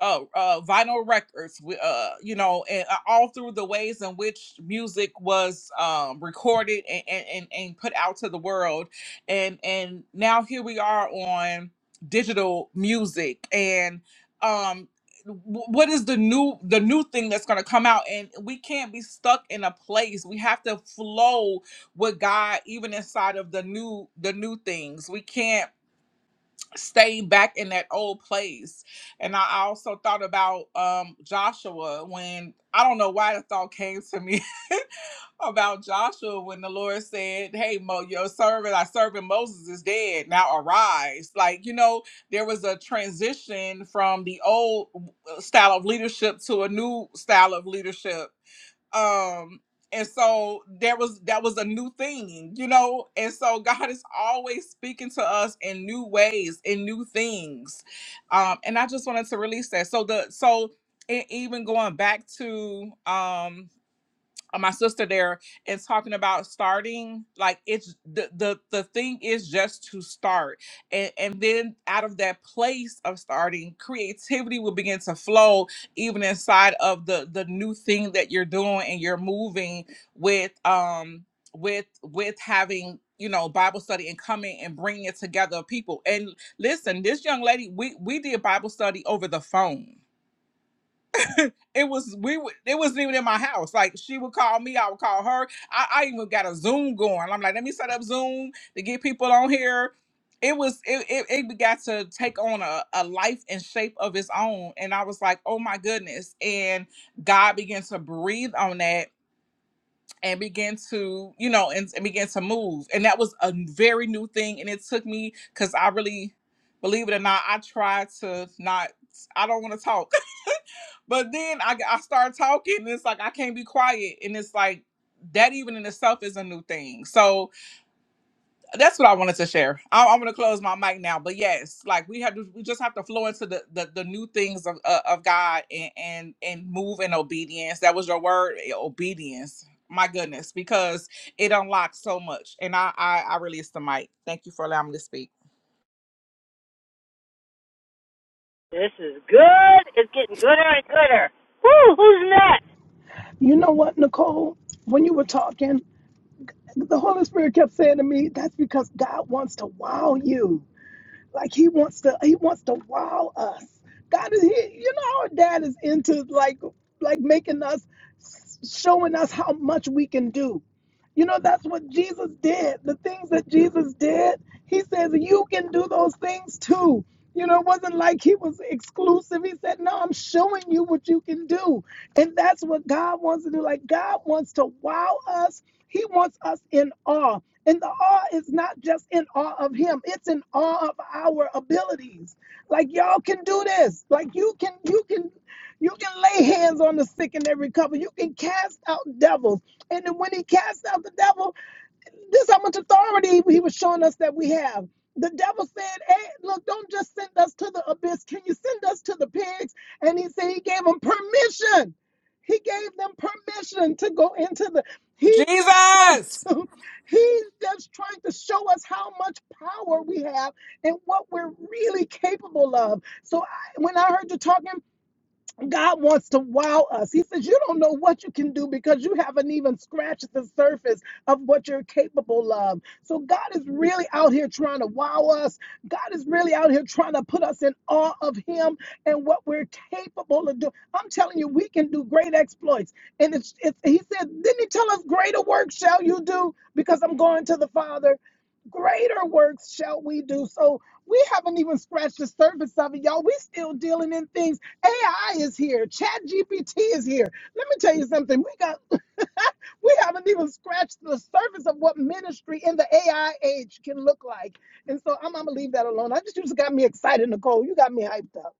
uh, uh, vinyl records, uh, you know, and uh, all through the ways in which music was um, recorded and, and, and, put out to the world. And, and now here we are on digital music and um, w- what is the new the new thing that's going to come out and we can't be stuck in a place we have to flow with god even inside of the new the new things we can't staying back in that old place. And I also thought about um, Joshua when I don't know why the thought came to me about Joshua when the Lord said, Hey, Mo, your servant, I servant Moses is dead. Now arise. Like, you know, there was a transition from the old uh, style of leadership to a new style of leadership um and so there was that was a new thing you know and so god is always speaking to us in new ways in new things um and i just wanted to release that so the so e- even going back to um uh, my sister there and talking about starting like it's the the the thing is just to start and and then out of that place of starting creativity will begin to flow even inside of the the new thing that you're doing and you're moving with um with with having you know bible study and coming and bringing it together of people and listen this young lady we we did bible study over the phone it was we. w- It wasn't even in my house. Like she would call me, I would call her. I, I even got a Zoom going. I'm like, let me set up Zoom to get people on here. It was it it, it got to take on a, a life and shape of its own, and I was like, oh my goodness! And God began to breathe on that and began to you know and, and began to move, and that was a very new thing, and it took me because I really believe it or not, I tried to not. I don't want to talk but then I, I start talking, and it's like I can't be quiet, and it's like that even in itself is a new thing. So that's what I wanted to share. I, I'm gonna close my mic now, but yes, like we have to, we just have to flow into the the, the new things of uh, of God and and and move in obedience. That was your word, eh, obedience. My goodness, because it unlocks so much, and I I, I release the mic. Thank you for allowing me to speak. This is good. It's getting gooder and gooder. Woo, who's next? You know what, Nicole? When you were talking, the Holy Spirit kept saying to me, that's because God wants to wow you. Like he wants to he wants to wow us. God is he, you know our dad is into like like making us showing us how much we can do. You know that's what Jesus did. The things that Jesus did, he says you can do those things too. You know, it wasn't like he was exclusive. He said, No, I'm showing you what you can do. And that's what God wants to do. Like, God wants to wow us. He wants us in awe. And the awe is not just in awe of him, it's in awe of our abilities. Like y'all can do this. Like you can you can you can lay hands on the sick and they recover. You can cast out devils. And then when he casts out the devil, this is how much authority he was showing us that we have. The devil said, Hey, look, don't just send us to the abyss. Can you send us to the pigs? And he said he gave them permission. He gave them permission to go into the he's just trying Jesus, to he's just trying to show us how much power we have and what we're really capable of. So I, when I heard you talking God wants to wow us. He says, You don't know what you can do because you haven't even scratched the surface of what you're capable of. So, God is really out here trying to wow us. God is really out here trying to put us in awe of Him and what we're capable of doing. I'm telling you, we can do great exploits. And it's, it's, He said, Didn't He tell us, Greater works shall you do because I'm going to the Father? Greater works shall we do. So, we haven't even scratched the surface of it, y'all. We still dealing in things. AI is here. Chat GPT is here. Let me tell you something. We got we haven't even scratched the surface of what ministry in the AI age can look like. And so I'm, I'm gonna leave that alone. I just you just got me excited, Nicole. You got me hyped up.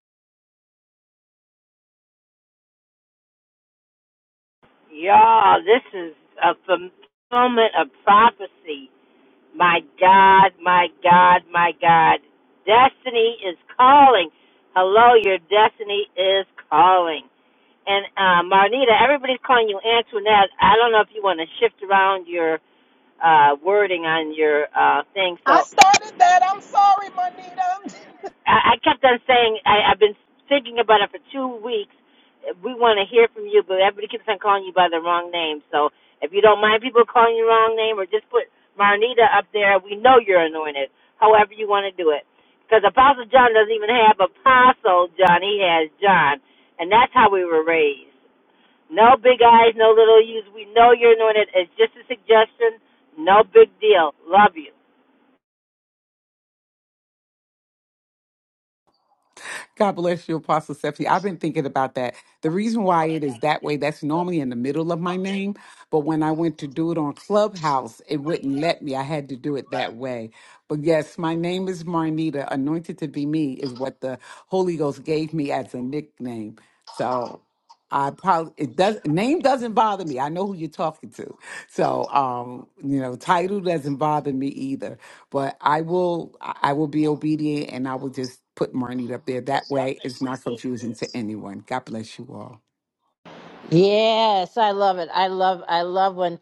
Y'all, this is a fulfillment of prophecy. My God, my God, my God. Destiny is calling. Hello, your destiny is calling. And uh, Marnita, everybody's calling you Antoinette. I don't know if you want to shift around your uh, wording on your uh, thing. I So started that. I'm sorry, Monita. I, I kept on saying I, I've been thinking about it for two weeks. We want to hear from you, but everybody keeps on calling you by the wrong name. So if you don't mind people calling you the wrong name, or just put Marnita up there, we know you're anointed. However you want to do it, because Apostle John doesn't even have Apostle John; he has John, and that's how we were raised. No big eyes, no little U's. We know you're anointed. It's just a suggestion. No big deal. Love you. God bless you, Apostle Stephanie. I've been thinking about that. The reason why it is that way, that's normally in the middle of my name. But when I went to do it on Clubhouse, it wouldn't let me. I had to do it that way. But yes, my name is Marnita. Anointed to be me is what the Holy Ghost gave me as a nickname. So I probably it does name doesn't bother me. I know who you're talking to. So um, you know, title doesn't bother me either. But I will I will be obedient and I will just put Marnie up there. That way it's not confusing to anyone. God bless you all. Yes, I love it. I love I love when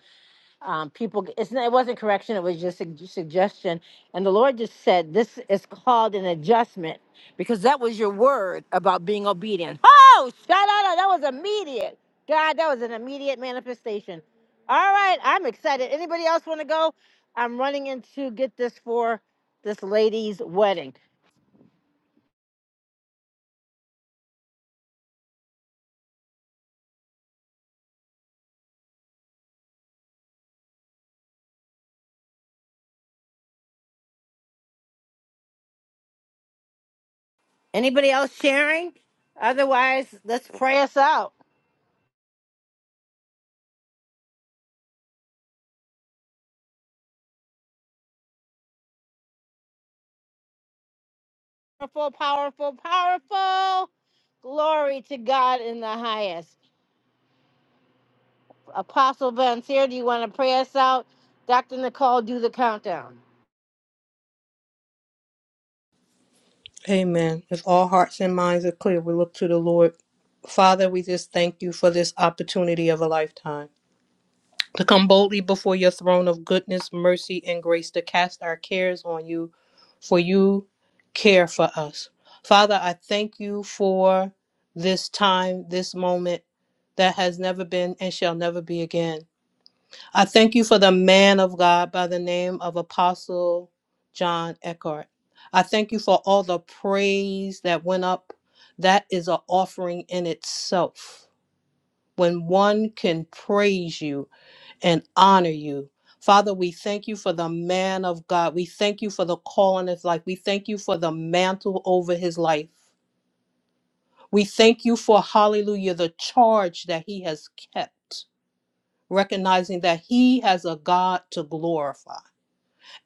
um, people. It's not, it wasn't correction. It was just a suggestion. And the Lord just said, "This is called an adjustment," because that was your word about being obedient. Oh, shout out! That was immediate. God, that was an immediate manifestation. All right, I'm excited. Anybody else want to go? I'm running in to get this for this lady's wedding. Anybody else sharing? Otherwise, let's pray us out. powerful, powerful, powerful. Glory to God in the highest. Apostle Vontier, do you want to pray us out? Dr. Nicole, do the countdown. Amen. If all hearts and minds are clear, we look to the Lord. Father, we just thank you for this opportunity of a lifetime to come boldly before your throne of goodness, mercy, and grace to cast our cares on you, for you care for us. Father, I thank you for this time, this moment that has never been and shall never be again. I thank you for the man of God by the name of Apostle John Eckhart. I thank you for all the praise that went up. That is an offering in itself. When one can praise you and honor you, Father, we thank you for the man of God. We thank you for the call on his life. We thank you for the mantle over his life. We thank you for, hallelujah, the charge that he has kept, recognizing that he has a God to glorify.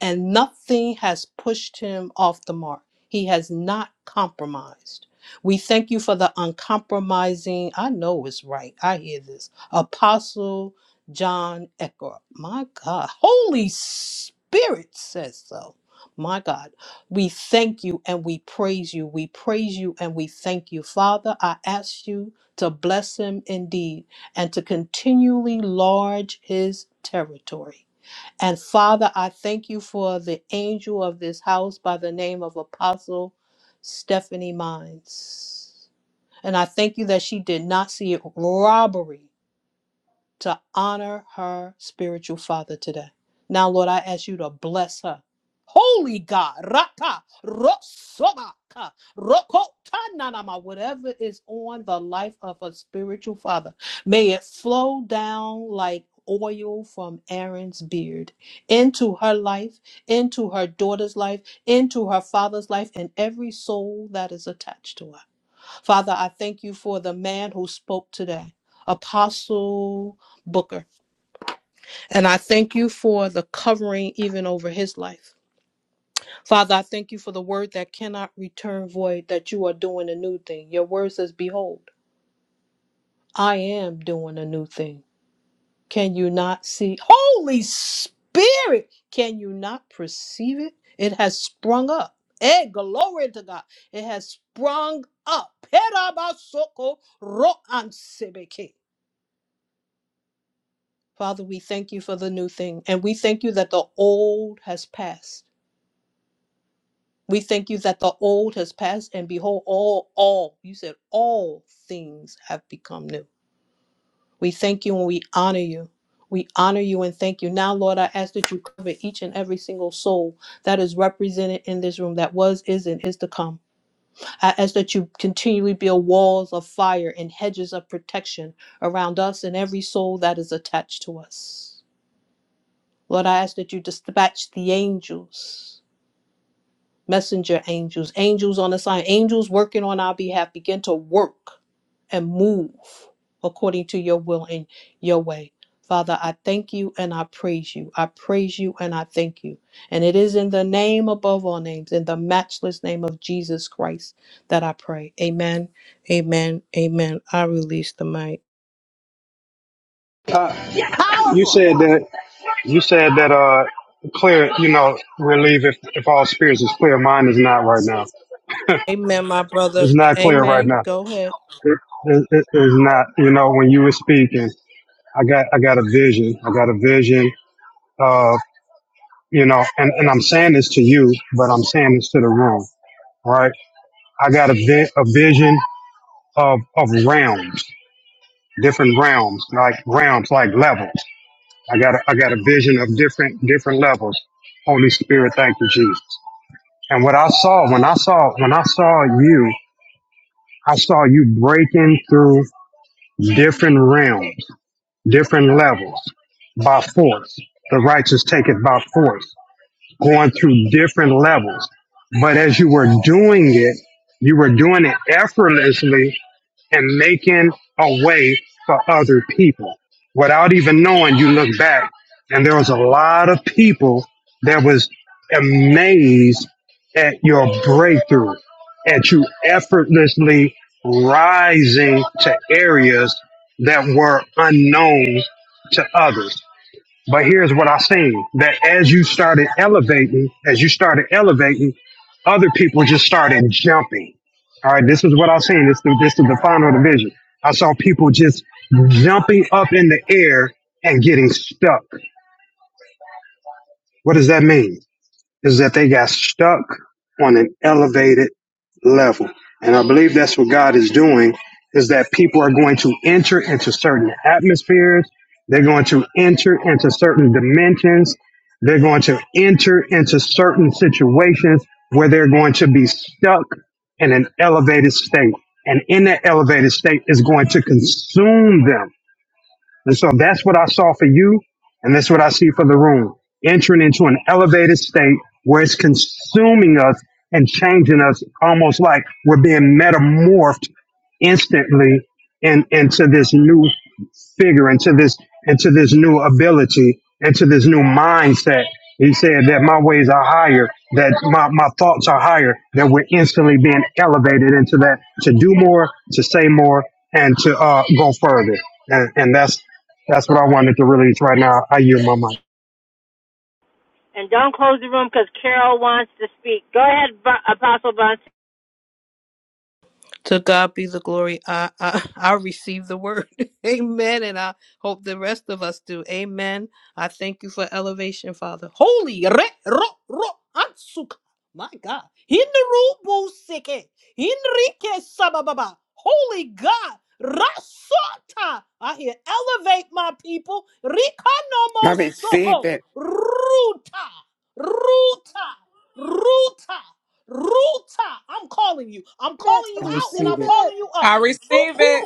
and nothing has pushed him off the mark. He has not compromised. We thank you for the uncompromising, I know it's right, I hear this, Apostle John Ecker. My God, Holy Spirit says so. My God, we thank you and we praise you. We praise you and we thank you. Father, I ask you to bless him indeed and to continually enlarge his territory. And Father, I thank you for the angel of this house by the name of Apostle Stephanie Mines. And I thank you that she did not see it robbery to honor her spiritual father today. Now, Lord, I ask you to bless her. Holy God, Raka, Rosobaka, Rokotananama, whatever is on the life of a spiritual father, may it flow down like oil from Aaron's beard into her life, into her daughter's life, into her father's life, and every soul that is attached to her. Father, I thank you for the man who spoke today, Apostle Booker. And I thank you for the covering even over his life. Father, I thank you for the word that cannot return void, that you are doing a new thing. Your word says, Behold, I am doing a new thing. Can you not see? Holy Spirit, can you not perceive it? It has sprung up. Hey, glory to God. It has sprung up. Perabasoko ro'ansebeke. Father, we thank you for the new thing. And we thank you that the old has passed. We thank you that the old has passed. And behold, all, all, you said all things have become new. We thank you and we honor you. We honor you and thank you. Now, Lord, I ask that you cover each and every single soul that is represented in this room that was, is, and is to come. I ask that you continually build walls of fire and hedges of protection around us and every soul that is attached to us. Lord, I ask that you dispatch the angels, messenger angels, angels on assignment, angels working on our behalf, begin to work and move according to your will and your way. Father, I thank you and I praise you. I praise you and I thank you. And it is in the name above all names, in the matchless name of Jesus Christ, that I pray. Amen. Amen. Amen. I release the mic. Uh, you Powerful. said that you said that uh clear, you know, relieve if if all spirits is clear, mine is not right now. Amen, my brother. It's not clear right Amen. now. Go ahead. It, it, it is not. You know, when you were speaking, I got I got a vision. I got a vision you know, and, and I'm saying this to you, but I'm saying this to the room, right? I got a, vi- a vision of, of realms, different realms, like realms, like levels. I got a, I got a vision of different different levels. Holy Spirit, thank you, Jesus. And what I saw when I saw when I saw you, I saw you breaking through different realms, different levels by force. The righteous take it by force going through different levels. But as you were doing it, you were doing it effortlessly and making a way for other people. Without even knowing, you look back and there was a lot of people that was amazed at your breakthrough, at you effortlessly rising to areas that were unknown to others. But here's what I seen that as you started elevating, as you started elevating, other people just started jumping. All right, this is what I seen. This is this is the final division. I saw people just jumping up in the air and getting stuck. What does that mean? is that they got stuck on an elevated level. And I believe that's what God is doing is that people are going to enter into certain atmospheres. They're going to enter into certain dimensions. They're going to enter into certain situations where they're going to be stuck in an elevated state. And in that elevated state is going to consume them and so that's what I saw for you, and that's what I see for the room. Entering into an elevated state where it's consuming us and changing us almost like we're being metamorphed instantly in, into this new figure, into this into this new ability, into this new mindset. He said that my ways are higher, that my, my thoughts are higher, that we're instantly being elevated into that to do more, to say more, and to uh, go further. And, and that's that's what I wanted to release right now. I yield my mic. And don't close the room because Carol wants to speak. Go ahead, Va- Apostle Von. Seer. To God be the glory. I, I I receive the word. Amen. And I hope the rest of us do. Amen. I thank you for elevation, Father. Holy re ro ro ansuka. My God. Hinrubu sike. Hinrike sabababa. Holy God. Rasota. I hear elevate my people. I Rikanomo receive soko. it. Ruta. Ruta. Ruta. Ruta, I'm calling you. I'm calling you I Receive it. out and Receive receive I'm it. it. calling you up. I receive it.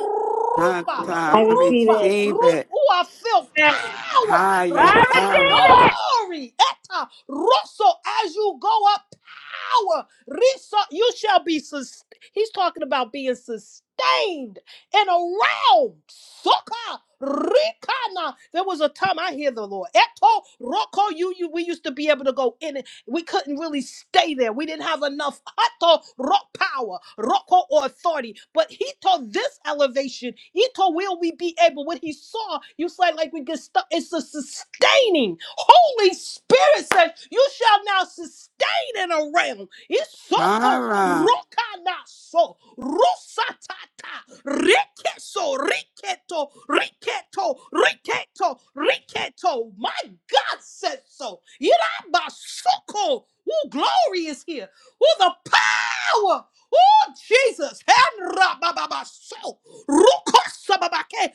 Tata, I I receive rupa, it. receive rupa. it. Ooh, I feel Yeah. power. I Repe Hayatara. receive it. glory. Eta, rosso. As you go up power. Reso- you shall be sustained. He's talking about being sustained and around. Soka Rikana. There was a time I hear the Lord. Eto Roko. You, you we used to be able to go in it. We couldn't really stay there. We didn't have enough Hato Rock power, Roko or authority. But he told this elevation, he told will we be able what he saw. You said like we get stuck. It's a sustaining. Holy Spirit says, You shall now sustain waiting around. Isoko Hara. rokanaso rusatata rekeso riketo riketo riketo riketo. My God says so. Irabasoko. Oh, glory is here. Oh, the power. Oh, Jesus. Henra bababa so. Ruko sababake.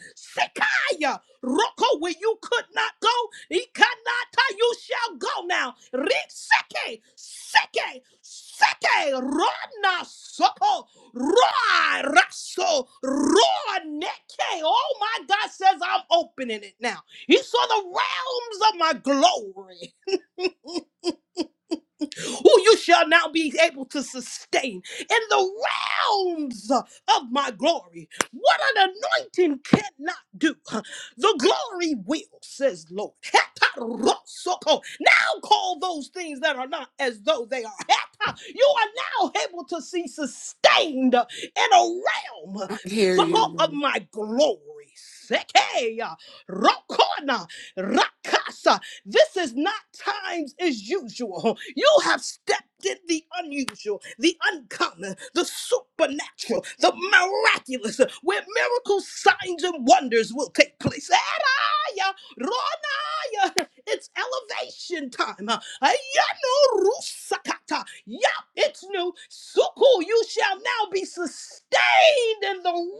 Roko, where you could not go, Ikanata, you shall go now. Riseke, seke, seke, rona soko, roa raso, roa neke. Oh my God says I'm opening it now. He saw the realms of my glory who you shall now be able to sustain in the realms of my glory. What an anointing cannot do, the glory will, says Lord. Hetarosoko. Now call those things that are not as though they are. Heta- You are now able to see sustained in a realm I hear you, soko, of Lord. my glory. Sekeya, Rokona, Rakasa. This is not times as usual. You have stepped in the unusual, the uncommon, the supernatural, the miraculous, where miracles, signs, and wonders will take place. Eraya, Ronaya, It's elevation time. Ayano rusakata. Yup, it's new. Suku, you shall now be sustained in the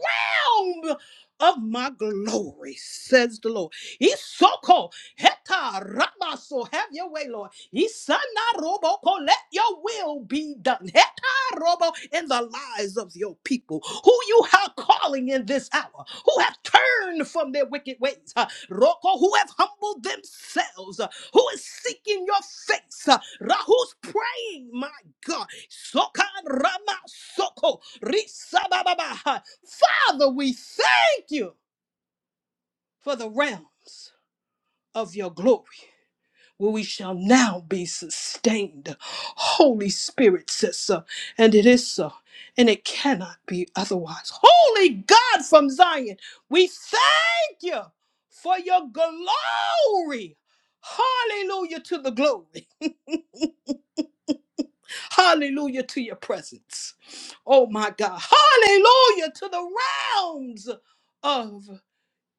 realm of my glory, says the Lord. Isoko Heta Rabaso, have your way, Lord. Isana Robo, let your will be done. Heta Robo, in the lives of your people who you are calling in this hour, who have turned from their wicked ways, uh, Roko, who have humbled themselves, uh, who is seeking your face, uh, Ra, who's praying, my God. Soka Rama Soko, Risababa. Father, we thank you for the realms of your glory where we shall now be sustained. Holy Spirit says so, and it is so, and it cannot be otherwise. Holy God from Zion, we thank you for your glory. Hallelujah to the glory. Hallelujah to your presence. Oh my God. Hallelujah to the realms of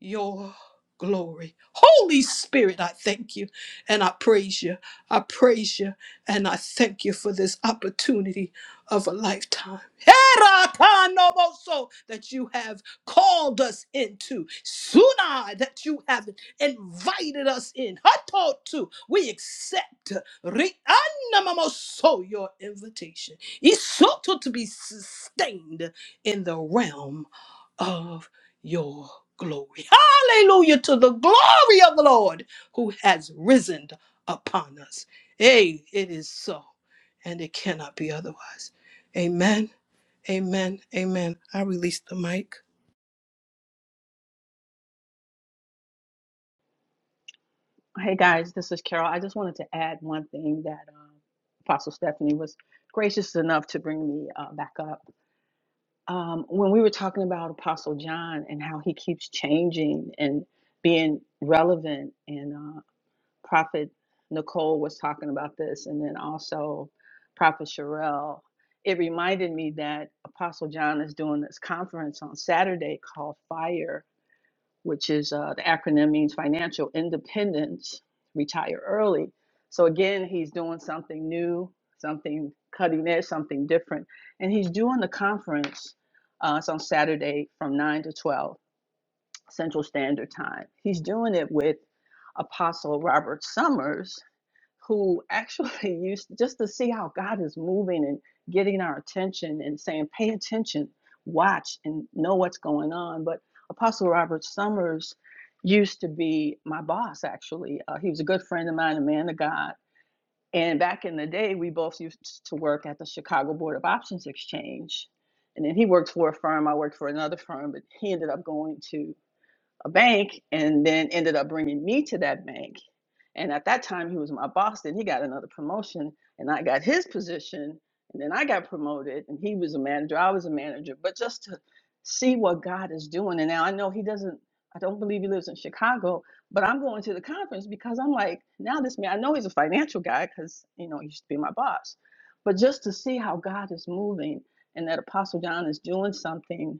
your glory. Holy Spirit, I thank you and I praise you. I praise you and I thank you for this opportunity of a lifetime. Herakanoboso, That you have called us into. Suna, that you have invited us in. Hatotu, we accept Ri'anamamoso, your invitation. Isoto to be sustained in the realm of your glory. Hallelujah to the glory of the Lord who has risen upon us. Hey, it is so, and it cannot be otherwise. Amen. Amen. Amen. I release the mic. Hey guys, this is Carol. I just wanted to add one thing that um, Apostle Stephanie was gracious enough to bring me uh, back up. Um, when we were talking about Apostle John and how he keeps changing and being relevant, and uh, Prophet Nicole was talking about this, and then also Prophet Sherelle, it reminded me that Apostle John is doing this conference on Saturday called Fire which is uh, the acronym means financial independence, retire early. So again, he's doing something new, something cutting edge, something different, and he's doing the conference. Uh, it's on Saturday from nine to twelve Central Standard Time. He's doing it with Apostle Robert Summers, who actually used to, just to see how God is moving and getting our attention and saying, pay attention, watch, and know what's going on. But Apostle Robert Summers used to be my boss, actually. Uh, he was a good friend of mine, a man of God. And back in the day, we both used to work at the Chicago Board of Options Exchange. And then he worked for a firm, I worked for another firm, but he ended up going to a bank and then ended up bringing me to that bank. And at that time, he was my boss. Then he got another promotion and I got his position. And then I got promoted and he was a manager. I was a manager. But just to see what God is doing. And now I know he doesn't, I don't believe he lives in Chicago, but I'm going to the conference because I'm like, now this man, I know he's a financial guy because, you know, he used to be my boss. But just to see how God is moving and that Apostle John is doing something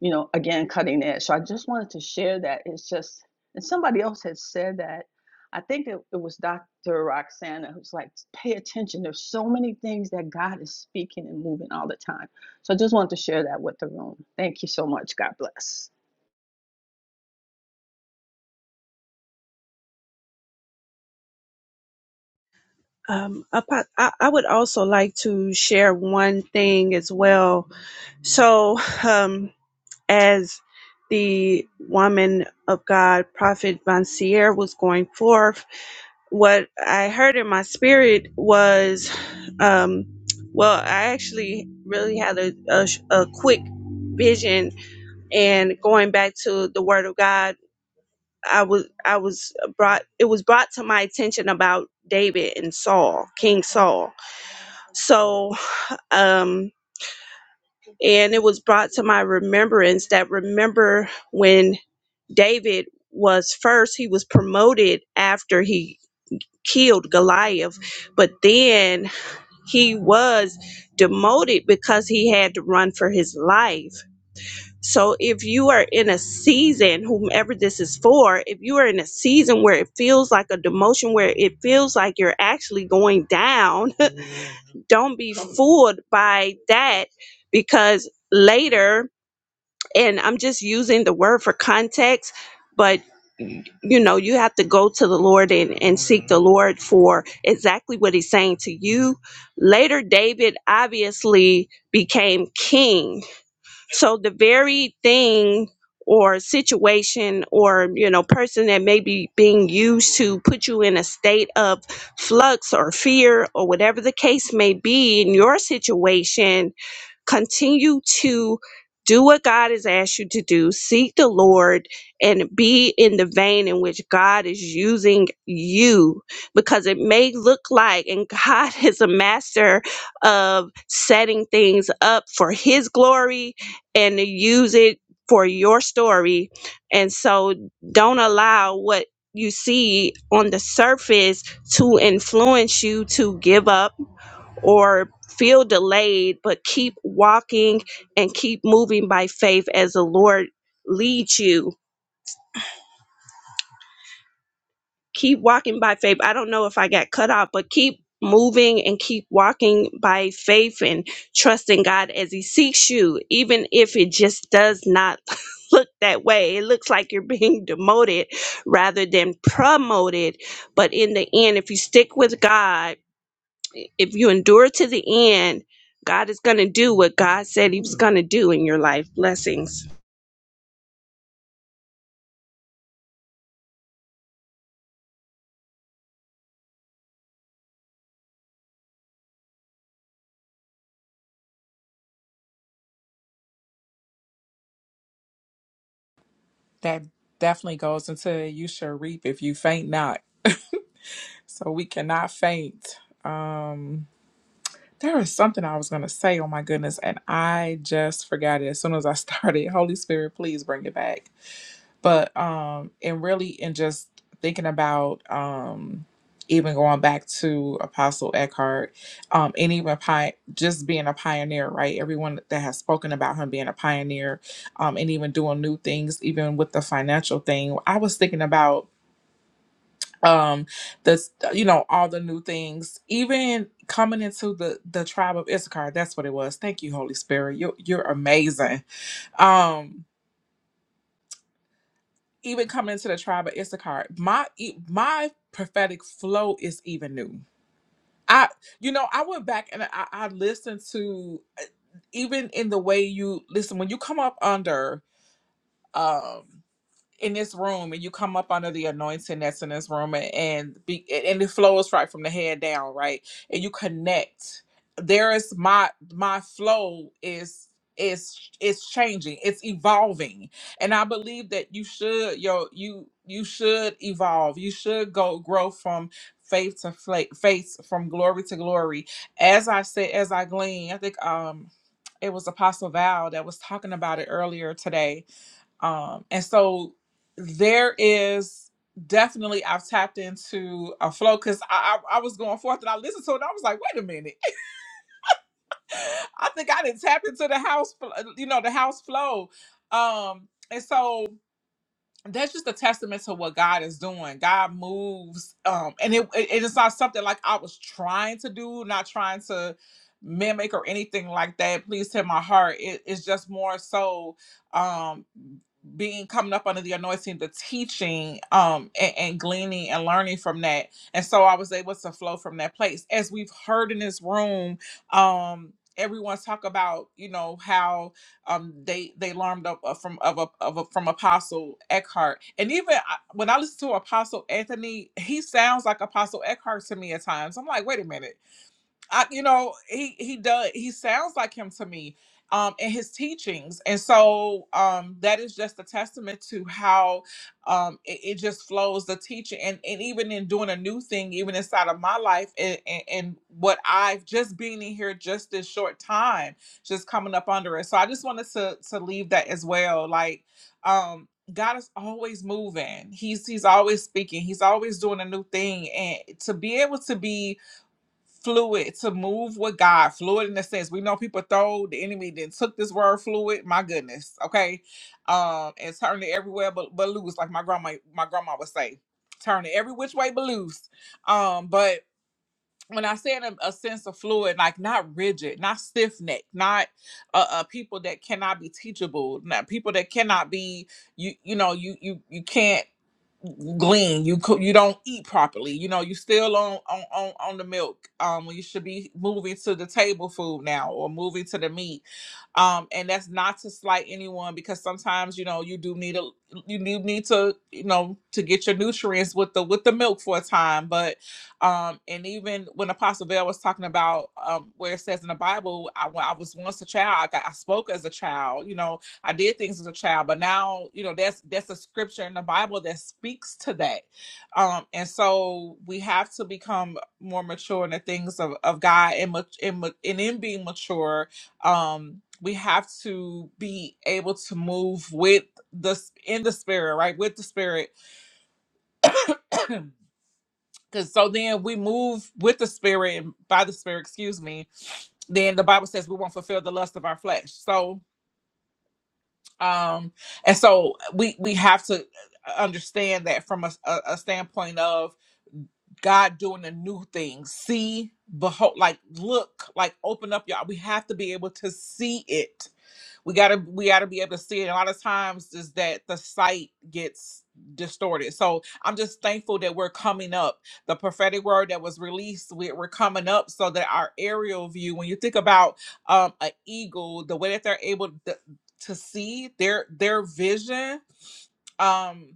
you know, again, cutting edge. So I just wanted to share that. It's just, and somebody else had said that. I think it, it was Dr. Roxana who's like, pay attention. There's so many things that God is speaking and moving all the time. So I just wanted to share that with the room. Thank you so much. God bless. Um, apo- I, I would also like to share one thing as well. So, um, as the woman of God, Prophet Bonsier, was going forth, what I heard in my spirit was, um, well, I actually really had a, a, sh- a quick vision, and going back to the Word of God, I was I was brought it was brought to my attention about David and Saul, King Saul. So, um, and it was brought to my remembrance that remember when David was first, he was promoted after he killed Goliath, but then he was demoted because he had to run for his life. So if you are in a season, whomever this is for, if you are in a season where it feels like a demotion, where it feels like you're actually going down, don't be fooled by that because later, and I'm just using the word for context, but you know you have to go to the lord and, and seek the lord for exactly what he's saying to you later david obviously became king so the very thing or situation or you know person that may be being used to put you in a state of flux or fear or whatever the case may be in your situation Continue to do what God has asked you to do. Seek the Lord and be in the vein in which God is using you because it may look like, and God is a master of setting things up for His glory and to use it for your story. And so don't allow what you see on the surface to influence you to give up or feel delayed, but keep walking and keep moving by faith as the Lord leads you. Keep walking by faith. I don't know if I got cut off, but keep moving and keep walking by faith and trusting God as He seeks you, even if it just does not look that way. It looks like you're being demoted rather than promoted. But in the end, if you stick with God, if you endure to the end, God is going to do what God said He was going to do in your life. Blessings. That definitely goes into you shall reap if you faint not. so we cannot faint. Um, there is something I was gonna say. Oh my goodness, and I just forgot it as soon as I started. Holy Spirit, please bring it back but um and really and just thinking about um even going back to apostle eckhart um and even pi- just being a pioneer right everyone that has spoken about him being a pioneer um and even doing new things even with the financial thing i was thinking about um this uh, you know all the new things even coming into the the tribe of issachar that's what it was thank you holy spirit you're, you're amazing um even coming into the tribe of Issachar, my e- my prophetic flow is even new. I, you know, I went back and I, I listened to uh, even in the way you listen when you come up under. um in this room and you come up under the anointing that's in this room and, and be and it flows right from the head down right and you connect there is my my flow is is it's changing it's evolving and i believe that you should yo you you should evolve you should go grow from faith to faith, faith from glory to glory as i said as i glean i think um it was apostle val that was talking about it earlier today um, and so there is definitely I've tapped into a flow because I, I I was going forth and I listened to it. And I was like, wait a minute, I think I didn't tap into the house, fl- uh, you know, the house flow. Um, and so that's just a testament to what God is doing. God moves, um, and it it is not something like I was trying to do, not trying to mimic or anything like that. Please hit my heart. It, it's just more so um being coming up under the anointing, the teaching, um, and, and gleaning and learning from that. And so I was able to flow from that place. As we've heard in this room, um, everyone talk about, you know, how um, they they learned up uh, from of, a, of a, from Apostle Eckhart, and even I, when I listen to Apostle Anthony, he sounds like Apostle Eckhart to me at times. I'm like, wait a minute, I, you know, he he does. He sounds like him to me, um, in his teachings, and so um, that is just a testament to how um it, it just flows the teaching, and and even in doing a new thing, even inside of my life, and, and and what I've just been in here just this short time, just coming up under it. So I just wanted to to leave that as well, like um. God is always moving. He's he's always speaking. He's always doing a new thing, and to be able to be fluid to move with God, fluid in the sense we know people throw the enemy then took this word fluid, my goodness, okay, um, and turned it everywhere but, but loose, like my grandma my grandma would say, turn it every which way but loose, um, but when I say in a, a sense of fluid, like not rigid, not stiff necked, not uh, uh, people that cannot be teachable, not people that cannot be you you know you you you can't glean. You cook. You don't eat properly. You know. You still on on on on the milk. Um. You should be moving to the table food now, or moving to the meat. Um. And that's not to slight anyone because sometimes you know you do need a you do need to you know to get your nutrients with the with the milk for a time. But um. And even when Apostle Bell was talking about um where it says in the Bible, I, when I was once a child. I, got, I spoke as a child. You know I did things as a child, but now you know that's that's a scripture in the Bible that speaks to that, um, and so we have to become more mature in the things of, of God, and, mat- and ma- and in being mature, um, we have to be able to move with the s- in the spirit, right, with the spirit, because so then we move with the spirit and by the spirit, excuse me. Then the Bible says we won't fulfill the lust of our flesh, so um and so we we have to understand that from a, a, a standpoint of god doing a new thing see behold like look like open up y'all we have to be able to see it we gotta we gotta be able to see it. A lot of times is that the sight gets distorted. So I'm just thankful that we're coming up. The prophetic word that was released, we, we're coming up so that our aerial view. When you think about um an eagle, the way that they're able to, to see their their vision. Um,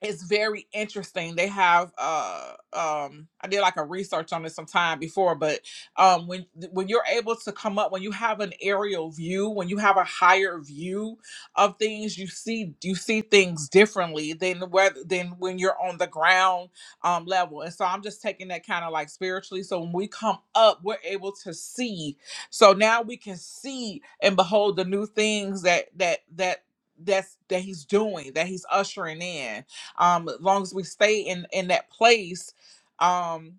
it's very interesting. They have uh um I did like a research on this some time before, but um when when you're able to come up when you have an aerial view, when you have a higher view of things, you see you see things differently than whether than when you're on the ground um level. And so I'm just taking that kind of like spiritually. So when we come up, we're able to see. So now we can see and behold the new things that that that that's that he's doing, that he's ushering in um as long as we stay in in that place um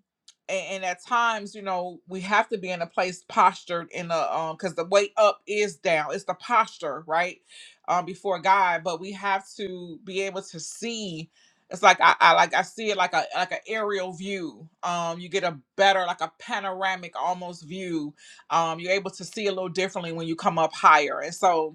and, at times you know we have to be in a place postured in a um because the way up is down it's the posture right um before god but we have to be able to see it's like I, I like I see it like a like an aerial view. Um, you get a better like a panoramic almost view. Um, you're able to see a little differently when you come up higher. And so,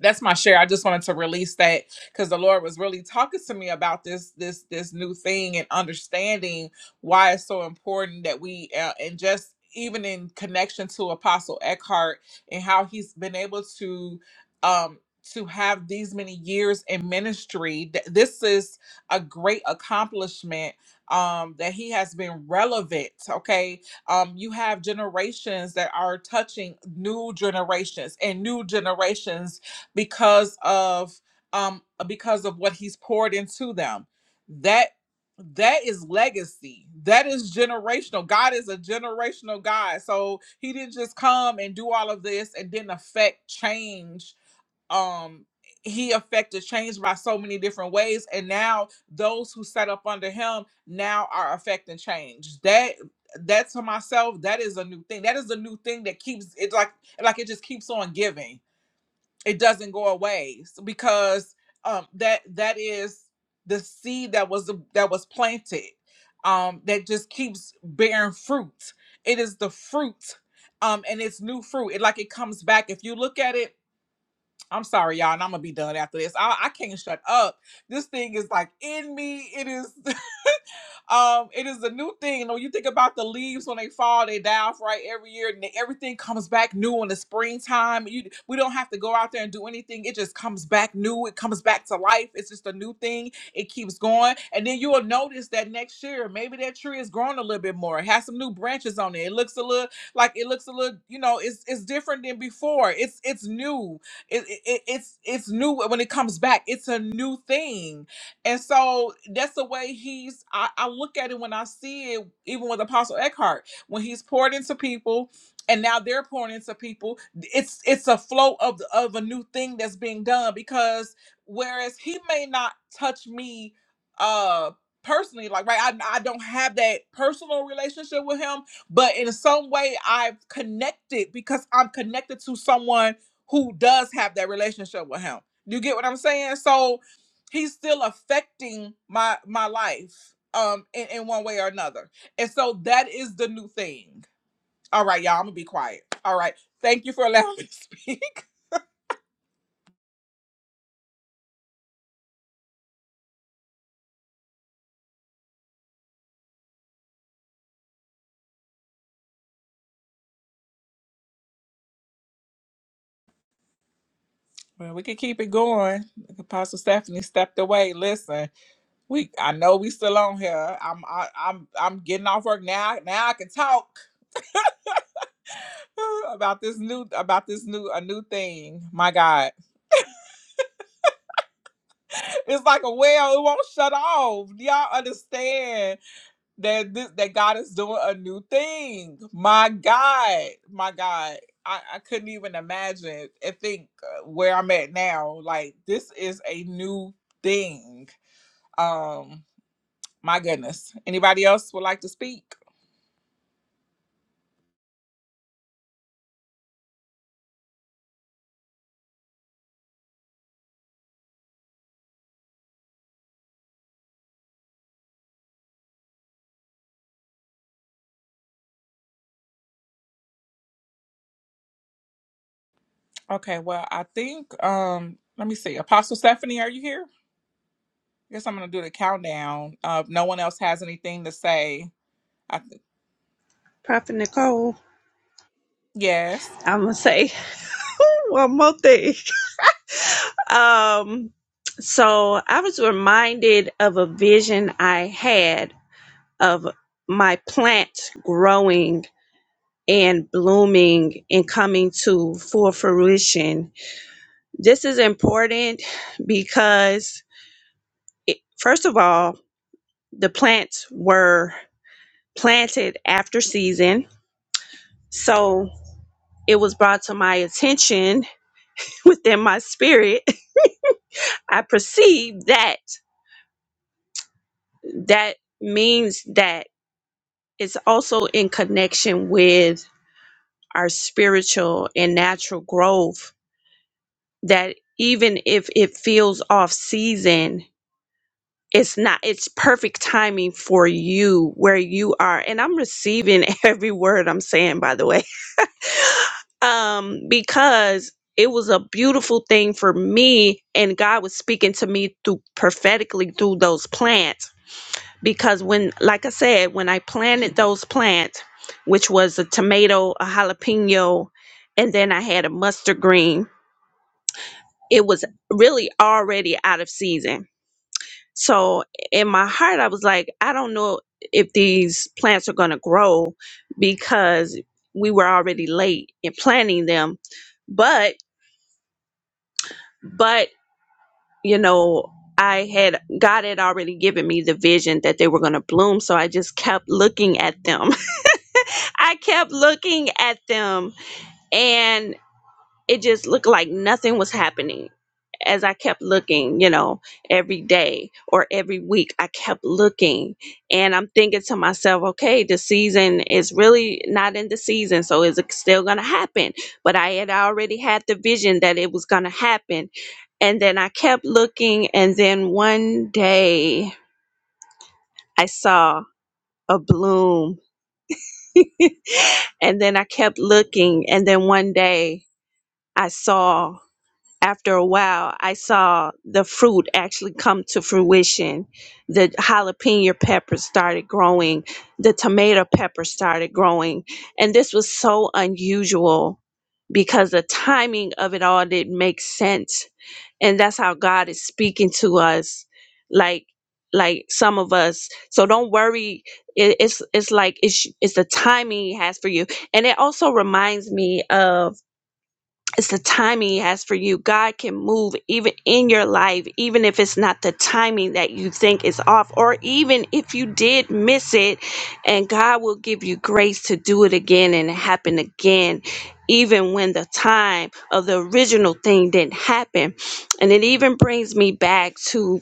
that's my share. I just wanted to release that because the Lord was really talking to me about this this this new thing and understanding why it's so important that we uh, and just even in connection to Apostle Eckhart and how he's been able to um to have these many years in ministry th- this is a great accomplishment um that he has been relevant okay um you have generations that are touching new generations and new generations because of um because of what he's poured into them that that is legacy that is generational god is a generational god so he didn't just come and do all of this and didn't affect change um he affected change by so many different ways and now those who set up under him now are affecting change that that to myself that is a new thing that is a new thing that keeps it like like it just keeps on giving it doesn't go away so because um that that is the seed that was that was planted um that just keeps bearing fruit it is the fruit um and it's new fruit it like it comes back if you look at it i'm sorry y'all and i'm gonna be done after this i, I can't shut up this thing is like in me it is um, it is a new thing. You know, you think about the leaves when they fall, they die off right every year, and then everything comes back new in the springtime. You we don't have to go out there and do anything. It just comes back new. It comes back to life. It's just a new thing. It keeps going, and then you will notice that next year maybe that tree has grown a little bit more. It has some new branches on it. It looks a little like it looks a little, you know, it's it's different than before. It's it's new. It, it it- it's it's new when it comes back. It's a new thing and so that's the way he's, I, I look at it when I see it, even with Apostle Eckhart, when he's poured into people and now they're pouring into people, it's it's a flow of, the- of a new thing that's being done because whereas he may not touch me uh personally, like, right, I, I don't have that personal relationship with him, but in some way I've connected because I'm connected to someone who does have that relationship with him. You get what I'm saying? So, he's still affecting my my life um in, in one way or another and so that is the new thing all right y'all i'm gonna be quiet all right thank you for allowing me to speak well we could keep it going apostle stephanie stepped away listen we i know we still on here i'm I, i'm i'm getting off work now now i can talk about this new about this new a new thing. My God, it's like a well. It won't shut off. Do Y'all understand that this that God is doing a new thing. My God, my God. I, I couldn't even imagine and think uh, where I'm at now. Like this is a new thing. Um, My goodness. Anybody else would like to speak? Okay, well, I think um let me see. Apostle Stephanie, are you here? I guess I'm gonna do the countdown. Uh if no one else has anything to say. I th- Prophet Nicole, yes. I'm going to say one more thing. Um, so I was reminded of a vision I had of my plant growing and blooming and coming to full fruition. This is important because, it, first of all, the plants were planted after season. So it was brought to my attention within my spirit. I perceive that that means that it's also in connection with our spiritual and natural growth that even if it feels off season, it's not it's perfect timing for you where you are and i'm receiving every word i'm saying by the way um because it was a beautiful thing for me and god was speaking to me through prophetically through those plants because when like i said when i planted those plants which was a tomato a jalapeno and then i had a mustard green it was really already out of season so in my heart i was like i don't know if these plants are going to grow because we were already late in planting them but but you know i had god had already given me the vision that they were going to bloom so i just kept looking at them i kept looking at them and it just looked like nothing was happening as i kept looking you know every day or every week i kept looking and i'm thinking to myself okay the season is really not in the season so is it still going to happen but i had already had the vision that it was going to happen and then i kept looking and then one day i saw a bloom and then i kept looking and then one day i saw after a while, I saw the fruit actually come to fruition. The jalapeno peppers started growing, the tomato pepper started growing. And this was so unusual because the timing of it all didn't make sense. And that's how God is speaking to us, like like some of us. So don't worry. It, it's it's like it's it's the timing He has for you. And it also reminds me of it's the timing he has for you. God can move even in your life, even if it's not the timing that you think is off, or even if you did miss it, and God will give you grace to do it again and it happen again, even when the time of the original thing didn't happen. And it even brings me back to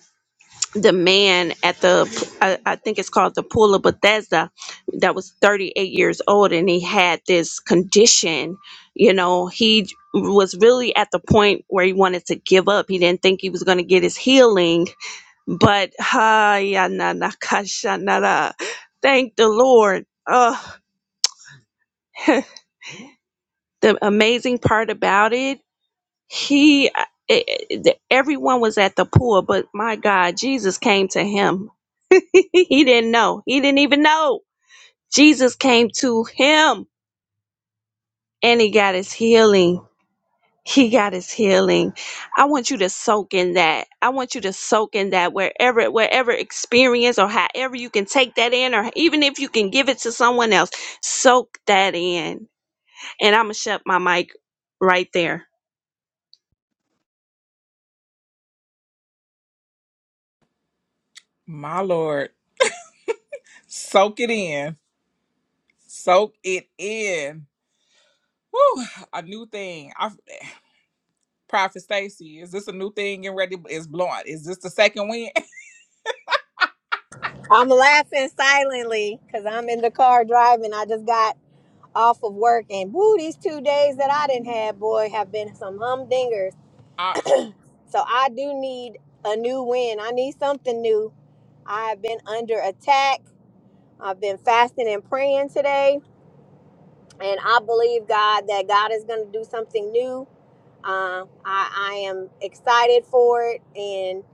the man at the I, I think it's called the pool of bethesda that was 38 years old and he had this condition you know he was really at the point where he wanted to give up he didn't think he was going to get his healing but ha ya na na ka sha na da. thank the lord oh the amazing part about it he eh, eh, eh, everyone was at the pool but my god jesus came to him he didn't know. He didn't even know. Jesus came to him and he got his healing. He got his healing. I want you to soak in that. I want you to soak in that wherever, wherever experience or however you can take that in, or even if you can give it to someone else, soak that in. And I'm going to shut my mic right there. My Lord. Soak it in. Soak it in. Whew, a new thing. Prophet Stacy, is this a new thing and ready? Is blowing? Is this the second win? I'm laughing silently because I'm in the car driving. I just got off of work, and woo, these two days that I didn't have, boy, have been some humdingers. I, So I do need a new win. I need something new. I have been under attack. I've been fasting and praying today. and I believe God that God is going to do something new. Uh, I, I am excited for it, and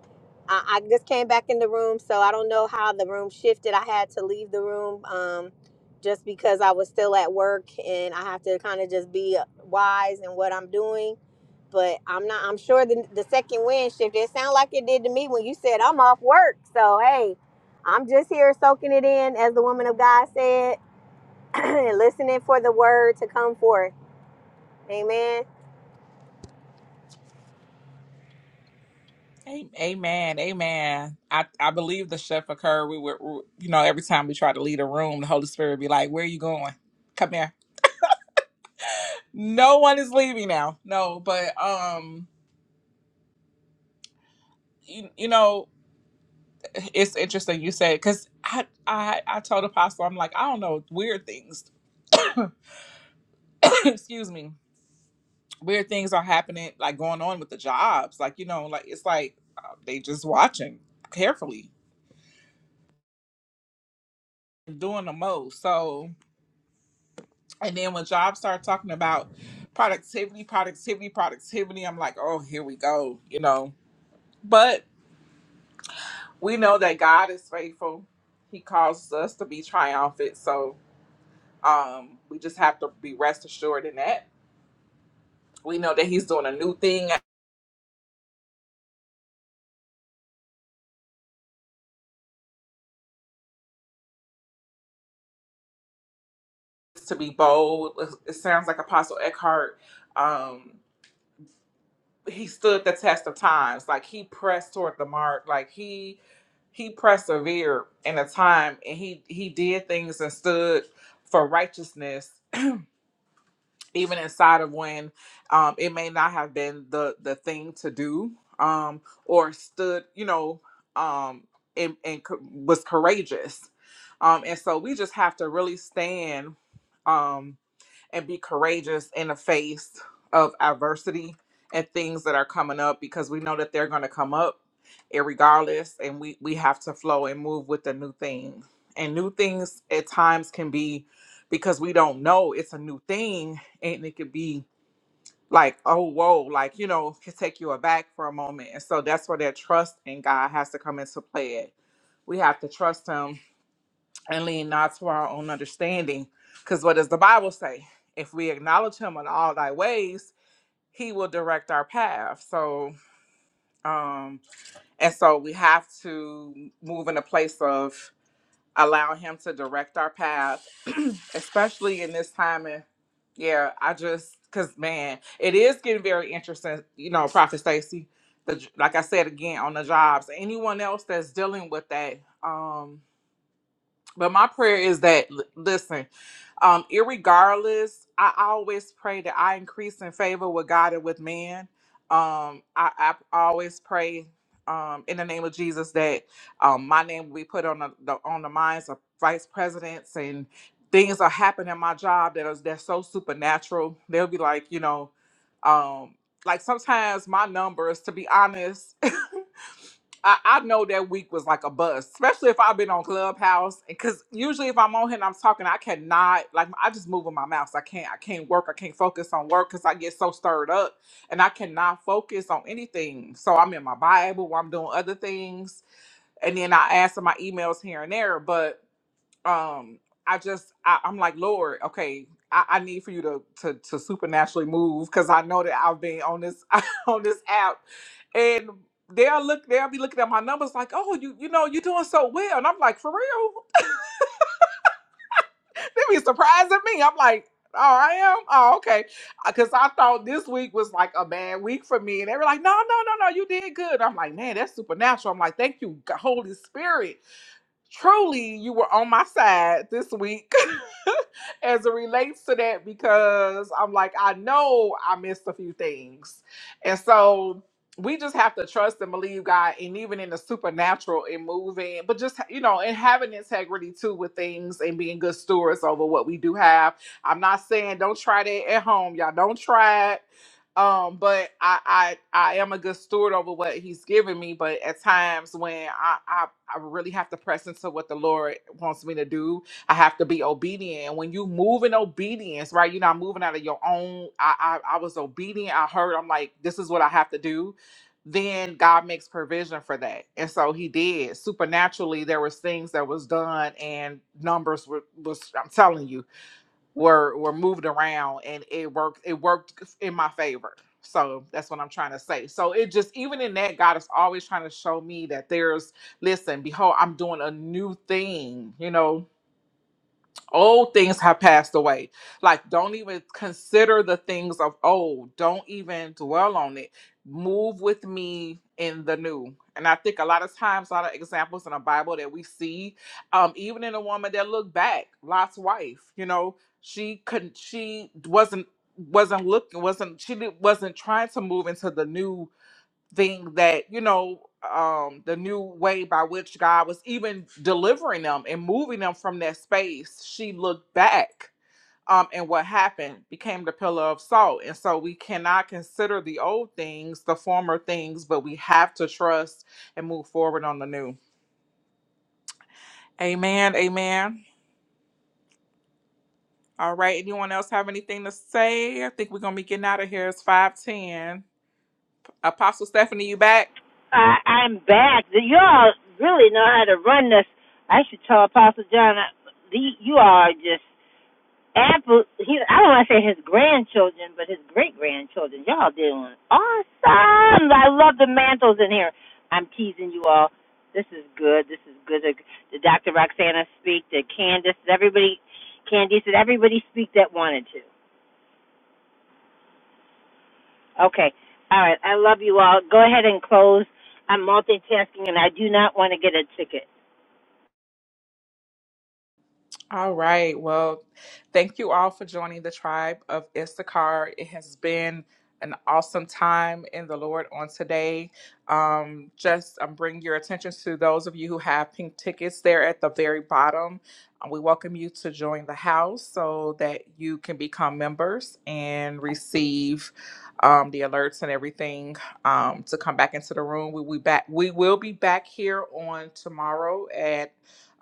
I, I just came back in the room, so I don't know how the room shifted. I had to leave the room um, just because I was still at work, and I have to kind of just be uh, wise in what I'm doing. But I'm not. I'm sure the, the second wind shifted. It sounded like it did to me when you said I'm off work. So hey, I'm just here soaking it in, as the woman of God said listening for the word to come forth. Amen. amen, amen. I, I believe the shift occurred. We were, you know, every time we try to leave a room, the Holy Spirit would be like, "Where are you going? Come here." No one is leaving now. No, but um, you, you know, it's interesting you said because I, I I told Apostle I'm like I don't know weird things. Excuse me weird things are happening, like going on with the jobs. Like, you know, like it's like uh, they just watching carefully, and doing the most. So, and then when jobs start talking about productivity, productivity, productivity, I'm like, oh, here we go, you know. But we know that God is faithful. He causes us to be triumphant. So, um, we just have to be rest assured in that. We know that he's doing a new thing to be bold. It sounds like Apostle Eckhart. Um, he stood the test of times. Like he pressed toward the mark. Like he he persevered in a time and he he did things and stood for righteousness even inside of when um it may not have been the the thing to do um or stood you know um and, and co- was courageous um and so we just have to really stand um and be courageous in the face of adversity and things that are coming up because we know that they're going to come up eh, regardless and we we have to flow and move with the new thing and new things at times can be because we don't know it's a new thing and it could be like oh whoa like you know can take you aback for a moment and so that's where that trust in god has to come into play we have to trust him and lean not to our own understanding. Because what does the Bible say? If we acknowledge him in all thy ways, he will direct our path. So, um, and so we have to move in a place of allowing him to direct our path, especially in this time. And yeah, I just, because man, it is getting very interesting, you know, Prophet Stacy. The, like I said again on the jobs, anyone else that's dealing with that, um, but my prayer is that l- listen, um, irregardless, I always pray that I increase in favor with God and with man. Um, I, I always pray um, in the name of Jesus that um, my name will be put on the, the on the minds of vice presidents and things are happening in my job that is that's so supernatural. They'll be like, you know, um, like sometimes my numbers, to be honest. I, I know that week was like a bust, especially if I've been on Clubhouse. Because usually, if I'm on here and I'm talking, I cannot like I just move with my mouth. So I can't. I can't work. I can't focus on work because I get so stirred up, and I cannot focus on anything. So I'm in my Bible. Or I'm doing other things, and then I answer my emails here and there. But um i just I, i'm like lord okay I, I need for you to to, to supernaturally move because i know that i've been on this on this app and they'll look they'll be looking at my numbers like oh you you know you're doing so well and i'm like for real they be surprising me i'm like oh i am oh okay because i thought this week was like a bad week for me and they were like no no no no you did good i'm like man that's supernatural i'm like thank you G- holy spirit truly you were on my side this week as it relates to that because I'm like, I know I missed a few things. And so we just have to trust and believe God, and even in the supernatural and moving, but just, you know, and having integrity too with things and being good stewards over what we do have. I'm not saying don't try that at home, y'all. Don't try it um, but I, I I am a good steward over what he's given me, but at times when I, I I really have to press into what the Lord wants me to do, I have to be obedient. And when you move in obedience, right? You're not moving out of your own. I I, I was obedient. I heard. I'm like, this is what I have to do. Then God makes provision for that, and so He did supernaturally. There was things that was done, and numbers were was. I'm telling you, were were moved around and it worked it worked in my favor so that's what i'm trying to say so it just even in that god is always trying to show me that there's listen behold i'm doing a new thing you know old things have passed away. Like, don't even consider the things of old. Don't even dwell on it. Move with me in the new. And I think a lot of times, a lot of examples in the Bible that we see, um, even in a woman that looked back, Lot's wife, you know, she couldn't, she wasn't wasn't looking wasn't she did, wasn't trying to move into the new thing that you know um the new way by which god was even delivering them and moving them from that space she looked back um and what happened became the pillar of salt and so we cannot consider the old things the former things but we have to trust and move forward on the new amen amen all right anyone else have anything to say i think we're gonna be getting out of here it's 510 apostle stephanie you back I, I'm back. You all really know how to run this. I should tell Apostle John. I, the, you all are just Apple, he, I don't want to say his grandchildren, but his great grandchildren. Y'all doing awesome. I love the mantles in here. I'm teasing you all. This is good. This is good. The, the Dr. Roxana speak, the Candace, everybody, Candice, and everybody speak that wanted to. Okay. All right. I love you all. Go ahead and close. I'm multitasking and I do not want to get a ticket. All right. Well, thank you all for joining the tribe of Issachar. It has been an awesome time in the Lord on today. Um, just um, bring your attention to those of you who have pink tickets there at the very bottom. Uh, We welcome you to join the house so that you can become members and receive um, the alerts and everything um, to come back into the room. We we back. We will be back here on tomorrow at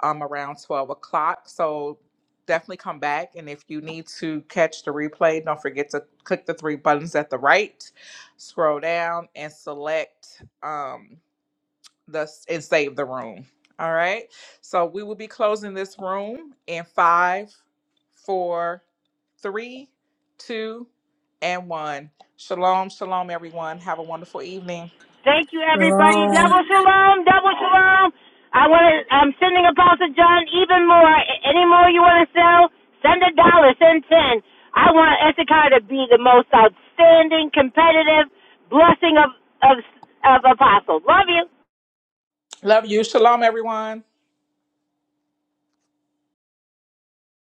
um, around 12 o'clock. So definitely come back. And if you need to catch the replay, don't forget to click the three buttons at the right, scroll down, and select um, the and save the room. All right. So we will be closing this room in five, four, three, two, and one. Shalom, shalom, everyone. Have a wonderful evening. Thank you, everybody. Double shalom, double shalom. I want to. I'm sending Apostle John even more. Any more you want to sell? Send a dollar. Send ten. I want Issachar to be the most outstanding, competitive blessing of of of apostles. Love you. Love you. Shalom, everyone.